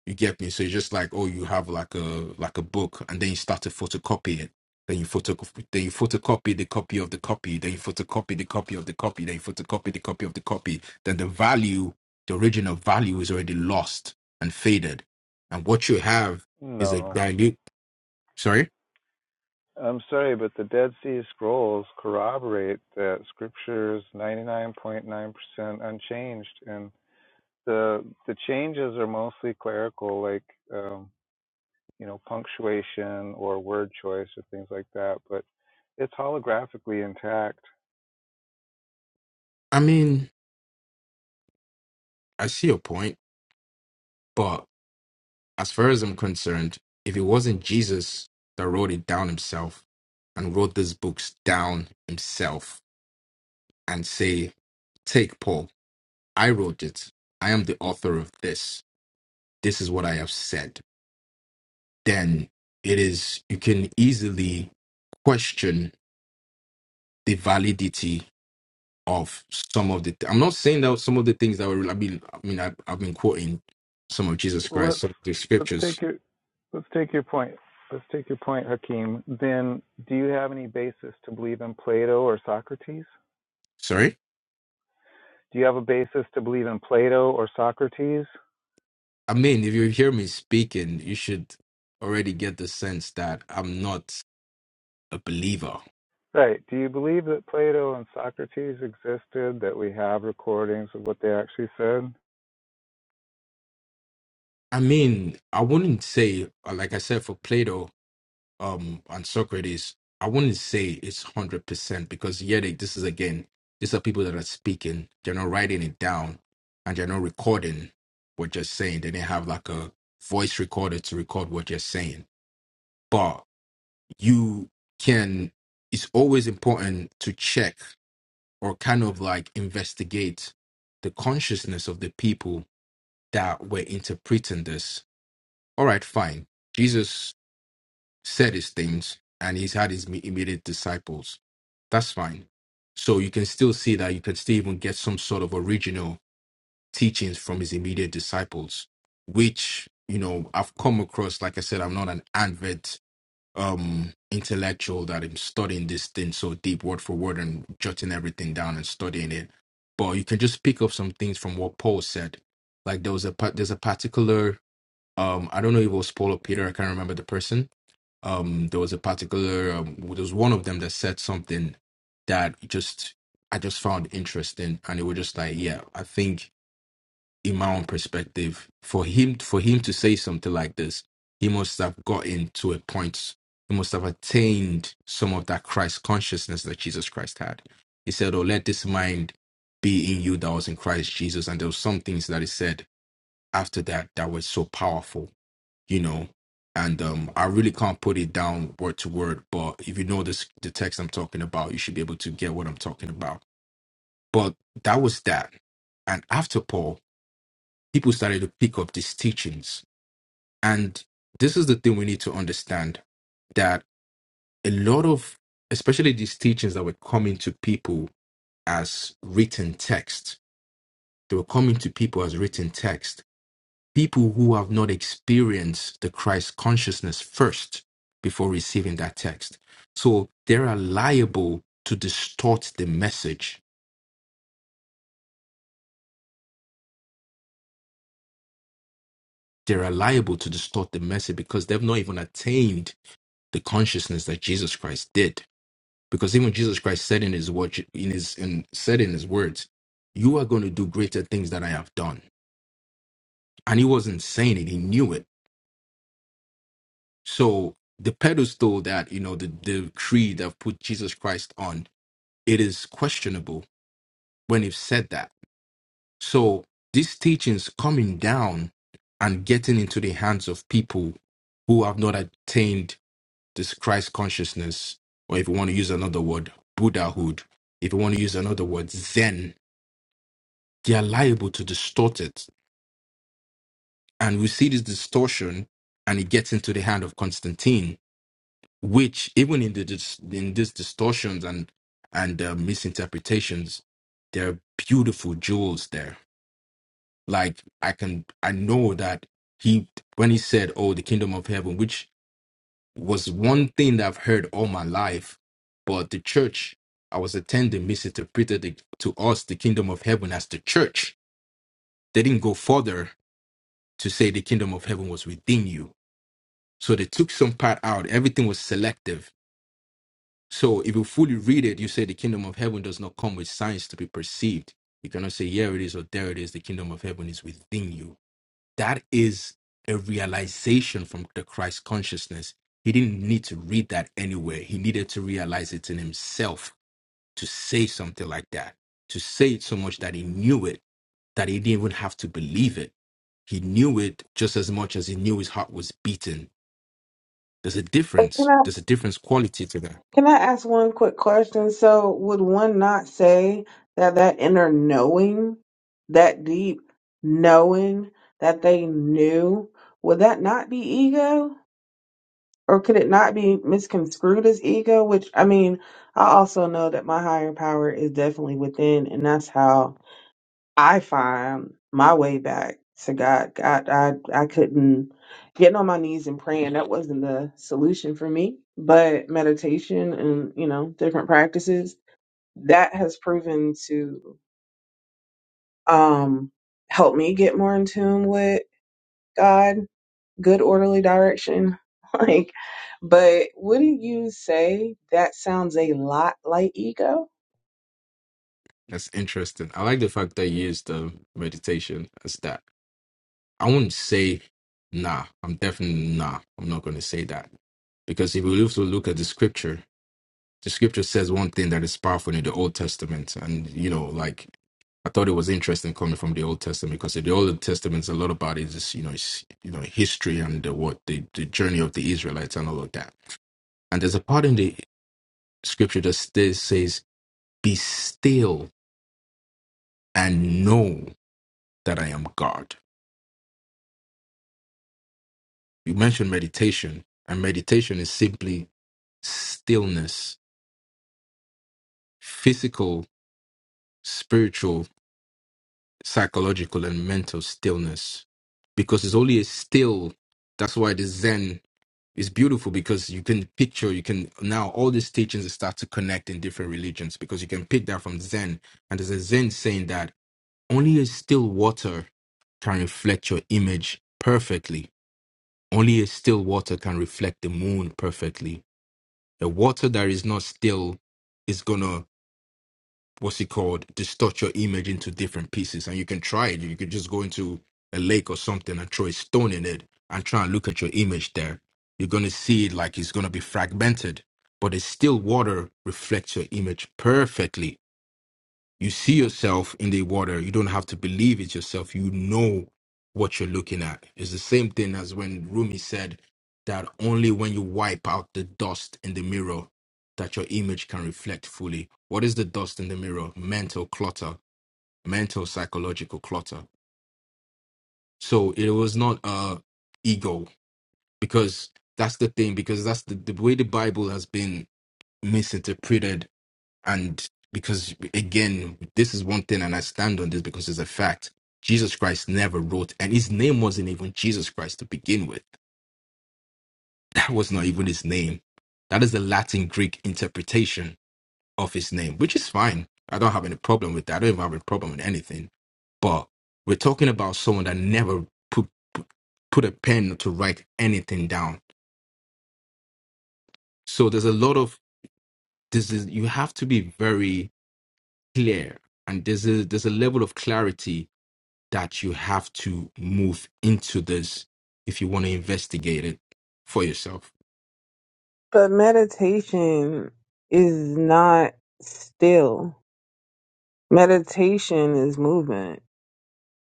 You get me? So it's just like, oh, you have like a like a book, and then you start to photocopy it. Then you photocopy, then you photocopy the copy of the copy. Then you photocopy the copy of the copy. Then you photocopy the copy of the copy. Then the value, the original value, is already lost and faded. And what you have is a no. dilute. Sorry, I'm sorry, but the Dead Sea Scrolls corroborate that Scripture is 99.9% unchanged, and the the changes are mostly clerical, like um, you know punctuation or word choice or things like that. But it's holographically intact. I mean, I see your point, but as far as I'm concerned, if it wasn't Jesus that wrote it down himself and wrote these books down himself and say, Take Paul, I wrote it. I am the author of this. This is what I have said. Then it is, you can easily question the validity of some of the, I'm not saying that some of the things that were, I mean, I mean I, I've been quoting some of Jesus Christ, let's some of the let's scriptures. take your let's take your point. Let's take your point, Hakeem. Then, do you have any basis to believe in Plato or Socrates? Sorry? Do you have a basis to believe in Plato or Socrates? I mean, if you hear me speaking, you should already get the sense that I'm not a believer. Right. Do you believe that Plato and Socrates existed? That we have recordings of what they actually said? I mean, I wouldn't say, uh, like I said, for Plato um, and Socrates, I wouldn't say it's 100% because, yet, it- this is again, these are people that are speaking, they're not writing it down, and they're not recording what you're saying. They didn't have like a voice recorder to record what you're saying. But you can, it's always important to check or kind of like investigate the consciousness of the people that were interpreting this. All right, fine. Jesus said his things and he's had his immediate disciples. That's fine. So you can still see that you can still even get some sort of original teachings from his immediate disciples, which, you know, I've come across. Like I said, I'm not an avid um intellectual that I'm studying this thing so deep word for word and jotting everything down and studying it. But you can just pick up some things from what Paul said. Like there was a part there's a particular um I don't know if it was Paul or Peter, I can't remember the person. Um there was a particular um there was one of them that said something that just I just found interesting and it was just like, yeah, I think in my own perspective, for him for him to say something like this, he must have gotten to a point. He must have attained some of that Christ consciousness that Jesus Christ had. He said, "Oh, let this mind be in you that was in Christ Jesus." And there were some things that he said after that that were so powerful, you know. And um, I really can't put it down word to word, but if you know this, the text I'm talking about, you should be able to get what I'm talking about. But that was that. And after Paul, people started to pick up these teachings. And this is the thing we need to understand that a lot of, especially these teachings that were coming to people as written text, they were coming to people as written text. People who have not experienced the Christ consciousness first before receiving that text. So they are liable to distort the message. They are liable to distort the message because they've not even attained the consciousness that Jesus Christ did because even Jesus Christ said in his word, in his in said in his words, "You are going to do greater things than I have done," and he wasn't saying it; he knew it. So the pedestal that you know the the creed that put Jesus Christ on it is questionable when he said that. So these teachings coming down and getting into the hands of people who have not attained this Christ consciousness, or if you want to use another word, Buddhahood, if you want to use another word, Zen they are liable to distort it. And we see this distortion, and it gets into the hand of Constantine, which even in the dis- in these distortions and and uh, misinterpretations, there are beautiful jewels there. Like I can I know that he when he said, "Oh, the kingdom of heaven," which was one thing that I've heard all my life, but the church I was attending misinterpreted it to us the kingdom of heaven as the church. They didn't go further to say the kingdom of heaven was within you. So they took some part out. Everything was selective. So if you fully read it, you say the kingdom of heaven does not come with signs to be perceived. You cannot say, here it is or there it is. The kingdom of heaven is within you. That is a realization from the Christ consciousness. He didn't need to read that anywhere. He needed to realize it in himself to say something like that, to say it so much that he knew it, that he didn't even have to believe it. He knew it just as much as he knew his heart was beating there's a But can difference. I There's a difference quality to that. can I ask one quick question? So would one not say that that inner knowing, that deep knowing that they knew, would that not be ego? or could it not be misconstrued as ego? Which I mean, I also know that my higher power is definitely within, and that's how I find my way back to God. God, I I couldn't getting on my knees and praying. That wasn't the solution for me. But meditation and you know different practices that has proven to um help me get more in tune with God good orderly direction. Like, but wouldn't you say that sounds a lot like ego? That's interesting. I like the fact that you used um, meditation as that. I wouldn't say nah. I'm definitely nah. I'm not going to say that because if we also look at the scripture, the scripture says one thing that is powerful in the Old Testament, and you know, like I thought it was interesting coming from the Old Testament because in the Old Testament, a lot about it is you know, it's, you know, history and the, what the, the journey of the Israelites and all of that. And there's a part in the scripture that stays, says, "Be still and know that I am God. You mentioned meditation, and meditation is simply stillness, physical, spiritual, psychological, and mental stillness. Because it's only a still, that's why the Zen is beautiful because you can picture, you can now all these teachings start to connect in different religions because you can pick that from Zen. And there's a Zen saying that only a still water can reflect your image perfectly Only a still water can reflect the moon perfectly. The water that is not still is gonna what's it called distort your image into different pieces. And you can try it. You could just go into a lake or something and throw a stone in it and try and look at your image there. You're gonna see it like it's gonna be fragmented. But a still water reflects your image perfectly you see yourself in the water. You don't have to believe it yourself. You know what you're looking at. It's the same thing as when Rumi said that only when you wipe out the dust in the mirror that your image can reflect fully. What is the dust in the mirror? Mental clutter, mental psychological clutter. So it was not uh ego because that's the thing because that's the, the way the Bible has been misinterpreted and because, again, this is one thing, and I stand on this because it's a fact. Jesus Christ never wrote, and his name wasn't even Jesus Christ to begin with. That was not even his name. That is the Latin Greek interpretation of his name, which is fine. I don't have any problem with that. I don't even have a problem with anything. But we're talking about someone that never put put a pen to write anything down. So there's a lot of this is you have to be very clear, and there's a there's a level of clarity that you have to move into this if you want to investigate it for yourself. But meditation is not still. Meditation is movement.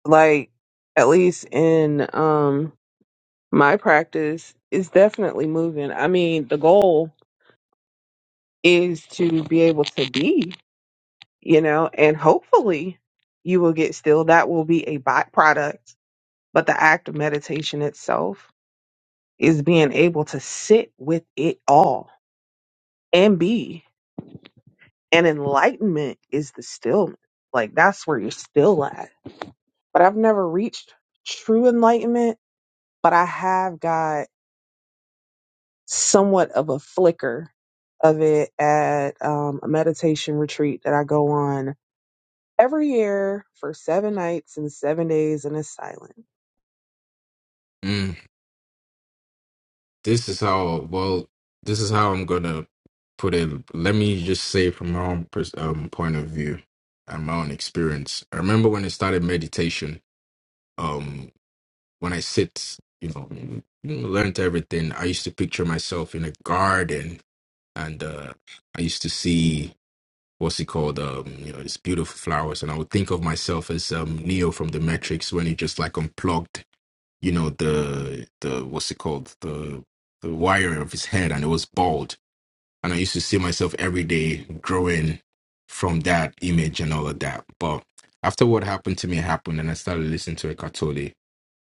Like, at least in um my practice, it's definitely moving. I mean, the goal is to be able to be. you know, and hopefully you will get still. That will be a byproduct. But the act of meditation itself is being able to sit with it all and be. And enlightenment is the stillness. Like that's where you're still at. But I've never reached true enlightenment, but I have got somewhat of a flicker of it at um, a meditation retreat that I go on every year for seven nights and seven days in a silent. Mm, this is how well. This is how I'm gonna put it. Let me just say from my own pers- um, point of view and my own experience. I remember when I started meditation. Um, when I sit, you know, learned everything. I used to picture myself in a garden, and uh, I used to see what's it called? Um, you know, these beautiful flowers. And I would think of myself as um Neo from the Matrix when he just like unplugged, you know, the the what's it called? The the wire of his head and it was bald. And I used to see myself every day growing from that image and all of that. But after what happened to me happened and I started listening to Eckhart Tolle,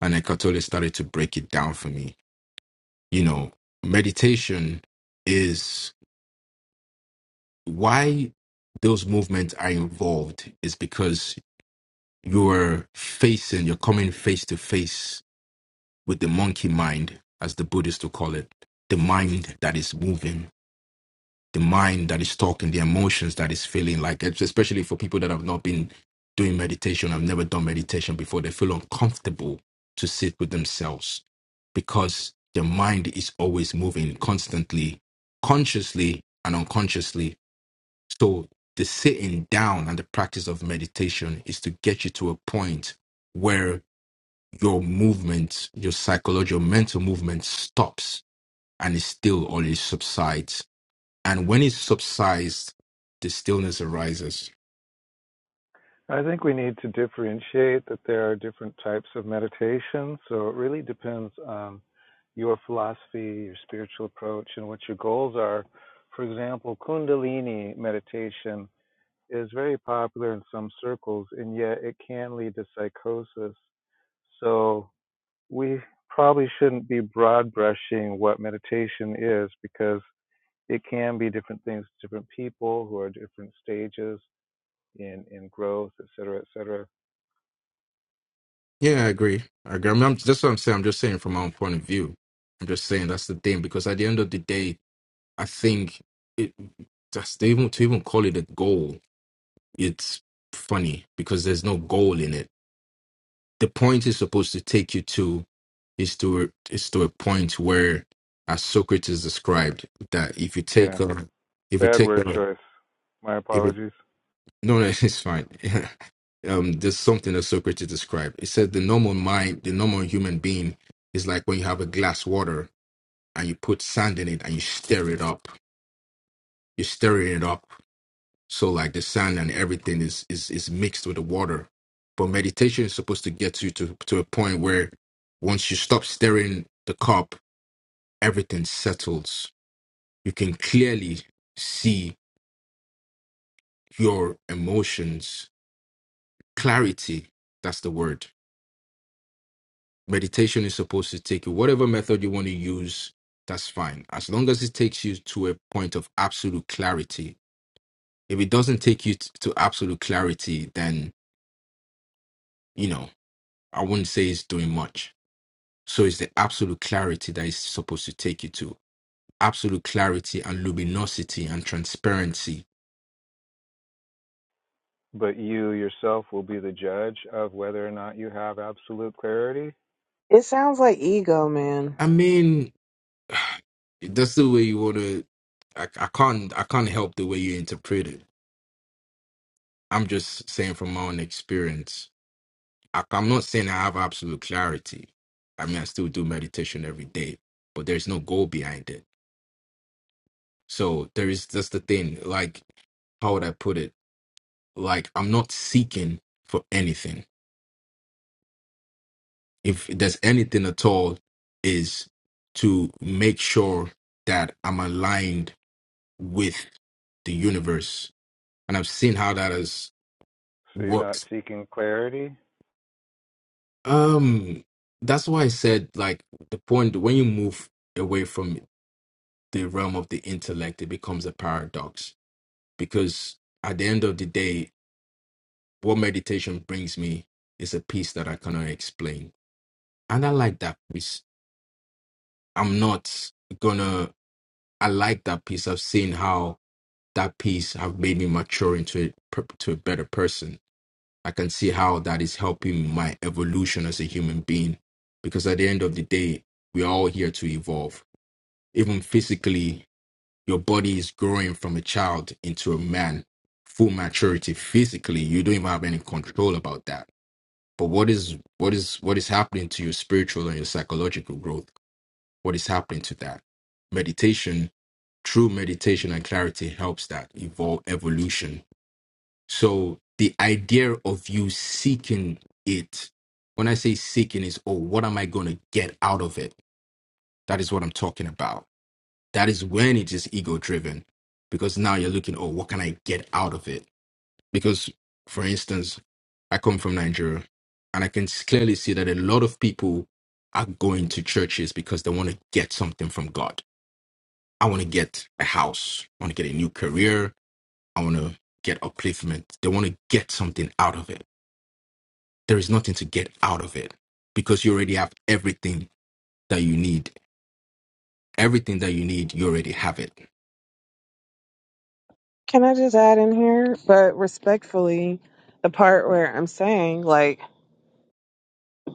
and Eckhart Tolle started to break it down for me. You know, meditation is why those movements are involved is because you're facing, you're coming face to face with the monkey mind, as the Buddhists will call it, the mind that is moving, the mind that is talking, the emotions that is feeling. Like it's especially for people that have not been doing meditation, have never done meditation before, they feel uncomfortable to sit with themselves because their mind is always moving constantly, consciously and unconsciously. So the sitting down and the practice of meditation is to get you to a point where your movement, your psychology, your mental movement stops and it still always subsides. And when it subsides, the stillness arises. I think we need to differentiate that there are different types of meditation. So it really depends on your philosophy, your spiritual approach, and what your goals are. For example, Kundalini meditation is very popular in some circles, and yet it can lead to psychosis. So we probably shouldn't be broad brushing what meditation is because it can be different things to different people who are at different stages in, in growth, et cetera, et cetera. Yeah, I agree. I agree. I'm, I'm, that's what I'm saying. I'm just saying from my own point of view. I'm just saying that's the thing because at the end of the day, I think it that's to even to even call it a goal. It's funny because there's no goal in it the point is supposed to take you to is to a- is to a point where, as Socrates described, that if you take Yeah, a, if you bad take word a, choice. My if it apologies. no, no, it's fine. um, there's something that Socrates described. It said the normal mind, the normal human being, is like when you have a glass water and you put sand in it and you stir it up. You stir it up So like the sand and everything is is is mixed with the water. But meditation is supposed to get you to to a point where once you stop stirring the cup, everything settles. You can clearly see your emotions. Clarity, that's the word. Meditation is supposed to take you whatever method you want to use, that's fine. As long as it takes you to a point of absolute clarity. If it doesn't take you t- to absolute clarity, then you know, I wouldn't say it's doing much So it's the absolute clarity that is supposed to take you to absolute clarity and luminosity and transparency. But you yourself will be the judge of whether or not you have absolute clarity. It sounds like ego, man. I mean, that's the way you want to. I, I can't. I can't help the way you interpret it. I'm just saying from my own experience. I, I'm not saying I have absolute clarity. I mean, I still do meditation every day, but there's no goal behind it. So there is. That's the thing. Like, how would I put it? Like, I'm not seeking for anything. if there's anything at all, is to make sure that I'm aligned with the universe. And I've seen how that has So you're not worked. seeking clarity. Um, that's why I said like the point when you move away from the realm of the intellect, it becomes a paradox because at the end of the day, what meditation brings me is a peace that I cannot explain. And I like that peace. I'm not gonna I like that peace. I've seen how that piece have made me mature into a, per- to a better person. I can see how that is helping my evolution as a human being because at the end of the day, we are all here to evolve. Even physically, your body is growing from a child into a man, full maturity physically. You don't even have any control about that. But what is what is what is happening to your spiritual and your psychological growth? What is happening to that? Meditation, true meditation and clarity helps that evolve evolution so the idea of you seeking it, when I say seeking, is oh, what am I going to get out of it? That is what I'm talking about. That is when it is ego driven because now you're looking, oh, what can I get out of it? Because, for instance, I come from Nigeria and I can s- clearly see that a lot of people are going to churches because they want to get something from God. I want to get a house, I want to get a new career, I want to get upliftment. They want to get something out of it there is nothing to get out of it because you already have everything that you need. Everything that you need, you already have it. Can I just add in here, but respectfully, the part where I'm saying like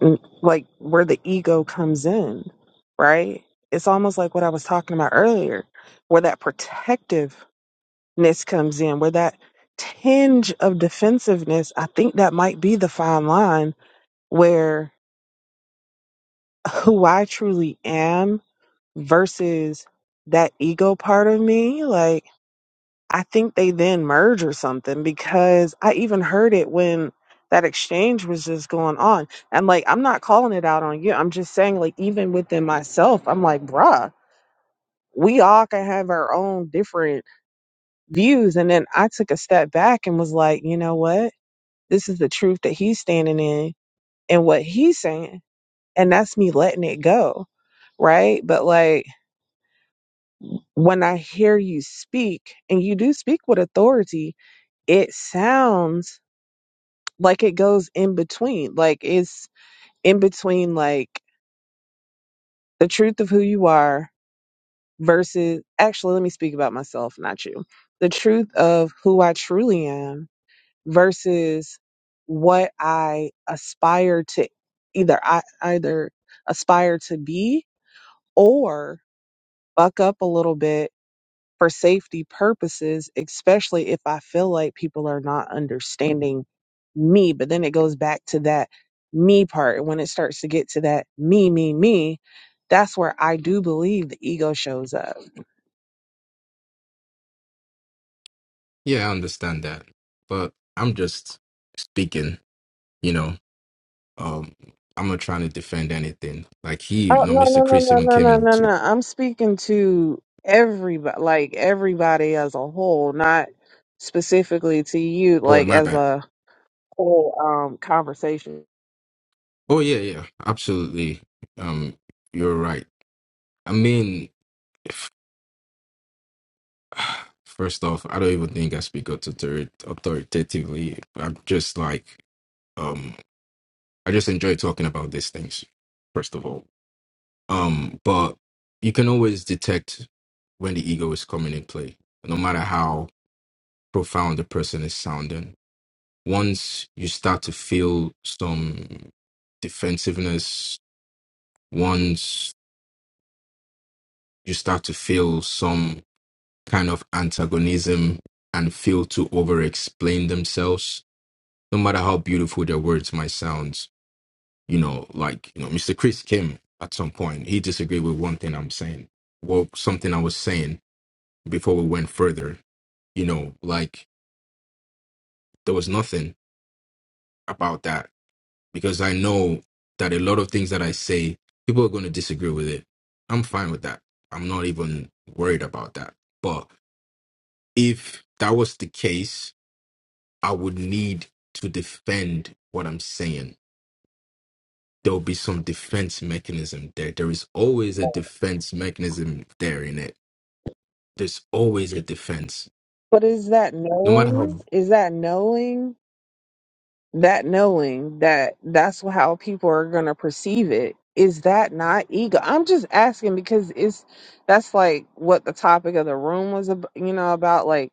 n- like where the ego comes in, right? It's almost like what I was talking about earlier, where that protectiveness comes in, where that tinge of defensiveness, I think that might be the fine line where who I truly am versus that ego part of me like i think they then merge or something because i even heard it when that exchange was just going on and like i'm not calling it out on you i'm just saying like even within myself i'm like bruh we all can have our own different views and then i took a step back and was like you know what this is the truth that he's standing in and what he's saying and that's me letting it go right but like when I hear you speak, and you do speak with authority, it sounds like it goes in between. Like it's in between, like the truth of who you are versus, actually, let me speak about myself, not you. The truth of who I truly am versus what I aspire to either, I either aspire to be or buck up a little bit for safety purposes, especially if I feel like people are not understanding me. But then it goes back to that me part. And When it starts to get to that me, me, me, that's where I do believe the ego shows up. Yeah, I understand that. But I'm just speaking, you know. Um, I'm not trying to defend anything. Like he, you Oh know, no Mr. no no Chris no even no came in no and no no! said, I'm speaking to everybody, like everybody as a whole, not specifically to you, Oh, like my as bad. a whole um conversation. Oh yeah, yeah. Absolutely. Um, you're right. I mean if- first off, I don't even think I speak authori- authoritatively. I'm just like um, I just enjoy talking about these things, first of all. Um, but you can always detect when the ego is coming in play, no matter how profound the person is sounding. Once you start to feel some defensiveness, once you start to feel some kind of antagonism and feel to over explain themselves, no matter how beautiful their words might sound, you know, like you know, Mr. Chris Kim at some point he disagreed with one thing I'm saying, well, something I was saying before we went further. You know, like there was nothing about that because I know that a lot of things that I say, people are going to disagree with it. I'm fine with that. I'm not even worried about that. But if that was the case, I would need to defend what I'm saying. There will be some defense mechanism there. There is always a defense mechanism there in it There's always a defense, But is that no matter how. knowing? Is that knowing? That knowing that that's how people are going to perceive it. Is that not ego? I'm just asking because it's that's like what the topic of the room was, ab- you know, about like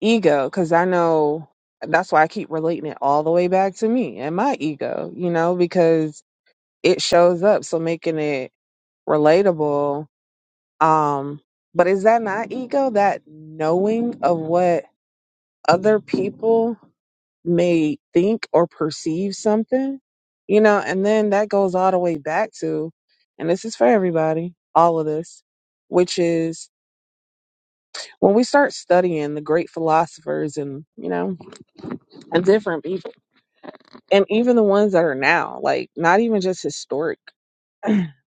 ego. Because I know that's why I keep relating it all the way back to me and my ego, you know, because it shows up. So making it relatable Um, but is that not ego? That knowing of what other people may think or perceive something, you know, and then that goes all the way back to, and this is for everybody, all of this, which is when we start studying the great philosophers and, you know, and different people, and even the ones that are now, like not even just historic,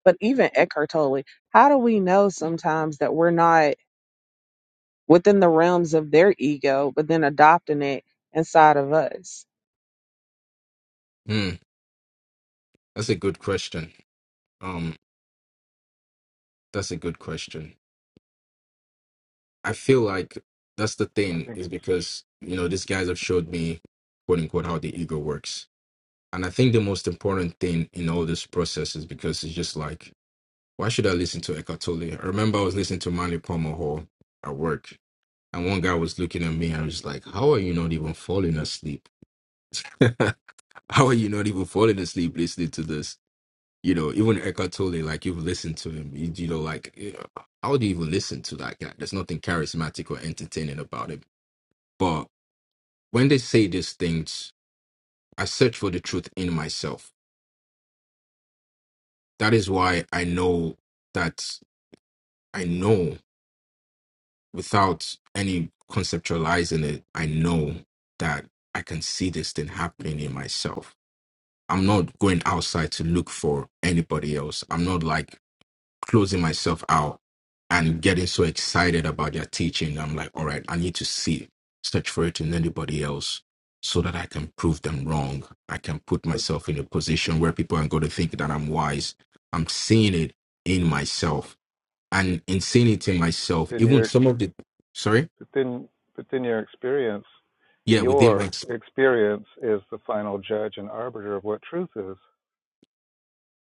but even Eckhart Tolle, how do we know sometimes that we're not? within the realms of their ego, but then adopting it inside of us. Hmm, that's a good question. Um, that's a good question. I feel like that's the I thing think is it's because you know these guys have showed me, quote unquote, how the ego works. And I think the most important thing in all this process is because it's just like, why should I listen to Eckhart Tolle? I remember I was listening to Manly Palmer Hall at work, and one guy was looking at me and I was like, "How are you not even falling asleep? how are you not even falling asleep listening to this?" You know, even Eckhart Tolle, like you've listened to him, you, you know, like eh, how do you even listen to that guy? There's nothing charismatic or entertaining about him. But when they say these things, I search for the truth in myself. That is why I know that I know without any conceptualizing it, I know that I can see this thing happening in myself. I'm not going outside to look for anybody else. I'm not like closing myself out and getting so excited about their teaching. I'm like, all right, I need to see, search for it in anybody else so that I can prove them wrong. I can put but myself in a position where people are going to think that I'm wise. I'm seeing it in myself. And in seeing but it in myself, in even your some of the, sorry? but then but then your experience, Yeah, within my, your experience is the final judge and arbiter of what truth is.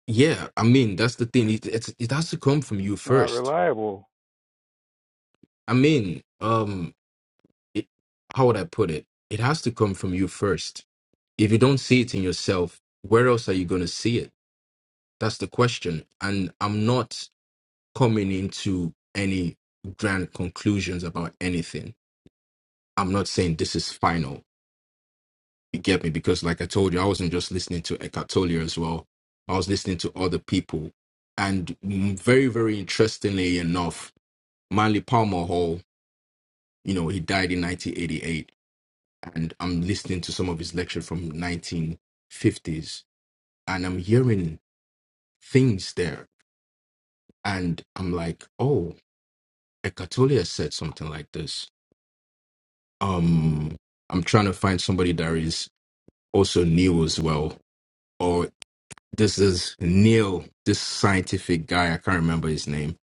yeah, I mean, that's the thing. It, it's it has to come from you It's not first. reliable. I mean, um, it, how would I put it? It has to come from you first if you don't see it in yourself, where else are you going to see it? That's the question. And I'm not coming into any grand conclusions about anything. I'm not saying this is final. You get me? Because, like I told you, I wasn't just listening to Eckhart Tolle as well. I was listening to other people. And mm, very, very interestingly enough, Manly Palmer Hall, you know, he died in 1988. And I'm listening to some of his lecture from 1950s. And I'm hearing things there and I'm like, oh, Eckhart said something like this. Um, I'm trying to find somebody that is also new as well, or this is Neil, this scientific guy. I can't remember his name.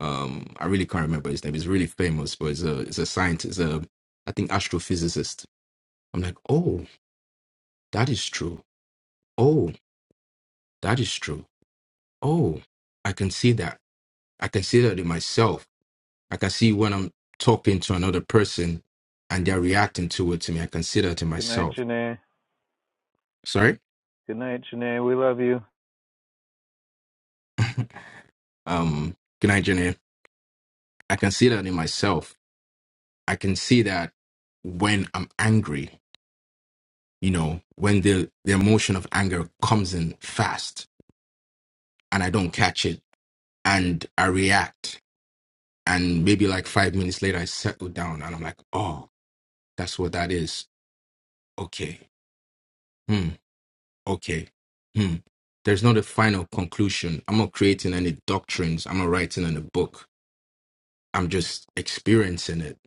Um, I really can't remember his name. He's really famous, but he's a he's a scientist, a I think astrophysicist. I'm like, oh, that is true. Oh, that is true. Oh, I can see that. I can see that in myself I can see when I'm talking to another person and they're reacting to it to me. I can see that in Good night, myself. Janae. Sorry. Good night, Janae. We love you. Um, good night, Jenny. I can see that in myself. I can see that when I'm angry, you know, when the, the emotion of anger comes in fast and I don't catch it and I react. And maybe like five minutes later, I settle down and I'm like, oh, that's what that is. Okay. Hmm. Okay. Hmm. There's not a final conclusion. I'm not creating any doctrines. I'm not writing in a book. I'm just experiencing it.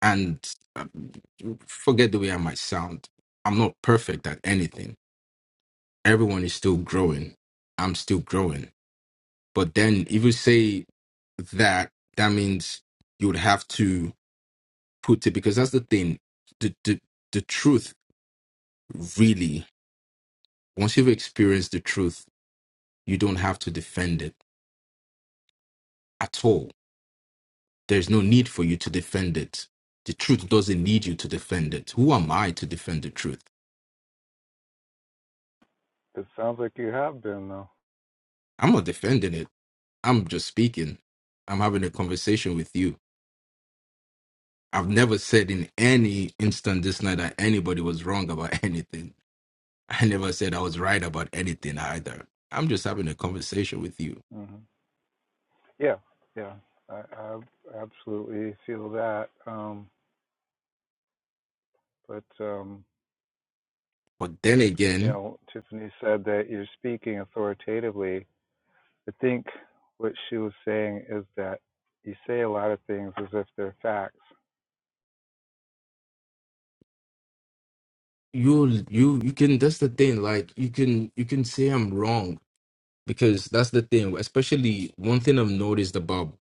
And uh, forget the way I might sound. I'm not perfect at anything. Everyone is still growing. I'm still growing. But then if you say that, that means you would have to put it because that's the thing. The the, the truth really, once you've experienced the truth, you don't have to defend it at all There's no need for you to defend it. The truth doesn't need you to defend it. Who am I to defend the truth? It sounds like you have been though. I'm not defending it. I'm just speaking. I'm having a conversation with you. I've never said in any instant this night that anybody was wrong about anything. I never said I was right about anything either. I'm just having a conversation with you. hmm Yeah, yeah, I, I absolutely feel that. Um, but um, But then you again, know, Tiffany said that you're speaking authoritatively. I think what she was saying is that you say a lot of things as if they're facts. you you you can that's the thing like you can you can say i'm wrong because that's the thing especially one thing i've noticed about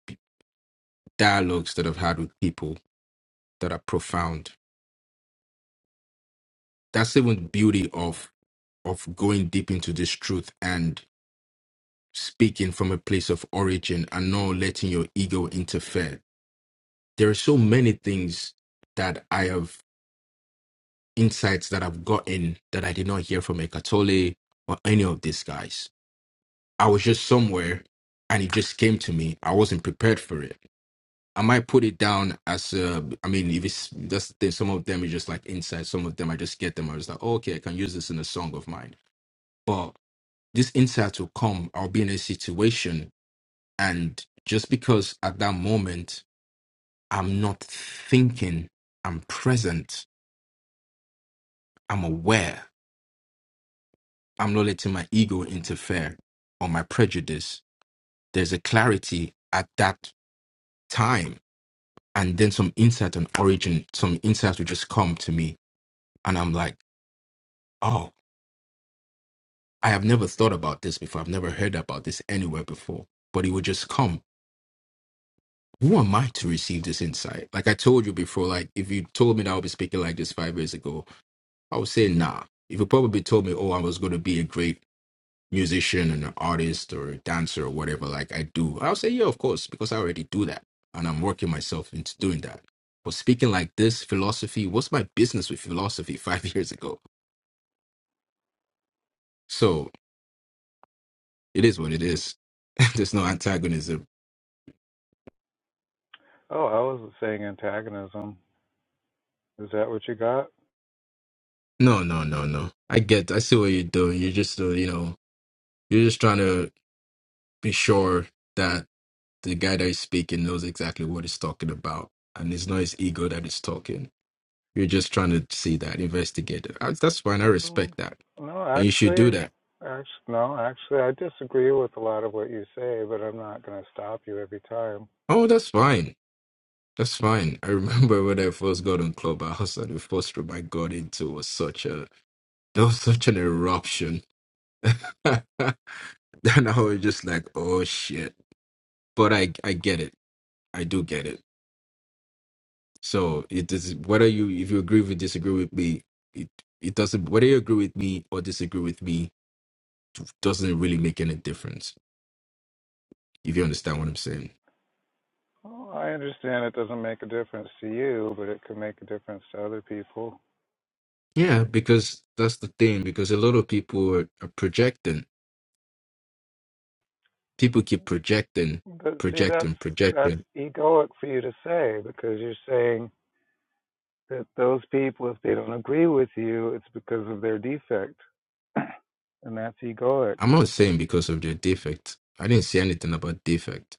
dialogues that I've had with people that are profound. That's even the beauty of of going deep into this truth and speaking from a place of origin and not letting your ego interfere. There are so many things that I have insights that I've gotten that I did not hear from Ekatole or any of these guys. I was just somewhere and it just came to me. I wasn't prepared for it I might put it down as uh, I mean, if it's that's the thing, some of them is just like insight. some of them I just get them. I was like, oh, okay, I can use this in a song of mine. But this insight will come. I'll be in a situation, and just because at that moment I'm not thinking, I'm present, I'm aware, I'm not letting my ego interfere or my prejudice. There's a clarity at that time, and then some insight on origin, some insights will just come to me, and I'm like, oh. I have never thought about this before. I've never heard about this anywhere before. But it would just come. Who am I to receive this insight? Like I told you before, like if you told me that I would be speaking like this five years ago, I would say nah. If you probably told me, oh, I was going to be a great musician and an artist or a dancer or whatever, like I do, I'll say yeah, of course, because I already do that, and I'm working myself into doing that. But speaking like this, philosophy, what's my business with philosophy five years ago? So it is what it is. There's no antagonism Oh, I wasn't saying antagonism. Is that what you got? No, no, no, no. I get. I see what you're doing. You're just, uh, you know, you're just trying to be sure that the guy that is speaking knows exactly what he's talking about, and it's not his ego that is talking. You're just trying to see that, investigate it. Uh, That's fine. I Mm, respect that, no, and you should do actually, that. actually, no, actually, I disagree with a lot of what you say, but I'm not going to stop you every time. Oh, that's fine. That's fine. I remember when I first got on Clubhouse, and the first room I got into was such a there was such an eruption. then I was just like, oh shit. But I I get it I do get it. So it is whether you if you agree with disagree with me, it it doesn't whether you agree with me or disagree with me doesn't really make any difference. If you understand what I'm saying. Well, I understand it doesn't make a difference to you, but it could make a difference to other people. Yeah, because that's the thing, because a lot of people are, are projecting. But People keep projecting, but see, that's projecting, that's projecting. egoic for you to say because you're saying that those people, if they don't agree with you, it's because of their defect, and that's egoic. I'm not saying because of their defect. I didn't say anything about defect.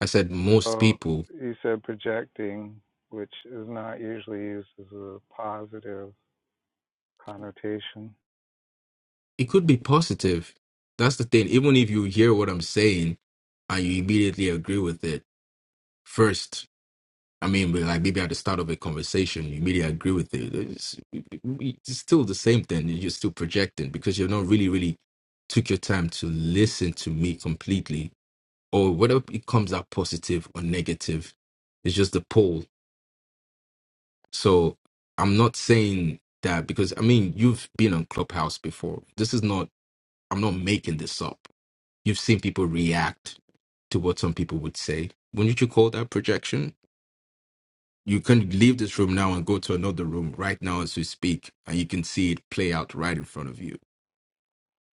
I said most Well, people. you said projecting, which is not usually used as a positive connotation. It could be positive. That's the thing. Even if you hear what I'm saying and you immediately agree with it, first. I mean, but like maybe at the start of a conversation, you immediately agree with it. It's, it's still the same thing. You're still projecting because you're not really, really took your time to listen to me completely, or whether it comes out positive or negative, it's just the poll. So I'm not saying that because I mean you've been on Clubhouse before. This is not. I'm not making this up. You've seen people react to what some people would say. Wouldn't you call that projection? You can leave this room now and go to another room right now as we speak, and you can see it play out right in front of you.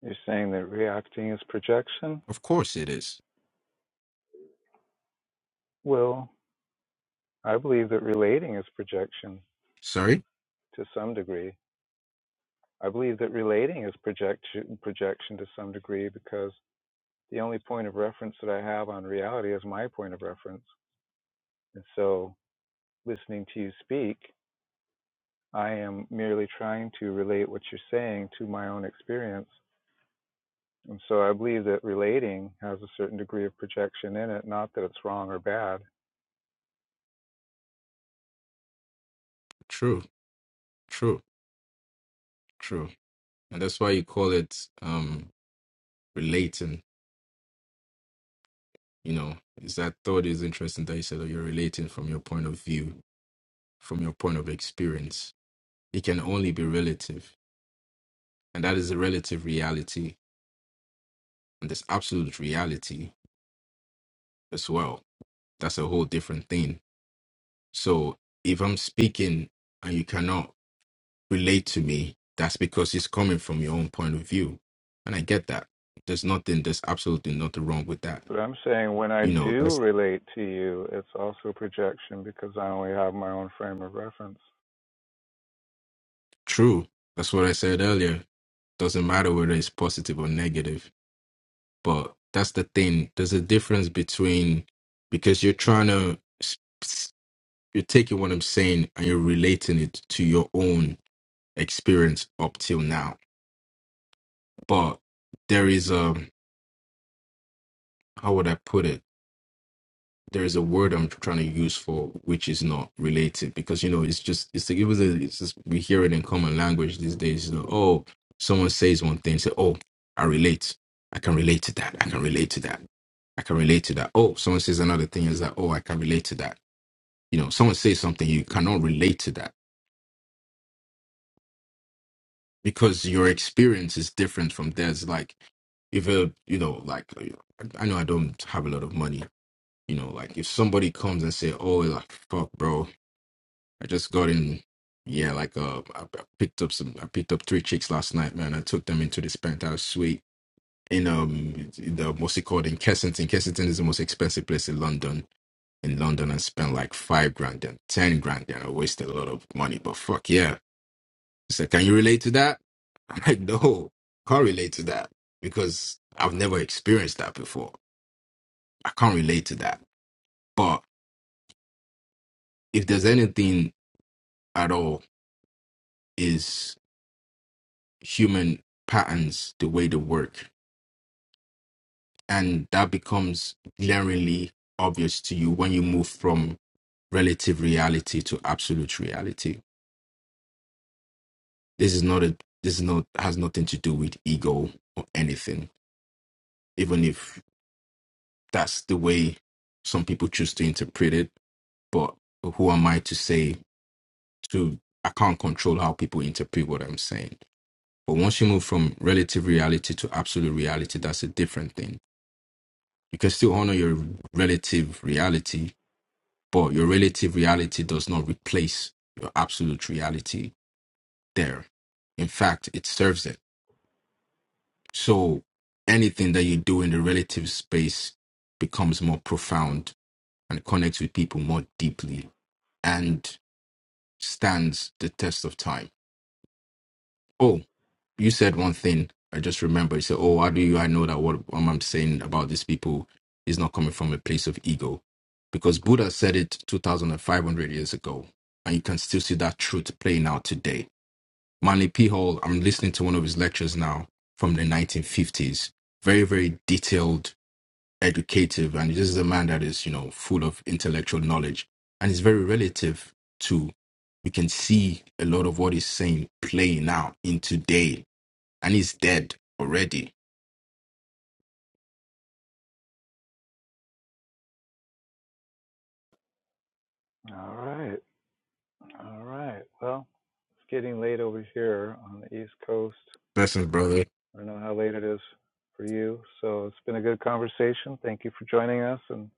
You're saying that reacting is projection. Of course it is. Well, I believe that relating is projection. Sorry? to some degree. I believe that relating is projection projection to some degree because the only point of reference that I have on reality is my point of reference. And so listening to you speak, I am merely trying to relate what you're saying to my own experience. And so I believe that relating has a certain degree of projection in it, not that it's wrong or bad. True, true, true. And that's why you call it um relating, you know. Is that thought is interesting that you said that you're relating from your point of view, from your point of experience. It can only be relative. And that is a relative reality. And there's absolute reality as well. That's a whole different thing. So if I'm speaking and you cannot relate to me, that's because it's coming from your own point of view. And I get that. There's nothing, there's absolutely nothing wrong with that. But I'm saying when I You know, do that's relate to you, it's also projection because I only have my own frame of reference. true. That's what I said earlier. Doesn't matter whether it's positive or negative. But that's the thing. There's a difference between because you're trying to, s- s- you're taking what I'm saying and you're relating it to your own experience up till now. But there is a, how would I put it? there is a word I'm trying to use for which is not related because you know it's just it's like it was a it's just we hear it in common language these days. You know, oh, someone says one thing, say, oh, I relate, I can relate to that, I can relate to that, I can relate to that. Oh, someone says another thing is that oh, I can relate to that. You know, someone says something you cannot relate to that because your experience is different from theirs. Like if a you know like I know I don't have a lot of money. You know, like if somebody comes and say, "Oh, like fuck, bro," I just got in. Yeah, like uh, I, I picked up some. I picked up three chicks last night, man. I took them into this penthouse suite in um in the what's it called in Kensington. Kensington is the most expensive place in London. In London, I spent like five grand and ten grand, and I wasted a lot of money. But fuck yeah! He said, "Can you relate to that?" I'm like, "No, can't relate to that because I've never experienced that before. I can't relate to that." But if there's anything at all, human patterns the way they work and that becomes glaringly obvious to you when you move from relative reality to absolute reality this is not a this is not has nothing to do with ego or anything even if that's the way some people choose to interpret it but who am i to say to i can't control how people interpret what i'm saying but once you move from relative reality to absolute reality that's a different thing You can still honor your relative reality, but your relative reality does not replace your absolute reality there. In fact, it serves it. So anything that you do in the relative space becomes more profound and connects with people more deeply and stands the test of time Oh, you said one thing. I just remember. You said, "Oh, how do you? I know that what I'm saying about these people is not coming from a place of ego, because Buddha said it 2,500 years ago, and you can still see that truth playing out today." Manly P. Hall. I'm listening to one of his lectures now from the 1950s. Very, very detailed, educative, and this is a man that is, you know, full of intellectual knowledge, and it's very relative to. We can see a lot of what he's saying playing out in today and he's dead already. All right. All right. Well, it's getting late over here on the East Coast. Blessings, brother. I don't know how late it is for you. So it's been a good conversation. Thank you for joining us and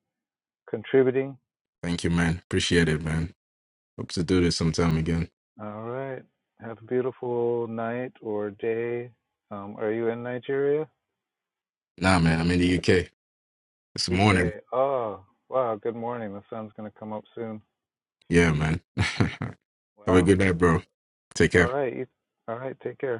contributing. Thank you, man. Appreciate it, man. Hope to do this sometime again. All right. Have a beautiful night or day. Um, are you in Nigeria? Nah, man, I'm in the UK. It's morning. UK. Oh, wow. Good morning. The sun's going to come up soon. Yeah, man. Have a Wow. good night, bro. Take All care. right. You, all right. Take care.